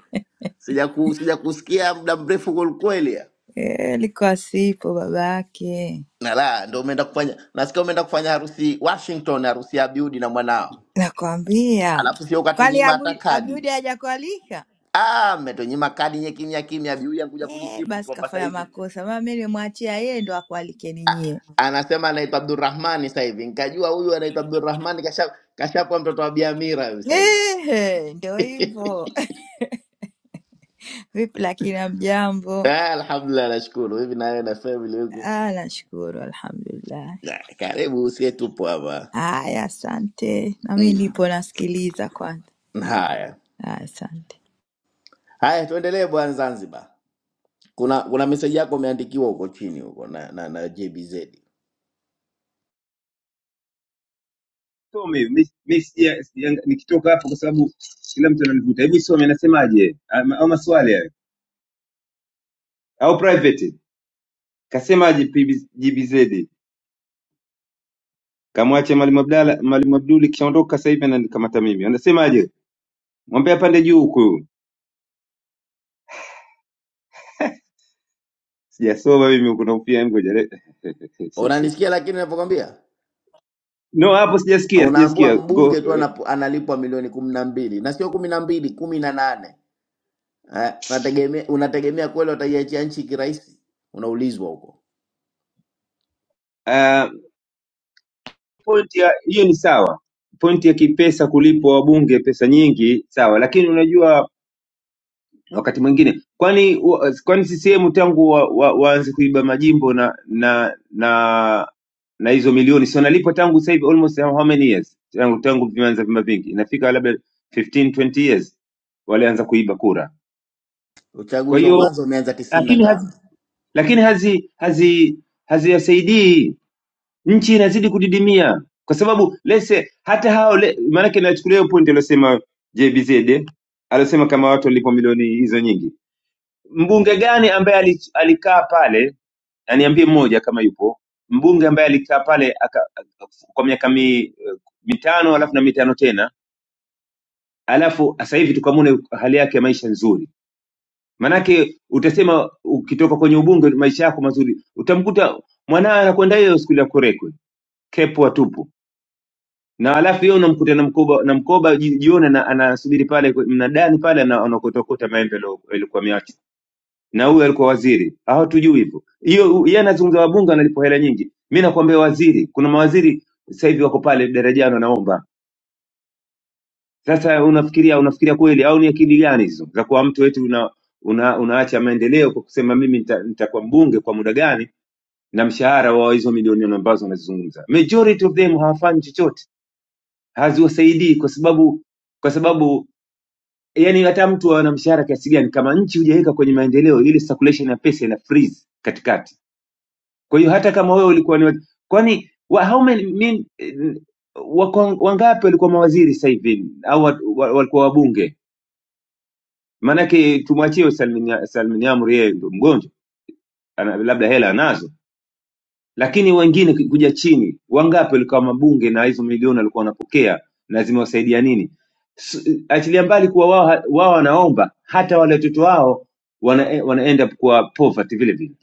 Sija ku, sija kusikia muda mrefu kwa kweli.
eh, alikuwa asipo baba yake,
Na la, ndo umeenda kufanya nasikia umeenda kufanya harusi Washington, harusi ya Abiudi na mwanao.
nakwambia.
Alafu sio
Kwani
ukatunyima hata
Abu-
kadi.
Abiudi hajakualika?
Ah, mmetunyima kadi nye kimya kimya, abiuya kuja
Eh,
kujisifu tu
basi
hapa sasa
kafanya
hivi.
makosa, mama mi nimwachia yeye ndo akualikeni nyie.
Anasema anaitwa Abdurrahmani sasa hivi, nikajua huyu anaitwa Abdurrahmani, kasha kashapa mtoto wa Biamira huyu sasa hivi.
Eh, ndo hivyo. Vipi lakini hamjambo?
Ah, alhamdulillah, nashukuru. Hivi nawe na family huko?
Ah, nashukuru alhamdulillah.
Na, Karibu usie, tupo hapa
Haya, asante. Na mi
mm.
nipo nasikiliza kwanza.
Haya
Ah, asante.
haya, tuendelee bwana. Zanzibar, kuna kuna meseji yako umeandikiwa huko chini huko na, na, na JBZ
Some hivi mi- mi sija- sija- nikitoka hapo, kwa sababu kila mtu ananivuta hivi. Some anasemaje Ama- au maswali hayo Au private kasemaje? PB GBZ kamwache Mwalimu Abdala, Mwalimu Abduli kishaondoka sasa hivi ananikamata mimi, anasemaje? Mwambie apande juu huku, huyu. sijasoma mimi huku, naufia ngoja. le-
unanisikia, lakini ninavyokwambia
No, hapo sijasikia,
unaambua
sijasikia
mbunge
go.
tu anapo- analipwa milioni kumi na mbili na sio kumi na mbili kumi na nane Eh, unategemea unategemea kweli wataiachia nchi kirahisi? Unaulizwa huko.
Uh, point ya hiyo ni sawa, point ya kipesa kulipo wabunge pesa nyingi sawa, lakini unajua wakati mwingine kwani wa- kwani CCM tangu waanze wa, wa waanze kuiba majimbo na na na na hizo milioni si wanalipwa tangu sasa hivi almost how many years tangu tangu vimeanza vyama vingi inafika labda 15 20 years walianza kuiba kura kwa
Uchaguzi wa
hiyo
mwanzo umeanza tisini na
lakini
tano.
hazi lakini hazi hazi haziyasaidii nchi inazidi kudidimia kwa sababu lese hata hao le, maanake nachukulia hiyo pointi aliosema JBZ aliosema kama watu walipwa milioni hizo nyingi. Mbunge gani ambaye ali- alikaa pale, aniambie mmoja kama yupo mbunge ambaye alikaa pale aka, kwa miaka mi, mitano alafu na mitano tena alafu sasa hivi tukamwona hali yake ya maisha nzuri. Manake utasema ukitoka kwenye ubunge maisha yako mazuri, utamkuta mwanawe anakwenda hiyo skuli ya Kurekwe, kepwa tupu na halafu yeye unamkuta na mkoba na mkoba ji- jioni ana- anasubiri pale kwe- mnadani pale ana- anakotokota maembe yalo- yalikuwa miachi na huyu alikuwa waziri hawatujui hivyo hiyo u- yeye anazungumza wabunge analipo hela nyingi mi nakwambia waziri kuna mawaziri sasa hivi wako pale darajani wanaomba sasa unafikiria unafikiria kweli au ni akili gani hizo za kuwa mtu wetu una, una, unaacha maendeleo kwa kusema mimi nita- nitakuwa mbunge kwa muda gani na mshahara wa hizo milioni ambazo wanazizungumza majority of them hawafanyi chochote haziwasaidii kwa sababu kwa sababu yani hata mtu ana mshahara kiasi gani kama nchi hujaweka kwenye maendeleo ile circulation ya pesa ina freeze katikati kwa hiyo hata kama wewe ulikuwa ni wa- kwani wa, how many mean, eh, wako- wangapi walikuwa mawaziri sasa hivi au wa- wa- walikuwa wabunge maanake tumwachie Salmin Salmin Amri yeye ndio mgonjwa ana, labda hela anazo Lakini wengine kuja chini, wangapi walikuwa mabunge na hizo milioni walikuwa wanapokea na zimewasaidia nini? S- Achilia mbali kuwa wao ha- wao wanaomba, hata wale watoto wao wana, eh, wana end up kuwa poverty vile vile.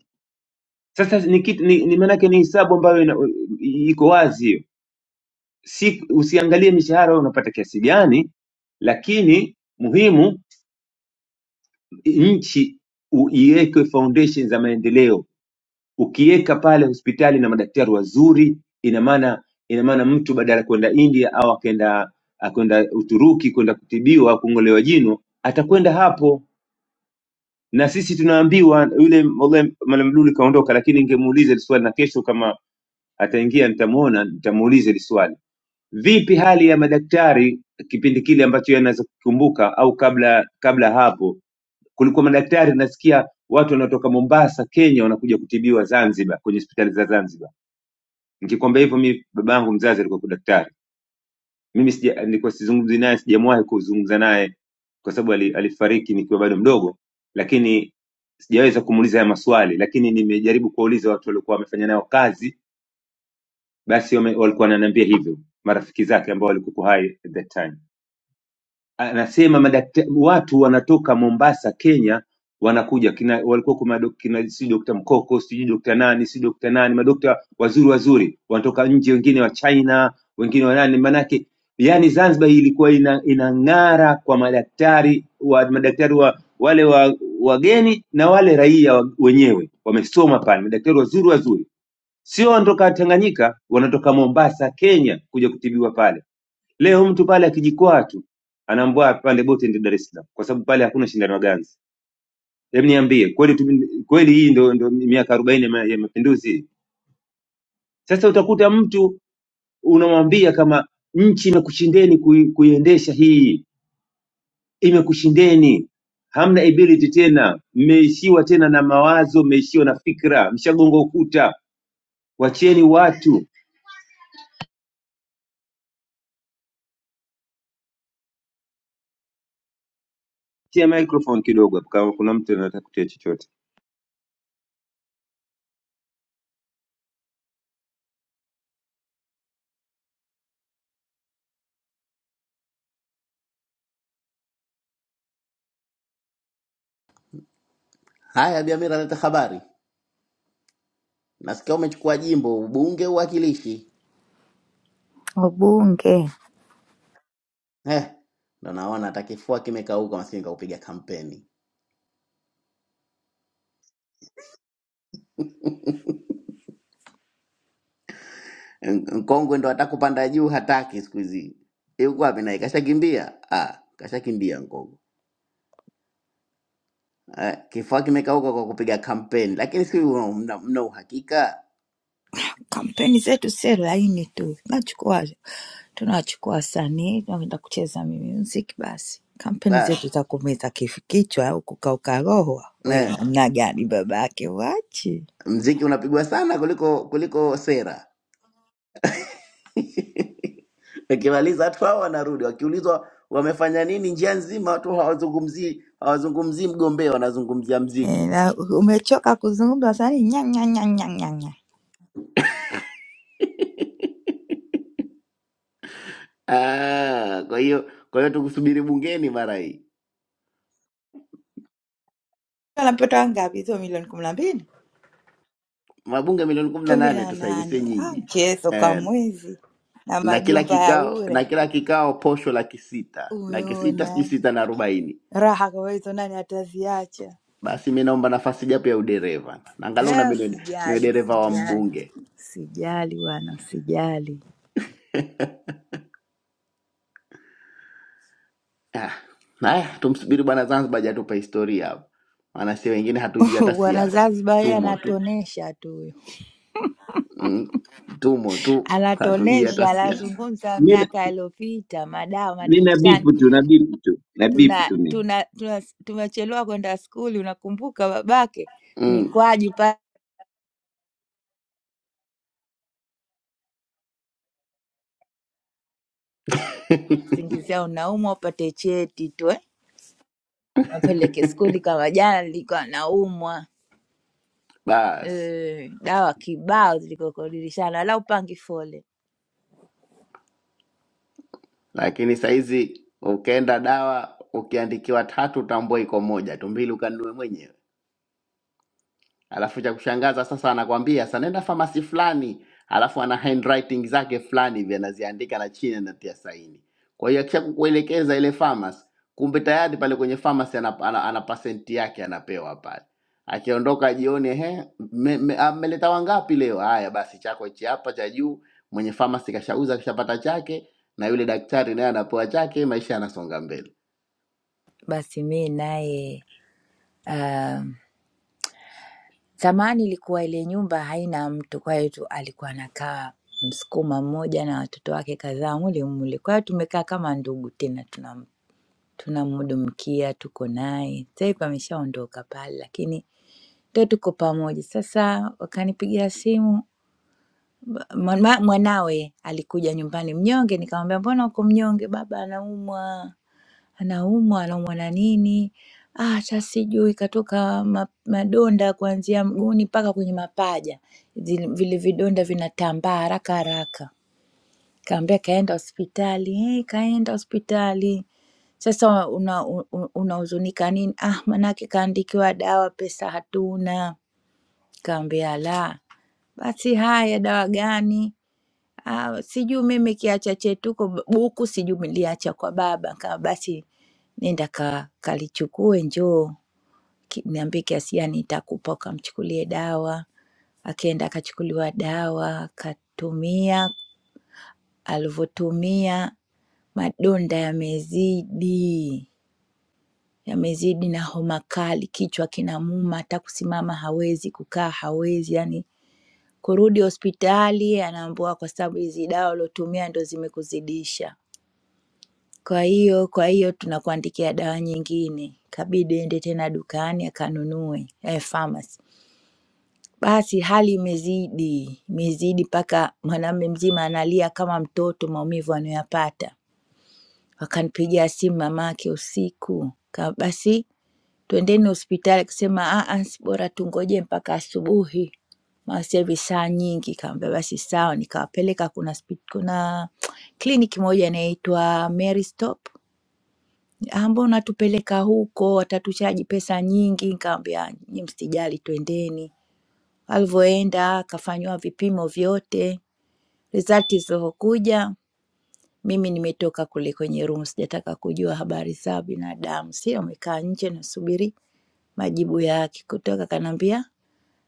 Sasa ni kitu ni, ni maanake ni hesabu ambayo ina, iko wazi hiyo, si usiangalie mishahara wewe unapata kiasi gani, lakini muhimu nchi u- iwekwe foundation za maendeleo ukiweka pale hospitali na madaktari wazuri ina maana ina maana mtu badala ya kwenda india au akenda akwenda uturuki kwenda kutibiwa au kung'olewa jino atakwenda hapo na sisi tunaambiwa yule wallahi malam duli kaondoka lakini ningemuuliza hili swali na kesho kama ataingia nitamuona, nitamuuliza hili swali. Vipi hali ya madaktari kipindi kile ambacho yeye anaweza kukumbuka au kabla kabla hapo? Kulikuwa madaktari nasikia watu wanaotoka Mombasa, Kenya wanakuja kutibiwa Zanzibar kwenye hospitali za Zanzibar. Nikikwambia hivyo, mimi babangu mzazi alikuwa kwa daktari. Mimi sija, nilikuwa sizungumzi naye, sijamwahi kuzungumza naye kwa sababu ali- alifariki nikiwa bado mdogo, lakini sijaweza kumuuliza haya maswali, lakini nimejaribu kuwauliza watu waliokuwa wamefanya nayo kazi basi walikuwa wananiambia hivyo marafiki zake ambao walikuwepo hai at that time anasema madakta, watu wanatoka Mombasa Kenya wanakuja kina, walikuwa kuna dok- kina si dokta Mkoko sijui dokta nani si dokta nani madokta wazuri wazuri wanatoka nje, wengine wa China wengine wa nani, manake yani Zanzibar ilikuwa ina, inang'ara kwa madaktari wa madaktari wa wale wa wageni na wale raia wa- wenyewe wamesoma pale, madaktari wazuri wazuri, sio wanatoka Tanganyika, wanatoka Mombasa Kenya kuja kutibiwa pale. Leo mtu pale akijikwaa tu anaambiwa apande boti aende Dar es Salaam kwa sababu pale hakuna shindano ya ganzi. Hebu niambie kweli tu, kweli hii ndo, ndo miaka arobaini ya ma- ya mapinduzi. Sasa utakuta mtu unamwambia kama nchi imekushindeni kui, kuiendesha hii, imekushindeni hamna ability tena, mmeishiwa tena na mawazo, mmeishiwa na fikra, mshagonga ukuta. Wacheni watu. Tia microphone kidogo hapo kama kuna mtu anataka kutia chochote.
Haya, Biamira, leta habari. Nasikia umechukua jimbo ubunge, uwakilishi.
Wabunge
Eh, ndo naona hata kifua kimekauka, maskini kaupiga kampeni. N- Nkongwe ndo hata kupanda juu hataki siku hizi. Yuko wapi naye? Kashakimbia? Ah, kashakimbia Nkongwe. Eh, kifua kimekauka kwa kupiga kampeni, lakini si mna, mna uhakika
kampeni zetu sio laini tu, tunachukua tunawachukua wasanii tunaenda kucheza music, basi kampeni zetu
basi.
za kumeza kif- kichwa au kukauka roho, we namna gani baba yake wachi
mziki unapigwa sana kuliko kuliko sera. Ikimaliza watu hao wanarudi, wakiulizwa wamefanya nini njia nzima, watu hawazungumzii hawazungumzii mgombea, wanazungumzia
e,
mziki.
na umechoka kuzungumza wasanii nya nya nya nya nya nya
Ah, kwa hiyo kwa hiyo tukusubiri bungeni mara hii,
anapata wangapi hizo milioni kumi na mbili
mabunge milioni kumi na
kumi
nane
na
tu sasa hivi, si
nane ah,
nyingi
mchezo kwa
eh,
mwezi na
na kila
majumba ya
kikao na
ure,
kila kikao posho laki sita laki sita sijui
umeona
sita na arobaini.
raha kwa hizo, nani ataziacha?
Basi mi naomba nafasi japo ya udereva, na angalau na
Eh,
mimi niwe niwe
Sijali,
dereva wa
sijali
mbunge
Sijali bwana, sijali
Ah, Haya, tumsubiri bwana Zanzibar hajatupa historia hapa, maana si wengine hatujui hata
bwana.
siasa,
Zanzibar yeye
tumo tu
anatonesha tu huyo,
mm, tumo tu hatujui hata
anatonesha,
siasa
anazungumza
Mi,
miaka aliyopita, madawa
mi na
madirishani.
bipu tu na bipu tu na bipu
Tuna
tu mi.
tuna tuna tumechelewa kwenda skuli, unakumbuka babake
mm,
mikwaji pale singizia unaumwa upate cheti tu eh? Wapeleke skuli. Kama jana nilikuwa naumwa
basi.
eh, dawa kibao zilikuwa kwa dirishani, wala upangi fole.
Lakini saizi ukienda dawa ukiandikiwa tatu, tambua iko moja tu, mbili ukanunue mwenyewe. Alafu cha kushangaza sasa, anakwambia sasa nenda famasi fulani, alafu ana handwriting zake fulani hivi anaziandika na chini anatia saini. Kwa hiyo akisha kukuelekeza ile famasi, kumbe tayari pale kwenye famasi ana, ana, ana pasenti yake anapewa pale. Akiondoka jioni, ehe, mmeleta me, ah, mmeleta wangapi leo? Haya basi, chako hichi hapa cha juu. Mwenye famasi kashauza, kishapata chake, na yule daktari naye anapewa chake, maisha yanasonga mbele.
Basi mi naye ah, Zamani ilikuwa ile nyumba haina mtu, kwa hiyo tu alikuwa anakaa Msukuma mmoja na watoto wake kadhaa mule mule. Kwa hiyo tumekaa kama ndugu tena, tunam- tunamhudumikia, tuko naye. Sasa hivi ameshaondoka pale, lakini ndio tuko pamoja. Sasa wakanipigia simu ba- mwana- mwanawe alikuja nyumbani mnyonge, nikamwambia mbona uko mnyonge? Baba anaumwa anaumwa anaumwa na nini, ah, hata sijui katoka ma, madonda kuanzia mguuni mpaka kwenye mapaja, Zile- vile vidonda vinatambaa haraka haraka. Kaambia kaenda hospitali, hey, kaenda hospitali. Sasa unahuzunika una, una unahuzunika nini? Ah, manake kaandikiwa dawa, pesa hatuna. Kaambia la, basi haya, dawa gani? Ah, sijui mimi kiacha chetuko b- buku sijui niliacha kwa baba, kama basi nenda ka, kalichukue njoo ki- niambie kiasi gani nitakupa ukamchukulie dawa. Akaenda akachukuliwa dawa akatumia, alivyotumia madonda yamezidi yamezidi na homa kali, kichwa kinamuuma, hata kusimama hawezi, kukaa hawezi, yani kurudi hospitali anaambiwa kwa sababu hizi dawa uliotumia ndo zimekuzidisha. Kwa hiyo kwa hiyo tunakuandikia dawa nyingine, kabidi ende tena dukani akanunue eh, pharmacy. Basi hali imezidi imezidi, mpaka mwanamume mzima analia kama mtoto, maumivu anayoyapata. Wakanipigia simu mamake usiku, ka basi twendeni hospitali. Akasema "Ah, ah, si bora tungoje mpaka asubuhi, maana sasa hivi saa nyingi. Kaambia basi sawa, nikawapeleka kuna hospi- kuna kliniki moja inaitwa Mary Stop ah, mbona tupeleka huko, watatuchaji pesa nyingi. Nikamwambia nyi msijali, twendeni. Alivyoenda akafanyiwa vipimo vyote, rizati zilizokuja mimi nimetoka kule kwenye room, sijataka kujua habari za binadamu, si amekaa nje nasubiri majibu yake. Kutoka kanaambia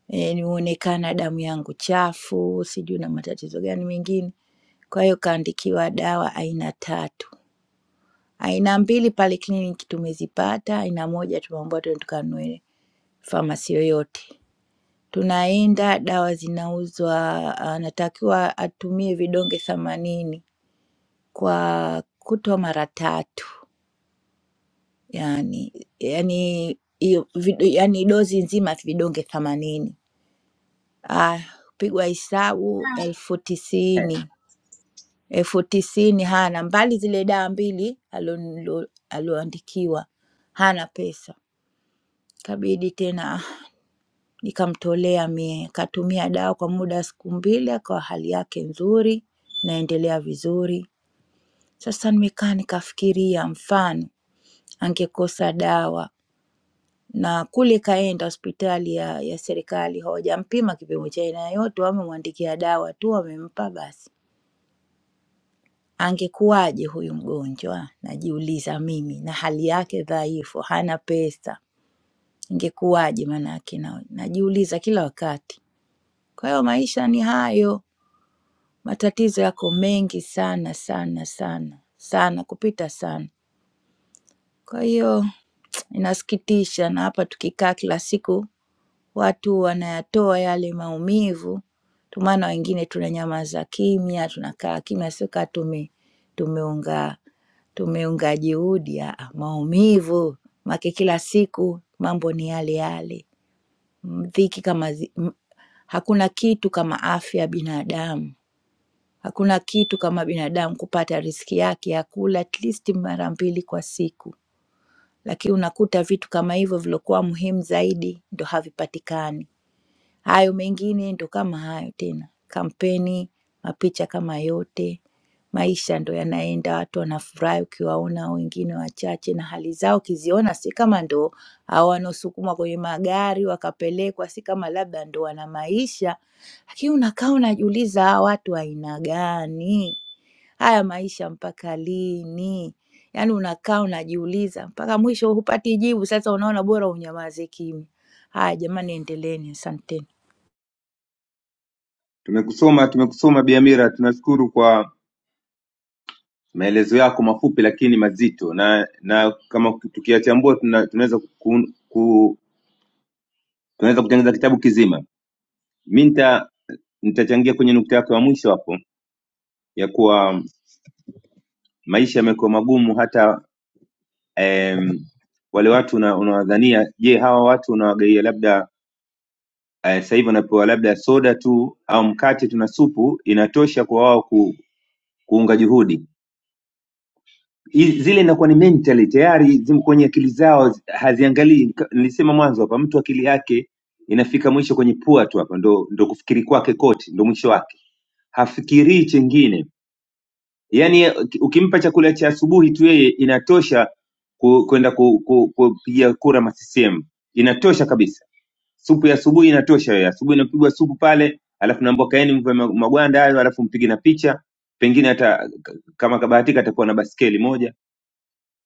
e, nimeonekana damu yangu chafu, sijui na matatizo gani mengine. Kwa hiyo kaandikiwa dawa aina tatu Aina mbili pale kliniki tumezipata, aina moja tumeambiwa twende tukanunue pharmacy yoyote. Tunaenda dawa zinauzwa, anatakiwa atumie vidonge themanini kwa kutwa mara tatu, yani yani hiyo vid- yani dozi nzima vidonge themanini. Ah, pigwa hesabu elfu tisini elfu tisini hana, mbali zile dawa mbili alio- alioandikiwa hana pesa. Ikabidi tena nikamtolea mie, akatumia dawa kwa muda wa siku mbili, akawa hali yake nzuri, naendelea vizuri. Sasa nimekaa nikafikiria, mfano angekosa dawa na kule kaenda hospitali ya, ya serikali hawajampima kipimo cha aina yoyote, wamemwandikia dawa tu, wamempa basi. Angekuwaje huyu mgonjwa? Najiuliza mimi, na hali yake dhaifu, hana pesa, ingekuwaje? Maana yake na- najiuliza kila wakati. Kwa hiyo maisha ni hayo, matatizo yako mengi sana sana sana sana kupita sana. Kwa hiyo inasikitisha, na hapa tukikaa kila siku watu wanayatoa yale maumivu, ndio maana wengine tunanyamaza kimya, tunakaa kimya, sio kaa tume tumeunga tumeunga juhudi, aa, maumivu make kila siku mambo ni yale yale, Mm, dhiki kama zi, m- hakuna kitu kama afya ya binadamu Hakuna kitu kama binadamu kupata riziki yake ya kula at least mara mbili kwa siku, lakini unakuta vitu kama hivyo vilokuwa muhimu zaidi ndo havipatikani. Hayo mengine ndo kama hayo tena, kampeni, mapicha kama yote, maisha ndo yanaenda, watu wanafurahi ukiwaona wengine wachache, na hali zao ukiziona si kama ndo hao wanaosukumwa kwenye magari wakapelekwa, si kama labda ndo wana maisha, lakini unakaa unajiuliza hawa watu aina gani? Haya maisha mpaka lini? Yaani unakaa unajiuliza mpaka mwisho hupati jibu, sasa unaona bora unyamaze kimya. Haya jamani, endeleeni, asanteni.
Tumekusoma, tumekusoma Bi Amira, tunashukuru kwa maelezo yako mafupi lakini mazito, na na kama tukiyachambua tuna, tunaweza ku, ku, tunaweza kutengeneza kitabu kizima. Mi nita nitachangia kwenye nukta yako ya mwisho hapo ya kuwa maisha yamekuwa magumu hata em, wale watu una- unawadhania. Je, hawa watu unawagaia labda eh, sasa hivi wanapewa labda soda tu au mkate tu na supu inatosha kwa wao ku, kuunga juhudi hi- zile inakuwa ni mentally tayari zim kwenye akili zao zi- haziangalii Ka- nilisema mwanzo hapa mtu akili yake inafika mwisho kwenye pua tu hapa ndo, ndo kufikiri kwake kote ndo mwisho wake hafikirii chengine yaani ye- uki- ukimpa chakula cha asubuhi tu yeye inatosha ku- kwenda ku- ku- kupiga kura masisehemu inatosha kabisa supu ya asubuhi inatosha wewe. Asubuhi inapigwa supu pale, alafu naambia kaeni mvue ma- magwanda hayo, alafu mpige na picha. Pengine hata k- kama kabahatika atakuwa na baskeli moja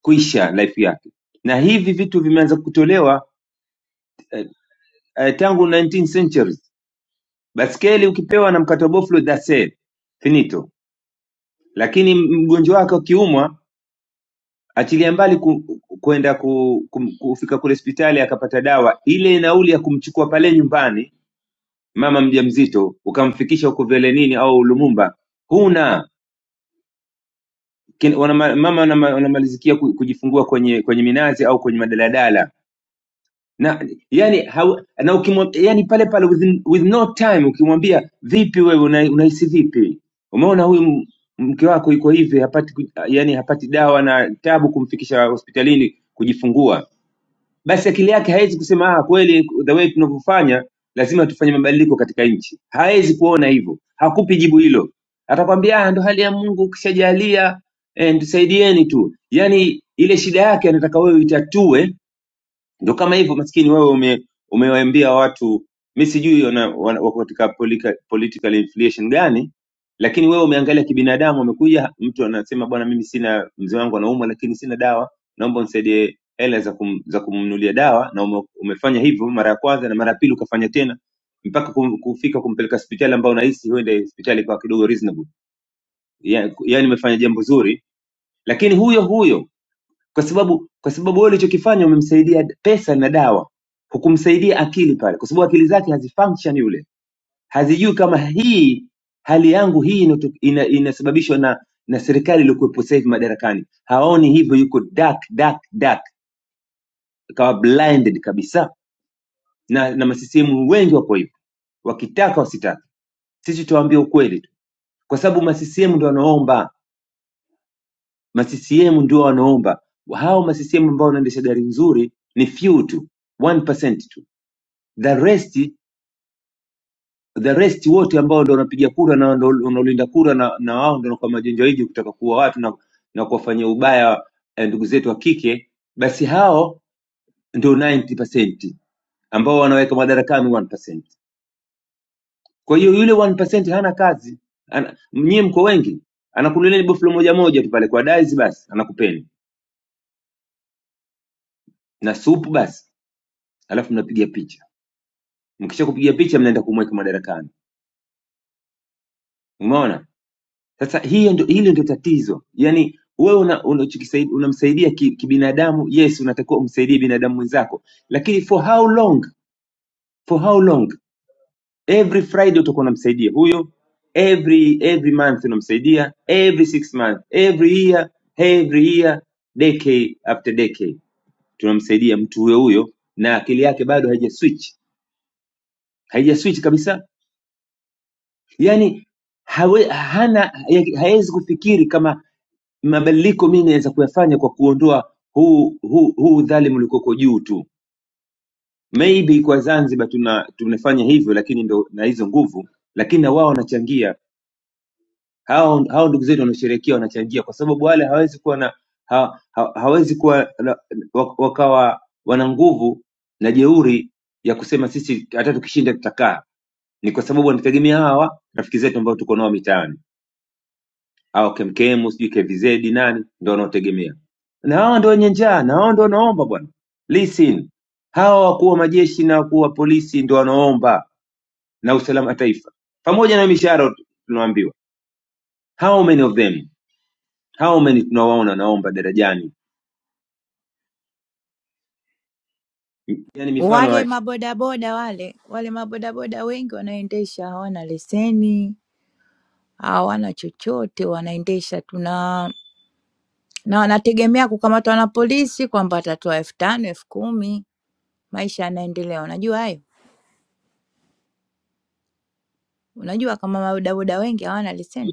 kuisha life yake na hivi vitu vimeanza kutolewa eh, eh, tangu 19 centuries baskeli ukipewa na mkate wa boflo that's it finito lakini mgonjwa wake akiumwa achilia mbali ku, kwenda ku, kum- kufika kule hospitali akapata dawa ile nauli ya kumchukua pale nyumbani mama mjamzito ukamfikisha huko velenini au lumumba huna kin, wana, mama wanama- wanamalizikia ku- kujifungua kwenye kwenye minazi au kwenye madaladala na yani hau, na ukimwa, yani pale pale within, with no time ukimwambia vipi wewe una- unahisi vipi umeona huyu m- mke wako yuko hivi hapati ku- yani hapati dawa na tabu kumfikisha hospitalini kujifungua basi akili yake hawezi kusema ah kweli the way tunavyofanya lazima tufanye mabadiliko katika nchi hawezi kuona hivyo hakupi jibu hilo atakwambia ah ndo hali ya Mungu ukishajalia eh, tusaidieni tu yani ile shida yake anataka wewe itatue ndio kama hivyo maskini wewe ume, umewaambia watu mi sijui wana- wana- wako katika polika- political inflation gani, lakini wewe umeangalia kibinadamu. Umekuja mtu anasema bwana, mimi sina mzee wangu anaumwa, lakini sina dawa, naomba unisaidie hela za, kum, za kumnunulia dawa, na ume, umefanya hivyo mara ya kwanza na mara ya pili ukafanya tena mpaka kum, kufika kumpeleka hospitali ambao unahisi huenda hospitali kwa kidogo reasonable, yaani yani, umefanya jambo zuri, lakini huyo huyo kwa sababu kwa sababu wewe ulichokifanya umemsaidia d- pesa na dawa, hukumsaidia akili pale, kwa sababu akili zake hazifunction yule, hazijui kama hii hali yangu hii inato- ina, inasababishwa na na serikali iliyokuwepo sasa hivi madarakani. Haoni hivyo, yuko dark dark dark, akawa blinded kabisa, na na masisimu wengi wapo hivyo, wakitaka wasitaka. Sisi tuwaambie ukweli tu, kwa sababu masisimu ndio wanaomba ma CCM ndio wanaomba hao ma CCM ambao wanaendesha gari nzuri ni few tu 1% tu the rest the rest wote ambao ndio wanapiga kura na ndio wanaolinda kura na, na wao ndio kwa majenjoiji kutaka kuwa watu na, na kuwafanyia ubaya eh, ndugu zetu wa kike basi hao ndio 90% ambao wanaweka madarakani 1%. Kwa hiyo yule 1% hana kazi. Ana, nyie mko wengi. Anakununulia ni boflo moja moja tu pale kwa dais basi, anakupeni. Na supu basi, alafu mnapiga picha. mkisha kupiga picha mnaenda kumweka madarakani umeona sasa hiyo ndio hilo ndio tatizo yani wewe una, unachokisaidia unamsaidia ki, kibinadamu yes unatakiwa umsaidie binadamu mwenzako lakini for how long for how long every friday utakuwa unamsaidia huyo every every month unamsaidia every six month every year every year decade after decade tunamsaidia mtu huyo huyo na akili yake bado haija switch haija switch kabisa yani hawe, hana ya- hawezi kufikiri kama mabadiliko mimi naweza kuyafanya kwa kuondoa huu huu huu udhalimu ulikoko juu tu maybe kwa zanzibar tuna tunafanya hivyo lakini ndo na hizo nguvu lakini na wao wanachangia hao hao ndugu zetu wanaosherekea wanachangia kwa sababu wale hawezi kuwa na ha, ha, hawezi kuwa na- wa- wakawa wana nguvu na jeuri ya kusema sisi hata tukishinda tutakaa ni kwa sababu wanategemea hawa rafiki zetu ambao tuko nao mitaani au kemkemu sijui kvz nani ndo wanaotegemea na hao ndo wenye njaa na hao ndo wanaomba bwana listen hawa wakuu wa majeshi na wakuu wa polisi ndo wanaomba na usalama wa taifa pamoja na mishahara tunaambiwa how many of them how many tunawaona wanaomba darajani yani mifano
Wale
hai-
mabodaboda wale wale mabodaboda wengi wanaendesha hawana leseni, hawana chochote, wanaendesha tu na na wanategemea kukamatwa na polisi kwamba watatoa elfu tano elfu kumi maisha yanaendelea. Unajua hayo? Unajua kama mabodaboda wengi hawana leseni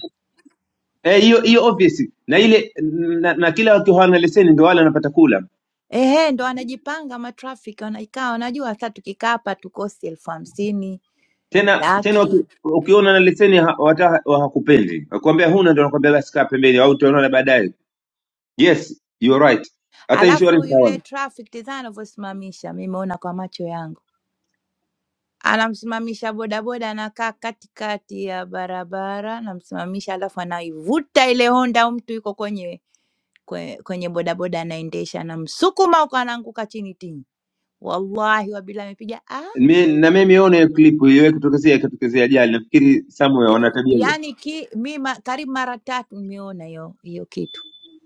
eh, hiyo hiyo obvious na ile na, na kila wakiwa hawana leseni ndo wale wanapata kula
Ehe, ndo anajipanga matrafiki, wanakaa wanajua, sasa tukikaa hapa tukosi elfu hamsini
tena tena
laki.
uki- ukiona na leseni ha- wata- hawakupendi wakuambia huna ndo nakwambia basi kaa pembeni au tutaonana baadaye Yes, you are right. Hata
Alafu
insurance hawana.
yule traffic tizama anavyosimamisha, mimi nimeona kwa macho yangu, anamsimamisha bodaboda, anakaa katikati ya barabara, anamsimamisha, alafu anaivuta ile honda, au mtu yuko kwenye kwe- kwenye bodaboda anaendesha, anamsukuma huko, anaanguka chini tini. Wallahi wabila amepiga ah,
Mi- Na mimi nimeona hiyo clip iliwahi kutokezea ikatokezea ajali. Nafikiri somewhere
eh,
wana tabia hiyo.
yani ki, mi ma, karibu mara tatu nimeona hiyo hiyo kitu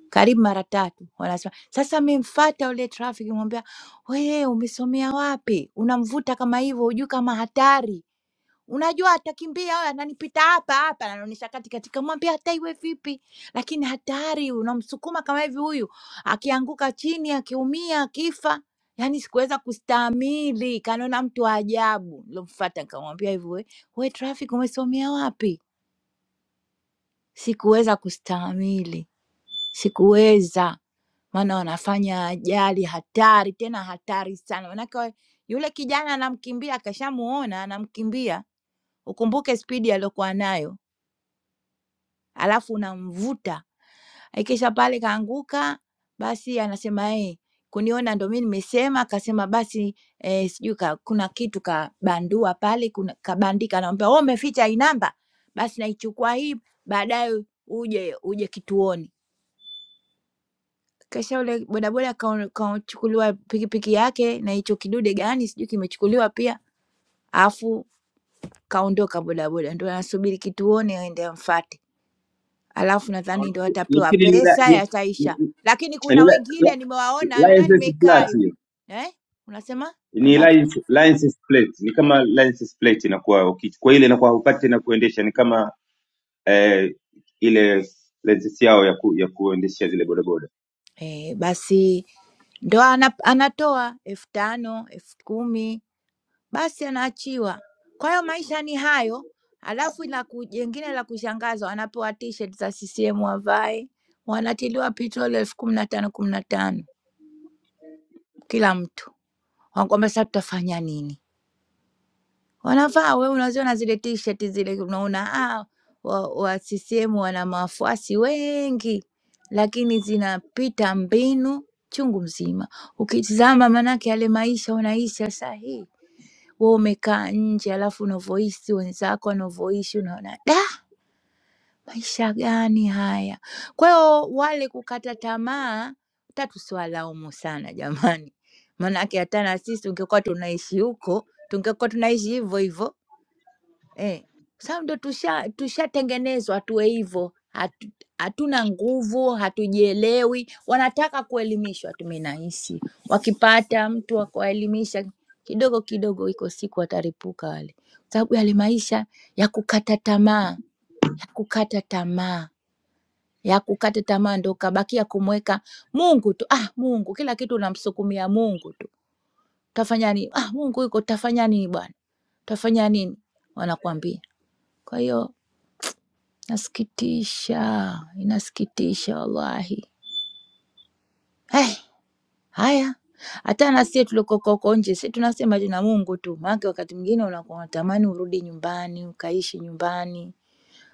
karibu mara tatu wanasema sasa memfata yule traffic mwambia we umesomea wapi unamvuta kama hivyo hujui kama hatari unajua atakimbia wewe ananipita hapa hapa anaonyesha kati katika mwambia hata iwe vipi lakini hatari unamsukuma kama hivi huyu akianguka chini akiumia akifa yaani sikuweza kustahimili kanaona mtu wa ajabu nilomfuata nikamwambia hivi we, we traffic umesomea wapi sikuweza kustahimili sikuweza maana wanafanya ajali hatari tena hatari sana manake we- yule kijana anamkimbia akashamuona anamkimbia ukumbuke spidi aliyokuwa nayo alafu unamvuta ikisha pale kaanguka basi anasema "Eh, kuniona ndo mi nimesema akasema basi eh, sijui ka, kuna kitu kabandua pale kuna kabandika anamwambia "Oh, umeficha hii namba basi naichukua hii baadaye uje uje kituoni Kisha yule bodaboda kao- kachukuliwa pikipiki yake na hicho kidude gani sijui kimechukuliwa pia, alafu kaondoka bodaboda, ndo anasubiri kituoni aende amfate, alafu nadhani
Hawana-
ndo atapewa
Nafikiri ni la-
pesa
ni
yataisha.
ni-
Lakini
ni
kuna
la- la-
wengine nimewaona, naona
license
nimekaa
plate
hivi
hiyo.
eh, unasema
Ni
babake
license license plate. Ni kama license plate inakuwa ukichukua ile inakuwa hupati tena kuendesha ni kama eh, ile license yao ya ku, ya kuendesha zile bodaboda.
eh, basi ndo ana, anatoa elfu tano elfu kumi basi anaachiwa. Kwa hiyo maisha ni hayo. Alafu la ku- jengine la kushangaza, wanapewa t-shirt za CCM wavae, wanatiliwa petroli elfu kumi na tano kumi na tano kila mtu, wanakwambia sasa tutafanya nini? Wanavaa, wewe unaziona zile t-shirt zile, unaona ah, wa, wa CCM wana mafuasi wengi, lakini zinapita mbinu chungu mzima. Ukitizama, maanake yale maisha unaisha sahihi wewe umekaa nje alafu unavyohisi wenzako wanavyoishi unaona da maisha gani haya kwa hiyo wale kukata tamaa hata tusiwalaumu sana jamani maanake hata na sisi tungekuwa tunaishi huko tungekuwa tunaishi hivyo hivyo Eh, sasa ndo tusha tushatengenezwa tuwe hivyo. Hatu, hatuna nguvu, hatujielewi, wanataka kuelimishwa tu. Mimi nahisi wakipata mtu wa kuwaelimisha kidogo kidogo, iko siku wataripuka wale, Kwa sababu yale maisha ya kukata tamaa, ya kukata tamaa, ya kukata tamaa, ndo kabakia kumweka Mungu tu. Ah, Mungu, kila kitu unamsukumia Mungu tu, tafanya nini? Ah, Mungu yuko, tafanya nini bwana, tafanya nini, wanakuambia. Kwa hiyo Nasikitisha, inasikitisha wallahi. Hey, haya hata na sie tulikoko huko nje si tunasema jina Mungu tu, maanake wakati mwingine unakuwa unatamani urudi nyumbani ukaishi nyumbani,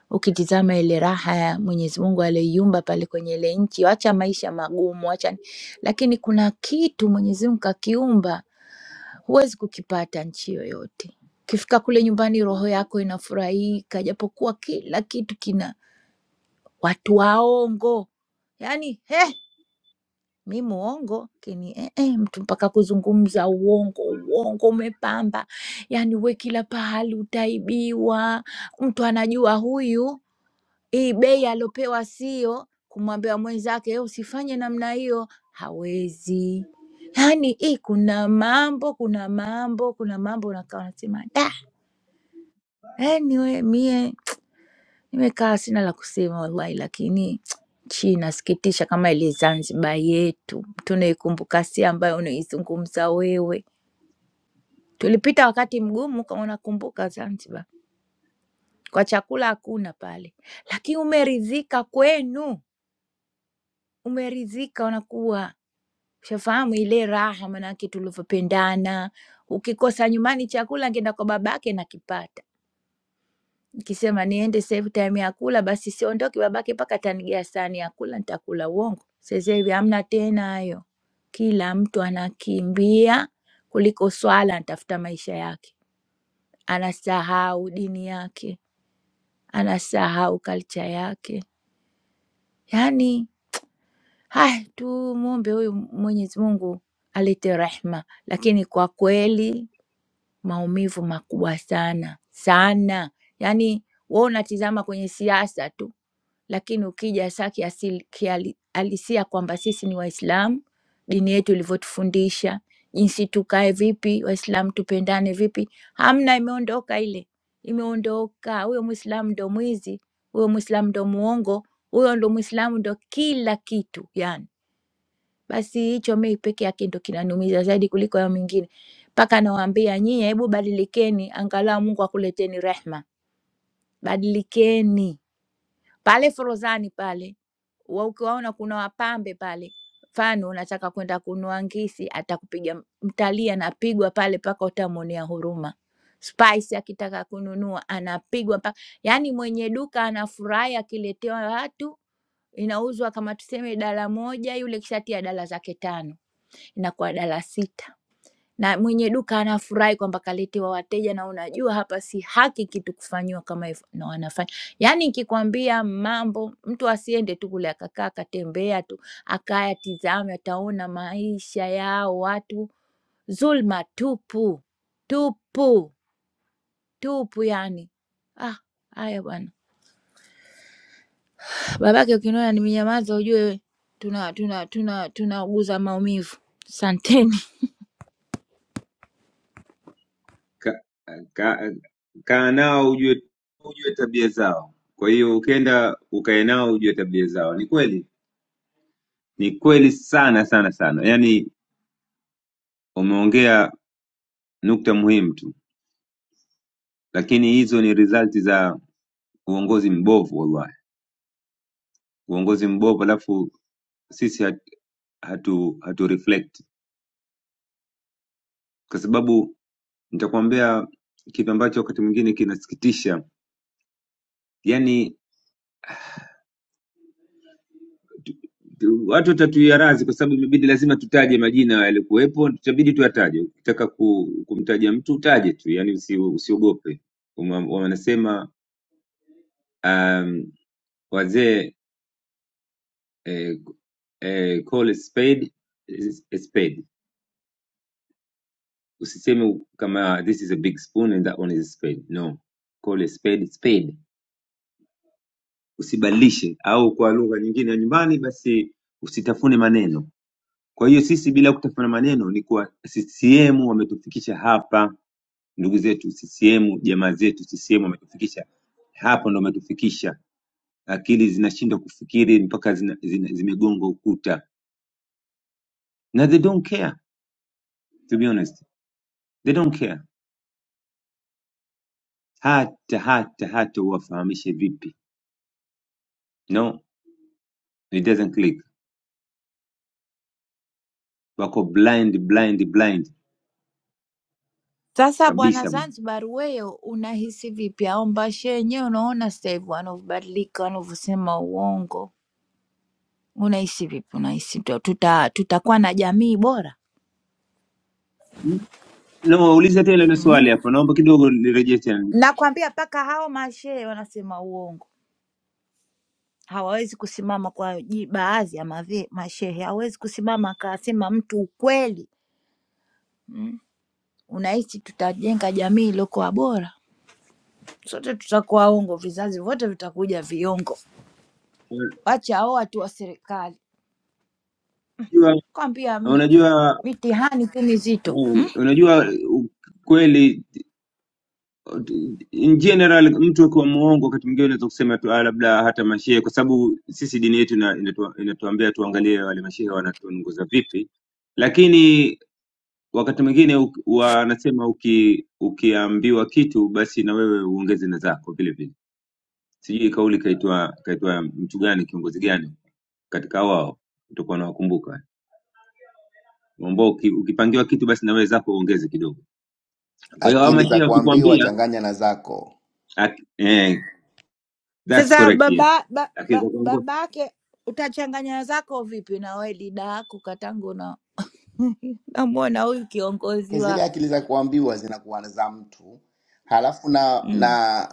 ukitizama ile raha ya Mwenyezi Mungu aliyoiumba pale kwenye ile nchi, wacha maisha magumu, wacha ni- lakini kuna kitu Mwenyezi Mungu kakiumba, huwezi kukipata nchi yoyote. Ukifika kule nyumbani, roho yako inafurahika, japokuwa kila kitu kina watu waongo, yani mi muongo kini eh, eh, mtu mpaka kuzungumza uongo uongo umepamba yani we kila pahali utaibiwa mtu anajua huyu hii bei aliopewa sio kumwambia mwenzake "Eh, usifanye namna hiyo hawezi yaani hii kuna mambo kuna mambo kuna mambo unakaa unasema da yani we mie Nimekaa sina la kusema wallahi, lakini chi inasikitisha kama ile Zanzibar yetu tunaikumbuka, si ambayo unaizungumza wewe. Tulipita wakati mgumu kama unakumbuka Zanzibar, kwa chakula hakuna pale, lakini umeridhika kwenu, umeridhika unakuwa shafahamu ile raha, manake tulivyopendana. Ukikosa nyumbani chakula, ngeenda kwa babake nakipata Nikisema niende sasa hivi time ya kula, basi siondoki babake mpaka atanigia sahani ya kula, nitakula. Uongo? Sasa hivi hamna tena hayo, kila mtu anakimbia kuliko swala, anatafuta maisha yake, anasahau dini yake, anasahau kalcha yake. Yani haya, tumwombe huyu Mwenyezi Mungu alete rehma, lakini kwa kweli maumivu makubwa sana sana, yani wewe unatizama kwenye siasa tu lakini ukija saa kiasili- kihalisia kwamba sisi ni Waislamu, dini yetu ilivyotufundisha, jinsi tukae vipi, Waislamu tupendane vipi, hamna, imeondoka ile, imeondoka. Huyo Mwislamu ndo mwizi, huyo Mwislamu ndo muongo, huyo ndo Mwislamu ndo kila kitu yani. Basi hicho mimi peke yake ndo kinaniumiza zaidi kuliko hayo mengine, mpaka nawaambia nyie, hebu badilikeni, angalau Mungu akuleteni rehma, badilikeni pale Forodhani pale wa ukiwaona kuna wapambe pale, mfano unataka kwenda kununua ngisi, atakupiga mtalii, anapigwa pale mpaka utamwonea huruma. Spice akitaka kununua anapigwa mpaka, yaani mwenye duka anafurahi akiletewa watu inauzwa kama tuseme dala moja, yule kishatia dala zake tano, inakuwa dala sita na mwenye duka anafurahi kwamba kaletewa wateja, na unajua hapa si haki kitu kufanyiwa kama hivyo, na wanafanya yaani, nikikwambia mambo, mtu asiende tu kule akakaa akatembea tu akaya tizame, ataona maisha yao watu, dhulma tupu tupu tupu, yani ah, haya bwana, babake ukiniona nimenyamaza ujue tuna tuna tuna tunauguza maumivu. Asanteni.
ka- ka- kaa nao ujue ujue tabia zao. Kwa hiyo ukienda ukae nao ujue tabia zao. Ni kweli, ni kweli sana sana sana. Yaani umeongea nukta muhimu tu, lakini hizo ni result za uongozi mbovu, wallahi, uongozi mbovu. Alafu sisi hat, hatu hatu reflect, kwa sababu nitakwambia kitu ambacho wakati mwingine kinasikitisha, Yaani tu- watu watatuia radhi kwa sababu imebidi lazima tutaje majina yalikuwepo, tutabidi tuyataje. Ukitaka ku, kumtaja mtu utaje tu, yani usi, usiogope. Uma- Wanasema um, wazee eh, eh, call a spade is a spade. Usiseme kama this is a big spoon and that one is a spade. No, call a spade a spade, usibadilishe. Au kwa lugha nyingine ya nyumbani, basi usitafune maneno Kwa hiyo sisi bila kutafuna maneno ni kuwa CCM wametufikisha hapa, ndugu zetu CCM, jamaa zetu CCM wametufikisha hapa, ndo wametufikisha. Akili zinashindwa kufikiri mpaka zina, zina, zimegonga ukuta, na they don't care to be honest, they don't care hata hata hata uwafahamishe vipi, no it doesn't click, wako blind blind blind
Sasa bwana
kabisa bwana.
Zanzibar, wewe unahisi vipi? Au Mbashi yenyewe unaona sasa hivi wanavyobadilika, wanavyosema uongo, unahisi vipi? Unahisi tu- tuta tutakuwa na jamii bora?
No, waulize tena ile swali
mm.
hapo, naomba kidogo nirejee tena.
Nakwambia mpaka hao mashehe wanasema uongo, hawawezi kusimama kwa ji- baadhi ya mave, mashehe hawezi kusimama akasema mtu ukweli. Unahisi tutajenga jamii iliyokuwa bora? Sote tutakuwa ongo, vizazi vyote vitakuja viongo. Wacha hao watu wa serikali
Unajua,
kwambia mie
unajua
mitihani tu mizito.
Eh, Unajua u- kweli in general, mtu akiwa muongo wakati mwingine unaweza kusema tu ah, labda hata mashehe, kwa sababu sisi dini yetu ina- inatua- inatuambia tuangalie wale mashehe wanatuongoza vipi, lakini wakati mwingine u- wanasema uki, ukiambiwa kitu basi na wewe uongeze na zako vile vile. Sijui kauli kaitwa kaitwa mtu gani kiongozi gani katika wao, utakuwa unawakumbuka ambao uki- ukipangiwa kitu basi na wewe zako uongeze kidogo. Kwa hiyo hawa
Akili za
mashia
kuambiwa
wakikwambia
changanya na zako.
Aki- eh, that's
Sasa
correct
baba
yes.
ba, ba,
Akiweza kuongoza
babake utachanganya zako vipi na we lida yako katangu na namwona huyu kiongozi
zile
wako
akili za kuambiwa zinakuwa za mtu, halafu na
mm,
na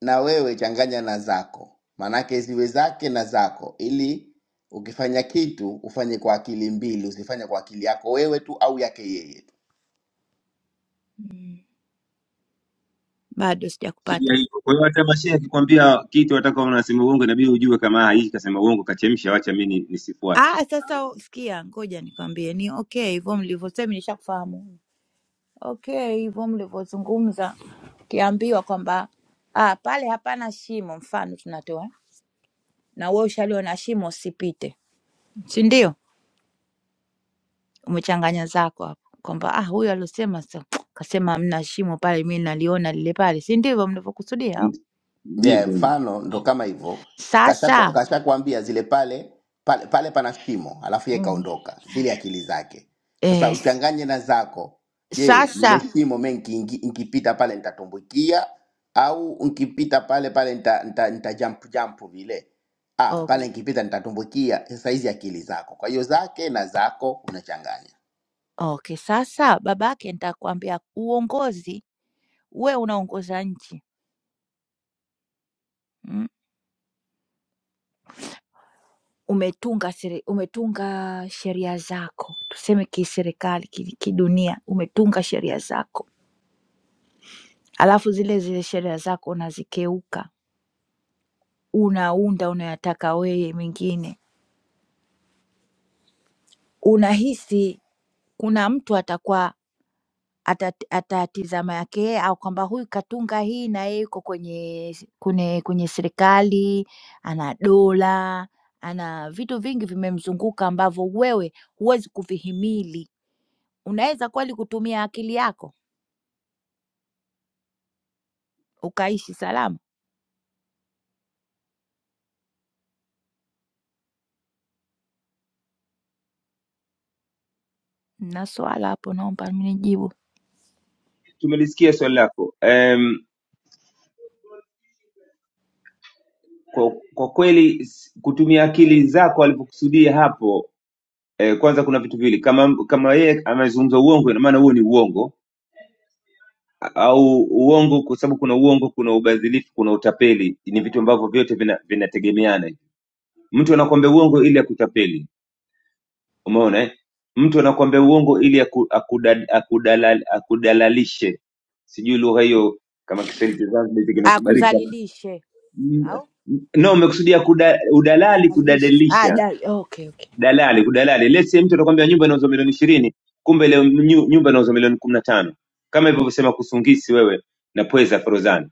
na wewe changanya na zako, maanake ziwe zake na zako, ili ukifanya kitu ufanye kwa akili mbili, usifanye kwa akili yako wewe tu au yake yeye tu.
bado sijakupata.
sio hivyo. Kwa hiyo hata mashehe akikwambia kitu wataka unasema uongo, inabidi ujue kama haishi kasema uongo, kachemsha, wacha mimi nisifuate.
Ah, sasa u- sikia, ngoja nikwambie, ni okay hivyo mlivyosema, nishakufahamu. Okay hivyo mlivyozungumza, ukiambiwa kwamba ah, pale hapana shimo, mfano tunatoa na wewe ushaliona shimo, usipite, si ndio? umechanganya zako hapo kwamba ah, huyu aliosema sa- kasema hamna shimo pale, mi naliona lile pale, si ndivyo mnavyokusudia?
Ndi-
yeah,
Ndivyo.
mfano ndo kama hivyo kashakwambia
Sasa
kasha kashakwambia zile pale pale pale pana shimo alafu ye
Mm.
kaondoka zile akili zake
eh,
sasa
s-
uchanganye na zako je lile
sasa
shimo me nkipita pale nitatumbukia au nkipita pale pale nita, nita, nita jump jump vile ah
okay.
pale nkipita nitatumbukia sasa hizi akili zako kwa hiyo zake na zako unachanganya
Okay, sasa babake, nitakwambia uongozi, we unaongoza nchi mm? Umetunga seri, umetunga sheria zako, tuseme kiserikali, ki- kidunia, umetunga sheria zako, alafu zile zile sheria zako unazikeuka, unaunda unayataka wewe mengine unahisi kuna mtu atakuwa atat- atatizama yake yeye au kwamba huyu katunga hii na yeye yuko kwenye kwenye, kwenye serikali, ana dola, ana vitu vingi vimemzunguka ambavyo wewe huwezi kuvihimili. Unaweza kweli kutumia akili yako ukaishi salama? Na swala hapo, naomba mnijibu.
Tumelisikia swali lako. Um, kwa, kwa kweli s- kutumia akili zako alivyokusudia hapo eh, kwanza kuna vitu viwili kama kama yeye amezungumza uongo, ina maana huo ni uongo A- au uongo, kwa sababu kuna uongo, kuna ubadhilifu, kuna utapeli, ni vitu ambavyo vyote vina- vinategemeana mtu anakuambia uongo ili akutapeli umeona eh? mtu anakuambia uongo ili aku, akuda- akudalal- akudalalishe sijui lugha hiyo kama kiswahili cha Zanzibar hicho kinakubalika
Akudhalilishe
Mm,
au
no umekusudia kuda, udalali
dalalishe? Ah,
kudadalisha
dal okay, okay.
dalali kudalali. Let's say mtu atakwambia nyumba inauzwa milioni ishirini, kumbe leo nyu- nyumba inauzwa milioni kumi na tano, kama ilivyosema kusungisi wewe na pweza Forozani.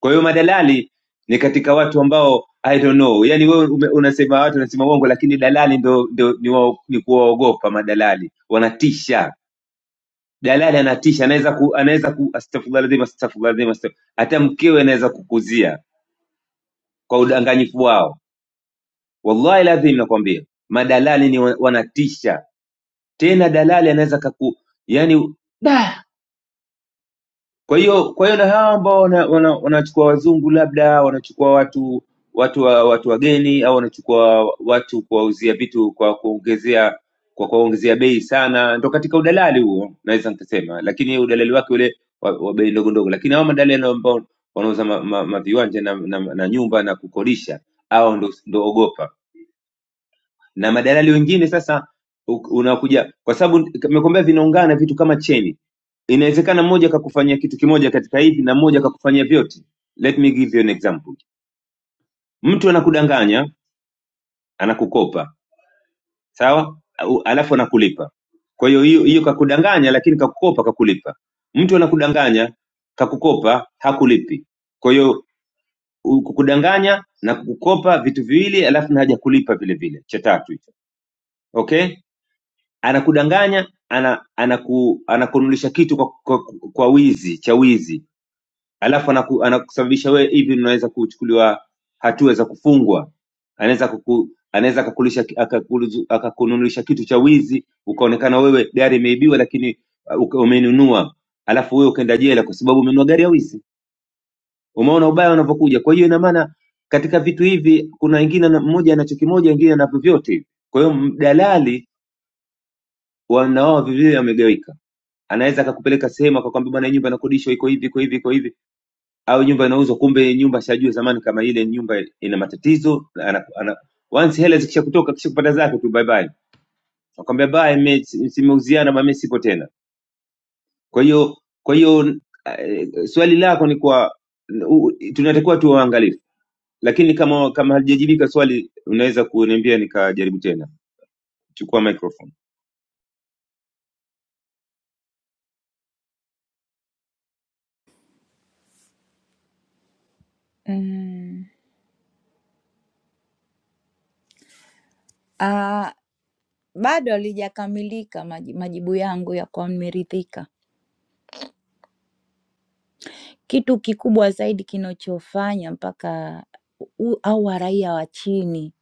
Kwa hiyo madalali ni katika watu ambao I don't know, yani wewe ume- unasema watu wanasema uongo, lakini dalali ndo, ndo ni, wa, ni kuwaogopa madalali, wanatisha. Dalali anatisha, anaweza ku, anaweza ku, astaghfirullah alazim, astaghfirullah alazim, astagh- hata mkewe anaweza kukuzia kwa udanganyifu wao. Wallahi lazim nakwambia, madalali ni wa- wanatisha tena dalali anaweza kaku yani da kwa hiyo kwa hiyo na hawa ambao wanachukua wana, wana wanachukua wazungu labda wanachukua watu watu wa- watu wageni au wanachukua watu kuwauzia vitu kwa kuongezea kwa kuongezea bei sana, ndo katika udalali huo naweza nikasema, lakini udalali wake ule wa, wa bei ndogo ndogo, lakini hao madalali ambao wanauza maviwanja ma, ma, ma viwanja na, na, na nyumba na kukodisha, hao ndo, ndo ogopa na madalali wengine sasa u- unakuja kwa sababu nimekwambia vinaungana vitu kama cheni inawezekana mmoja akakufanyia kitu kimoja katika hivi na mmoja akakufanyia vyote let me give you an example mtu anakudanganya anakukopa sawa Au- alafu anakulipa kwa hiyo hiyo hiyo kakudanganya lakini kakukopa kakulipa mtu anakudanganya kakukopa hakulipi kwa hiyo u- kukudanganya na kukukopa vitu viwili alafu na haja kulipa vile vile cha tatu hicho okay anakudanganya ana, anaku- anakununulisha kitu kwa, kwa, kwa wizi cha wizi alafu anaku, anakusababisha wewe hivi unaweza kuchukuliwa hatua za kufungwa anaweza kuku, anaweza akakulisha akakulizu- akakununulisha kitu cha wizi ukaonekana wewe gari imeibiwa lakini uh, uka- umenunua alafu wewe ukaenda jela kwa sababu umenunua gari ya wizi umeona ubaya unavyokuja kwa hiyo ina maana katika vitu hivi kuna wengine ana- mmoja anacho kimoja wengine anavyo vyote kwa hiyo m- dalali wanawao vivile wamegawika anaweza akakupeleka sehemu akakwambia bwana hii nyumba inakodishwa iko hivi iko hivi iko hivi au nyumba inauzwa kumbe nyumba shajua zamani kama ile nyumba ina matatizo na ana, ana, once hela zikisha kutoka kisha kupata zake tu bye bye akwambia bye mimi si, simeuziana bwana mimi sipo tena kwa hiyo kwa hiyo eh, swali lako ni kwa u- tunatakiwa tuwe waangalifu lakini kama kama halijajibika swali unaweza kuniambia nikajaribu tena chukua microphone
Mm. Ah, Bado halijakamilika maji- majibu yangu ya kwa nimeridhika. Kitu kikubwa zaidi kinachofanya mpaka u- au raia wa chini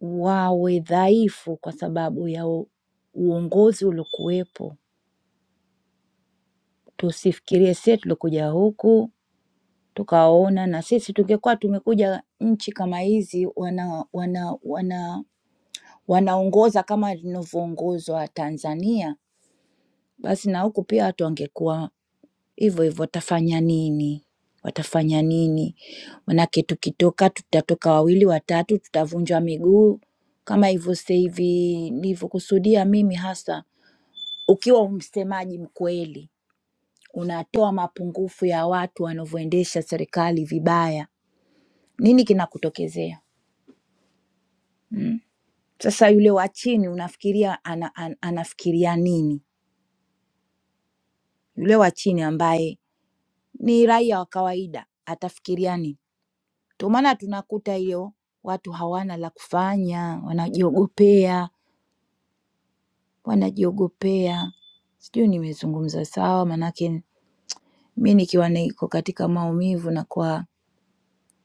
wawe dhaifu kwa sababu ya u- uongozi uliokuwepo. Tusifikirie sie tulikuja huku tukaona, na sisi tungekuwa tumekuja nchi kama hizi wana wana wana wanaongoza kama linavyoongozwa Tanzania, basi na huku pia watu wangekuwa Hivyo hivyo watafanya nini? Watafanya nini? Manake tukitoka tutatoka wawili watatu, tutavunjwa miguu kama hivyo sasa hivi nilivyokusudia mimi hasa. Ukiwa msemaji mkweli, unatoa mapungufu ya watu wanavyoendesha serikali vibaya, nini kinakutokezea? Mm. Sasa yule wa chini unafikiria ana, ana, anafikiria nini? Yule wa chini ambaye ni raia wa kawaida atafikiria nini? Ndio maana tunakuta hiyo watu hawana la kufanya, wanajiogopea, wanajiogopea. Sijui nimezungumza sawa, manake mi nikiwa niko katika maumivu nakuwa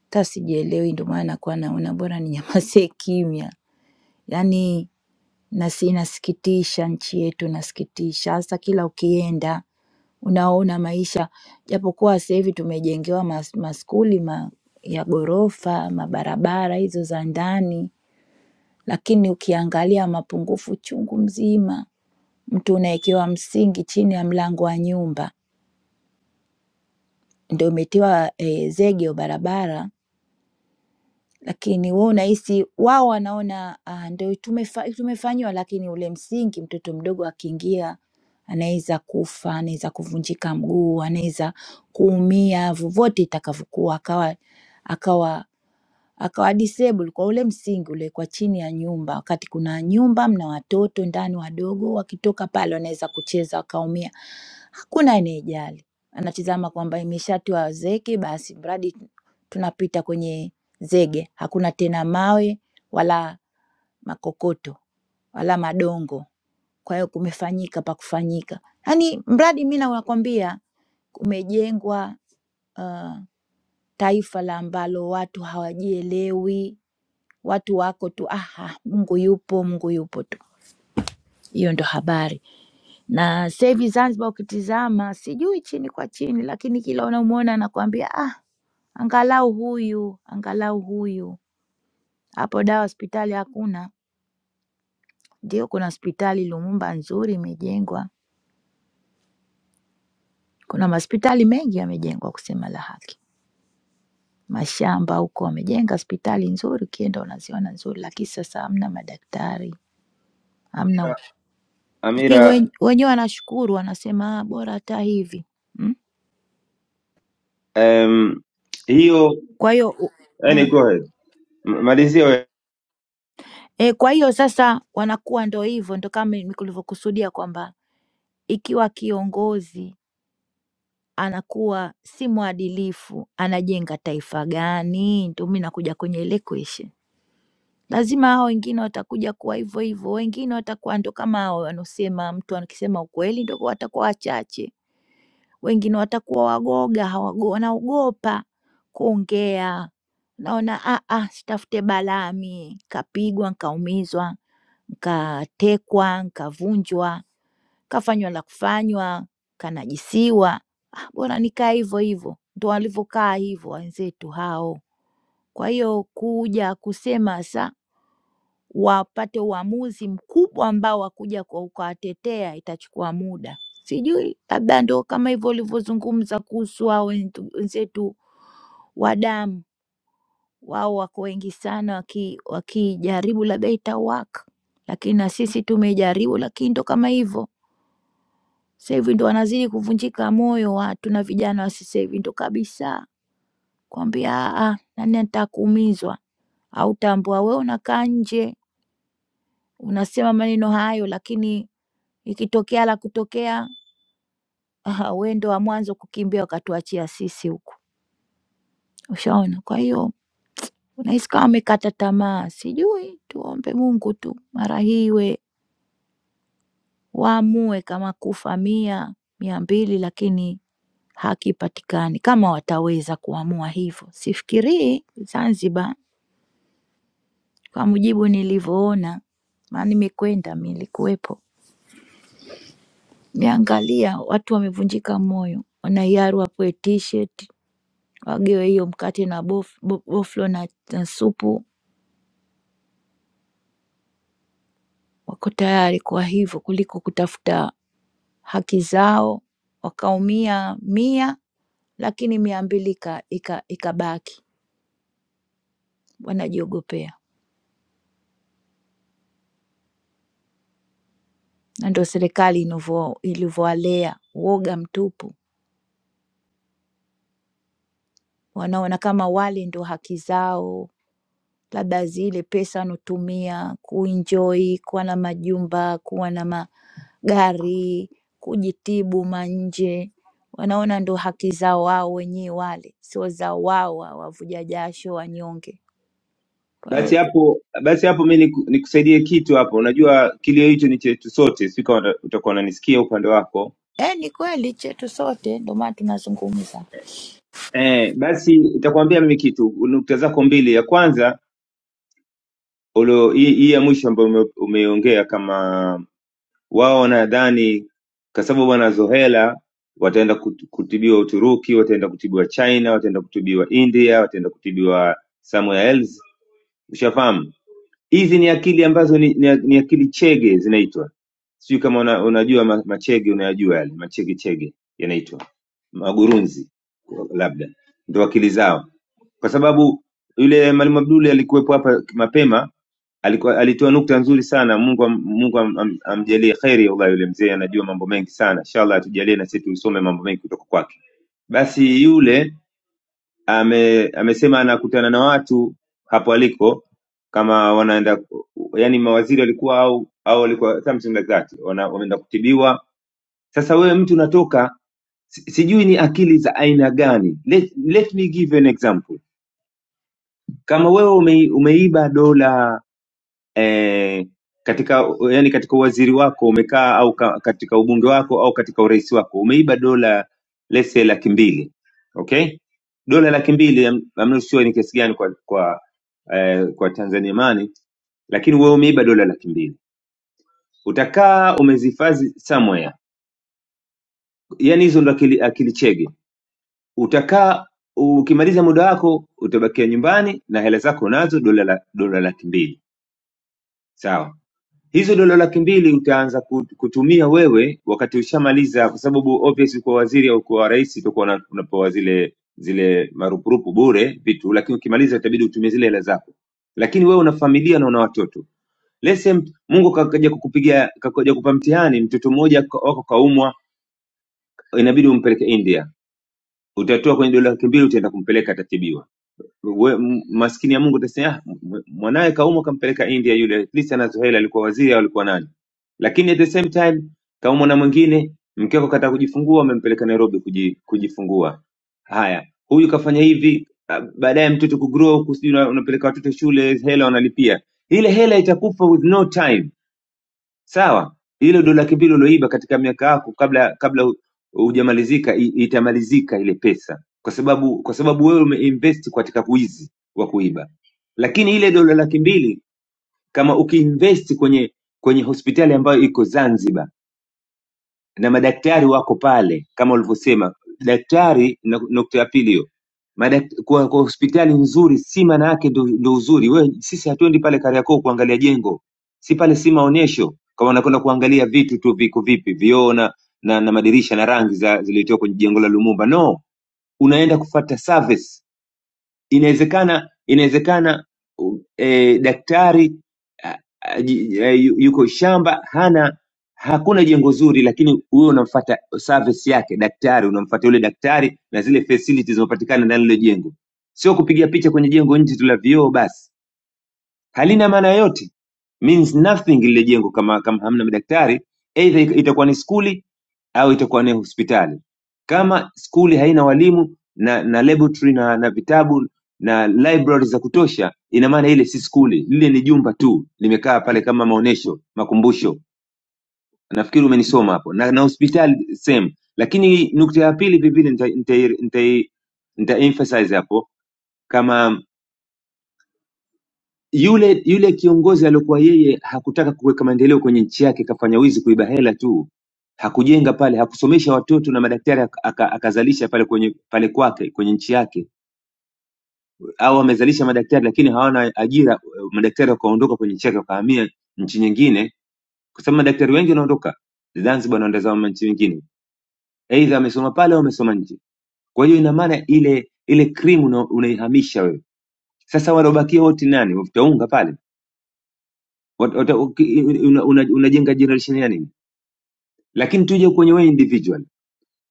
hata sijielewi, ndio maana nakuwa naona bora ninyamazie kimya. Yaani nasi, inasikitisha nchi yetu, inasikitisha hasa kila ukienda unaona maisha, japokuwa sasa hivi tumejengewa mas, maskuli ma, ya ghorofa, mabarabara hizo za ndani lakini ukiangalia mapungufu chungu mzima. Mtu unawekewa msingi chini ya mlango wa nyumba, ndio umetiwa eh, zege ya barabara, lakini wewe unahisi wao wanaona ah, ndio tumefa, tumefanyiwa, lakini ule msingi, mtoto mdogo akiingia anaweza kufa, anaweza kuvunjika mguu, anaweza kuumia vyovyote itakavyokuwa, akawa akawa akawa disable kwa ule msingi ule kwa chini ya nyumba, wakati kuna nyumba mna watoto ndani wadogo, wakitoka pale wanaweza kucheza wakaumia, hakuna anayejali, anatizama kwamba imeshatiwa zege, basi mradi tunapita kwenye zege, hakuna tena mawe wala makokoto wala madongo. Kwa hiyo kumefanyika pa kufanyika, yaani mradi mi nakwambia kumejengwa uh, taifa la ambalo watu hawajielewi watu wako tu aha, Mungu yupo, Mungu yupo tu. Hiyo ndo habari. Na sasa hivi Zanzibar ukitizama, sijui chini kwa chini, lakini kila unamuona anakuambia ah, angalau huyu, angalau huyu. Hapo dawa hospitali hakuna. Ndio kuna hospitali Lumumba nzuri imejengwa. Kuna mahospitali mengi yamejengwa kusema la haki. Mashamba huko wamejenga hospitali nzuri, ukienda unaziona nzuri, lakini sasa hamna madaktari, hamna ut- Ki-
amira
wen- wenyewe wanashukuru, wanasema "Ah, bora hata hivi. Mm.
um, hiyo
Kwa hiyo u-
yani
mm.
go ahead M- malizia wewe
e, kwa hiyo sasa wanakuwa ndo hivyo, ndo kama nilivyokusudia kwamba ikiwa kiongozi anakuwa si mwadilifu, anajenga taifa gani? Ndo mi nakuja kwenye ile question. Lazima hao wengine watakuja kuwa hivyo hivyo, wengine watakuwa ndo kama hao wanaosema, mtu akisema ukweli ndo watakuwa wachache, wengine watakuwa wagoga, hawago, wanaogopa kuongea naona ah, ah, sitafute balaa mie, kapigwa nkaumizwa nkatekwa, nkavunjwa, kafanywa la kufanywa, kanajisiwa. Bora nikae hivyo hivyo, ndo walivyokaa hivyo wenzetu hao. Kwa hiyo kuja kusema sa wapate uamuzi mkubwa ambao wakuja kwa ukawatetea, itachukua muda. Sijui, labda ndo kama hivyo ulivyozungumza kuhusu hao wentu- wenzetu wa damu, wao wako wengi sana, waki- wakijaribu labda itawaka, lakini na sisi tumejaribu, lakini ndo kama hivyo Sasa hivi ndo wanazidi kuvunjika moyo watu na vijana wa sasa hivi ndo kabisa kwambia, "Ah, ah, nani anataka kuumizwa? Au tambua wewe unakaa nje unasema maneno hayo, lakini ikitokea la kutokea, aha, wewe ndo wa mwanzo kukimbia ukatuachia sisi huku." Ushaona? Kwa hiyo unahisi kama wamekata tamaa, sijui. Tuombe Mungu tu mara hii iwe waamue kama kufa mia mia mbili, lakini hakipatikani kama wataweza kuamua hivyo. Sifikirii Zanzibar kwa mujibu nilivyoona, maana nimekwenda, nilikuwepo, niangalia watu wamevunjika moyo, wanaiaru wapewe t-shirt, wagewe hiyo mkate na bof, bo- boflo na, na supu, wako tayari kwa hivyo kuliko kutafuta haki zao, wakaumia mia lakini mia mbili ikabaki, ika- ika- ikabaki, wanajiogopea. na ndio serikali inavyo- ilivyowalea woga mtupu, wanaona kama wale ndio haki zao, labda zile pesa wanotumia kuenjoy, kuwa na majumba, kuwa na magari, kujitibu manje, wanaona ndio haki zao wao wenyewe wale, sio za wao wa- wavuja jasho wanyonge. Kwa hiyo
Basi hapo basi hapo mi niku- nikusaidie kitu hapo. Unajua kilio hicho ni chetu sote, sika utakuwa unanisikia upande wako.
eh, ni kweli chetu sote, ndio maana tunazungumza.
Eh, basi nitakwambia mimi kitu, nukta zako mbili. Ya kwanza ulio hii hii ya mwisho ambayo ume- umeiongea, kama wao wanadhani kwa sababu wanazohela wataenda kut- kutibiwa Uturuki, wataenda kutibiwa China, wataenda kutibiwa India, wataenda kutibiwa somewhere else. Ushafahamu? hizi ni akili ambazo ni, ni, ni akili chege zinaitwa sijui kama una, unajua ma- machege unayajua yale machege chege yanaitwa magurunzi labda ndo akili zao kwa sababu yule mwalimu abduli alikuwepo hapa mapema alikuwa alitoa nukta nzuri sana mungu am, mungu am, am, amjalie kheri allah yule mzee anajua mambo mengi sana inshallah atujalie na sisi tusome mambo mengi kutoka kwake basi yule ame, amesema anakutana na watu hapo aliko kama wanaenda yani mawaziri walikuwa au au walikuwa something like that wana, wameenda kutibiwa sasa wewe mtu unatoka si- sijui ni akili za aina gani let, let me give you an example kama wewe ume, umeiba dola eh, katika yani katika uwaziri wako umekaa au ka, katika ubunge wako au katika urais wako umeiba dola lese laki mbili okay dola laki mbili I'm I'm not sure ni kiasi gani kwa kwa eh, kwa Tanzania mani lakini wewe umeiba dola laki mbili utakaa umezihifadhi somewhere yani hizo ndo akili, akili chege utakaa ukimaliza muda wako utabakia nyumbani na hela zako unazo dola la, dola laki mbili sawa Hizo dola laki mbili utaanza kut- kutumia wewe wakati ushamaliza, kwa sababu obvious ukiwa waziri au ukiwa rais utakuwa una- unapewa zile zile marupurupu bure vitu, lakini ukimaliza itabidi utumie zile hela zako, lakini wewe una familia na una watoto. Lese Mungu ka- kaja kukupigia kaja kupa mtihani, mtoto mmoja ka- wako kaumwa, inabidi umpeleke India, utatoa kwenye dola laki mbili utaenda kumpeleka, atatibiwa we- m- maskini ya Mungu utasema "Ah, m- m- mwanawe Kauma kampeleka India yule, at least ana Zuhaila alikuwa waziri au alikuwa nani, lakini at the same time Kauma na mwingine mke wako kataka kujifungua, wamempeleka Nairobi kuji, kujifungua. Haya, huyu kafanya hivi, ah, baadaye mtoto kugrow, kusijui una- unapeleka watoto shule, hela wanalipia ile hela itakufa with no time sawa hilo ndo laki mbili ulioiba katika miaka yako kabla kabla hu- hujamalizika i- itamalizika ile pesa kwa sababu kwa sababu wewe umeinvest katika wizi wa kuiba lakini ile dola laki mbili kama ukiinvest kwenye kwenye hospitali ambayo iko zanzibar na madaktari wako pale kama ulivyosema daktari na- nukta ya pili hiyo Madak- kwa, kwa hospitali nzuri si maana yake ndo, ndo uzuri we sisi hatuendi pale kariakoo kuangalia jengo si pale si maonyesho kama unakwenda kuangalia vitu tu viko vipi vioo na, na, na madirisha na rangi za zilitoka kwenye jengo la lumumba no unaenda kufata service inawezekana inawezekana u- eh, daktari a- a- ji- eh, yu- yuko shamba hana hakuna jengo zuri lakini huwe unamfata service yake daktari unamfata yule daktari na zile facilities zinazopatikana ndani ya lile jengo sio kupiga picha kwenye jengo nje tu la vioo basi halina maana yoyote means nothing lile jengo kama, kama hamna madaktari either it- itakuwa ni skuli au itakuwa ni hospitali kama skuli haina walimu na na laboratory na, na vitabu na library za kutosha ina maana ile si skuli lile ni jumba tu limekaa pale kama maonesho makumbusho nafikiri umenisoma hapo na, na hospitali same lakini nukta ya pili vivile nita, nita, nita, nita emphasize hapo kama yule yule kiongozi aliokuwa yeye hakutaka kuweka maendeleo kwenye nchi yake, kafanya wizi kuiba hela tu, hakujenga pale, hakusomesha watoto na madaktari ak- aka- akazalisha pale kwenye pale kwake kwenye nchi yake, au amezalisha madaktari lakini hawana ajira, madaktari wakaondoka kwenye nchi yake wakahamia nchi nyingine, kwa sababu madaktari wengi wanaondoka Zanzibar wanaenda zao nchi nyingine, aidha amesoma pale au amesoma nje. Kwa hiyo ina maana ile ile krimu unaihamisha wewe. Sasa waliobakia wote nani? Utaunga pale Wat- wata- uki- una- una- unajenga generation ya nini? Lakini tuje kwenye wewe individual,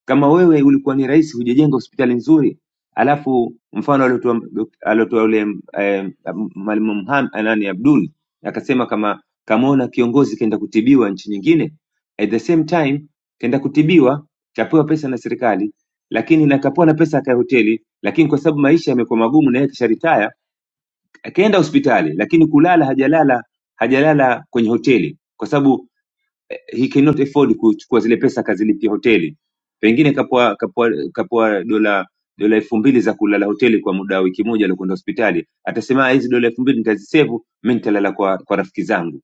kama wewe ulikuwa ni rais, hujajenga hospitali nzuri, alafu mfano aliotoa aliotoa yule eh, mwalimu Mham- eh, nani Abdul akasema kama kamaona kiongozi kaenda kutibiwa nchi nyingine, at the same time kaenda kutibiwa kapewa pesa na serikali, lakini na kapewa na pesa akae hoteli, lakini kwa sababu maisha yamekuwa magumu na yeye kisharitaya akaenda hospitali, lakini kulala hajalala hajalala kwenye hoteli kwa sababu he cannot afford kuchukua zile pesa akazilipia hoteli pengine kapwa kapwa kapwa dola dola elfu mbili za kulala hoteli kwa muda wa wiki moja aliokwenda hospitali atasema "Ah, hizi dola elfu mbili nitazisevu mi nitalala kwa, kwa rafiki zangu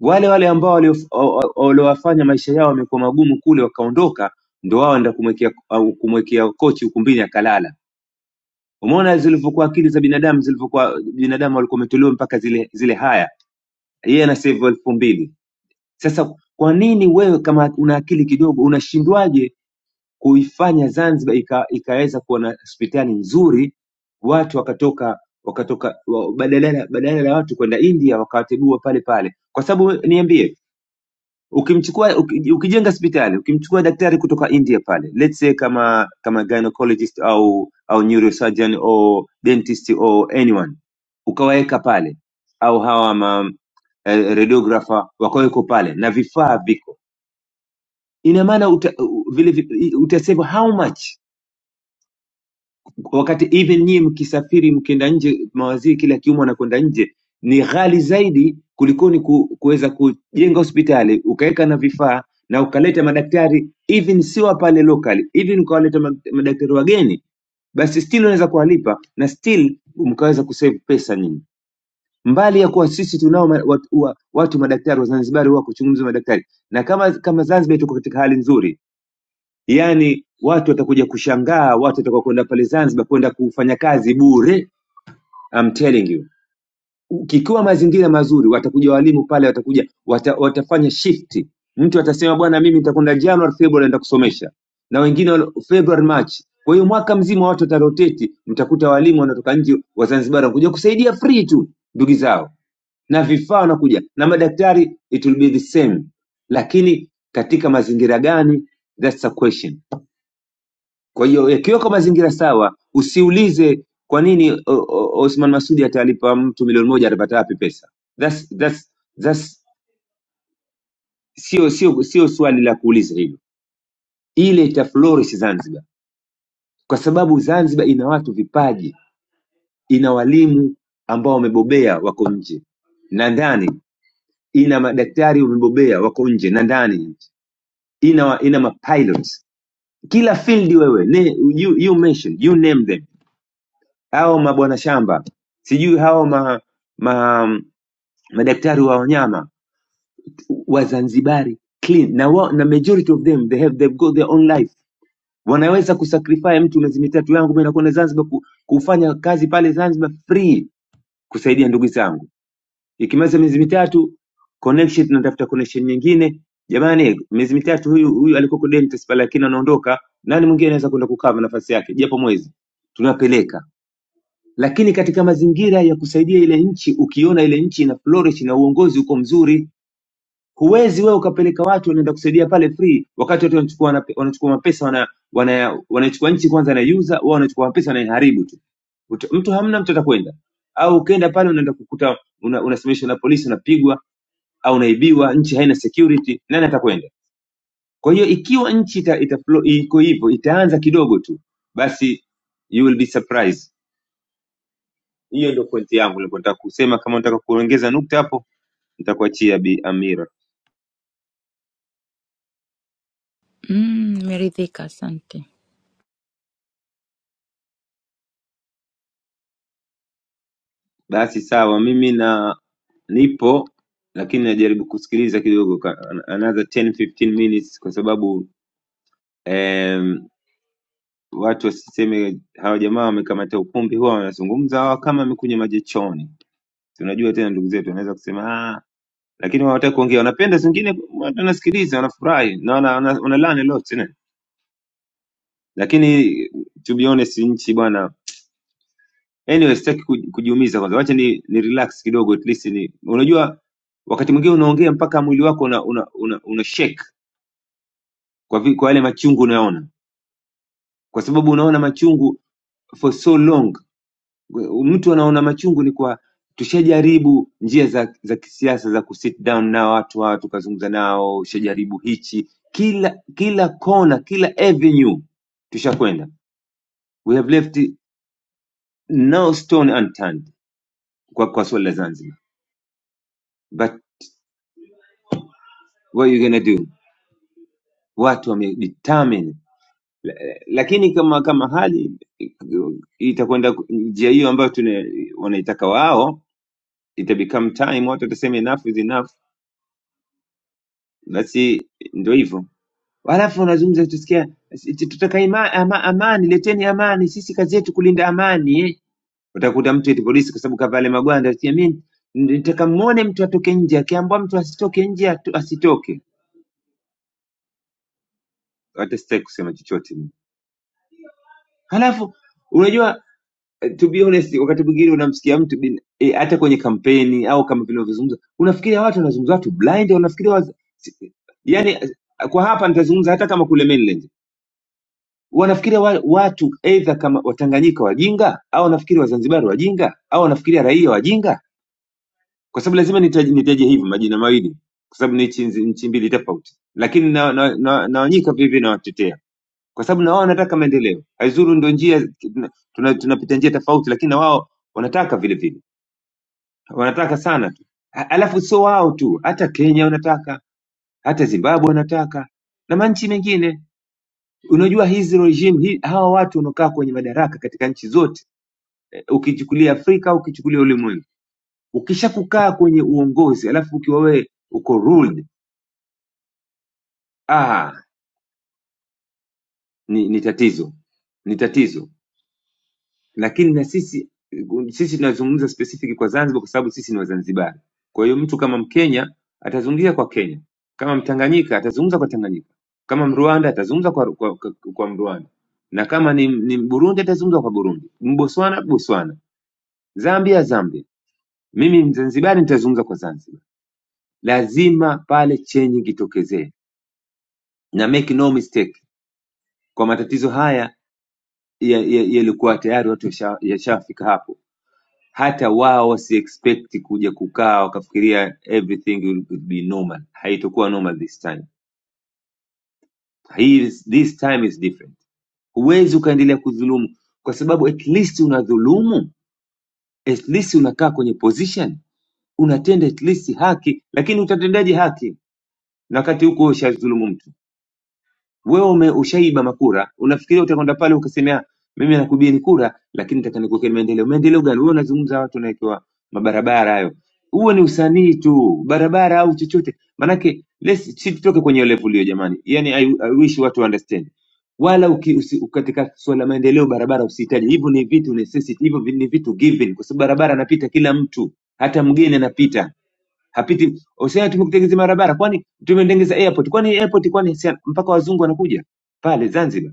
wale wale ambao waliof- wa- wa- waliowafanya maisha yao yamekuwa magumu kule wakaondoka ndo wao enda kumwekea au kumwekea kochi ukumbini akalala umeona zilivyokuwa akili za binadamu zilivyokuwa binadamu walikuwa wametolewa mpaka zile zile haya yeye ana sevu elfu mbili Sasa kwa nini wewe kama una akili kidogo unashindwaje kuifanya Zanzibar ika, ikaweza kuwa na hospitali nzuri, watu wakatoka wakatoka wa- badala badala ya watu kwenda India wakawatibua pale pale? Kwa sababu niambie, ukimchukua uki- ukijenga hospitali ukimchukua daktari kutoka India pale, let's say kama kama gynecologist au au neurosurgeon au dentist au anyone, ukawaweka pale au hawa ma, eh, radiographer wakaweko pale na vifaa viko ina maana uta, u- vile vi- utasema how much wakati even nyie mkisafiri mkienda nje mawaziri kila kiumo anakwenda nje ni ghali zaidi kulikoni ku, kuweza kujenga hospitali ukaweka na vifaa na ukaleta madaktari even sio wa pale locally even ukawaleta ma- madaktari wageni basi still unaweza kuwalipa na still mkaweza kusave pesa nyingi mbali ya kuwa sisi tunao ma- watu, wa- watu madaktari wa Zanzibari wako chunguzi madaktari na kama kama Zanzibar tuko katika hali nzuri yaani watu watakuja kushangaa watu watakaokwenda pale zanzibar kwenda kufanya kazi bure I'm telling you kikiwa mazingira mazuri watakuja walimu pale watakuja wata, watafanya shifti mtu atasema bwana mimi nitakwenda january february naenda kusomesha na wengine wal- february march kwa hiyo mwaka mzima watu wataroteti mtakuta walimu wanatoka nje wazanzibari wanakuja kusaidia free tu ndugu zao na vifaa wanakuja na madaktari it will be the same lakini katika mazingira gani that's a question kwa hiyo yakiwekwa mazingira sawa, usiulize kwa nini o, o, Osman Masudi atalipa mtu milioni moja atapata wapi pesa. That's, that's, that's, sio sio sio swali la kuuliza hilo, ile ita flourish Zanzibar kwa sababu Zanzibar ina watu vipaji, ina walimu ambao wamebobea wako nje na ndani, ina madaktari wamebobea wako nje na ndani, ina ina mapilots kila field wewe ne, you, you mention you name them hao mabwana shamba sijui hao ma, ma, madaktari wa wanyama wazanzibari clean na, wa, na majority of them they have they've got their own life wanaweza kusacrifice mtu miezi mitatu yangu mimi nakwenda Zanzibar ku, kufanya kazi pale Zanzibar free kusaidia ndugu zangu ikimaliza miezi mitatu connection tunatafuta connection nyingine jamani miezi mitatu huyu huyu alikuwa kwa dentist pale lakini anaondoka nani mwingine anaweza kwenda kukava nafasi yake japo mwezi tunapeleka lakini katika mazingira ya kusaidia ile nchi ukiona ile nchi ina flourish na uongozi uko mzuri huwezi wewe ukapeleka watu wanaenda kusaidia pale free wakati watu wanachukua wanape- wanachukua mapesa wana, wana, wanachukua nchi kwanza anaiuza wao wanachukua mapesa wanaiharibu tu Ut- mtu hamna mtu atakwenda au ukienda pale unaenda kukuta una- unasimamishwa na polisi unapigwa au unaibiwa nchi haina security nani atakwenda kwa hiyo ikiwa nchi ita, ita, ita, iko hivyo itaanza kidogo tu basi you will be surprised Hiyo ndio pointi yangu nilikuwa nataka kusema. Kama unataka kuongeza nukta hapo, nitakuachia Bi Amira.
Mm, nimeridhika, asante
Basi sawa, mimi na nipo lakini najaribu kusikiliza kidogo ka- another 10 15 minutes kwa sababu em, watu wasiseme hawa jamaa wamekamata ukumbi, huwa wanazungumza hawa kama amekunywa maji chooni. Tunajua tena ndugu zetu wanaweza kusema ah, lakini hawataki kuongea, wanapenda zingine, wanasikiliza, wanafurahi na wanalani wana, wana lots lakini to be honest, nchi bwana Anyway, sitaki kuji- kujiumiza kwanza, wacha ni, ni relax kidogo at least ni, unajua wakati mwingine unaongea mpaka mwili wako una, una, una, una shake kwa, vi, kwa yale machungu unayoona, kwa sababu unaona machungu for so long. Mtu anaona machungu ni kwa tushajaribu njia za, za kisiasa za kusit down na watu hawa tukazungumza nao, ushajaribu hichi, kila kila kona, kila avenue tushakwenda, we have left no stone unturned kwa, kwa swala la Zanzibar but what you gonna do watu wame determine La- lakini kama kama hali itakwenda ku- njia hiyo ambayo tuna wanaitaka wao ita become time watu watasema enough is enough basi ndio hivyo halafu wanazungumza tusikia eti tutaka ima, ama, amani leteni amani sisi kazi yetu kulinda amani eh. utakuta mtu eti polisi kwa sababu kavale magwanda ati, "Mimi nitaka muone mtu atoke nje akiambiwa mtu asitoke nje atu- asitoke hata sitaki kusema chochote mimi. halafu unajua eh, to be honest wakati mwingine unamsikia mtu bin, eh, hata kwenye kampeni au kama vile unavyozungumza unafikiria watu wanazungumza watu blind wanafikiria waz... si- yani eh, kwa hapa nitazungumza hata kama kule mainland wanafikiria wa, watu either kama watanganyika wajinga au wanafikiri wazanzibari wajinga au wanafikiria raia wajinga kwa sababu lazima nitaje, nitaje hivi majina mawili kwa sababu ni nchi nchi mbili tofauti lakini na, na, na, naonyika vivi nawatetea kwa sababu na wao wanataka maendeleo haizuru ndo njia tunapita tuna, tunapita njia tofauti lakini na wao wanataka vile vile wanataka sana tu A- alafu sio wao tu hata kenya wanataka hata zimbabwe wanataka na manchi mengine unajua hizi regime hii, hawa watu wanaokaa kwenye madaraka katika nchi zote eh, ukichukulia afrika ukichukulia ulimwengu ukisha kukaa kwenye uongozi alafu ukiwa wewe uko ruled ah ni, ni tatizo ni tatizo lakini na sisi sisi tunazungumza specific kwa Zanzibar kwa sababu sisi ni Wazanzibari. Kwa hiyo mtu kama Mkenya atazungumzia kwa Kenya, kama Mtanganyika atazungumza kwa Tanganyika, kama Mrwanda atazungumza kwa, kwa, kwa, kwa Mrwanda, na kama ni, ni Burundi atazungumza kwa Burundi, Mboswana Botswana, Zambia Zambia. Mimi Mzanzibari nitazungumza kwa Zanzibar. Lazima pale chenji kitokezee, na make no mistake, kwa matatizo haya yalikuwa ya, ya yalikuwa tayari watu yasha- yashafika ya hapo Hata wao si expect kuja kukaa wakafikiria everything will will be normal. Haitakuwa normal this time. Hii is- This time is different. Huwezi ukaendelea kudhulumu kwa sababu at least unadhulumu, at least unakaa kwenye position, unatenda at least haki, lakini utatendaje haki na wakati huko ushadhulumu mtu? Wewe ume ushaiba makura, unafikiria utakwenda pale ukasemea mimi nakubili kura, lakini nataka nikuwekee maendeleo. Maendeleo gani? Wewe unazungumza watu unawekewa mabarabara hayo, huo ni usanii tu, barabara au chochote. Manake let's- si tutoke kwenye level hiyo jamani, yani I, I wish watu understand wala uki, usi, katika suala la maendeleo barabara usihitaji hivyo, ni vitu necessity, hivyo vi- ni vitu given, kwa sababu barabara anapita kila mtu, hata mgeni anapita hapiti. Usiende tumekutengenezea barabara, kwani tumetengeza airport, kwani airport, kwani si- mpaka wazungu wanakuja pale Zanzibar.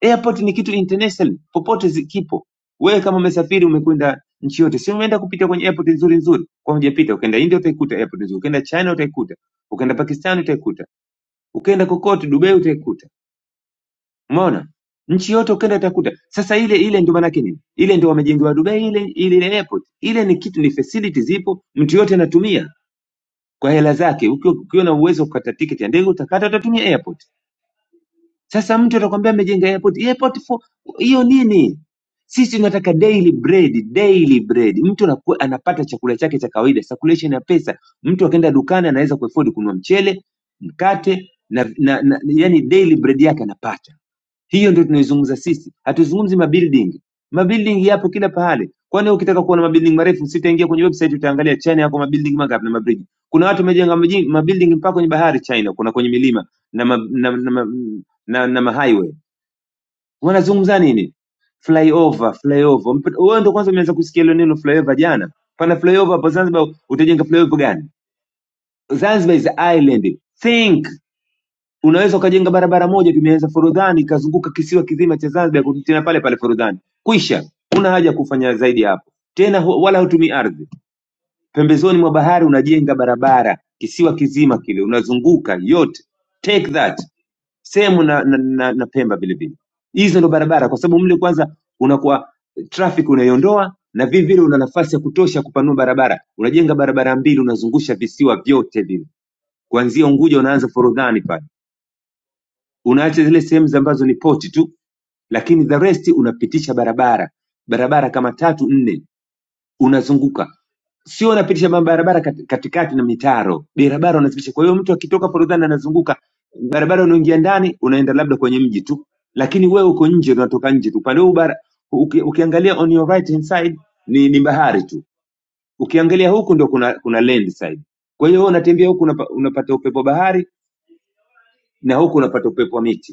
Airport ni kitu international, popote zi- kipo. Wewe kama umesafiri umekwenda nchi yote, si umeenda kupita kwenye airport nzuri nzuri? Kwa hujapita, ukaenda India utaikuta airport nzuri, ukaenda China utaikuta, ukaenda Pakistan utaikuta, ukaenda kokote Dubai utaikuta. Umeona? Nchi yote ukaenda utakuta. Sasa ile ile ndio maana yake nini? Ile ndio wamejengewa Dubai ile ile ile airport. Ile ni kitu ni facilities zipo, mtu yote anatumia kwa hela zake. Ukiwa ukiwa na uwezo wa kukata tiketi ya ndege utakata, utatumia airport. Sasa mtu atakwambia amejenga airport, airport for hiyo nini? Sisi tunataka daily bread, daily bread. Mtu anaku- anapata chakula chake cha kawaida, circulation ya pesa. Mtu akaenda dukani anaweza kuafford kununua mchele, mkate na, na, na yani daily bread yake anapata. Hiyo ndio tunaizungumza sisi, hatuzungumzi mabuilding. Mabuilding yapo kila pahali. Kwani ukitaka kuona mabuilding marefu, sitaingia kwenye website, utaangalia China yako mabuilding mangapi na mabridge. Kuna watu wamejenga maji- mabuilding mpaka kwenye bahari China, kuna kwenye milima na ma, na, na, na, na, na ma highway. Wanazungumza nini? Flyover, flyover. Mpe- Wewe ndio kwanza umeanza kusikia hilo neno flyover jana. Pana flyover hapo Zanzibar, utajenga flyover gani? Zanzibar is an island. Think unaweza ukajenga barabara moja tumeanza forodhani ikazunguka kisiwa kizima cha zanzibar kurudi tena pale pale forodhani kwisha huna haja ya kufanya zaidi hapo tena hu- wala hutumii ardhi pembezoni mwa bahari unajenga barabara kisiwa kizima kile unazunguka yote take that sehemu na, na, na, na pemba vile vile hizo ndo barabara kwa sababu mle kwanza unakuwa eh, traffic unaiondoa na vile vile una nafasi ya kutosha kupanua barabara unajenga barabara mbili unazungusha visiwa vyote vile kuanzia unguja unaanza forodhani pale unaacha zile sehemu za ambazo ni poti tu lakini the rest unapitisha barabara barabara kama tatu nne unazunguka sio unapitisha mabarabara kat- katikati na mitaro barabara unazipitisha kwa hiyo mtu akitoka forodhani anazunguka barabara unaingia ndani unaenda labda kwenye mji tu lakini wewe uko nje unatoka nje tu upande huu bara uki, ukiangalia on your right hand side ni, ni bahari tu ukiangalia huku ndio kuna kuna land side kwa hiyo wewe unatembea huku unapa, unapata upepo bahari na huku unapata upepo wa miti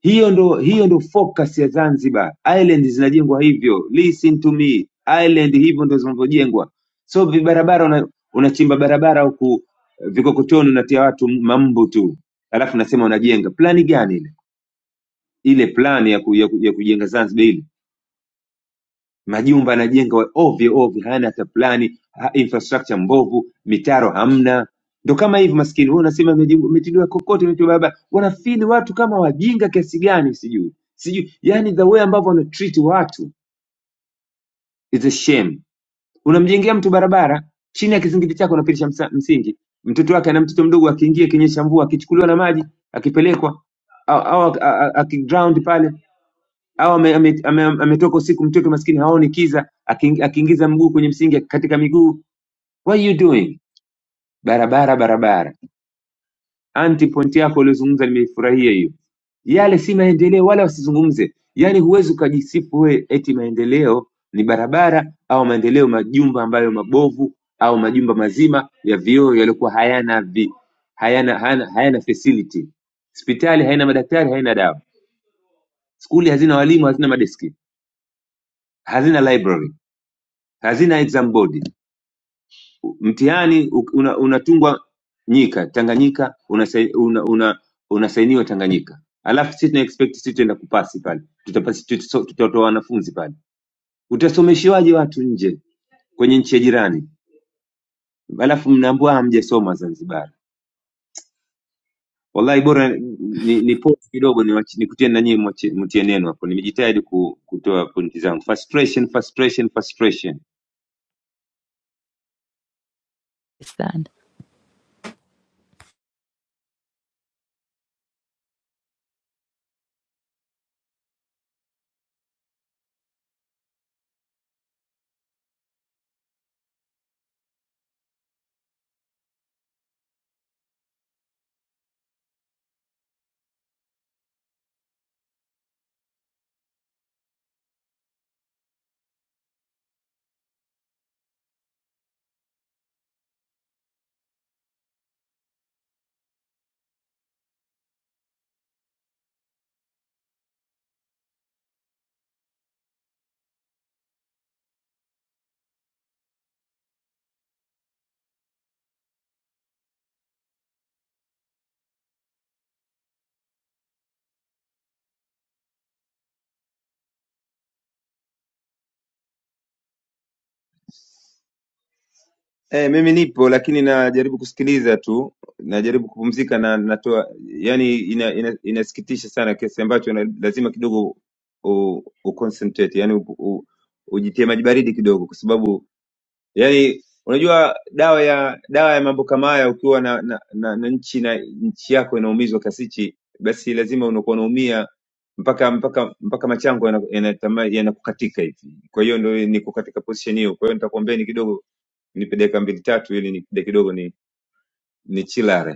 hiyo ndo hiyo ndo focus ya Zanzibar. Island zinajengwa hivyo, listen to me, island hivyo ndo zinavyojengwa, so vibarabara una, unachimba barabara huku eh, vikokotoni unatia watu mambu tu, alafu unasema unajenga. Plani gani ile? Ile plani ya, ku, ya, ku, ya kujenga Zanzibar ile Majumba yanajengwa ovyo ovyo hayana hata plani ha, infrastructure mbovu mitaro hamna ndo kama hivi maskini wewe unasema imejibu- imetidiwa kokote imetidiwa barabara wanafili watu kama wajinga kiasi gani sijui sijui yani the way ambavyo wana treat watu is a shame unamjengea mtu barabara chini ya kizingiti chako unapitisha msa- msingi mtoto wake ana mtoto mdogo akiingia kinyesha mvua akichukuliwa na maji akipelekwa au au- a- a- akiground pale au ametoka ame, ame, ame ametoka usiku mtoto maskini haoni kiza, aking- akiingiza mguu kwenye msingi katika miguu. What are you doing? Barabara barabara. Anti point yako uliozungumza nimeifurahia hiyo. Yale si maendeleo wala wasizungumze. Yaani huwezi ukajisifu we eti maendeleo ni barabara au maendeleo majumba ambayo mabovu au majumba mazima ya vioo yaliyokuwa hayana vi, hayana, hayana, hayana facility. Hospitali haina madaktari, haina dawa. Skuli hazina walimu, hazina madeski, hazina library hazina exam board mtihani u- una- unatungwa nyika tanganyika unasai- una, una, unasainiwa tanganyika alafu sisi tuna expect sisi tuenda kupasi pale tutapasi tutaso- tutatoa wanafunzi pale utasomeshiwaje watu nje kwenye nchi ya jirani alafu mnaambua hamjasoma zanzibar wallahi bora ni, ni pause kidogo niwachi- nikutie nanyie mtie neno hapo nimejitahidi ku, kutoa pointi zangu frustration frustration frustration
sana.
Eh, mimi nipo lakini najaribu kusikiliza tu, najaribu kupumzika na natoa yani, ina, ina, inasikitisha sana kiasi ambacho na, lazima kidogo u, u concentrate yani u, u, ujitie maji baridi kidogo, kwa sababu yani unajua dawa ya dawa ya mambo kama haya ukiwa na, na, na, na nchi na nchi yako inaumizwa kasichi, basi lazima unakuwa unaumia mpaka mpaka mpaka machango yanakukatika yana, yana, yanakukatika hivi. Kwa hiyo ndio niko katika position hiyo, kwa hiyo nitakuambieni kidogo nipe dakika mbili tatu ili nikija kidogo ni nichilare